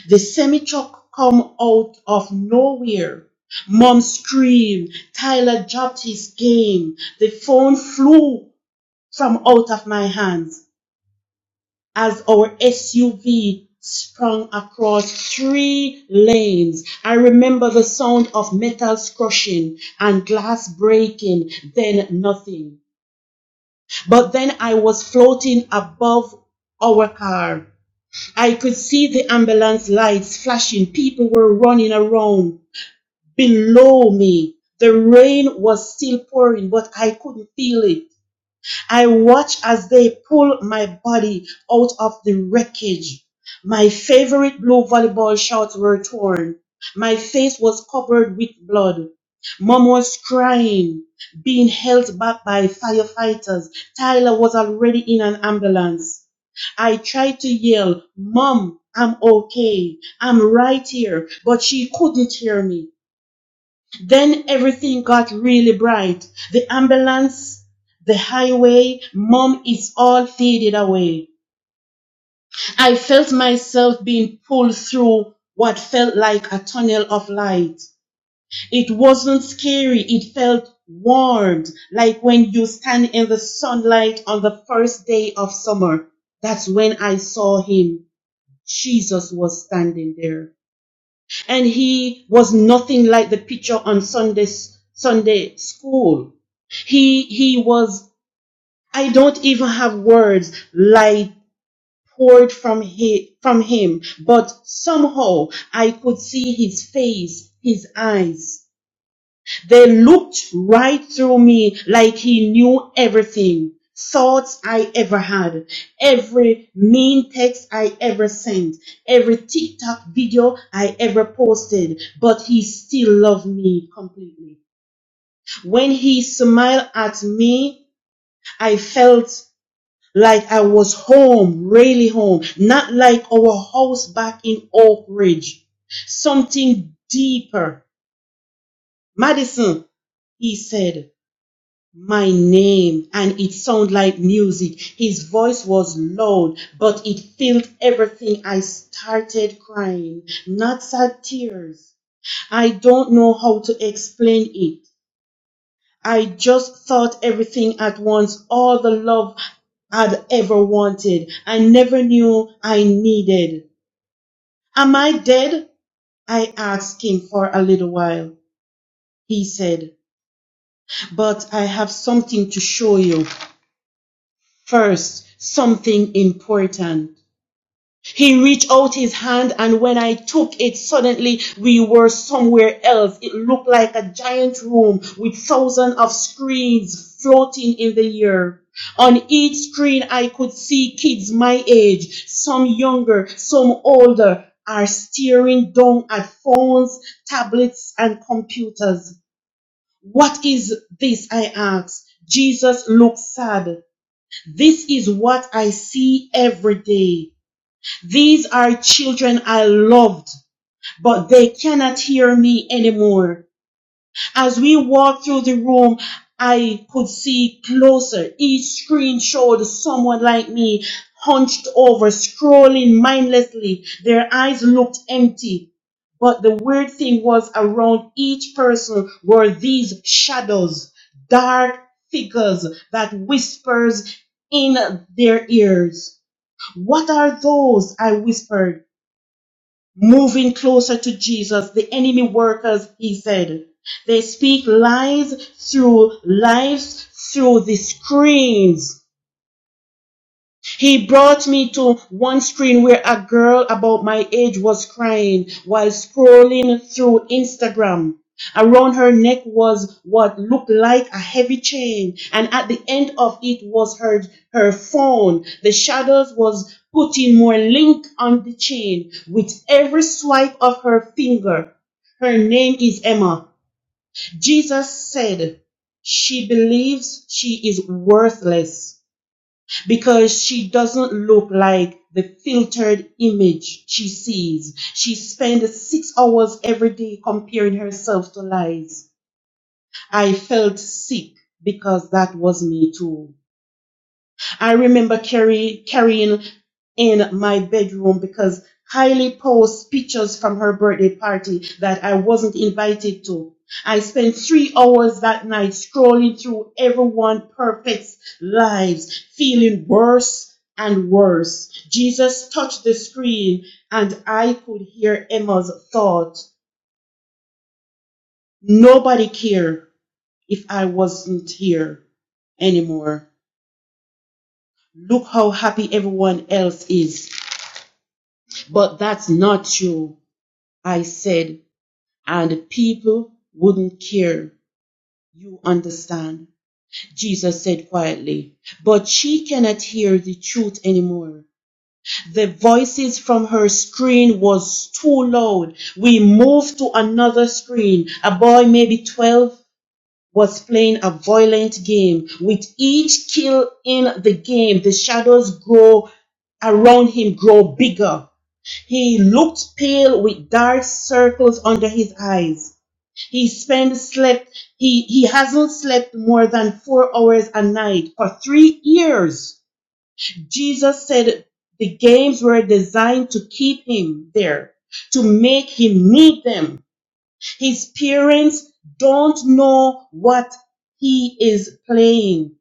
The semi-truck come out of nowhere. Mom screamed. Tyler dropped his game. The phone flew from out of my hands as our SUV sprung across three lanes. I remember the sound of metals crushing and glass breaking, then nothing. But then I was floating above our car. I could see the ambulance lights flashing. People were running around below me. The rain was still pouring, but I couldn't feel it. I watch as they pull my body out of the wreckage. My favorite blue volleyball shorts were torn. My face was covered with blood. Mom was crying, being held back by firefighters. Tyler was already in an ambulance. I tried to yell, Mom, I'm okay. I'm right here. But she couldn't hear me. Then everything got really bright. The ambulance, the highway, mom is all faded away. I felt myself being pulled through what felt like a tunnel of light. It wasn't scary, it felt warmed, like when you stand in the sunlight on the first day of summer. That's when I saw him. Jesus was standing there and he was nothing like the picture on Sunday Sunday school. He he was I don't even have words light poured from he, from him, but somehow I could see his face, his eyes. They looked right through me like he knew everything. Thoughts I ever had, every mean text I ever sent, every TikTok video I ever posted, but he still loved me completely. When he smiled at me, I felt like I was home, really home, not like our house back in Oak Ridge. Something deeper. Madison, he said. my name and it sounded like music. His voice was loud, but it filled everything. I started crying, not sad tears. I don't know how to explain it. I just thought everything at once, all the love I'd ever wanted. I never knew I needed. Am I dead? I asked him for a little while. He said, but I have something to show you. First, something important. He reached out his hand, and when I took it, suddenly we were somewhere else. It looked like a giant room with thousands of screens floating in the air. On each screen, I could see kids my age, some younger, some older, are staring down at phones, tablets, and computers. What is this? I asked. Jesus looked sad. This is what I see every day. These are children I loved, but they cannot hear me anymore. As we walked through the room, I could see closer. Each screen showed someone like me, hunched over, scrolling mindlessly. Their eyes looked empty. But the weird thing was around each person were these shadows, dark figures that whispers in their ears. What are those? I whispered moving closer to Jesus. The enemy workers, he said, they speak lies through lies through the screens he brought me to one screen where a girl about my age was crying while scrolling through Instagram. Around her neck was what looked like a heavy chain, and at the end of it was her her phone. The shadows was putting more link on the chain with every swipe of her finger. Her name is Emma. Jesus said she believes she is worthless because she doesn't look like the filtered image she sees. She spent six hours every day comparing herself to lies. I felt sick because that was me too. I remember carry, carrying in my bedroom because Kylie posts pictures from her birthday party that I wasn't invited to. I spent three hours that night scrolling through everyone perfect's lives, feeling worse and worse. Jesus touched the screen and I could hear Emma's thought. Nobody cared if I wasn't here anymore. Look how happy everyone else is. But that's not you, I said, and people wouldn't care. You understand? Jesus said quietly. But she cannot hear the truth anymore. The voices from her screen was too loud. We moved to another screen. A boy, maybe 12, was playing a violent game. With each kill in the game, the shadows grow around him grow bigger. He looked pale with dark circles under his eyes. He spent slept he, he hasn't slept more than four hours a night for three years. Jesus said the games were designed to keep him there, to make him need them. His parents don't know what he is playing.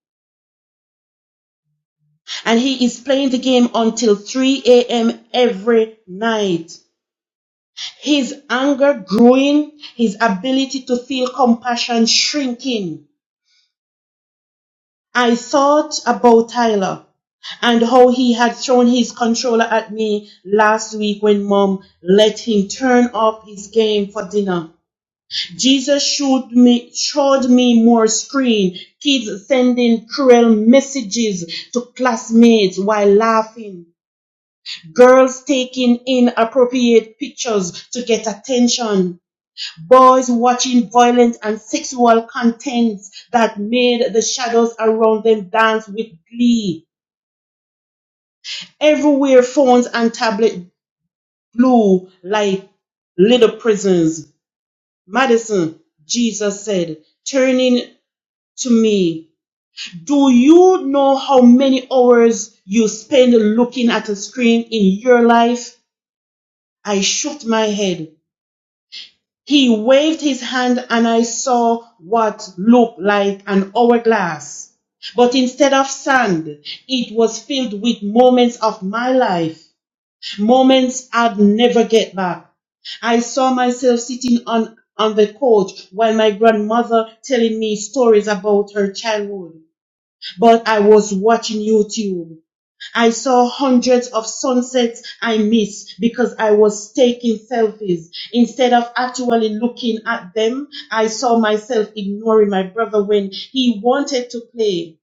And he is playing the game until 3 a.m. every night. His anger growing, his ability to feel compassion shrinking. I thought about Tyler and how he had thrown his controller at me last week when mom let him turn off his game for dinner. Jesus showed me, showed me more screen, kids sending cruel messages to classmates while laughing, girls taking inappropriate pictures to get attention boys watching violent and sexual contents that made the shadows around them dance with glee. Everywhere phones and tablets blew like little prisons. Madison, Jesus said, turning to me, do you know how many hours you spend looking at a screen in your life? I shook my head. He waved his hand and I saw what looked like an hourglass. But instead of sand, it was filled with moments of my life, moments I'd never get back. I saw myself sitting on, on the couch while my grandmother telling me stories about her childhood but I was watching YouTube. I saw hundreds of sunsets I missed because I was taking selfies. Instead of actually looking at them, I saw myself ignoring my brother when he wanted to play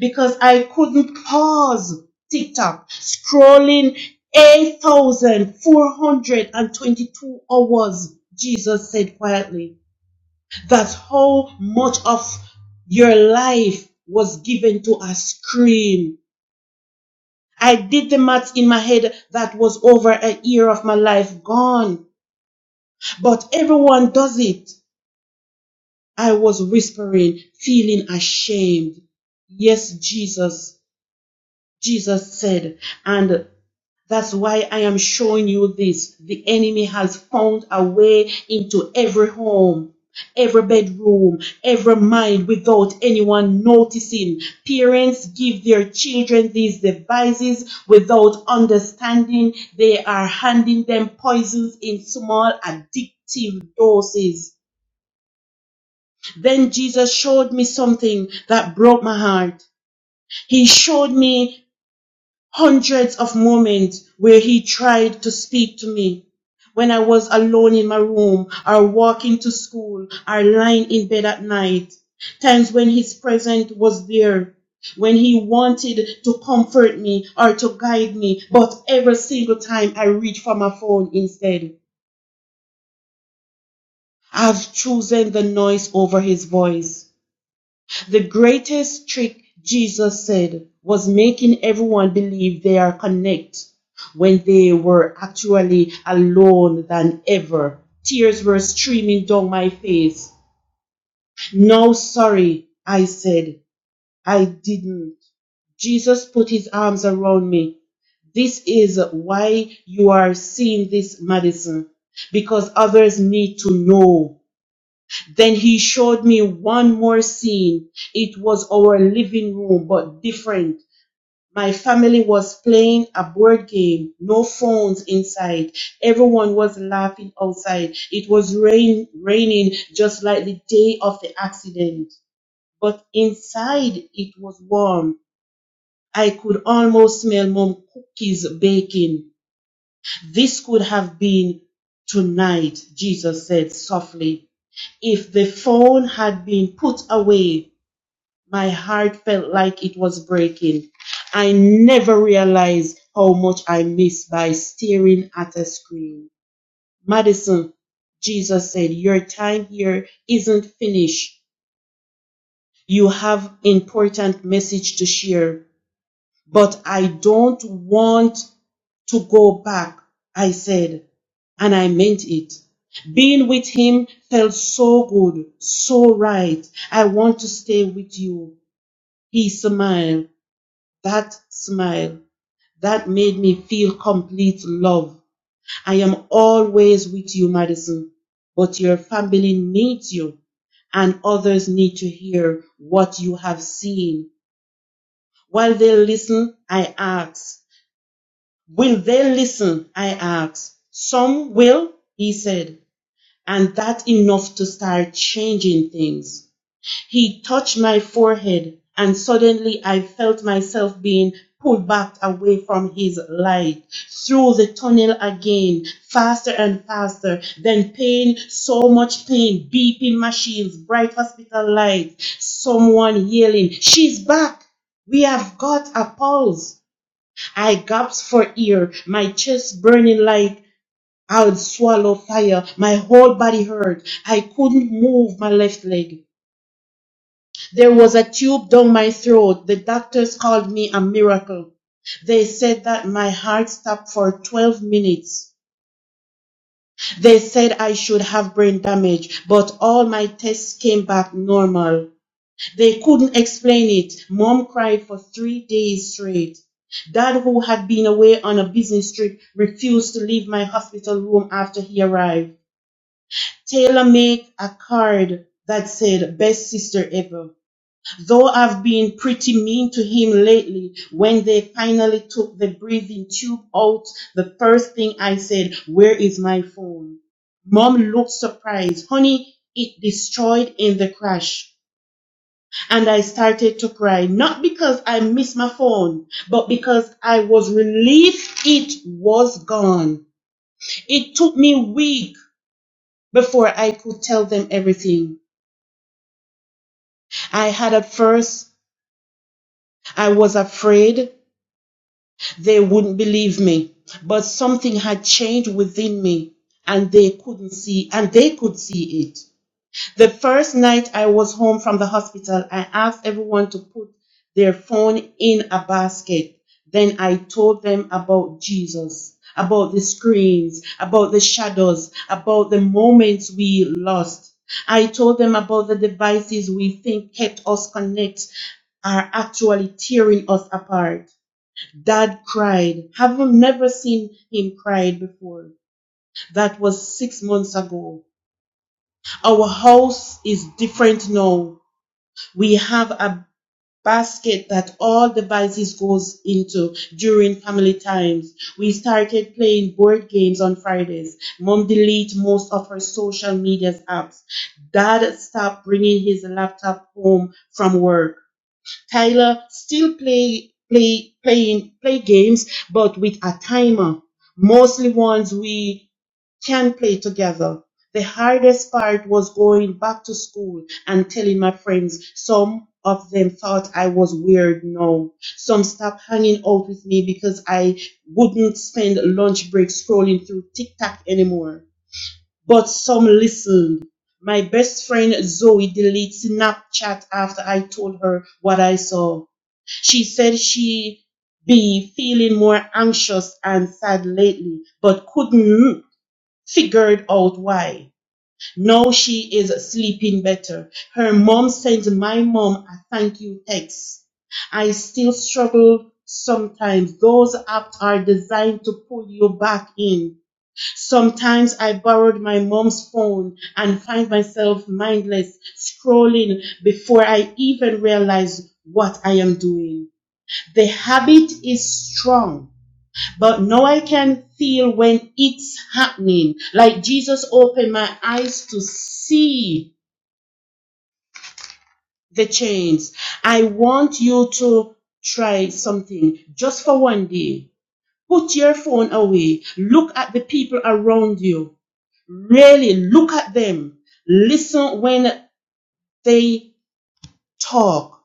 because I couldn't pause TikTok scrolling 8,422 hours, Jesus said quietly. That's how much of your life was given to a scream. I did the maths in my head that was over a year of my life gone. But everyone does it. I was whispering, feeling ashamed. Yes, Jesus. Jesus said, and That's why I am showing you this. The enemy has found a way into every home, every bedroom, every mind without anyone noticing. Parents give their children these devices without understanding. They are handing them poisons in small addictive doses. Then Jesus showed me something that broke my heart. He showed me hundreds of moments where he tried to speak to me when I was alone in my room or walking to school or lying in bed at night. Times when his presence was there, when he wanted to comfort me or to guide me, but every single time I reach for my phone instead. I've chosen the noise over his voice. The greatest trick, Jesus said, was making everyone believe they are connected when they were actually alone than ever. Tears were streaming down my face. No, sorry, I said. I didn't. Jesus put his arms around me. This is why you are seeing this, Madison, because others need to know. Then he showed me one more scene. It was our living room, but different. My family was playing a board game, no phones inside. Everyone was laughing outside. It was rain, raining just like the day of the accident. But inside it was warm. I could almost smell mom cookies baking. This could have been tonight, Jesus said softly. If the phone had been put away, my heart felt like it was breaking. I never realized how much I missed by staring at a screen. Madison, Jesus said, Your time here isn't finished. You have important message to share but I don't want to go back, I said, and I meant it. Being with him felt so good, so right. I want to stay with you. He smiled. That smile, that made me feel complete love. I am always with you, Madison, but your family needs you and others need to hear what you have seen. While they listen, I ask, Will they listen? I asked. Some will, he said, and that's enough to start changing things. He touched my forehead, and suddenly I felt myself being pulled back away from his light, through the tunnel again, faster and faster. Then pain, so much pain, beeping machines, bright hospital lights, someone yelling, She's back! We have got a pulse! I gasped for air, my chest burning like I would swallow fire. My whole body hurt. I couldn't move my left leg. There was a tube down my throat. The doctors called me a miracle. They said that my heart stopped for 12 minutes. They said I should have brain damage, but all my tests came back normal. They couldn't explain it. Mom cried for three days straight. Dad, who had been away on a business trip, refused to leave my hospital room after he arrived. Taylor made a card that said, Best sister ever. Though I've been pretty mean to him lately, when they finally took the breathing tube out, the first thing I said, Where is my phone? Mom looked surprised. Honey, it destroyed in the crash and I started to cry, not because I missed my phone, but because I was relieved it was gone. It took me a week before I could tell them everything. I had at first, I was afraid they wouldn't believe me, but something had changed within me and they couldn't see, and they could see it. The first night I was home from the hospital, I asked everyone to put their phone in a basket. Then I told them about Jesus, about the screens, about the shadows, about the moments we lost. I told them about the devices we think kept us connected are actually tearing us apart. Dad cried. Have you never seen him cry before? That was six months ago. Our house is different now. We have a basket that all devices goes into during family times. We started playing board games on Fridays. Mom deleted most of her social media apps. Dad stopped bringing his laptop home from work. Tyler still play play playing play games but with a timer. Mostly ones we can play together. The hardest part was going back to school and telling my friends. Some of them thought I was weird. No. Some stopped hanging out with me because I wouldn't spend lunch break scrolling through TikTok anymore. But some listened. My best friend Zoe deleted Snapchat after I told her what I saw. She said she be feeling more anxious and sad lately, but couldn't Figured out why. Now she is sleeping better. Her mom sends my mom a thank you text. I still struggle sometimes. Those apps are designed to pull you back in. Sometimes I borrowed my mom's phone and find myself mindless scrolling before I even realize what I am doing. The habit is strong but now I can feel when it's happening. Like Jesus opened my eyes to see the change. I want you to try something just for one day. Put your phone away. Look at the people around you. Really look at them. Listen when they talk.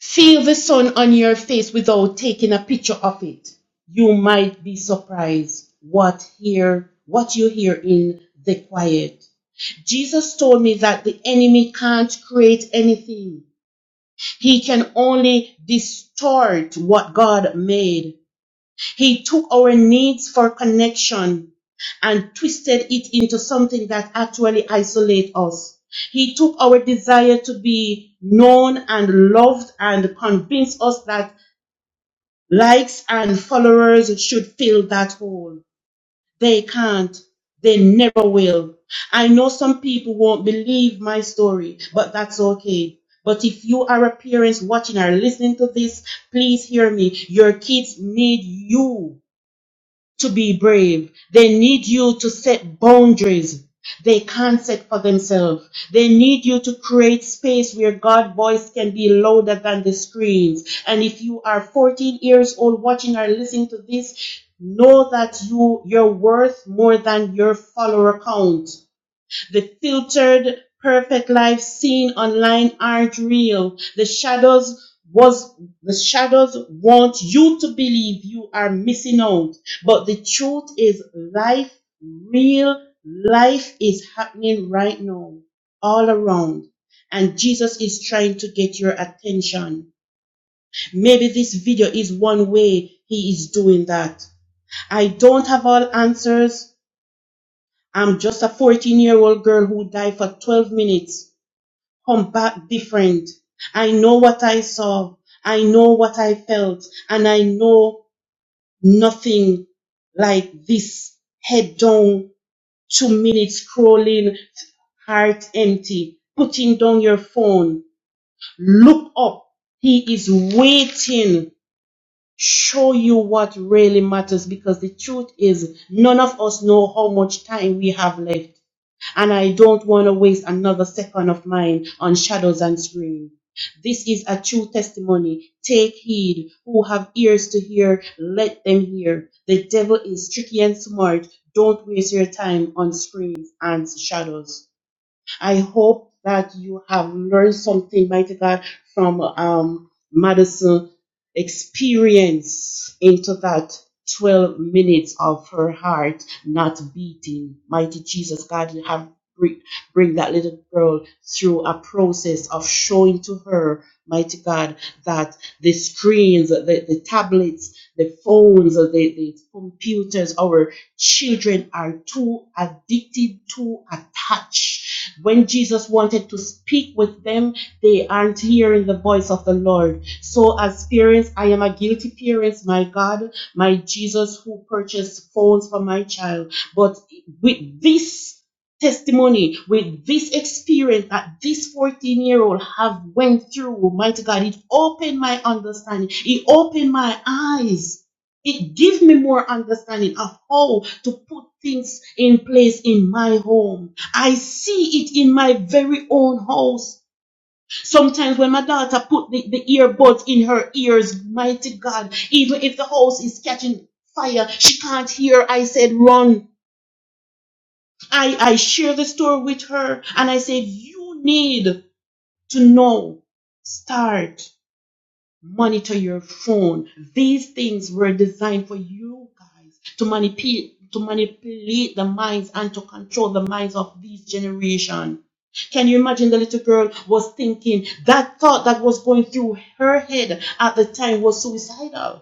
Feel the sun on your face without taking a picture of it. You might be surprised what hear what you hear in the quiet. Jesus told me that the enemy can't create anything. He can only distort what God made. He took our needs for connection and twisted it into something that actually isolates us. He took our desire to be known and loved and convinced us that likes and followers should fill that hole. They can't. They never will. I know some people won't believe my story, but that's okay. But if you are a parent watching or listening to this, please hear me. Your kids need you to be brave. They need you to set boundaries they can't set for themselves. They need you to create space where God's voice can be louder than the screens. And if you are 14 years old watching or listening to this, know that you you're worth more than your follower count the filtered perfect life seen online aren't real the shadows was the shadows want you to believe you are missing out but the truth is life real life is happening right now all around and jesus is trying to get your attention maybe this video is one way he is doing that i don't have all answers i'm just a 14 year old girl who died for 12 minutes come back different. I know what I saw. I know what I felt. And I know nothing like this head down, two minutes scrolling, heart empty, putting down your phone. Look up. He is waiting. Show you what really matters because the truth is none of us know how much time we have left and I don't want to waste another second of mine on shadows and screen. This is a true testimony. Take heed. Who have ears to hear, let them hear. The devil is tricky and smart. Don't waste your time on screens and shadows. I hope that you have learned something, mighty God, from um, Madison' experience into that 12 minutes of her heart not beating. Mighty Jesus, God, you have bring, bring that little girl through a process of showing to her, mighty God, that the screens, the, the tablets, the phones, the, the computers, our Children are too addicted, too attached. When Jesus wanted to speak with them, they aren't hearing the voice of the Lord. So, as parents, I am a guilty parent, my God, my Jesus, who purchased phones for my child. But with this testimony with this experience that this 14 year old have went through mighty god it opened my understanding it opened my eyes it gives me more understanding of how to put things in place in my home. I see it in my very own house. Sometimes when my daughter put the, the earbuds in her ears, mighty God, even if the house is catching fire, she can't hear. I said, run. I, I share the story with her and I said, you need to know. Start. monitor your phone. These things were designed for you guys to manipulate to manipulate the minds and to control the minds of this generation. Can you imagine the little girl was thinking that thought that was going through her head at the time was suicidal?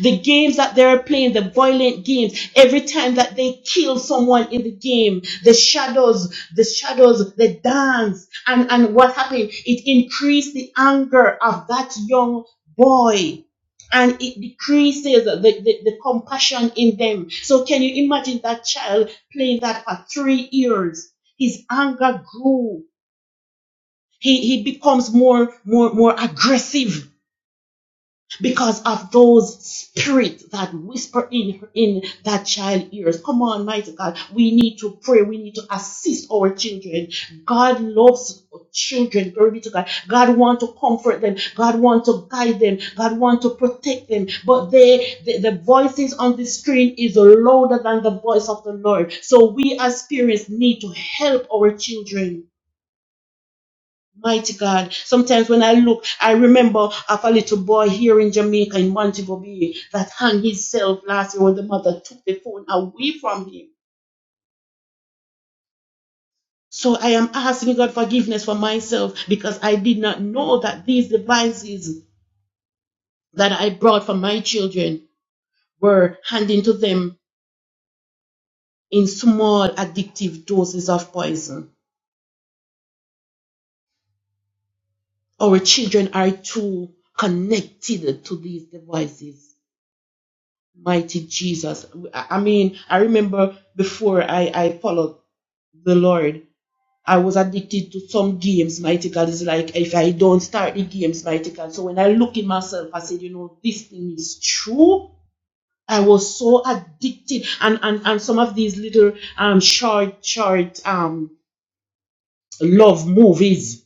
the games that they're playing, the violent games, every time that they kill someone in the game, the shadows, the shadows, the dance, and, and what happened? It increased the anger of that young boy. And it decreases the, the, the compassion in them. So can you imagine that child playing that for three years? His anger grew. He, he becomes more, more, more aggressive because of those spirits that whisper in in that child ears. Come on, mighty God, we need to pray. We need to assist our children. God loves children. Glory be to God. God want to comfort them. God want to guide them. God want to protect them. But they, the, the voices on the screen is louder than the voice of the Lord. So we as parents need to help our children Mighty God. Sometimes when I look, I remember of a little boy here in Jamaica in Montego Bay that hung himself last year when the mother took the phone away from him. So I am asking God forgiveness for myself because I did not know that these devices that I brought for my children were handing to them in small addictive doses of poison. Our children are too connected to these devices mighty Jesus. I mean, I remember before I, I followed the Lord, I was addicted to some games, mighty God. It's like if I don't start the games, mighty God. So when I look in myself, I said, you know, this thing is true. I was so addicted. And and, and some of these little um short, short um love movies,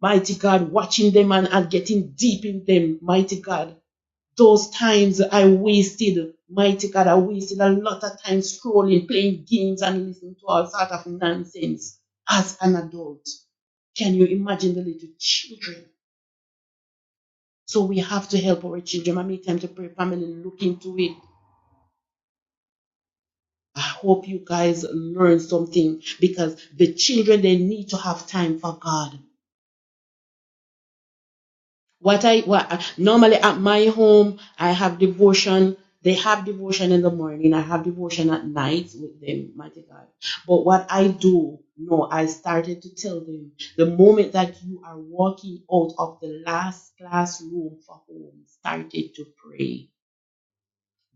mighty God, watching them and, and getting deep in them, mighty God. Those times I wasted, mighty God, I wasted a lot of time scrolling, playing games, and listening to all sort of nonsense as an adult. Can you imagine the little children? So we have to help our children. I make time to pray, family, look into it. I hope you guys learn something because the children, they need to have time for God. what I what normally at my home I have devotion. They have devotion in the morning. I have devotion at night with them, mighty God. But what I do, no, I started to tell them the moment that you are walking out of the last classroom for home, started to pray.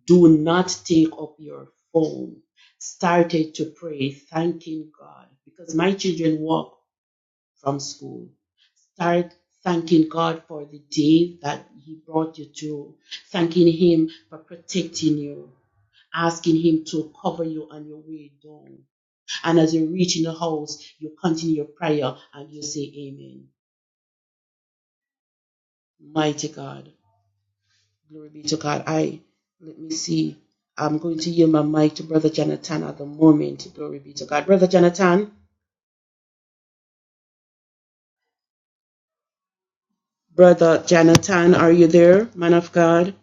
Do not take up your phone. Started to pray, thanking God. Because my children walk from school. Start thanking God for the day that He brought you through, thanking Him for protecting you, asking Him to cover you on your way down. And as you reach in the house, you continue your prayer and you say amen. Mighty God. Glory be to God. I let me see. I'm going to yield my mic to Brother Jonathan at the moment. Glory be to God. Brother Jonathan. Brother Jonathan, are you there? Man of God.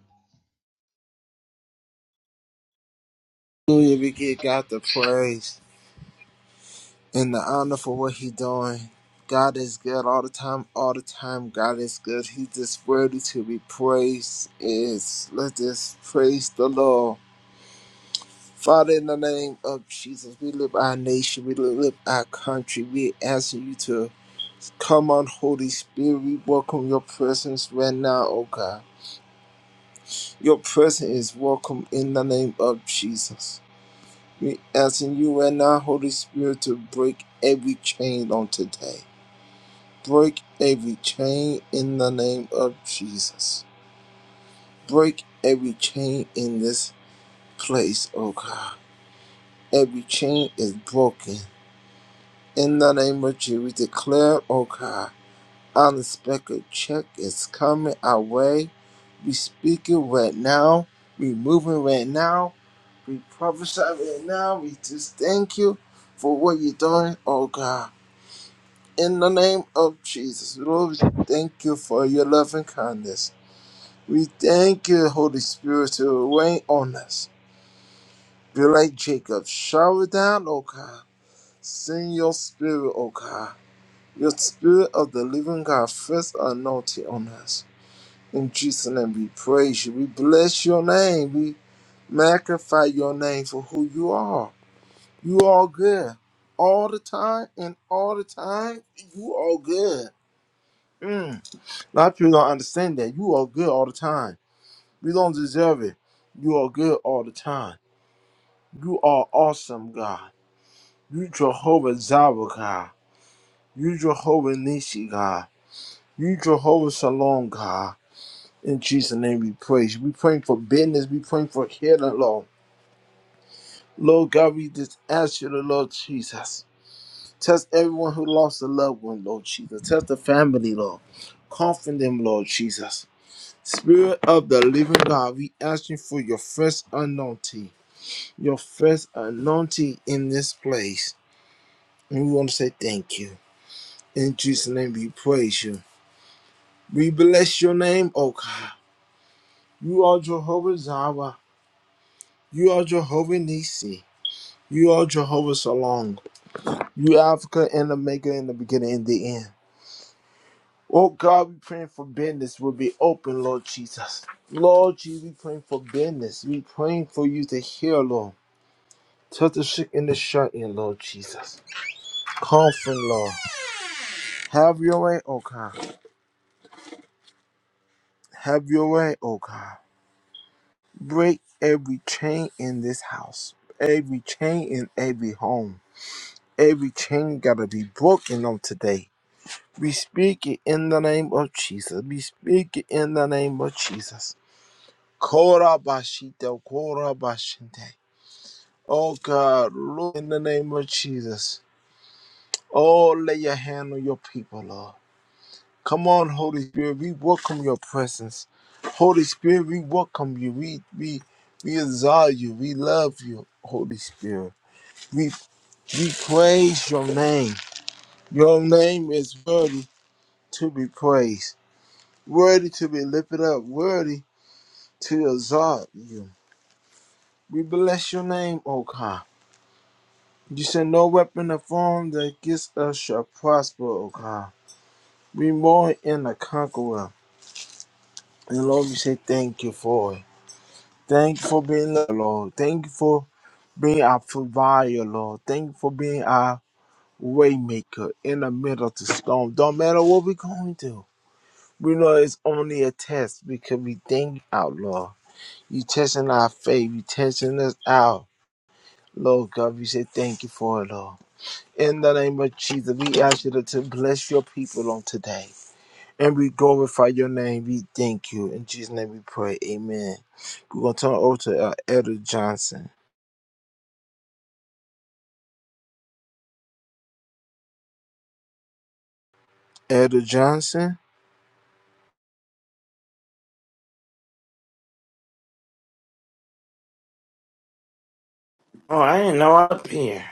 Oh, I didn't know I'm up here.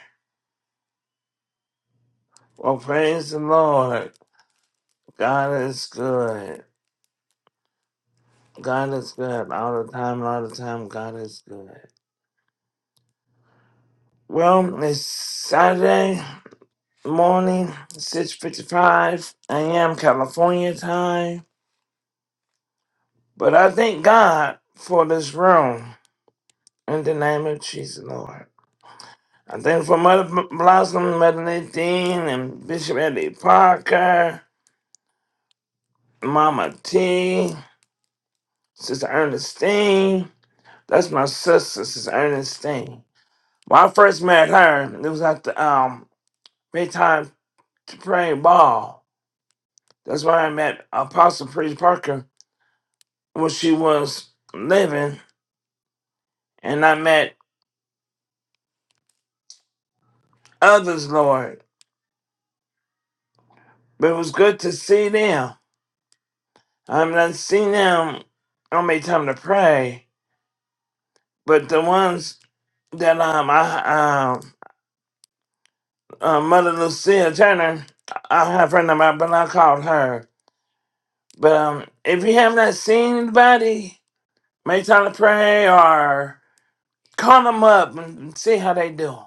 Well, praise the Lord. God is good. God is good all the time, and all the time. God is good. Well, it's Saturday morning, six fifty-five a.m. California time. But I thank God for this room in the name of Jesus, Lord. I thank for Mother B- Blossom, Medellin, and Bishop Eddie Parker, Mama T, Sister Ernestine. That's my sister, Sister Ernestine. When I first met her, it was at the um daytime to pray ball. That's where I met Apostle Priest Parker when she was living, and I met others, Lord. But it was good to see them. I'm not seeing them on my time to pray, but the ones that um I um uh, Mother Lucia Turner, I I have her number, but I called her. But um, if you have not seen anybody, make time to pray or call them up and see how they do.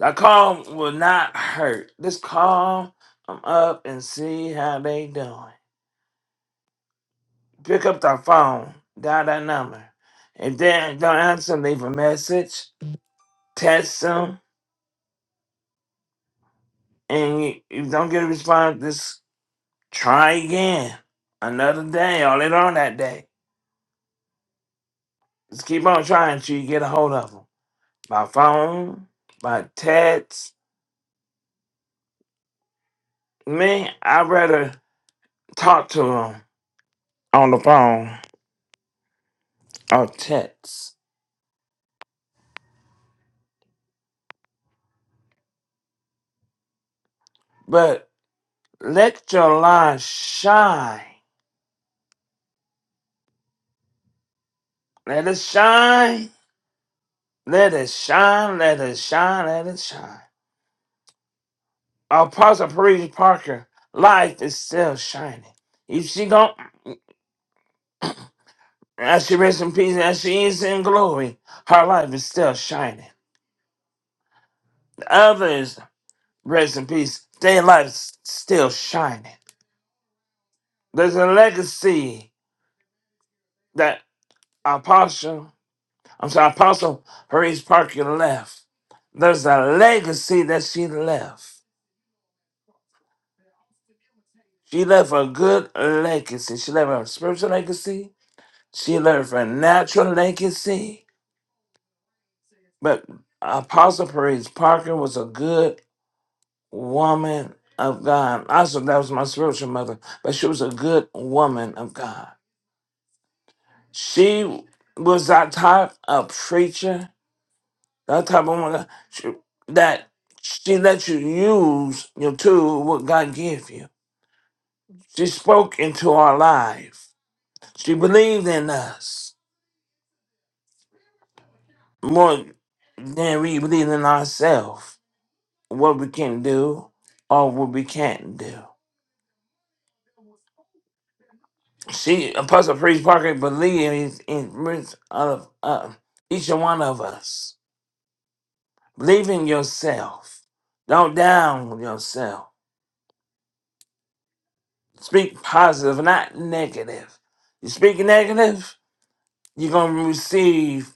A call will not hurt. Just call them up and see how they doing. Pick up the phone, dial that number. If they don't answer, leave a message, text them, and you, if you don't get a response, Try again. Another day. All it on that day. Just keep on trying till you get a hold of them. By phone, by text. Me, I'd rather talk to them on the phone or text. But let your light shine. Let it shine. Let it shine. Let it shine. Let it shine. Apostle Paris Parker, life is still shining. If she don't. And As she rests in peace, and as she is in glory, her life is still shining. The others rest in peace, their life is still shining. There's a legacy that Apostle, I'm sorry, Apostle Harris Parker left. There's a legacy that she left. She left a good legacy. She left a spiritual legacy. She left a natural legacy. But Apostle Paris Parker was a good woman of God. Also, that was my spiritual mother, but she was a good woman of God. She was that type of preacher, that type of woman of God, she, that she let you use your tool, what God gave you. She spoke into our life. She believed in us more than we believed in ourselves, what we can do or what we can't do. She, Apostle Priest Parker, believes in each of uh, each one of us. Believe in yourself. Don't down yourself. Speak positive, not negative. You speak negative, you're going to receive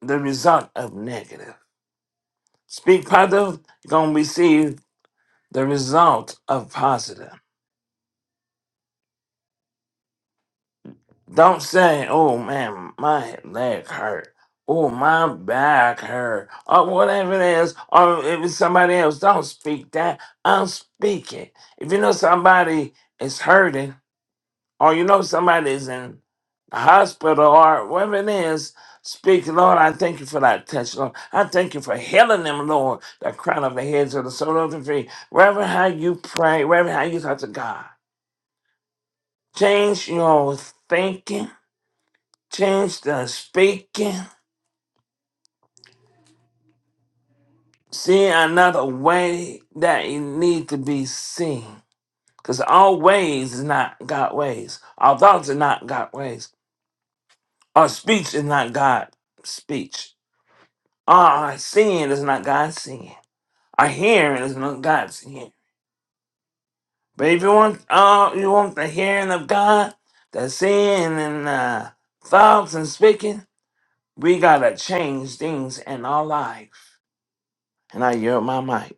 the result of negative. Speak positive, you're going to receive the result of positive. Don't say, oh man, my leg hurt. Oh, my back hurt. Or whatever it is. Or if it's somebody else, don't speak that. I'm speaking. If you know somebody is hurting, or you know somebody is in the hospital, or whatever it is, speak, Lord, I thank you for that touch, Lord. I thank you for healing them, Lord. The crown of the heads of the soul of the feet. Wherever how you pray, wherever how you talk to God. Change your thinking Change the speaking. See another way that you need to be seen. Because our ways is not God ways. Our thoughts are not God ways. Our speech is not God speech. Our seeing is not God seeing. Our hearing is not God's hearing. But if you want uh, you want the hearing of God, the seeing and uh, thoughts and speaking, we gotta change things in our life. And I yield my mic.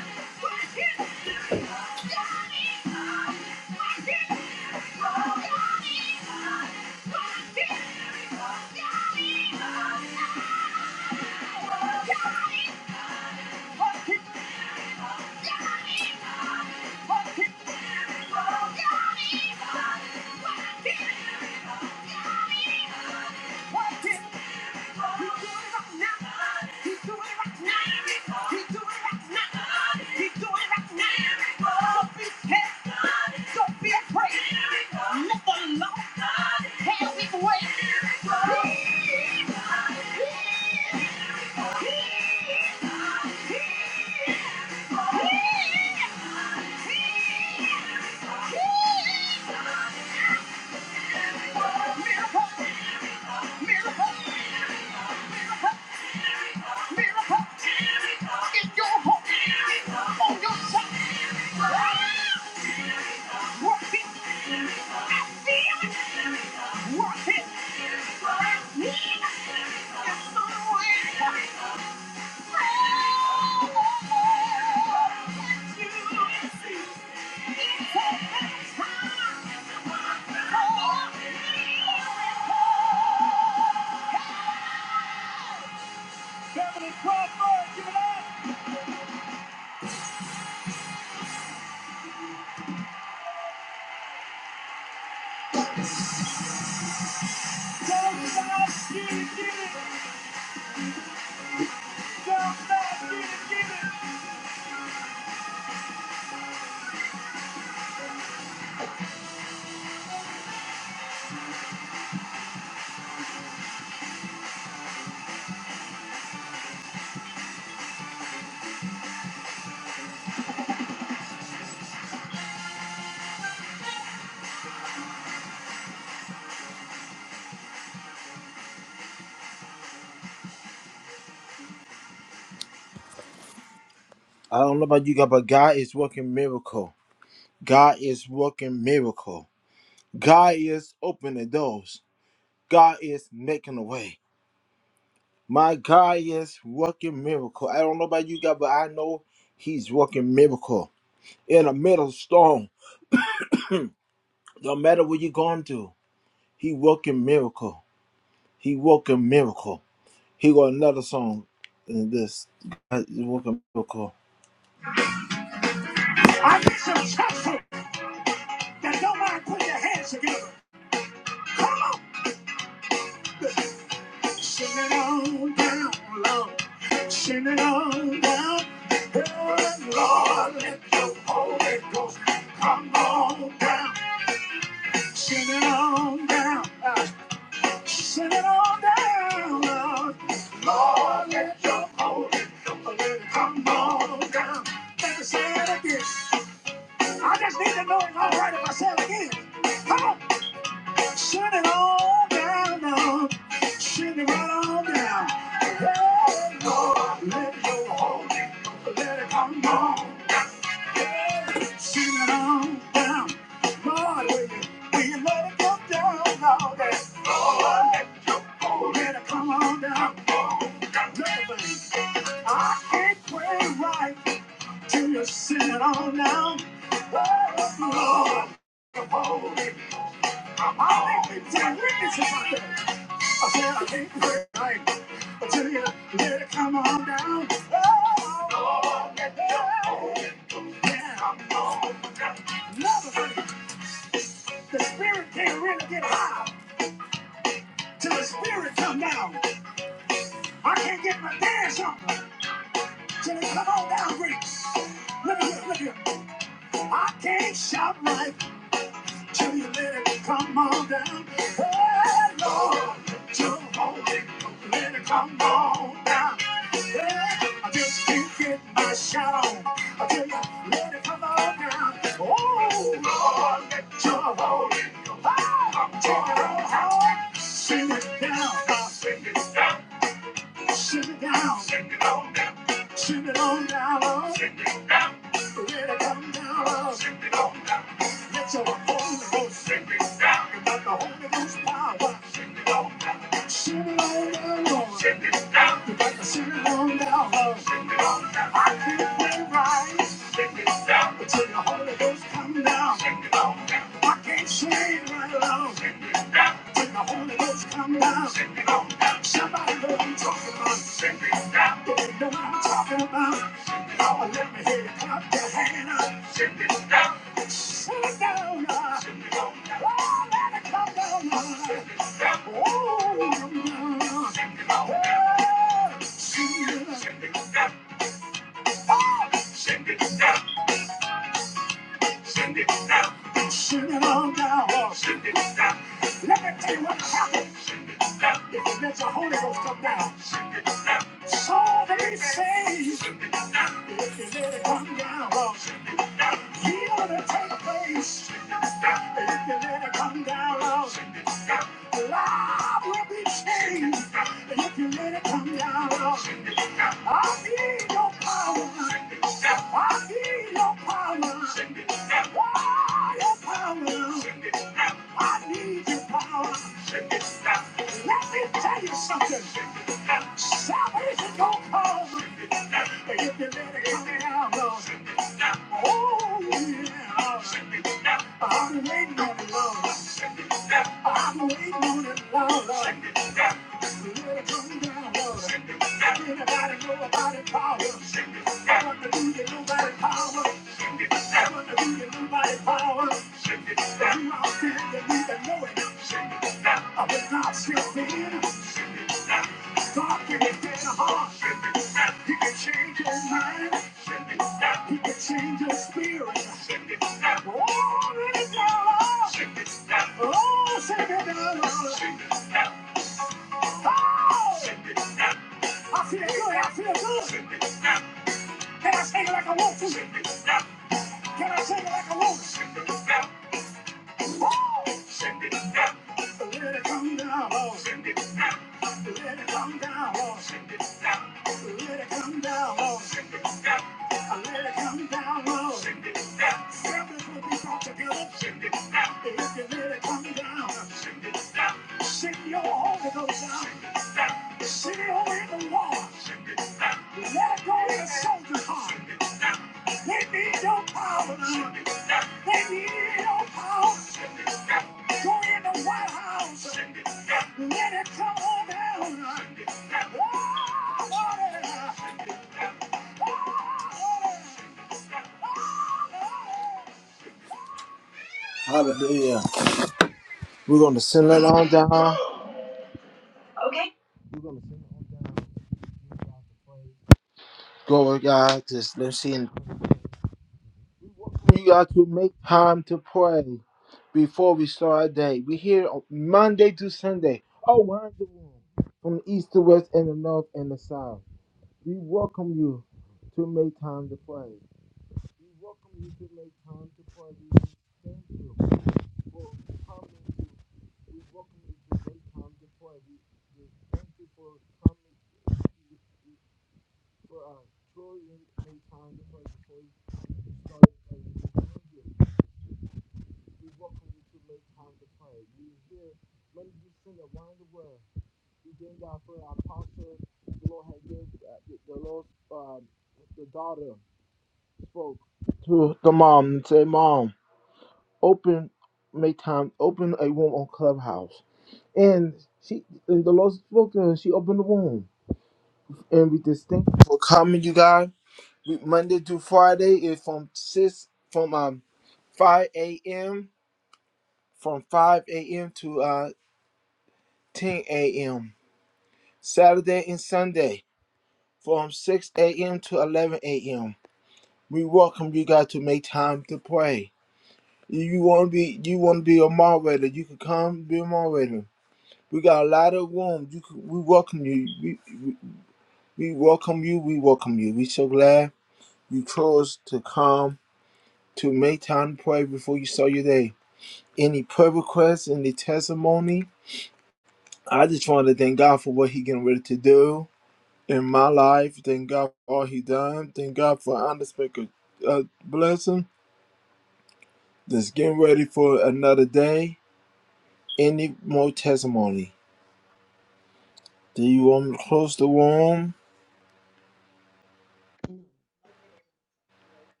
Glory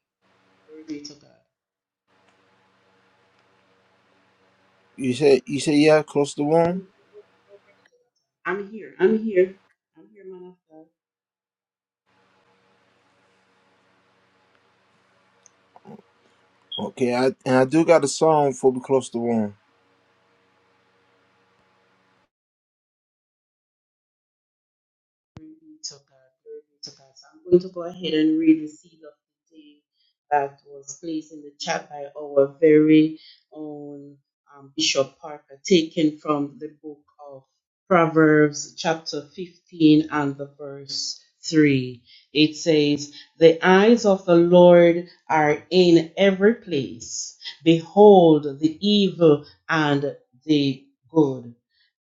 be to God. No, no, no, brother. Jonathan. I'm here. I'm here. I'm here, man. of God. to God. Glory be to God. So I'm going to go ahead and read the seed of the day that was placed in the chat by our very own um, Bishop Parker, taken from the book of Proverbs, chapter 15, and the verse 3. It says, The eyes of the Lord are in every place. Behold the evil and the good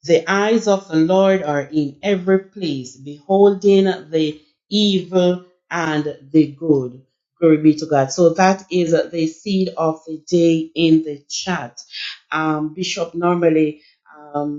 the eyes of the Lord are in every place, beholding the evil and the good. Glory be to God. So that is the seed of the day in the chat. Um, Bishop normally um,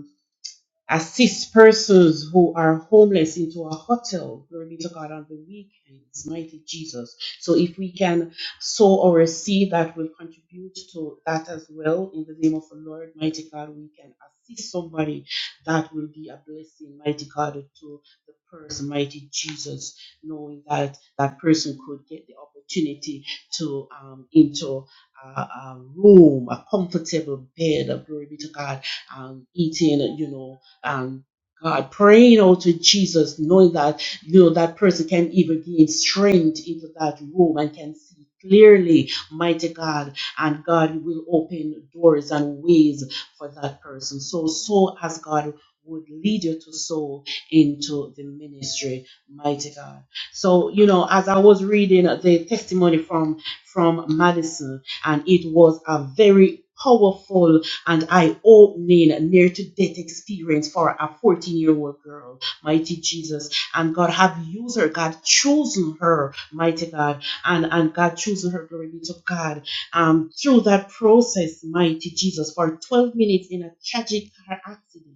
assist persons who are homeless into a hotel. Glory be to God on the weekends. Mighty Jesus. So if we can sow our seed that will contribute to that as well in the name of the Lord, mighty God, we can assist somebody that will be a blessing, mighty God, to the person, mighty Jesus, knowing that that person could get the opportunity to um into a, a room, a comfortable bed, glory be to God, um, eating, you know, um, God, praying out to Jesus, knowing that you know that person can even gain strength into that room and can see clearly, mighty God, and God will open doors and ways for that person. So, so as God would lead you to sow into the ministry, mighty God. So, you know, as I was reading the testimony from from Madison, and it was a very powerful and I opening a near to death experience for a 14 year old girl, mighty Jesus. And God have used her, God chosen her, mighty God, and, and God chosen her, glory be to God. Um, through that process, mighty Jesus, for 12 minutes in a tragic car accident.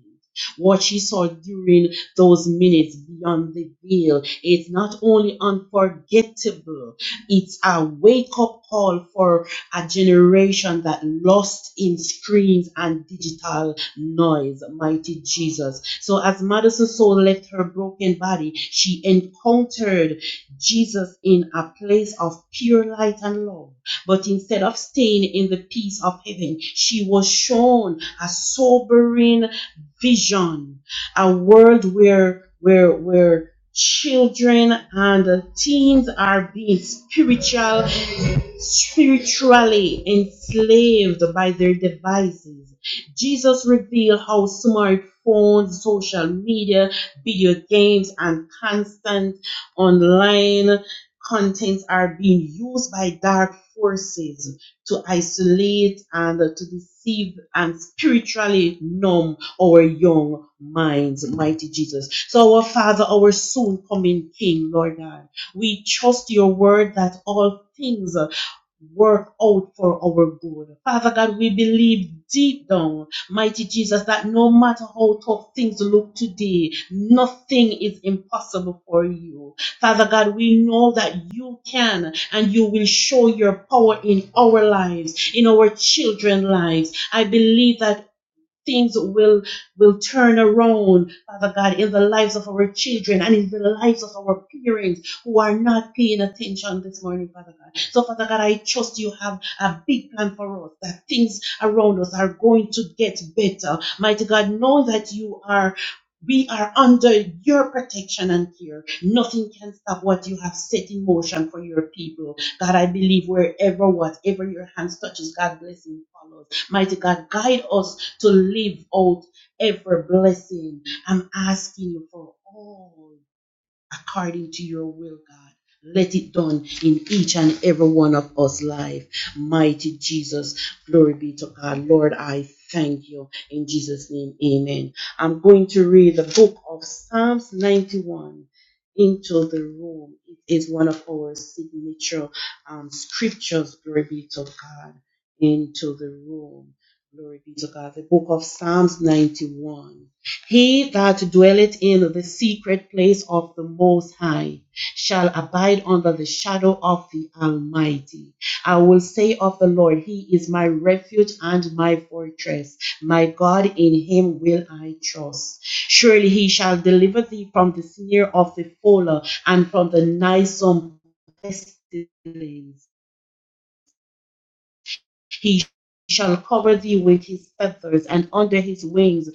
What she saw during those minutes beyond the veil is not only unforgettable, it's a wake up call for a generation that lost in screens and digital noise. Mighty Jesus. So as Madison's soul left her broken body, she encountered Jesus in a place of pure light and love. But instead of staying in the peace of heaven, she was shown a sobering vision, a world where where where children and teens are being spiritual spiritually enslaved by their devices. Jesus revealed how smartphones, social media, video games, and constant online contents are being used by dark forces to isolate and to deceive and spiritually numb our young minds, mighty Jesus. So, our Father, our soon coming King, Lord God, we trust your word that all things work out for our good. Father God, we believe deep down, mighty Jesus, that no matter how tough things look today, nothing is impossible for you. Father God, we know that you can and you will show your power in our lives, in our children's lives. I believe that things will will turn around, Father God, in the lives of our children and in the lives of our parents who are not paying attention this morning, Father God. So, Father God, I trust you have a big plan for us, that things around us are going to get better. Mighty God, know that you are we are under your protection and care. Nothing can stop what you have set in motion for your people. God, I believe wherever, whatever your hands touches, God blessing follows. Mighty God, guide us to live out every blessing. I'm asking you for all according to your will, God. Let it done in each and every one of us life. Mighty Jesus, glory be to God. Lord, I thank you. In Jesus' name, amen. I'm going to read the book of Psalms 91 into the room. It is one of our signature um, scriptures, glory be to God, into the room. Glory be to God. The book of Psalms 91. He that dwelleth in the secret place of the Most High shall abide under the shadow of the Almighty. I will say of the Lord, He is my refuge and my fortress. My God, in Him will I trust. Surely He shall deliver thee from the snare of the fowler and from the noisome pestilence. He shall cover thee with his feathers, and under his wings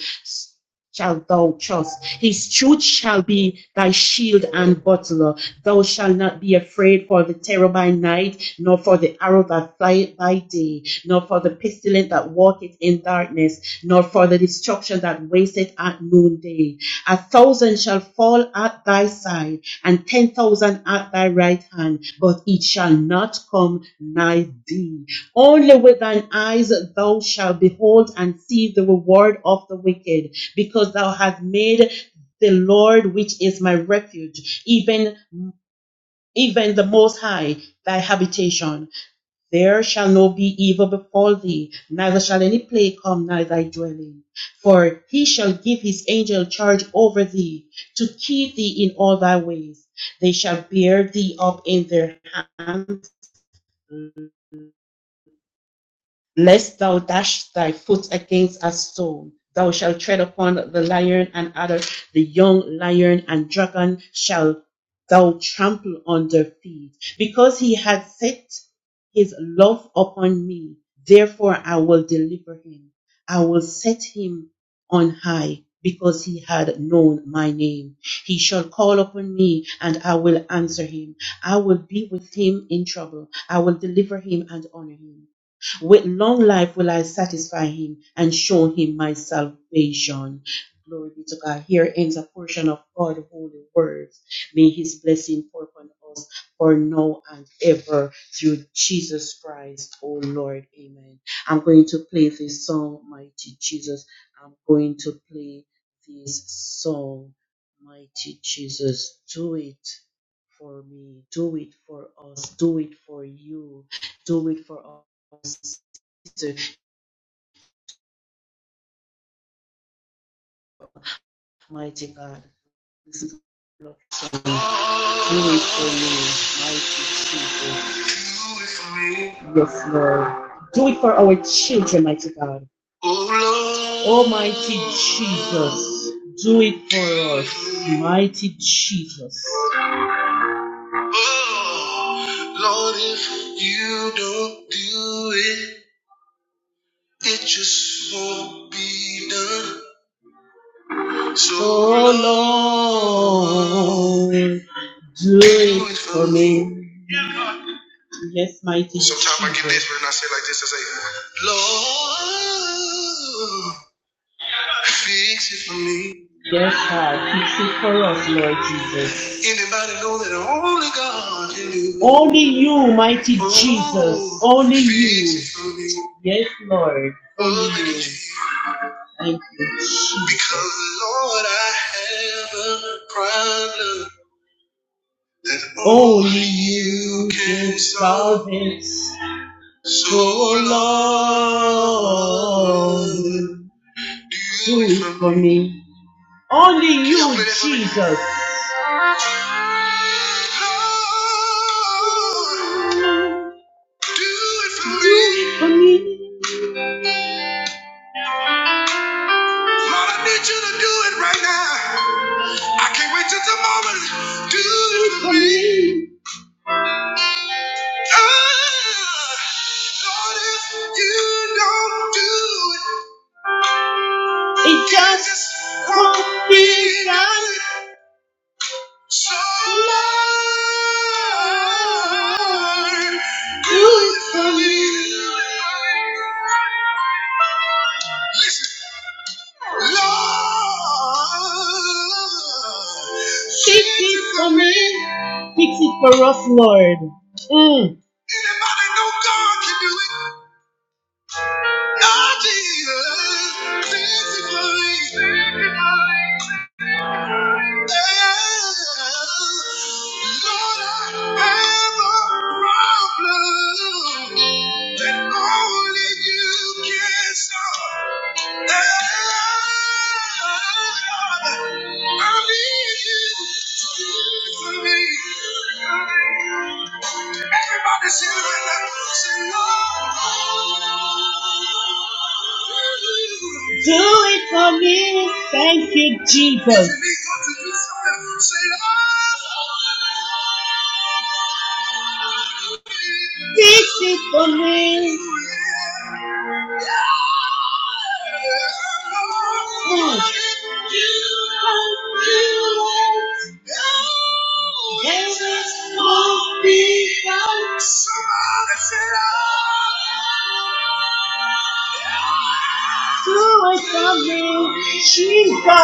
shalt thou trust. His truth shall be thy shield and buckler. Thou shalt not be afraid for the terror by night, nor for the arrow that flieth by day, nor for the pestilence that walketh in darkness, nor for the destruction that wasteth at noonday. A thousand shall fall at thy side, and ten thousand at thy right hand, but it shall not come nigh thee. Only with thine eyes thou shalt behold and see the reward of the wicked, because thou hast made the Lord, which is my refuge, even even the Most High, thy habitation. There shall no be evil befall thee, neither shall any plague come nigh thy dwelling. For he shall give his angel charge over thee, to keep thee in all thy ways. They shall bear thee up in their hands lest thou dash thy foot against a stone. Thou shalt tread upon the lion and adder, the young lion and dragon shall thou trample under feet. Because he hath set his love upon me, therefore I will deliver him. I will set him on high because he had known my name. He shall call upon me and I will answer him. I will be with him in trouble. I will deliver him and honor him. With long life will I satisfy him and show him my salvation. Glory be to God. Here ends a portion of God's holy words. May his blessing pour upon us for now and ever through Jesus Christ, O Lord. Amen. I'm going to play this song, Mighty Jesus. I'm going to play this song, Mighty Jesus. Do it for me. Do it for us. Do it for you. Do it for us to mighty God. This is Lord, So, do it for me, mighty Jesus. Yes, Lord. Do it for our children, mighty God. Almighty Jesus, do it for us, mighty Jesus. Oh, Lord, if you don't do it, it just won't be done. So Lord, do it for me. Yes, mighty Sometimes I get this when I say like this, I say, Lord, fix it for me. Yes, God, fix it for us, Lord Jesus. Anybody know that only God can do? Only you, mighty Jesus. Only you. Yes, Lord. Only you. Thank you, Because, Lord, I have a problem that only you can solve. it. So, So Lord, do it for me. Only you Jesus. Lord, do it for me. Do it for me. Lord, I need you to do it right now. I can't wait till tomorrow. Do Do it for me. Lord, if you don't do it, it just won't be done. So, Lord, do it for me. Listen. Lord, fix it for me. Fix it for us, Lord. Mm. Anybody know God can do it? Oh, Jesus, sanctify, sanctify. Oh, Lord, I have a problem that only you can solve. Yeah. I need you to do it for me. Everybody sing it with me. Say, Lord, Do it for me. Thank you, If Jesus. If you need God to do something, say, Lord. This for me. Oh, There is no people. Do it for me. Jesus,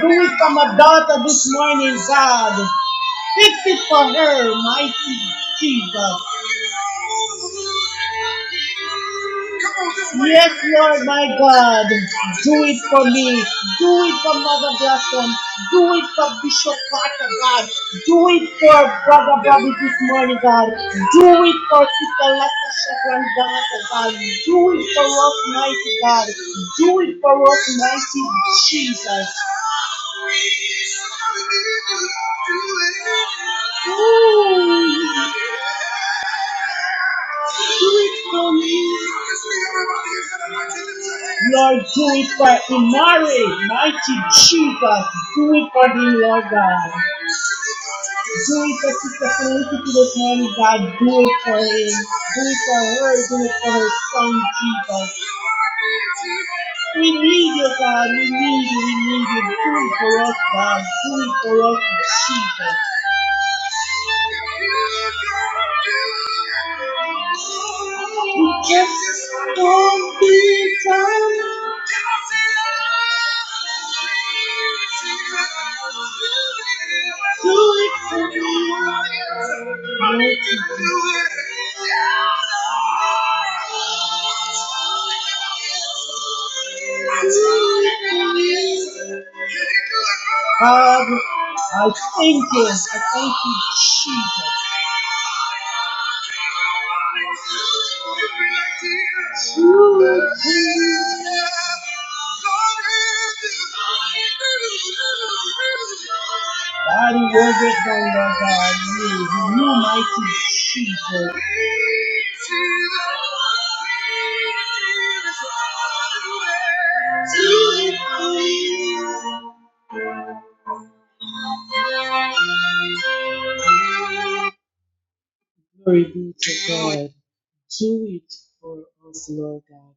do it for my daughter this morning, God. Fix it for her, mighty Jesus. Yes, Lord, my God. Do it for me. Do it for Mother Blossom. Do it for Bishop Parker, God. Do it for Brother Bobby this morning, God. Do it for Sister Lester Shepard, God. Do it for us, mighty God. Do it for us, mighty Jesus. Lord, do it for Imari, mighty Jesus. Do it for him, Lord God. Do it for Sister Felicity this morning, God. Do it for him. Do it for her. Do it for her son, Jesus. We need you, God. We need you. We need you. Do it for us, God. Do it for us, Jesus. Just don't be kind. Father, I thank you. I thank you, Jesus. Body will get done, Lord God. You, you mighty Jesus. Glory be to God. Do it for us, Lord God.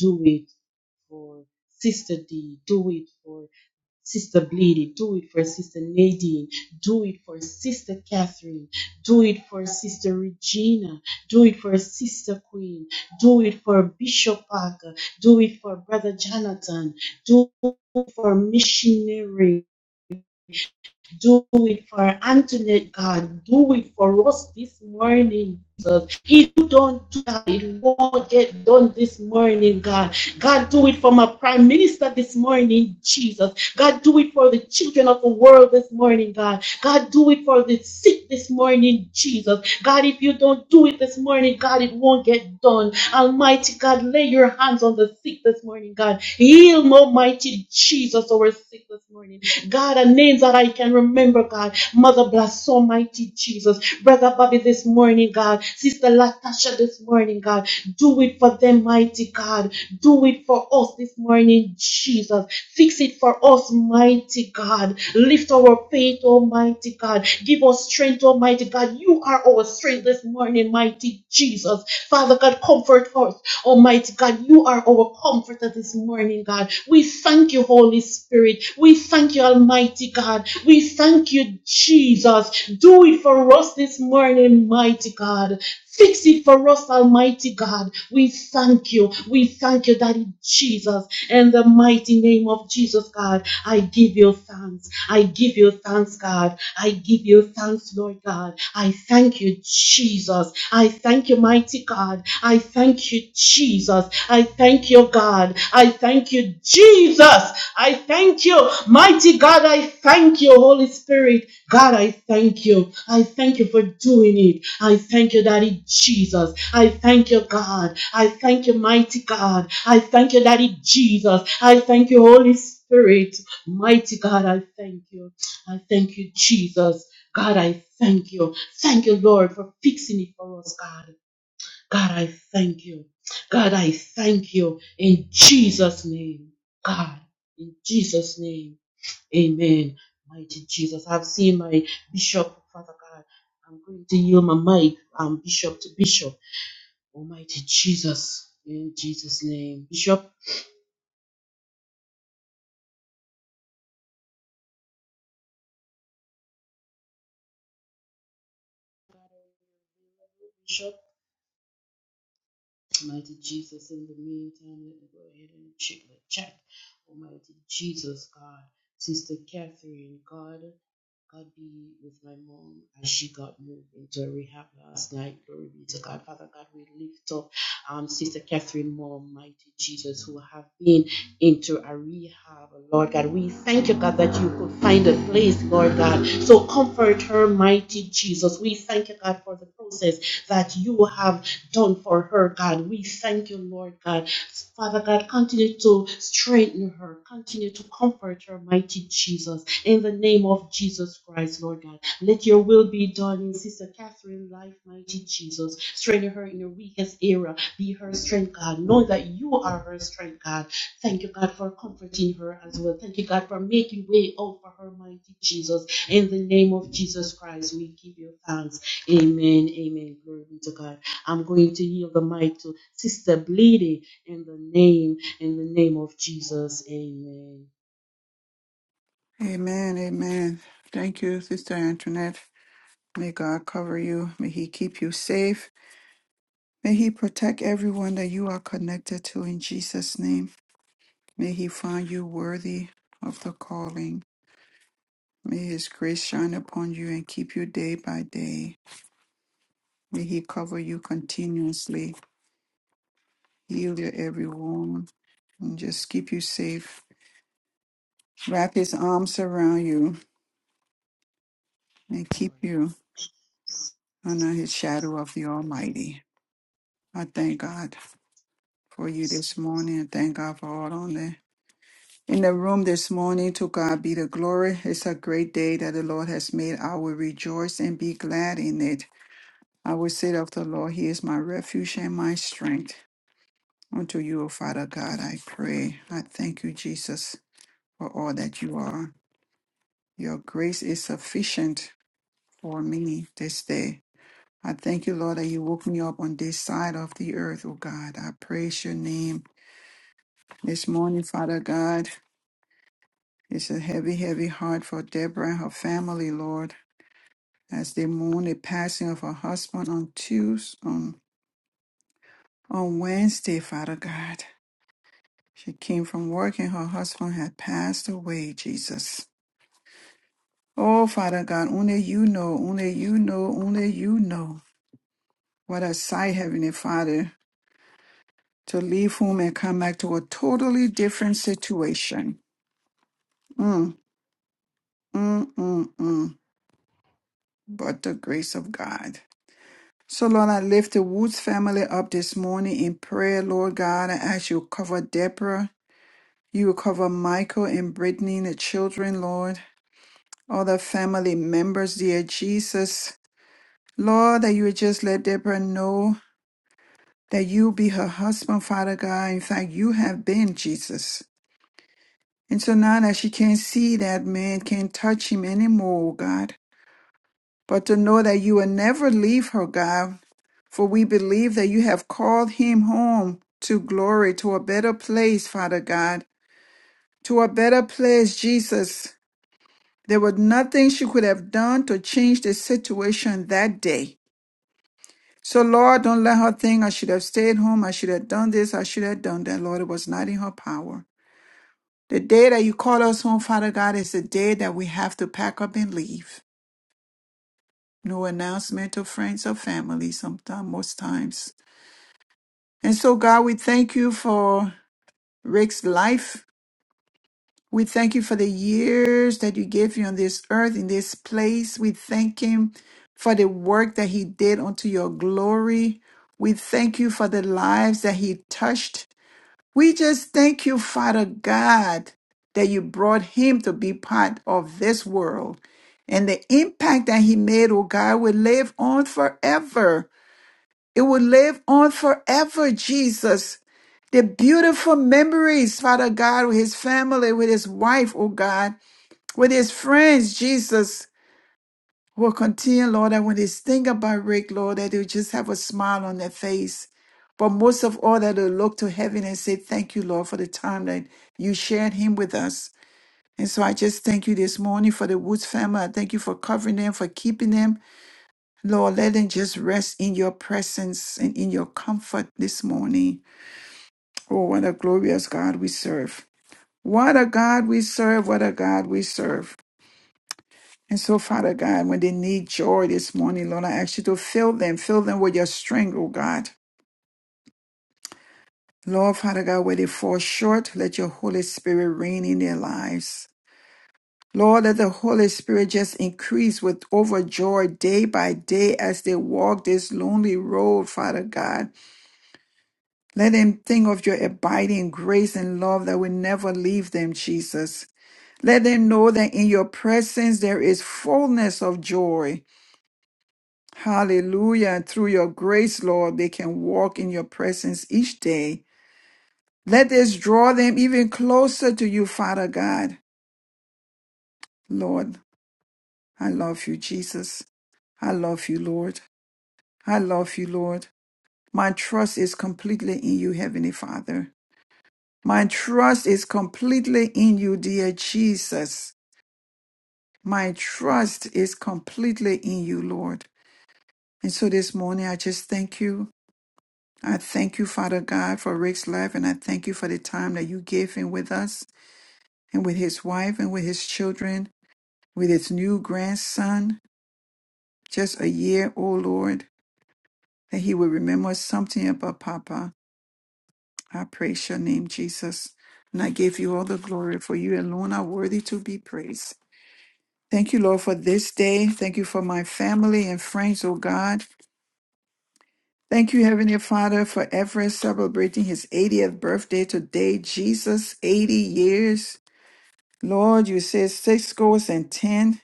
Do it for Sister D. Do it for Sister Bleedy. Do it for Sister Nadine. Do it for Sister Catherine. Do it for Sister Regina. Do it for Sister Queen. Do it for Bishop Parker. Do it for Brother Jonathan. Do it for missionary do it for Antoinette, God. Do it for us this morning, Jesus. If you don't do that, it won't get done this morning, God. God, do it for my prime minister this morning, Jesus. God, do it for the children of the world this morning, God. God, do it for the sick this morning, Jesus. God, if you don't do it this morning, God, it won't get done. Almighty God, lay your hands on the sick this morning, God. Heal, Almighty Jesus, our sick this morning. God, God, and names that I can remember, God. Mother bless Almighty Jesus. Brother Bobby this morning, God. Sister Latasha this morning, God. Do it for them, mighty God. Do it for us this morning, Jesus. Fix it for us, mighty God. Lift our faith, Almighty God. Give us strength, Almighty God. You are our strength this morning, mighty Jesus. Father God, comfort us, Almighty God. You are our comforter this morning, God. We thank you, Holy Spirit. We thank you, Almighty God. We thank you, Jesus. Do it for us this morning, mighty God. Fix it for us, Almighty God. We thank you. We thank you, Daddy Jesus. In the mighty name of Jesus, God, I give you thanks. I give you thanks, God. I give you thanks, Lord God. I thank you, Jesus. I thank you, mighty God. I thank you, Jesus. I thank you, God. I thank you, Jesus. I thank you. Mighty God, I thank you, Holy Spirit. God, I thank you. I thank you for doing it. I thank you, Daddy Jesus. I thank you, God. I thank you, mighty God. I thank you, Daddy Jesus. I thank you, Holy Spirit. Mighty God, I thank you. I thank you, Jesus. God, I thank you. Thank you, Lord, for fixing it for us, God. God, I thank you. God, I thank you in Jesus' name. God, in Jesus' name. Amen. Mighty Jesus. I've seen my bishop, Father God. I'm going to yield my mic, um, bishop to bishop. Almighty Jesus. In Jesus' name. Bishop, bishop. Almighty Jesus, in the meantime, let me go ahead and check the chat. Almighty Jesus, God. Sister Catherine, God. God be with my mom as she got moved into a rehab last night. Glory be to God. Father God, we lift up um, Sister Catherine Mom, mighty Jesus, who have been into a rehab. Lord God, we thank you, God, that you could find a place, Lord God. So comfort her, mighty Jesus. We thank you, God, for the process that you have done for her, God. We thank you, Lord God Father God, continue to strengthen her, continue to comfort her, mighty Jesus. In the name of Jesus Christ, Lord God, let your will be done in Sister Catherine's life, mighty Jesus. Strengthen her in her weakest area. Be her strength, God. Know that you are her strength, God. Thank you, God, for comforting her as well. Thank you, God, for making way out for her, mighty Jesus. In the name of Jesus Christ, we give you thanks. Amen. Amen. Glory be to God. I'm going to yield the mic to Sister Bleedy. In the name, in the name of Jesus, amen. Amen. Amen. Thank you, Sister Antoinette. May God cover you. May He keep you safe. May He protect everyone that you are connected to in Jesus' name. May He find you worthy of the calling. May His grace shine upon you and keep you day by day. May He cover you continuously, heal your every wound, and just keep you safe. Wrap His arms around you and keep you under His shadow of the Almighty. I thank God. for you this morning. and Thank God for all on there. In the room this morning, to God be the glory. It's a great day that the Lord has made. I will rejoice and be glad in it. I will say of the Lord, He is my refuge and my strength. Unto you, O Father God, I pray. I thank you, Jesus, for all that you are. Your grace is sufficient for me this day. I thank you, Lord, that you woke me up on this side of the earth, O God. I praise your name this morning, Father God. It's a heavy, heavy heart for Deborah and her family, Lord, as they mourn the passing of her husband on Tuesday, on, on Wednesday, Father God. She came from work and her husband had passed away, Jesus. Oh, Father God, only you know, only you know, only you know. What a sight, Heavenly Father, to leave home and come back to a totally different situation. Mm, mm, mm, mm. But the grace of God. So, Lord, I lift the Woods family up this morning in prayer, Lord God. I ask you to cover Deborah. You will cover Michael and Brittany, the children, Lord. All the family members, dear Jesus. Lord, that you would just let Deborah know that you be her husband, Father God. In fact, you have been Jesus. And so now that she can't see that man, can't touch him anymore, oh God. but to know that you will never leave her, God. For we believe that you have called him home to glory, to a better place, Father God, to a better place, Jesus. There was nothing she could have done to change the situation that day. So, Lord, don't let her think I should have stayed home, I should have done this, I should have done that. Lord, it was not in her power. The day that you call us home, Father God, is the day that we have to pack up and leave. No announcement to friends or family, sometimes, most times. And so, God, we thank you for Rick's life. We thank you for the years that you gave him on this earth, in this place. We thank him for the work that he did unto your glory. We thank you for the lives that he touched. We just thank you, Father God, that you brought him to be part of this world. And the impact that he made, oh God, will live on forever. It will live on forever, Jesus. The beautiful memories, Father God, with his family, with his wife, oh God, with his friends, Jesus, will continue, Lord. And when they think about Rick, Lord, that they'll just have a smile on their face. But most of all, that they'll look to heaven and say, Thank you, Lord, for the time that you shared him with us. And so I just thank you this morning for the Woods family. I thank you for covering them, for keeping them. Lord, let them just rest in your presence and in your comfort this morning. Oh, what a glorious God we serve. What a God we serve. What a God we serve. And so, Father God, when they need joy this morning, Lord, I ask you to fill them, fill them with your strength, oh God. Lord, Father God, where they fall short, let your Holy Spirit reign in their lives. Lord, let the Holy Spirit just increase with overjoy day by day as they walk this lonely road, Father God. Let them think of your abiding grace and love that will never leave them, Jesus. Let them know that in your presence there is fullness of joy. Hallelujah. Through your grace, Lord, they can walk in your presence each day. Let this draw them even closer to you, Father God. Lord, I love you, Jesus. I love you, Lord. I love you, Lord. My trust is completely in you, Heavenly Father. My trust is completely in you, dear Jesus. My trust is completely in you, Lord. And so this morning, I just thank you. I thank you, Father God, for Rick's life, and I thank you for the time that you gave him with us and with his wife and with his children, with his new grandson, just a year, oh Lord, that he will remember something about Papa. I praise your name, Jesus. And I give you all the glory, for you alone are worthy to be praised. Thank you, Lord, for this day. Thank you for my family and friends, oh God. Thank you, Heavenly Father, for Everett celebrating his 80th birthday today. Jesus, 80 years. Lord, you said six scores and ten,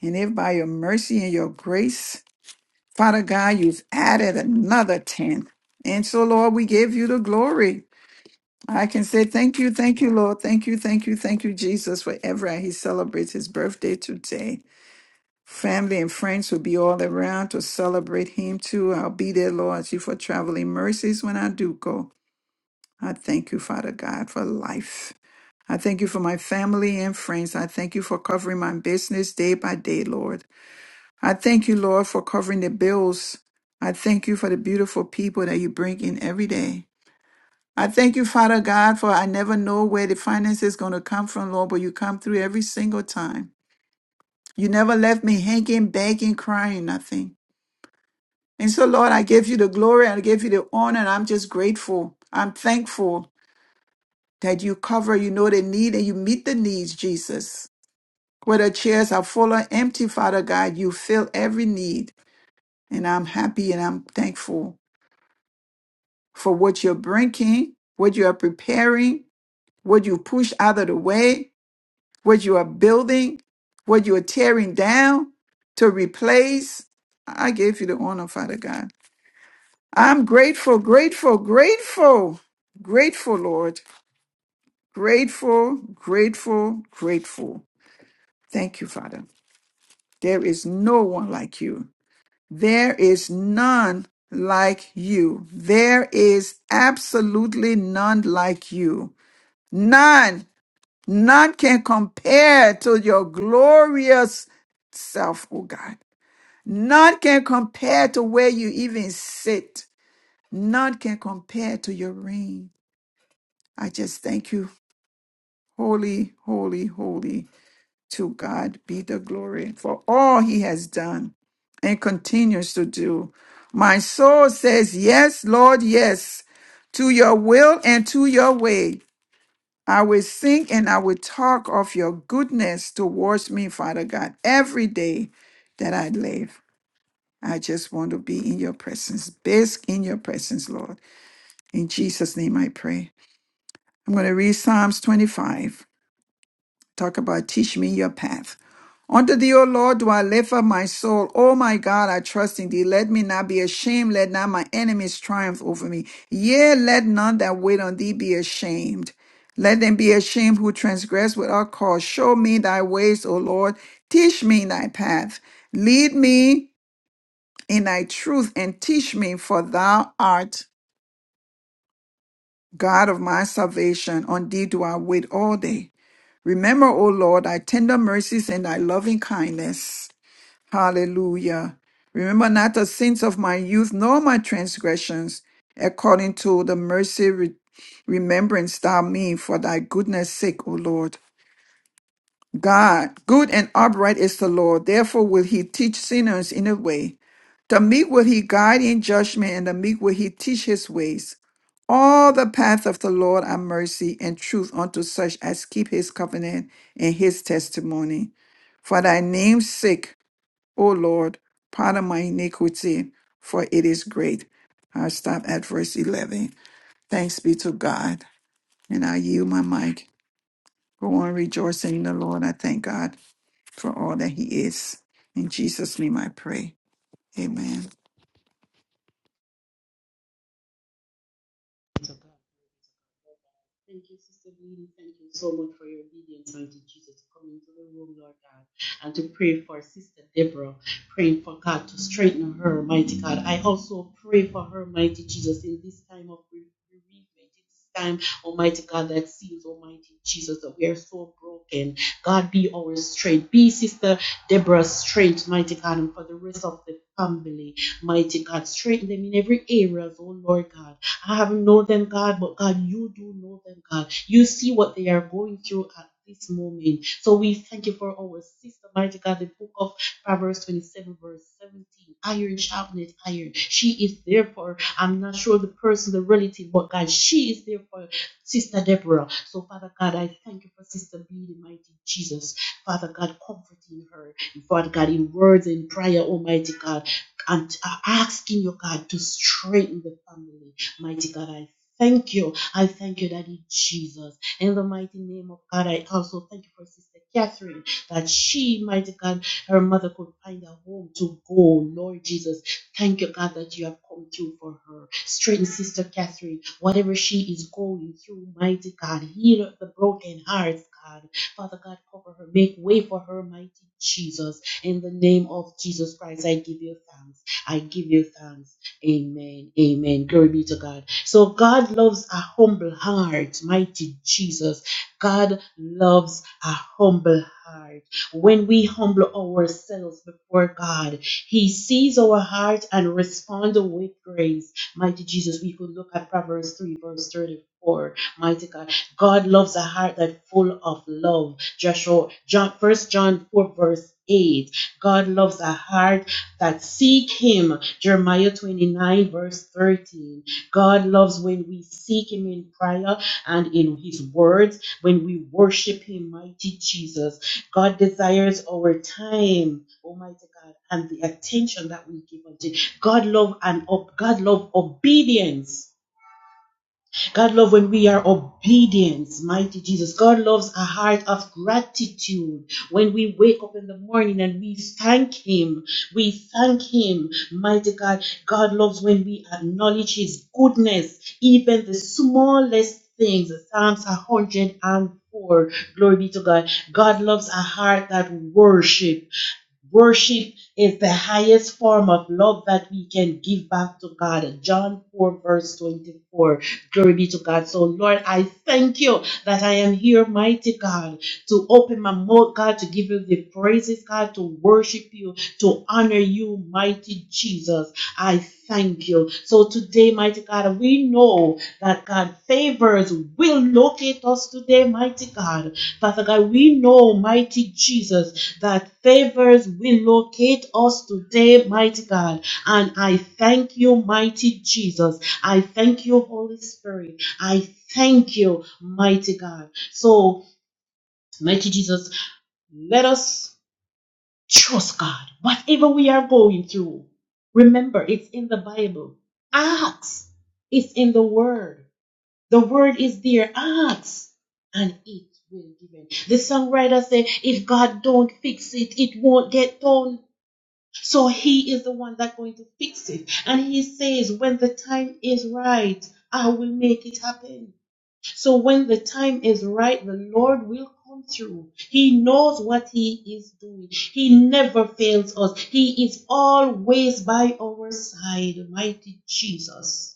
and if by your mercy and your grace, Father God, you've added another ten. And so, Lord, we give you the glory. I can say thank you, thank you, Lord. Thank you, thank you, thank you, Jesus, for Everett. He celebrates his birthday today. Family and friends will be all around to celebrate him too. I'll be there, Lord, as you for traveling mercies when I do go. I thank you, Father God, for life. I thank you for my family and friends. I thank you for covering my business day by day, Lord. I thank you, Lord, for covering the bills. I thank you for the beautiful people that you bring in every day. I thank you, Father God, for I never know where the finances is going to come from, Lord, but you come through every single time. You never left me hanging, begging, crying, nothing. And so, Lord, I give you the glory I give you the honor, and I'm just grateful. I'm thankful that you cover, you know the need, and you meet the needs, Jesus. Whether chairs are full or empty, Father God, you fill every need. And I'm happy and I'm thankful for what you're bringing, what you are preparing, what you push out of the way, what you are building, what you are tearing down to replace. I give you the honor, Father God. I'm grateful, grateful, grateful, grateful, Lord. Grateful, grateful, grateful. Thank you, Father. There is no one like you. There is none like you. There is absolutely none like you. None, none can compare to your glorious self, oh God. None can compare to where you even sit. None can compare to your reign. I just thank you. Holy, holy, holy to God be the glory for all he has done and continues to do. My soul says, Yes, Lord, yes, to your will and to your way. I will sing and I will talk of your goodness towards me, Father God, every day that I live. I just want to be in your presence, bask in your presence, Lord. In Jesus' name I pray. I'm going to read Psalms 25. Talk about teach me your path. Unto thee, O Lord, do I lift up my soul. O my God, I trust in thee. Let me not be ashamed. Let not my enemies triumph over me. Yea, let none that wait on thee be ashamed. Let them be ashamed who transgress without cause. Show me thy ways, O Lord. Teach me thy path. Lead me in thy truth and teach me, for thou art God of my salvation. On thee do I wait all day. Remember, O Lord, thy tender mercies and thy loving kindness. Hallelujah. Remember not the sins of my youth, nor my transgressions, according to the mercy re- remembrance thou me for thy goodness sake, O Lord. God, good and upright is the Lord. Therefore will he teach sinners in a way. The meek will he guide in judgment, and the meek will he teach his ways. All the path of the Lord are mercy and truth unto such as keep his covenant and his testimony. For thy name's sake, O Lord, pardon my iniquity, for it is great. I'll stop at verse 11. Thanks be to God. And I yield my mic. Go on rejoicing in the Lord. I thank God for all that He is. In Jesus' name I pray. Amen. To God. Thank you, Sister Bleedy. Thank you so much for your obedience unto Jesus coming into the room, Lord God, and to pray for Sister Deborah, praying for God to strengthen her, mighty God. I also pray for her, mighty Jesus, in this time of bereavement, this time, Almighty God, that seems, Almighty Jesus, that we are so broken. God, be our strength. Be Sister Deborah's strength, mighty God, and for the rest of the family, mighty God. Strengthen them in every area, oh Lord God. I have known them, God, but God, you do know them, God. You see what they are going through at this moment. So we thank you for our sister, mighty God, the book of Proverbs 27, verse 17. Iron sharpens iron. She is there for, I'm not sure the person, the relative, but God, she is there for Sister Deborah. So, Father God, I thank you for Sister B, the mighty Jesus. Father God, comforting her. Father God, in words and prayer, Almighty God, and uh, asking you, God, to strengthen the family. Mighty God, I thank you. I thank you, Daddy Jesus. In the mighty name of God, I also thank you for Sister Catherine that she, mighty God, her mother could find a home to go. Lord Jesus, thank you, God, that you have come through for her. Strengthen Sister Catherine, whatever she is going through, mighty God. Heal the broken hearts, God. Father God, cover her. Make way for her, mighty Jesus. In the name of Jesus Christ, I give you thanks. I give you thanks. Amen. Amen. Glory be to God. So God loves a humble heart, mighty Jesus. God loves a humble heart. When we humble ourselves before God, He sees our heart and responds with grace. Mighty Jesus, we could look at Proverbs 3, verse 34. Mighty God. God loves a heart that's full of love. Joshua, John, 1 John 4, verse 8. God loves a heart that seek him. Jeremiah 29, verse 13. God loves when we seek him in prayer and in his words, when we worship him, mighty Jesus. God desires our time, Almighty God, and the attention that we give unto. him. God love and God love obedience. God loves when we are obedient, mighty Jesus. God loves a heart of gratitude. When we wake up in the morning and we thank Him, we thank Him, mighty God. God loves when we acknowledge His goodness, even the smallest things. Psalms 104. Glory be to God. God loves a heart that worship. Worship is the highest form of love that we can give back to God. John 4, verse 24. Glory be to God. So, Lord, I thank you that I am here, mighty God, to open my mouth, God, to give you the praises, God, to worship you, to honor you, mighty Jesus. I thank you. So, today, mighty God, we know that God favors will locate us today, mighty God. Father God, we know, mighty Jesus that favors will locate us today, mighty God. And I thank you, mighty Jesus. I thank you, Holy Spirit. I thank you, mighty God. So, mighty Jesus, let us trust God. Whatever we are going through, remember it's in the Bible. Ask. It's in the Word. The Word is there. Ask and it will be given. The songwriter said, if God don't fix it, it won't get done. So he is the one that's going to fix it. And he says, when the time is right, I will make it happen. So when the time is right, the Lord will come through. He knows what he is doing. He never fails us. He is always by our side. Mighty Jesus.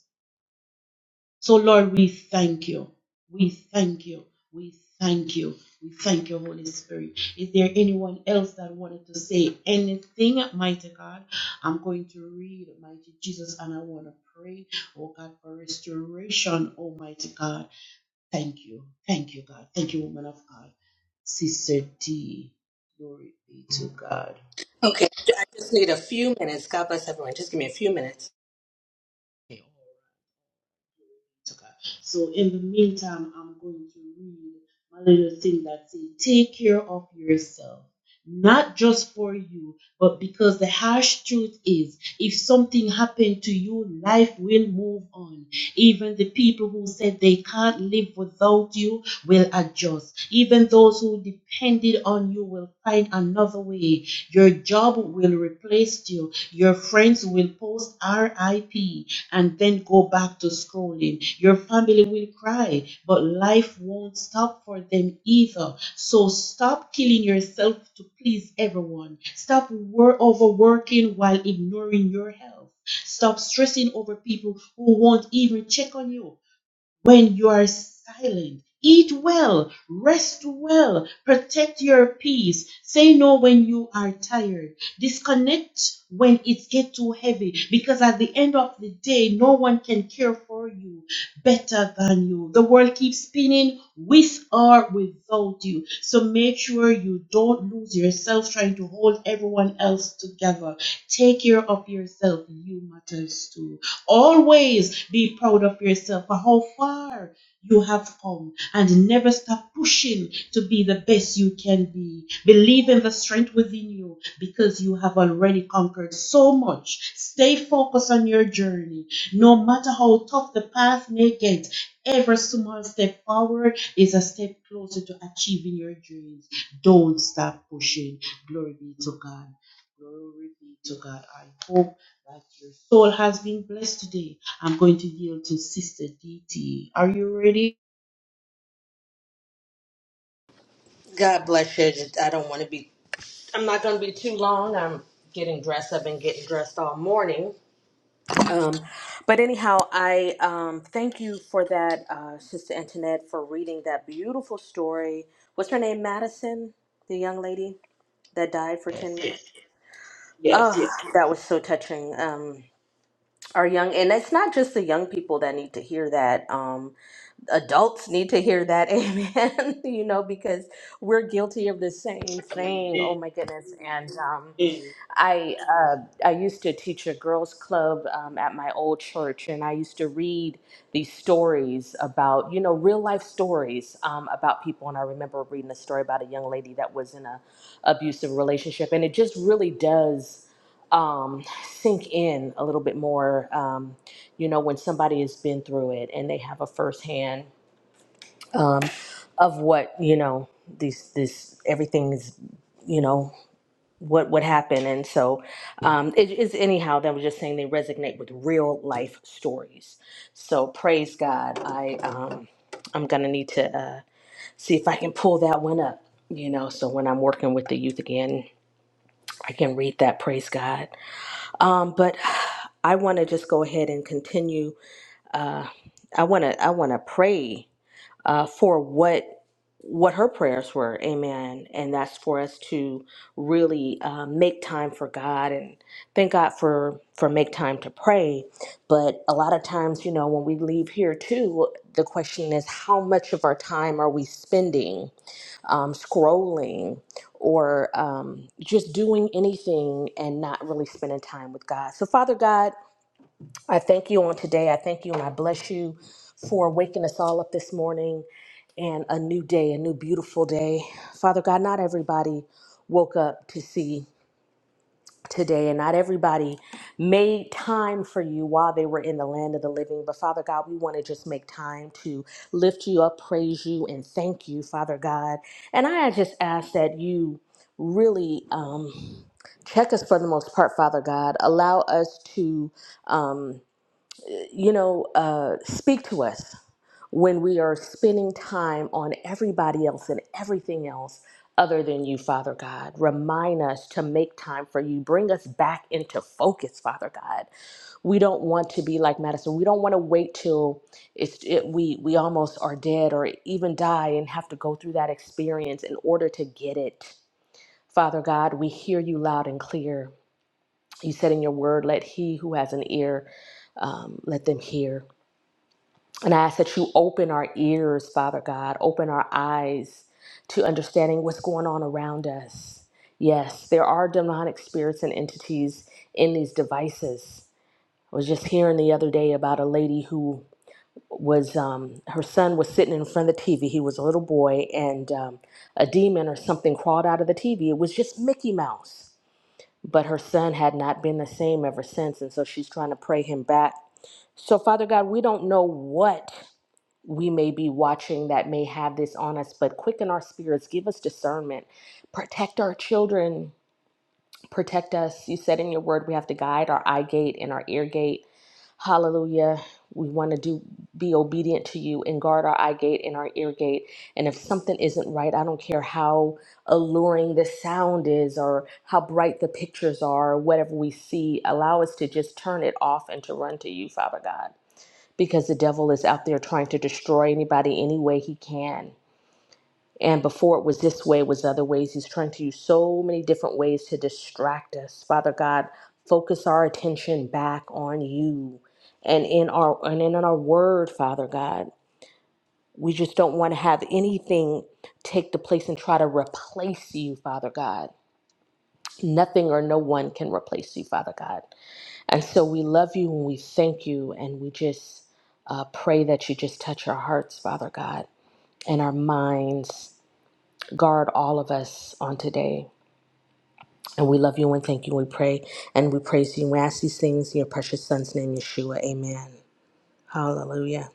So, Lord, we thank you. We thank you. We thank you. We thank you, Holy Spirit. Is there anyone else that wanted to say anything, mighty God? I'm going to read, mighty Jesus, and I want to pray, oh God, for restoration, almighty God. Thank you. Thank you, God. Thank you, woman of God. Sister D. Glory be to God. Okay, I just need a few minutes. God bless everyone. Just give me a few minutes. to So in the meantime, I'm going to read my little thing that says, take care of yourself. Not just for you, but because the harsh truth is, if something happened to you, life will move on. Even the people who said they can't live without you will adjust. Even those who depended on you will find another way. Your job will replace you. Your friends will post RIP and then go back to scrolling. Your family will cry, but life won't stop for them either. So stop killing yourself to please everyone. Stop wor- overworking while ignoring your health. Stop stressing over people who won't even check on you when you are silent. Eat well, rest well, protect your peace. Say no when you are tired. Disconnect when it gets too heavy because at the end of the day, no one can care for you better than you. The world keeps spinning with or without you. So make sure you don't lose yourself trying to hold everyone else together. Take care of yourself. You matters too. Always be proud of yourself for how far you have come and never stop pushing to be the best you can be. Believe in the strength within you because you have already conquered so much. Stay focused on your journey. No matter how tough the path may get, every small step forward is a step closer to achieving your dreams. Don't stop pushing. Glory be to God. Glory be to God. I hope your soul has been blessed today. I'm going to yield to Sister DT. Are you ready? God bless you. Just, I don't want to be. I'm not going to be too long. I'm getting dressed. I've been getting dressed all morning. Um, but anyhow, I um, thank you for that, uh, Sister Antoinette, for reading that beautiful story. What's her name? Madison, the young lady that died for ten Yes, yes, minutes. Oh, yes, yes. that was so touching. Um, our young, and it's not just the young people that need to hear that. Um, adults need to hear that amen you know because we're guilty of the same thing oh my goodness and um, Amen. i uh, i used to teach a girls club um, at my old church and i used to read these stories about you know real life stories um, about people and i remember reading a story about a young lady that was in a abusive relationship and it just really does um, sink in a little bit more um, you know when somebody has been through it and they have a firsthand um, of what you know these this everything is you know what would happen and so um it is anyhow that was just saying they resonate with real life stories so praise god i um i'm gonna need to uh see if i can pull that one up you know so when i'm working with the youth again i can read that praise god um but i want to just go ahead and continue uh i want to i want to pray uh, for what what her prayers were. Amen. And that's for us to really uh, make time for God and thank God for for make time to pray. But a lot of times, you know, when we leave here too, the question is how much of our time are we spending um, scrolling or um, just doing anything and not really spending time with God. So, Father God. I thank you on today. I thank you and I bless you for waking us all up this morning and a new day, a new beautiful day. Father God, not everybody woke up to see today and not everybody made time for you while they were in the land of the living. But Father God, we want to just make time to lift you up, praise you, and thank you, Father God. And I just ask that you really um, check us for the most part, Father God. Allow us to. Um, you know, uh, speak to us when we are spending time on everybody else and everything else other than you, Father God. Remind us to make time for you. Bring us back into focus, Father God. We don't want to be like Madison. We don't want to wait till it's it, we we almost are dead or even die and have to go through that experience in order to get it. Father God, we hear you loud and clear. You said in your word, "Let he who has an ear, um, let them hear." And I ask that you open our ears, Father God, open our eyes to understanding what's going on around us. Yes, there are demonic spirits and entities in these devices. I was just hearing the other day about a lady who was, um, her son was sitting in front of the TV. He was a little boy, and um, a demon or something crawled out of the TV. It was just Mickey Mouse. But her son had not been the same ever since, and so she's trying to pray him back. So, Father God, we don't know what we may be watching that may have this on us, but quicken our spirits, give us discernment, protect our children, protect us. You said in your word we have to guide our eye gate and our ear gate. Hallelujah. We want to do be obedient to you and guard our eye gate and our ear gate. And if something isn't right, I don't care how alluring the sound is or how bright the pictures are, or whatever we see, allow us to just turn it off and to run to you, Father God because the devil is out there trying to destroy anybody any way he can. And before it was this way, it was other ways. He's trying to use so many different ways to distract us. Father God, focus our attention back on you and in our and in our word, Father God. We just don't want to have anything take the place and try to replace you, Father God. Nothing or no one can replace you, Father God. And so we love you and we thank you and we just uh, pray that you just touch our hearts, Father God, and our minds. Guard all of us on today. And we love you and thank you. We pray and we praise you. We ask these things in your precious son's name, Yeshua. Amen. Hallelujah.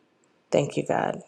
Thank you, God.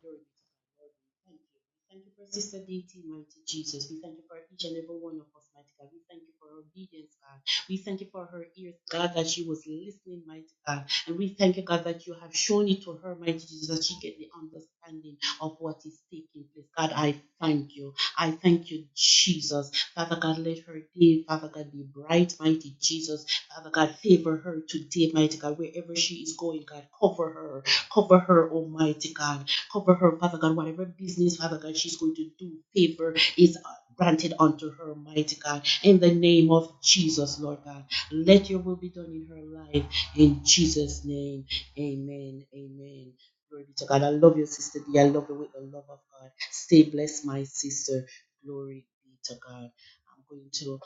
Glory be to God. Lord, we thank you. We thank you for Sister Deity, mighty Jesus. We thank you for each and every one of us, mighty God. We thank you for her obedience, God. We thank you for her ears, God, that she was listening, mighty God. And we thank you, God, that you have shown it to her, mighty Jesus, that she get the understanding of what is taking place. God, I thank you. I thank you, Jesus. Father God, let her day, Father God, be bright, mighty Jesus. Father God, favor her today, mighty God, wherever she is going, God, cover her cover her, Almighty God. Cover her, Father God, whatever business, Father God, she's going to do. Favor is uh, granted unto her, mighty God. In the name of Jesus, Lord God. Let your will be done in her life. In Jesus' name. Amen. Amen. Glory be to God. I love you, sister D. I love you with the love of God. Stay blessed, my sister. Glory be to God. I'm going to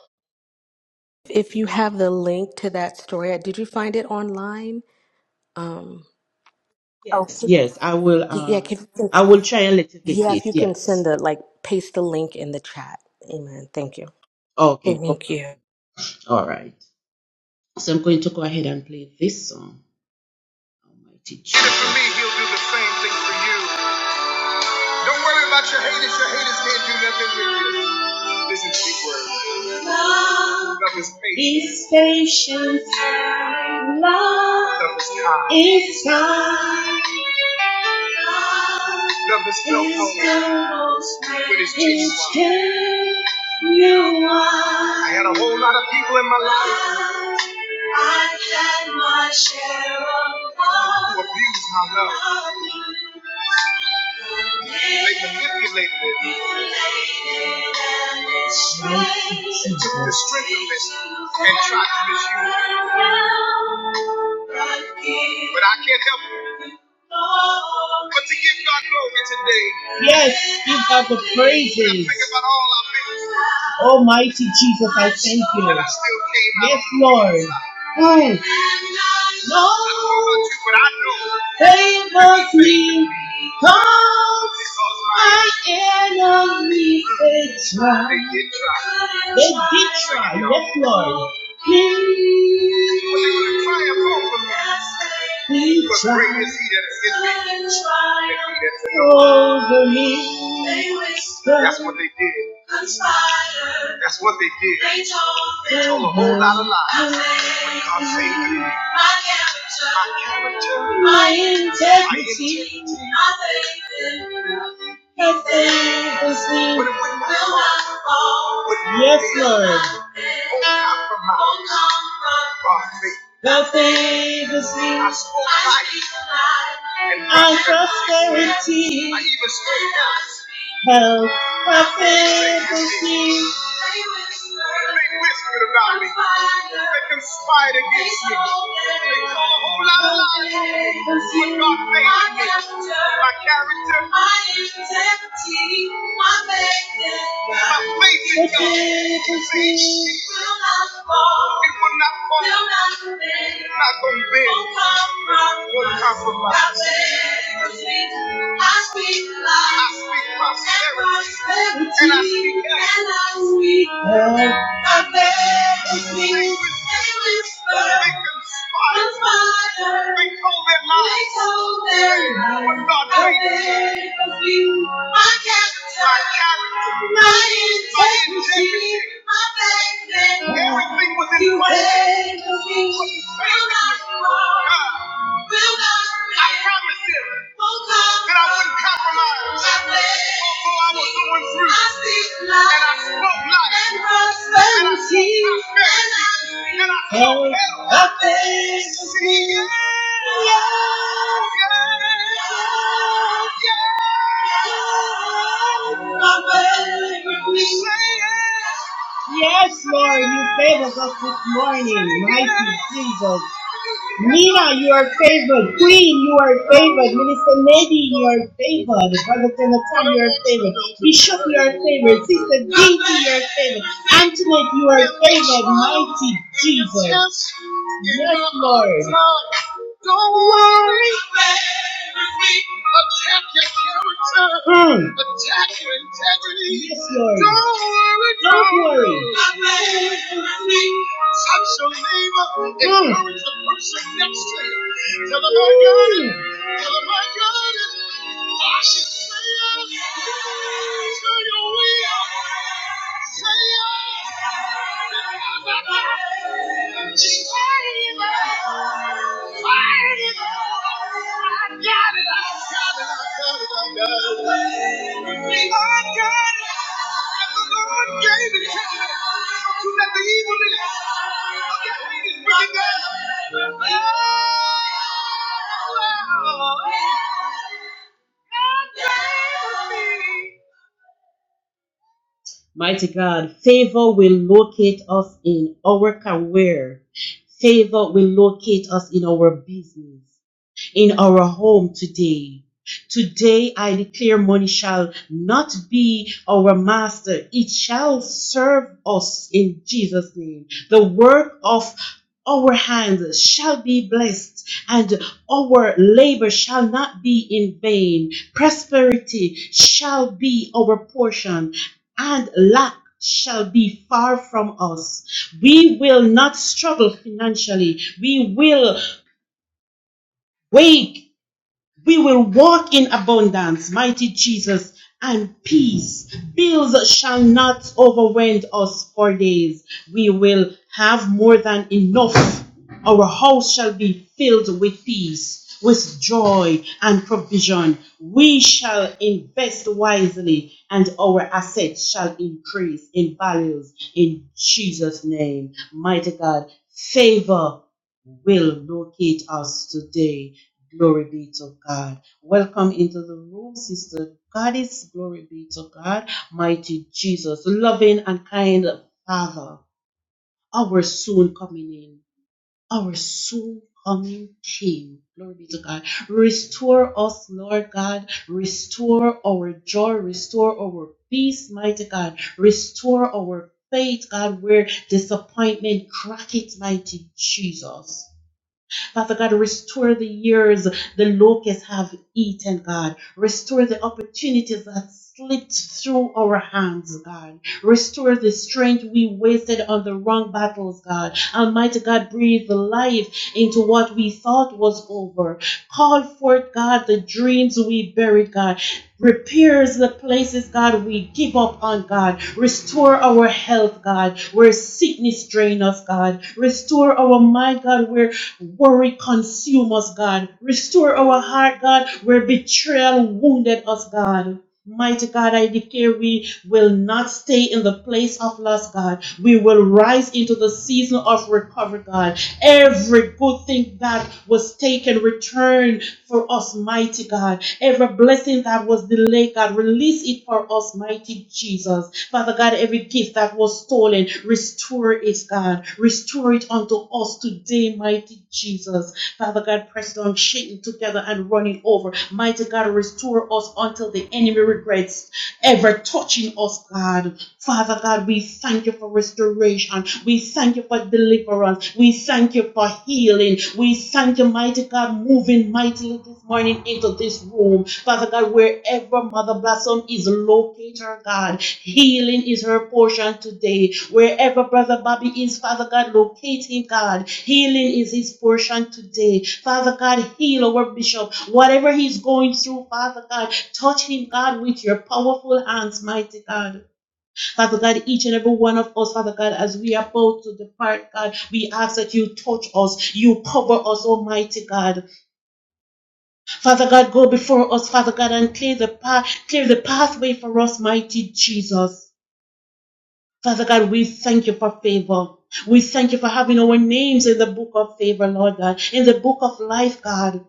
If you I'm going- have the link to that story, did you find it online? Um, oh, yes, can yes. I will you, yeah, um can you can, I will try and let you get yeah, if it. you can send Yes. the like, paste the link in the chat. Amen. Thank you. Okay, no Thank problem. you. All right. So I'm going to go ahead and play this song, Almighty Jesus. For me, he'll do the same thing for you. Don't worry about your haters. Your haters can't do nothing with you. Listen to these words. Love Love is patient. Is patient. Love, Love is kind. Is kind. Love is no is no host when it's too you are. I had a whole lot of people in my life. I had my share of love. Who abused my love. They manipulated it. She took the strength of it and tried to misuse it. But I can't help it. But to give God glory today. Yes, give God the praises. Almighty Jesus, I thank you. Yes, Lord. Oh. No. I do Cause my enemies, they try. They did try. Yes, Lord. He He tried over me. That's what they did conspired. That's what they did. They told They told a whole lot of lies. I But God saved me. my character, My character, my integrity. My faith, thank them they will see will not fall. Yes, Lord. Don't compromise. not come God Nothing is me. I spoke life and Our prosperity. I even spoke health. Health. Nothing is They whispered about me. They conspired against me. They told a whole lot of lies. But God favored me. My character. My hands empty. My faith in God. My faith in God. It will not fall. It will not fall. Will not bend. Not gonna bend. Won't compromise. Won't compromise. My faith is weak. I speak life. I speak prosperity. And prosperity. And I speak health. And I speak I beg of thee, they whisper, they conspire, they told their lies, they told their lies. But God, I beg of thee, my character, my character, my integrity, my faith, in everything was in you place. beg of thee, will not will not fail. I promise you that I wouldn't compromise. Although I was going through, and I spoke life, and I spoke prosperity, and I spoke health. See, yeah, yeah, yeah, yeah. Say it. Tina, you are favored. Queen, you are favored. Minister Lady, you are favored. Brother Jonathan, you are favored. Bishop, you are favored. Sister Dinky, you are favored. Antoinette, you are favored. Mighty Jesus in Yes, my Lord. Time. Don't worry. Attack your character. Mm. Attack your integrity. Yes, Lord. Don't worry. Don't worry. Touch your neighbor. Mm. Encourage the person next to you. Tell them I got it. Thank you. Mighty God, favor will locate us in our career. Favor will locate us in our business in our home today. Today I declare money shall not be our master. It shall serve us in Jesus' name. The work of our hands shall be blessed and our labor shall not be in vain. Prosperity shall be our portion and lack shall be far from us. We will not struggle financially. We will wake we will walk in abundance, mighty Jesus, and peace. Bills shall not overwhelm us for days. We will have more than enough. Our house shall be filled with peace, with joy and provision. We shall invest wisely, and our assets shall increase in values in Jesus' name. Mighty God, favor will locate us today Glory be to God. Welcome into the room, Sister Goddess. Glory be to God. Mighty Jesus, loving and kind Father, our soon coming in, our soon coming King. Glory be to God. Restore us, Lord God. Restore our joy. Restore our peace, mighty God. Restore our faith, God, where disappointment crack it, mighty Jesus. Father God, restore the years the locusts have eaten, God. Restore the opportunities that slipped through our hands, God. Restore the strength we wasted on the wrong battles, God. Almighty God, breathe life into what we thought was over. Call forth, God, the dreams we buried, God repairs the places, God, we give up on, God. Restore our health, God, where sickness drain us, God. Restore our mind, God, where Worry consume us, God. Restore our heart, God, where betrayal wounded us, God. Mighty God, I declare we will not stay in the place of loss, God. We will rise into the season of recovery, God. Every good thing that was taken, return for us, mighty God. Every blessing that was delayed, God, release it for us, mighty Jesus. Father God, every gift that was stolen, restore it, God. Restore it unto us today, mighty Jesus. Father God, press down, shaking together and running over. Mighty God, restore us until the enemy regrets ever touching us, God. Father God, we thank you for restoration. We thank you for deliverance. We thank you for healing. We thank you, mighty God, moving mightily this morning into this room. Father God, wherever Mother Blossom is located, her God, healing is her portion today. Wherever Brother Bobby is, Father God, locate him, God. Healing is his portion today. Father God, heal our bishop. Whatever he's going through, Father God, touch him, God, with your powerful hands, mighty God. Father God, each and every one of us, Father God, as we are about to depart, God, we ask that you touch us, you cover us, Almighty God. Father God, go before us, Father God, and clear the path, clear the pathway for us, mighty Jesus. Father God, we thank you for favor. We thank you for having our names in the book of favor, Lord God, in the book of life, God.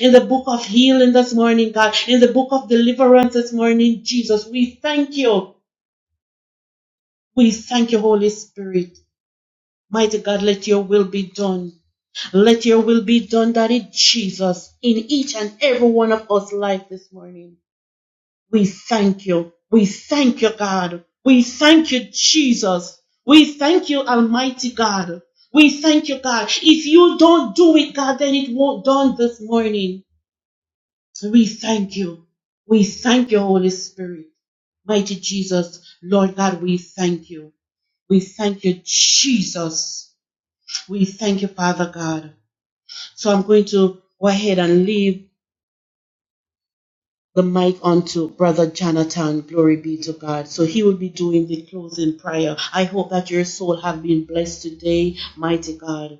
In the book of healing this morning, God, in the book of deliverance this morning, Jesus, we thank you. We thank you, Holy Spirit. Mighty God, let your will be done. Let your will be done, Daddy Jesus, in each and every one of us life this morning. We thank you. We thank you, God. We thank you, Jesus. We thank you, Almighty God. We thank you, God. If you don't do it, God, then it won't done this morning. We thank you. We thank you, Holy Spirit. Mighty Jesus, Lord God, we thank you. We thank you, Jesus. We thank you, Father God. So I'm going to go ahead and leave the mic on to Brother Jonathan. Glory be to God. So he will be doing the closing prayer. I hope that your soul have been blessed today, mighty God.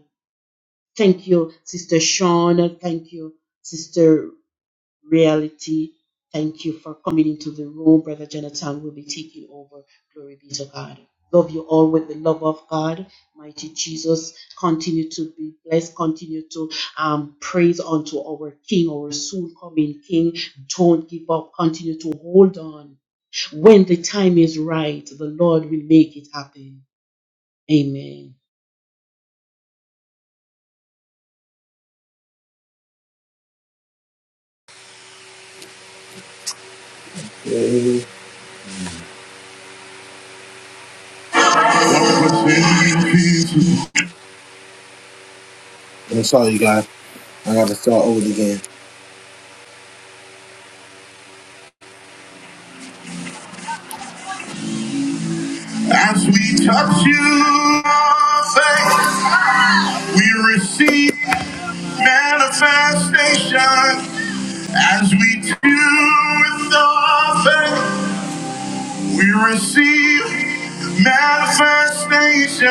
Thank you, Sister Sean. Thank you, Sister reality. Thank you for coming into the room. Brother Jonathan will be taking over. Glory be to God. Love you all with the love of God. Mighty Jesus, continue to be blessed. Continue to um, praise unto our King, our soon coming King. Don't give up. Continue to hold on. When the time is right, the Lord will make it happen. Amen. As we touch you, faith, we receive manifestation. As we do with our faith, we receive manifestation.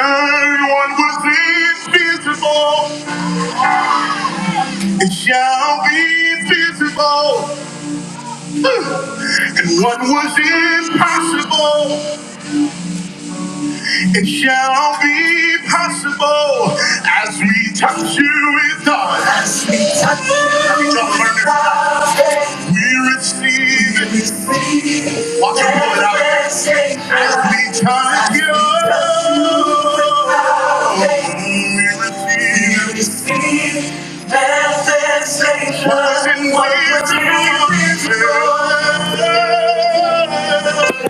What was invisible, it shall be visible. And what was impossible, it shall be possible as we touch you with God. We receive it. Watch your woman out. As we come you, we receive it. Was in ways to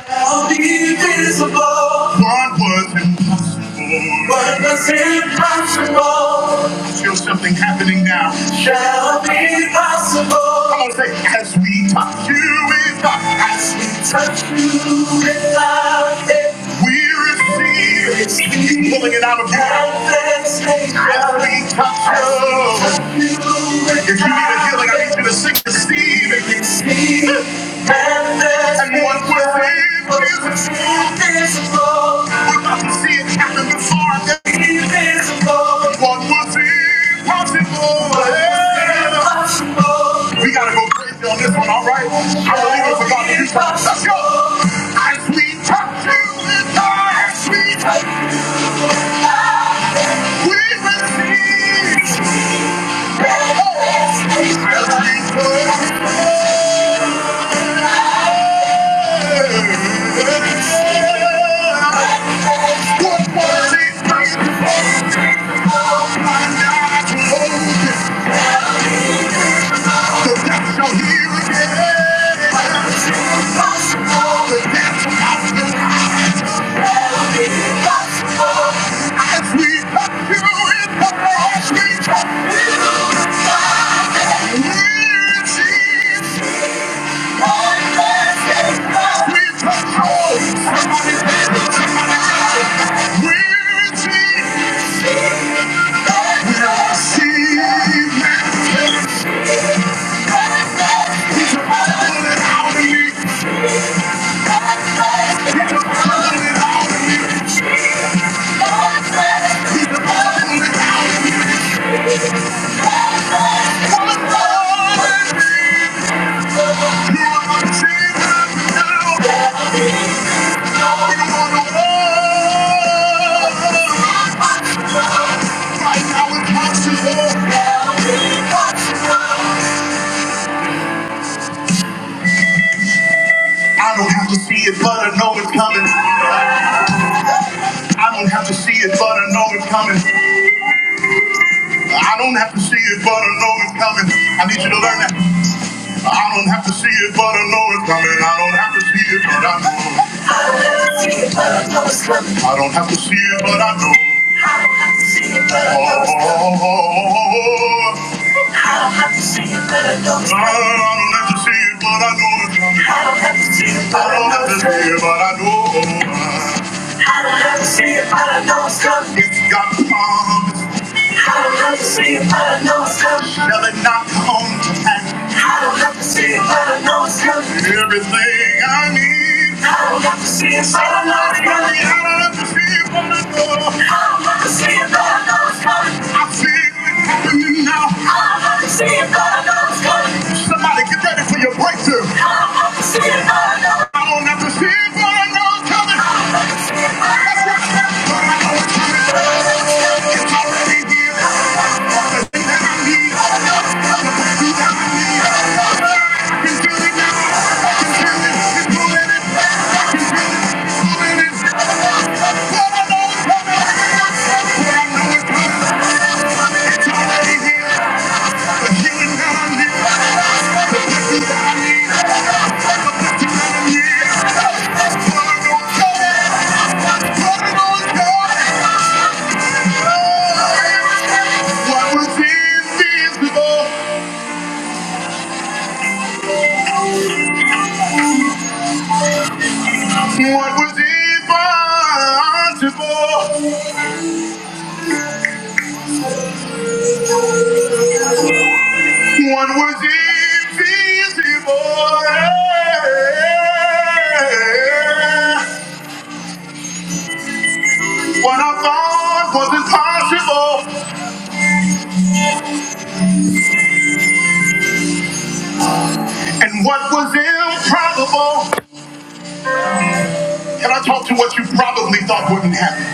I'll be visible. What was impossible? What was impossible? feel something happening now. Shall it be possible? Come on, say, as we touch you with love, as we touch you with love, we receive, receive pulling it out of you. As we touch you. If you need a healing, I need you to sing, receive it. Receive. it. And what we're seeing is invisible. We're about to see it happen before our very invisible. What was impossible. possible. We gotta go crazy on this one, all right? I believe it for God to do something. Let's go. As we touch you as we touch, we receive. As we touch you. We're see, man, we're out of I don't have to see it, but I know it's coming. I don't have to see it, but I know it's coming. I don't have to see it, but I know it's coming. I need you to learn that. I don't have to see it, but I know it's coming. I don't have to see it, but I know. I don't have to see it, but I know. Oh, oh, oh, oh. I don't have to see it, but I know I don't have to see it, but I know it's coming. I don't have to see it, but I know. it's coming. I don't have to see it, but I know It's coming. It's got promise. I don't have to see it, but I know it's coming. Shall it not come to pass? I don't have to see it, but I know it's coming. Everything I need. I don't have to see it, but I know it's coming. I don't have to see it, but I know. I don't have to see it, but I know it's coming. I feel it happening now. I don't have to see it, but I know it's coming. Somebody get ready for your breakthrough. I don't have to see it, but I know. I don't have to see it, but I know it's coming. That's right. But I know it's coming. It's already here. What was invisible? What was impossible, What was invisible. Yeah. What I thought was impossible, and what was improbable. Can I talk to what you probably thought wouldn't happen?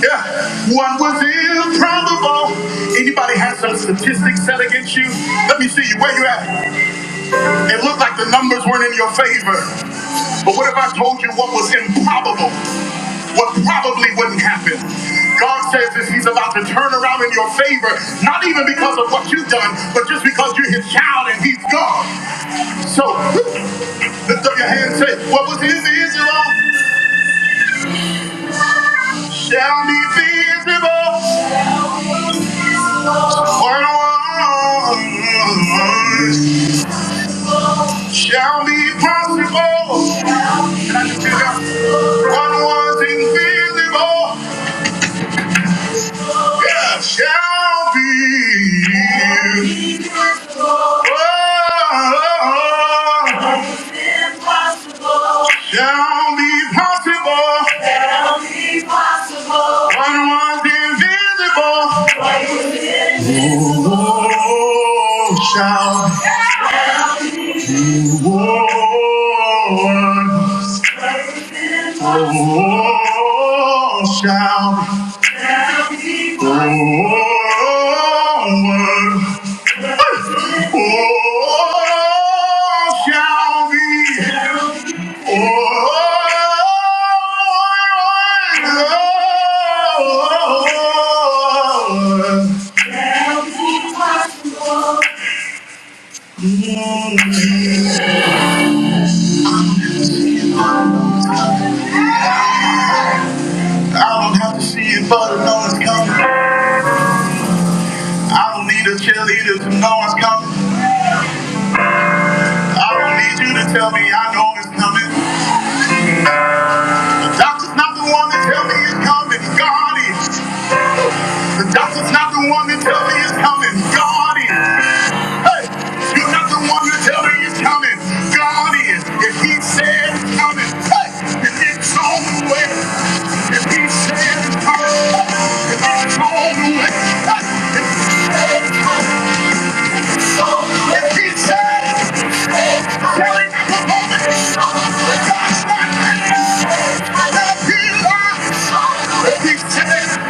Yeah, What was improbable. Anybody has some statistics set against you? Let me see you. Where you at? It looked like the numbers weren't in your favor. But what if I told you what was improbable? What probably wouldn't happen? God says that He's about to turn around in your favor, not even because of what you've done, but just because you're His child and He's God. So, lift up your hand and say, What was invisible shall be visible. What was shall be possible. What was invisible yeah, shall be oh, shall be possible. shall be possible. What was invisible oh, shall be oh, oh, shall be. I don't have to see it, but I know it's coming. I don't need a cheerleader to know it's coming. I don't need you to tell me I know it's coming. The doctor's not the one to tell me it's coming. God is. The doctor's not the one that tell me it's coming. God is. Hey, you're not the one that tell me it's coming. God is. If he said it's coming, hey, if it's on the way. If he said it's coming, hey, if it's on the way. Hey, if he said it's coming, God's not mad. he lied, if he said,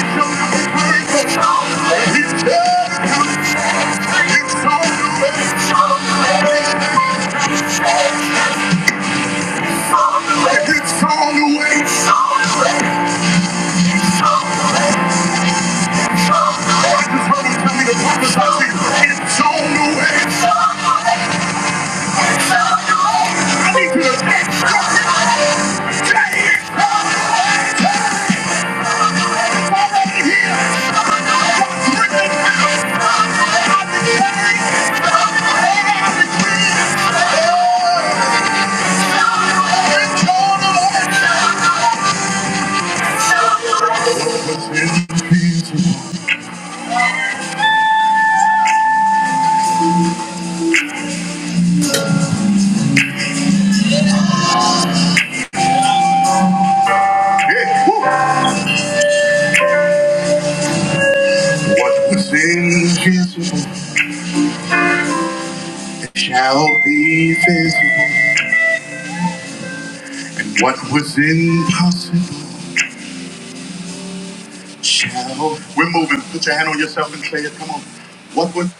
I shall not be hurt. If he said it's coming, it's on the way. It's on the way. I just heard brother's tell me to prophesy to you. It's on the way. I need you to take what this day is. I'm already here. Bring it out of the day. Hold on to Jesus. What's in Jesus? Yeah. Woo. What was invisible shall be visible. What was impossible shall. We're moving. Put your hand on yourself and say it. Come on. What was?